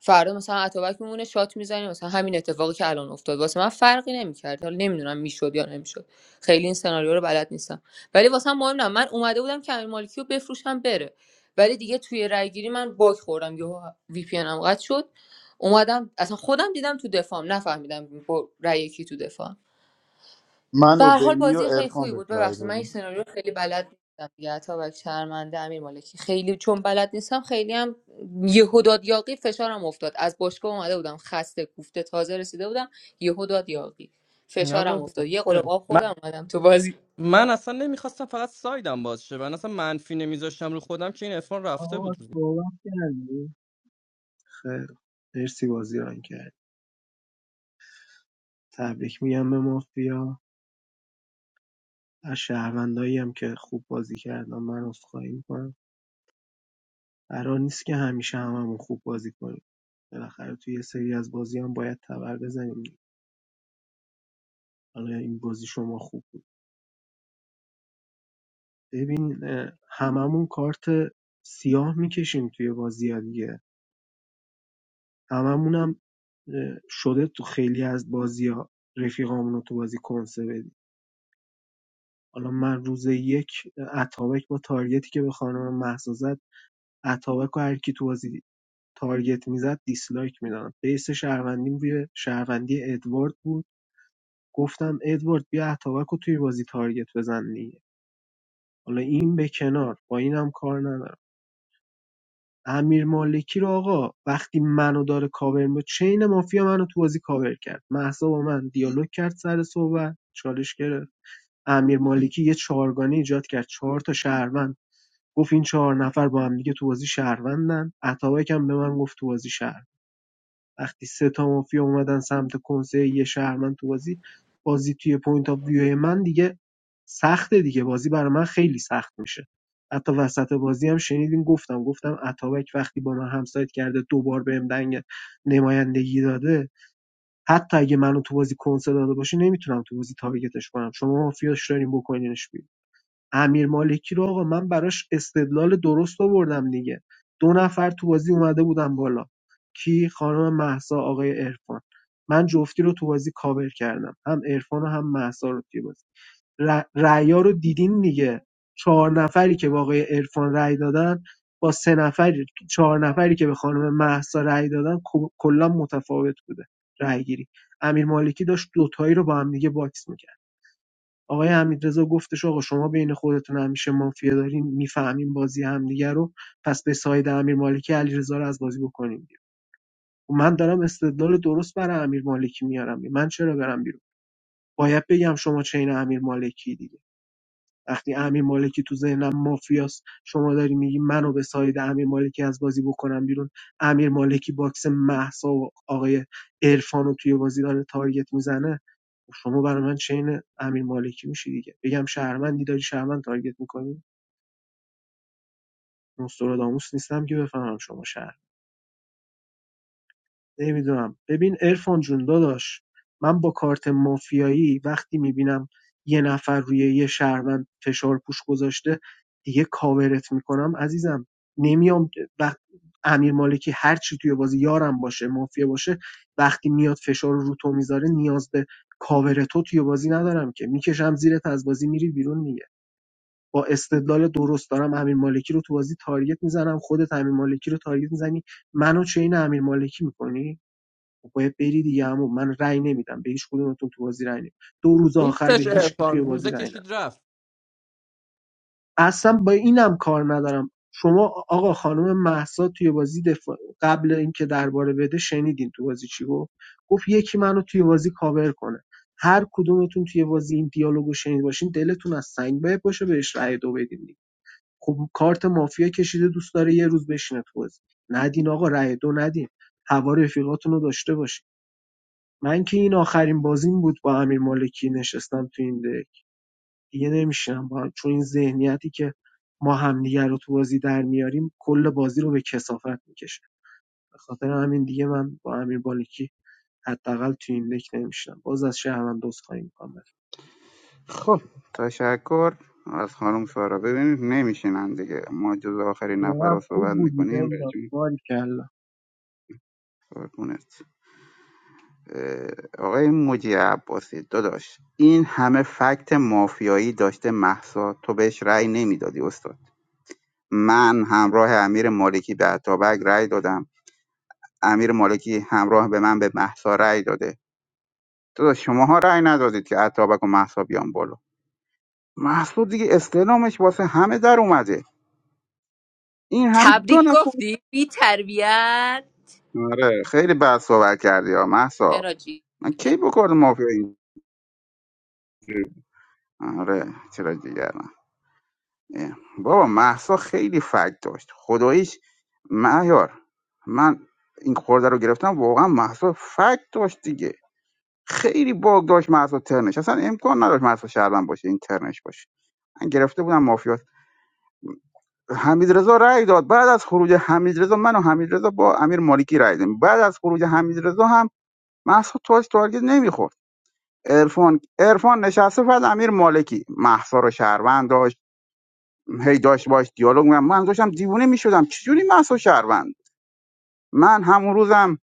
فردا مثلا اتوبک میمونه شات میزنیم مثلا همین اتفاقی که الان افتاد واسه من فرقی نمیکرد حالا نمیدونم میشد یا نمیشد خیلی این سناریو رو بلد نیستم ولی واسه من مهم نه من اومده بودم که امیر مالکی رو بفروشم بره ولی دیگه توی رای گیری من باک خوردم یهو وی پی ان ام قطع شد اومدم اصلا خودم دیدم تو دفام نفهمیدم با رای کی تو دفاع من به و هر حال بینی و بازی خیلی ارفان خوبی بهت بود رای ببخشید من دادیم. این سناریو رو خیلی بلد نیستم دیگه اتابک شرمنده امیر مالکی خیلی چون بلد نیستم خیلی هم یهو داد یاقی فشارم افتاد از باشگاه اومده بودم خسته کوفته تازه رسیده بودم یهو داد یاقی نه فشارم بابا افتاد یه قلب آب من خوردم اومدم تو بازی من اصلا نمیخواستم فقط سایدم باز شه من اصلا منفی نمیذاشتم رو خودم که این عرفان رفته آقا بود روزه صحبت کردی خیر مرسی بازی ران کرد تبریک میگم به مافیا از شهرونداییم که خوب بازی کردن من عذرخواهی میکنم قرار نیست که همیشه هممون خوب بازی کنیم بالاخره توی یه سری از بازی هم باید تبر بزنیم حالا این بازی شما خوب بود ببین اه، هممون کارت سیاه میکشیم توی بازی ها دیگه هممون هم اه، شده تو خیلی از بازی ها رفیقامون رو تو بازی کنسه بدیم حالا من روز یک اه، اتابک با تارگتی که به خانم مهسا زد اتابک و هر کی تو بازی تارگت میزد دیسلایک میدادم بیس شهروندیم روی شهروندی ادوارد بود گفتم ادوارد بیا اتابک رو توی بازی تارگت بزن دیگه حالا این به کنار با اینم کار ندارم امیر مالکی رو آقا وقتی منو داره کاور می چین مافیا منو تو بازی کاور کرد مهسا با من دیالوگ کرد سر صحبت چالش گرفت امیر مالکی یه چهارگانه ایجاد کرد چهار تا شهروند گفت این چهار نفر با هم دیگه تو بازی شهروندن عطاوک هم به من گفت تو بازی شهروند وقتی سه تا مافیا اومدن سمت کنسه یه شهرمند تو بازی بازی توی پوینت آف ویو من دیگه سخته دیگه بازی برای من خیلی سخت میشه حتی وسط بازی هم شنیدین گفتم گفتم اتابک وقتی با من همسایت کرده دوبار بهم دنگ نمایندگی داده حتی اگه منو تو بازی کنسه داده باشه نمیتونم تو بازی تارگتش کنم شما مافیاش دارین بکنینش بیرون امیر مالکی رو آقا من براش استدلال درست آوردم دیگه دو نفر تو بازی اومده بودن بالا کی خانم مهسا آقای عرفان من جفتی رو تو بازی کاور کردم هم عرفان و هم مهسا رو توی بازی ر- رأیا رو دیدین دیگه چهار نفری که به آقای عرفان رأی دادن با سه نفری چهار نفری که به خانم مهسا رأی دادن کو- کلا متفاوت بوده رأی گیری امیر مالکی داشت دوتایی رو با هم دیگه باکس می‌کرد. آقای حمیدرضا گفتش آقا شما بین خودتون همیشه مافیا دارین میفهمین بازی همدیگه رو پس به ساید امیر مالکی علیرضا رو از بازی بکنیم بیرون خب من دارم استدلال درست برای امیر مالکی میارم من چرا برم بیرون باید بگم شما چین امیر مالکی دیگه وقتی امیر مالکی تو ذهنم مافیاست شما داری میگی منو به ساید امیر مالکی از بازی بکنم بیرون امیر مالکی باکس محسا و آقای عرفان رو توی بازی داره تارگت میزنه خب شما برای من چین امیر مالکی میشی دیگه بگم شهرمندی داری شهرمند تارگت میکنی نوستراداموس نیستم که بفهمم شما شهر نمیدونم ببین ارفان جون داداش من با کارت مافیایی وقتی میبینم یه نفر روی یه شهروند فشار پوش گذاشته دیگه کاورت میکنم عزیزم نمیام وقت امیر مالکی هر چی توی بازی یارم باشه مافیا باشه وقتی میاد فشار رو تو میذاره نیاز به کاور تو توی بازی ندارم که میکشم زیرت از بازی میری بیرون با استدلال درست دارم امیر مالکی رو تو بازی تارگت میزنم خودت امیر مالکی رو تارگت میزنی منو چین امیر مالکی میکنی باید بری دیگه عمو من رأی نمیدم به هیچ کدومتون تو بازی رأی نمیدم دو روز آخر به نیستش هیچ کی توی عرفان بازی روزه رأی ندم کشید رفت اصلا با اینم کار ندارم شما آقا خانم مهسا توی بازی دفاع قبل اینکه درباره بده شنیدین تو بازی چی گفت گفت یکی منو توی بازی کاور کنه هر کدومتون توی بازی این دیالوگو شنید باشین دلتون از سنگ باید باشه بهش رأی دو بدین خب کارت مافیا کشیده دوست داره یه روز بشینه تو بازی ندین آقا رأی دو ندین هوا رفیقاتون رو داشته باشین من که این آخرین بازیم بود با امیر مالکی نشستم تو این دک دیگه نمیشم با چون این ذهنیتی که ما همدیگه رو تو بازی در میاریم کل بازی رو به کسافت میکشه به خاطر همین دیگه من با امیر مالکی حداقل تو این دک نمیشم باز از شهروند دوست خواهی میکنم خب تشکر از خانم سارا ببینید نمیشینن دیگه ما جز آخرین نفر رو خوب صحبت بودی میکنیم بهتون بنیام کلا قربونت اه، آقای مجی عباسی داداش این همه فکت مافیایی داشته محسا تو بهش رأی نمیدادی استاد من همراه امیر مالکی به اتابک رأی دادم امیر مالکی همراه به من به محسا رأی داده داداش شماها رأی ندادید که اتابک و محسا بیان بالا محسود دیگه استعلامش واسه همه در اومده این همین دو تبریک نفر گفتی بی تربیت آره خیلی بد صحبت کردی ها محسا چرا جی من کی بکردم مافیا این آره چرا دیگرم اه. بابا محسا خیلی فکت داشت خداییش معیار من این خورده رو گرفتم واقعا محسا فکت داشت دیگه خیلی باگ داشت محسا ترنش اصلا امکان نداشت محسا شهروند باشه این ترنش باشه من گرفته بودم مافیا. حمیدرضا رأی داد بعد از خروج حمیدرضا من و حمیدرضا با امیر مالکی رأی دادیم بعد از خروج حمیدرضا هم محسا تاج تارگت نمیخورد عرفان عرفان نشسته بعد امیر مالکی محسا رو شهروند داشت هی داشت باش دیالوگ می‌کرد. من داشتم دیوونه میشدم چجوری محسا شهروند من همون روزم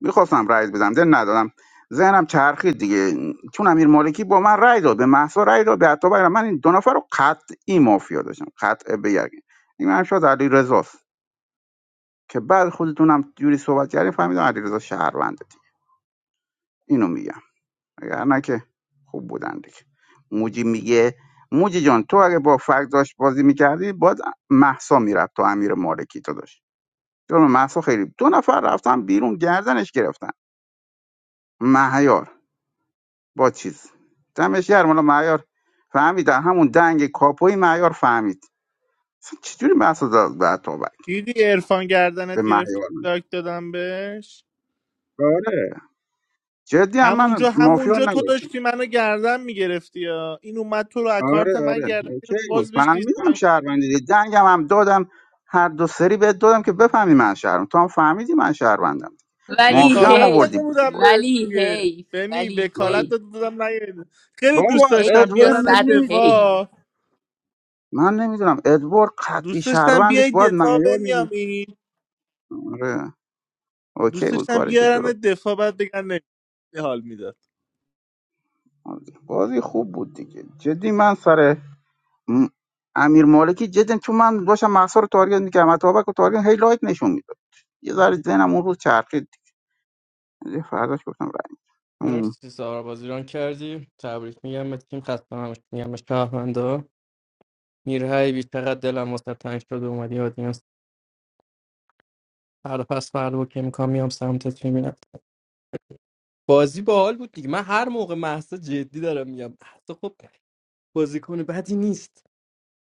میخواستم رأی بدم دل ندادم ذهنم چرخید دیگه چون امیر مالکی با من رأی داد به محسا رأی داد به عطا من این دو نفر رو قطعی مافیا داشتم قطع به یقین این من شاید علی که بعد خودتونم جوری صحبت کردین فهمیدم علیرضا شهرونده دیگه. اینو میگم اگر نه که خوب بودن دیگه موجی میگه موجی جان تو اگه با فرق داشت بازی میکردی باید محسا میرفت تو امیر مالکی تو داشت چون محسا خیلی دو نفر رفتن بیرون گردنش گرفتن مهیار با چیز دمش گرم حالا مهیار فهمید در همون دنگ کاپوی مهیار فهمید اصلا چجوری محسا داد به اتابک دیدی عرفان به گردنت گرفتی مهیار لاک دادم بهش آره جدی هم من همونجا مافیا همونجا تو نداشت داشتی منو گردن میگرفتی یا این اومد تو رو اکارت آره من آره گردن اوکی گرفت بود باز بهش فهمیدم دیستم شهروندی دیگه. دنگم هم دادم هر دو سری بهت دادم که بفهمی من شهرم تو هم فهمیدی من شهروندم ولی مافیا هم وکالت آوردی هی داده بودی بودم بالا به ولی دیگه هی بنی ولی وکالت هی داده بودم نیاید خیلی بابا دوست داشتم هی و ادوارد من بیارنت صد نمیدونم هی دفاع من نمیدونم ادوارد قطعی دوست داشتم بیای شهروندش باید دفاع معیار میدی بنیامین آره دوست اوکی بود داشتم کاری که بیارن درست دفاع بعد بگن نمی‌دونی حال میده آره. بازی خوب بود دیگه جدی من سر م- امیر مالکی جدی تو من باشم محصا رو تارگت میکردم اتابک رو تارگت هی لایت نشون میداد یه ذره ذهنم اون روز چرخید دیگه فرداش گفتم رای. مرسی سارا بازیران کردی تبریک میگم به تیم خسته همش میگم به شهروندا میرهی بی چقدر دلم واسه تنگ شده اومدی آدینس فردا پس فردا که میکنم میام سمتت میبینم بازی باحال بود دیگه من هر موقع محسا جدی دارم میگم مهسا خب بازیکن بدی نیست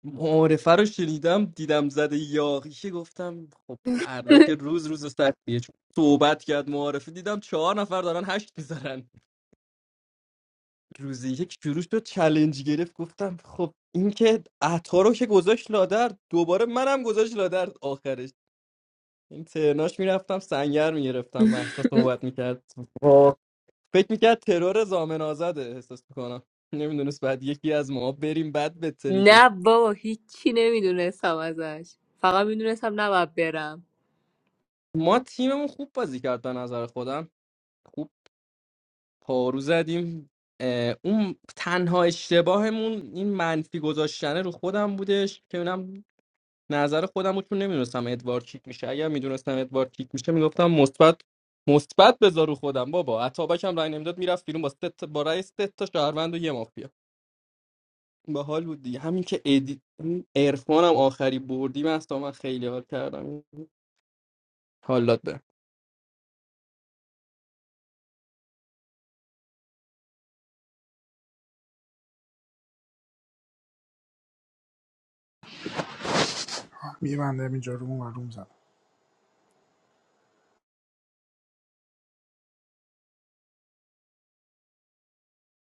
معارفه رو شنیدم دیدم زده یاقیشه گفتم خب فردا که روز روز سختیه چون صحبت کرد معارفه دیدم چهار نفر دارن هشت میذارن روزی یک شروع شد چلنج گرفت گفتم خب این که عطا رو که گذاشت لادر دوباره منم گذاشت لادر آخرش این ترناش میرفتم سنگر میگرفتم محسا صحبت میکرد فکر میکرد ترور زامن آزاده احساس میکنم نمیدونست بعد یکی از ما بریم بعد بتری که نه بابا هیچی نمیدونستم ازش فقط میدونستم نباید برم ما تیممون خوب بازی کرد به نظر خودم خوب پارو زدیم اه، اون تنها اشتباهمون این منفی گذاشتنه رو خودم بودش که اونم نظر خودم بود چون نمیدونستم ادوارد کیک میشه اگر میدونستم ادوارد کیک میشه میگفتم مثبت مثبت بذار رو خودم بابا عطابک هم رای نمیداد میرفت بیرون با سه تا- با رای سه تا شهروند و یه مافیا به حال بود دیگه همین که ادی عرفانم آخری بردیم اصلا من خیلی حال کردم حالات میبندم اینجا رو اون و روم زدم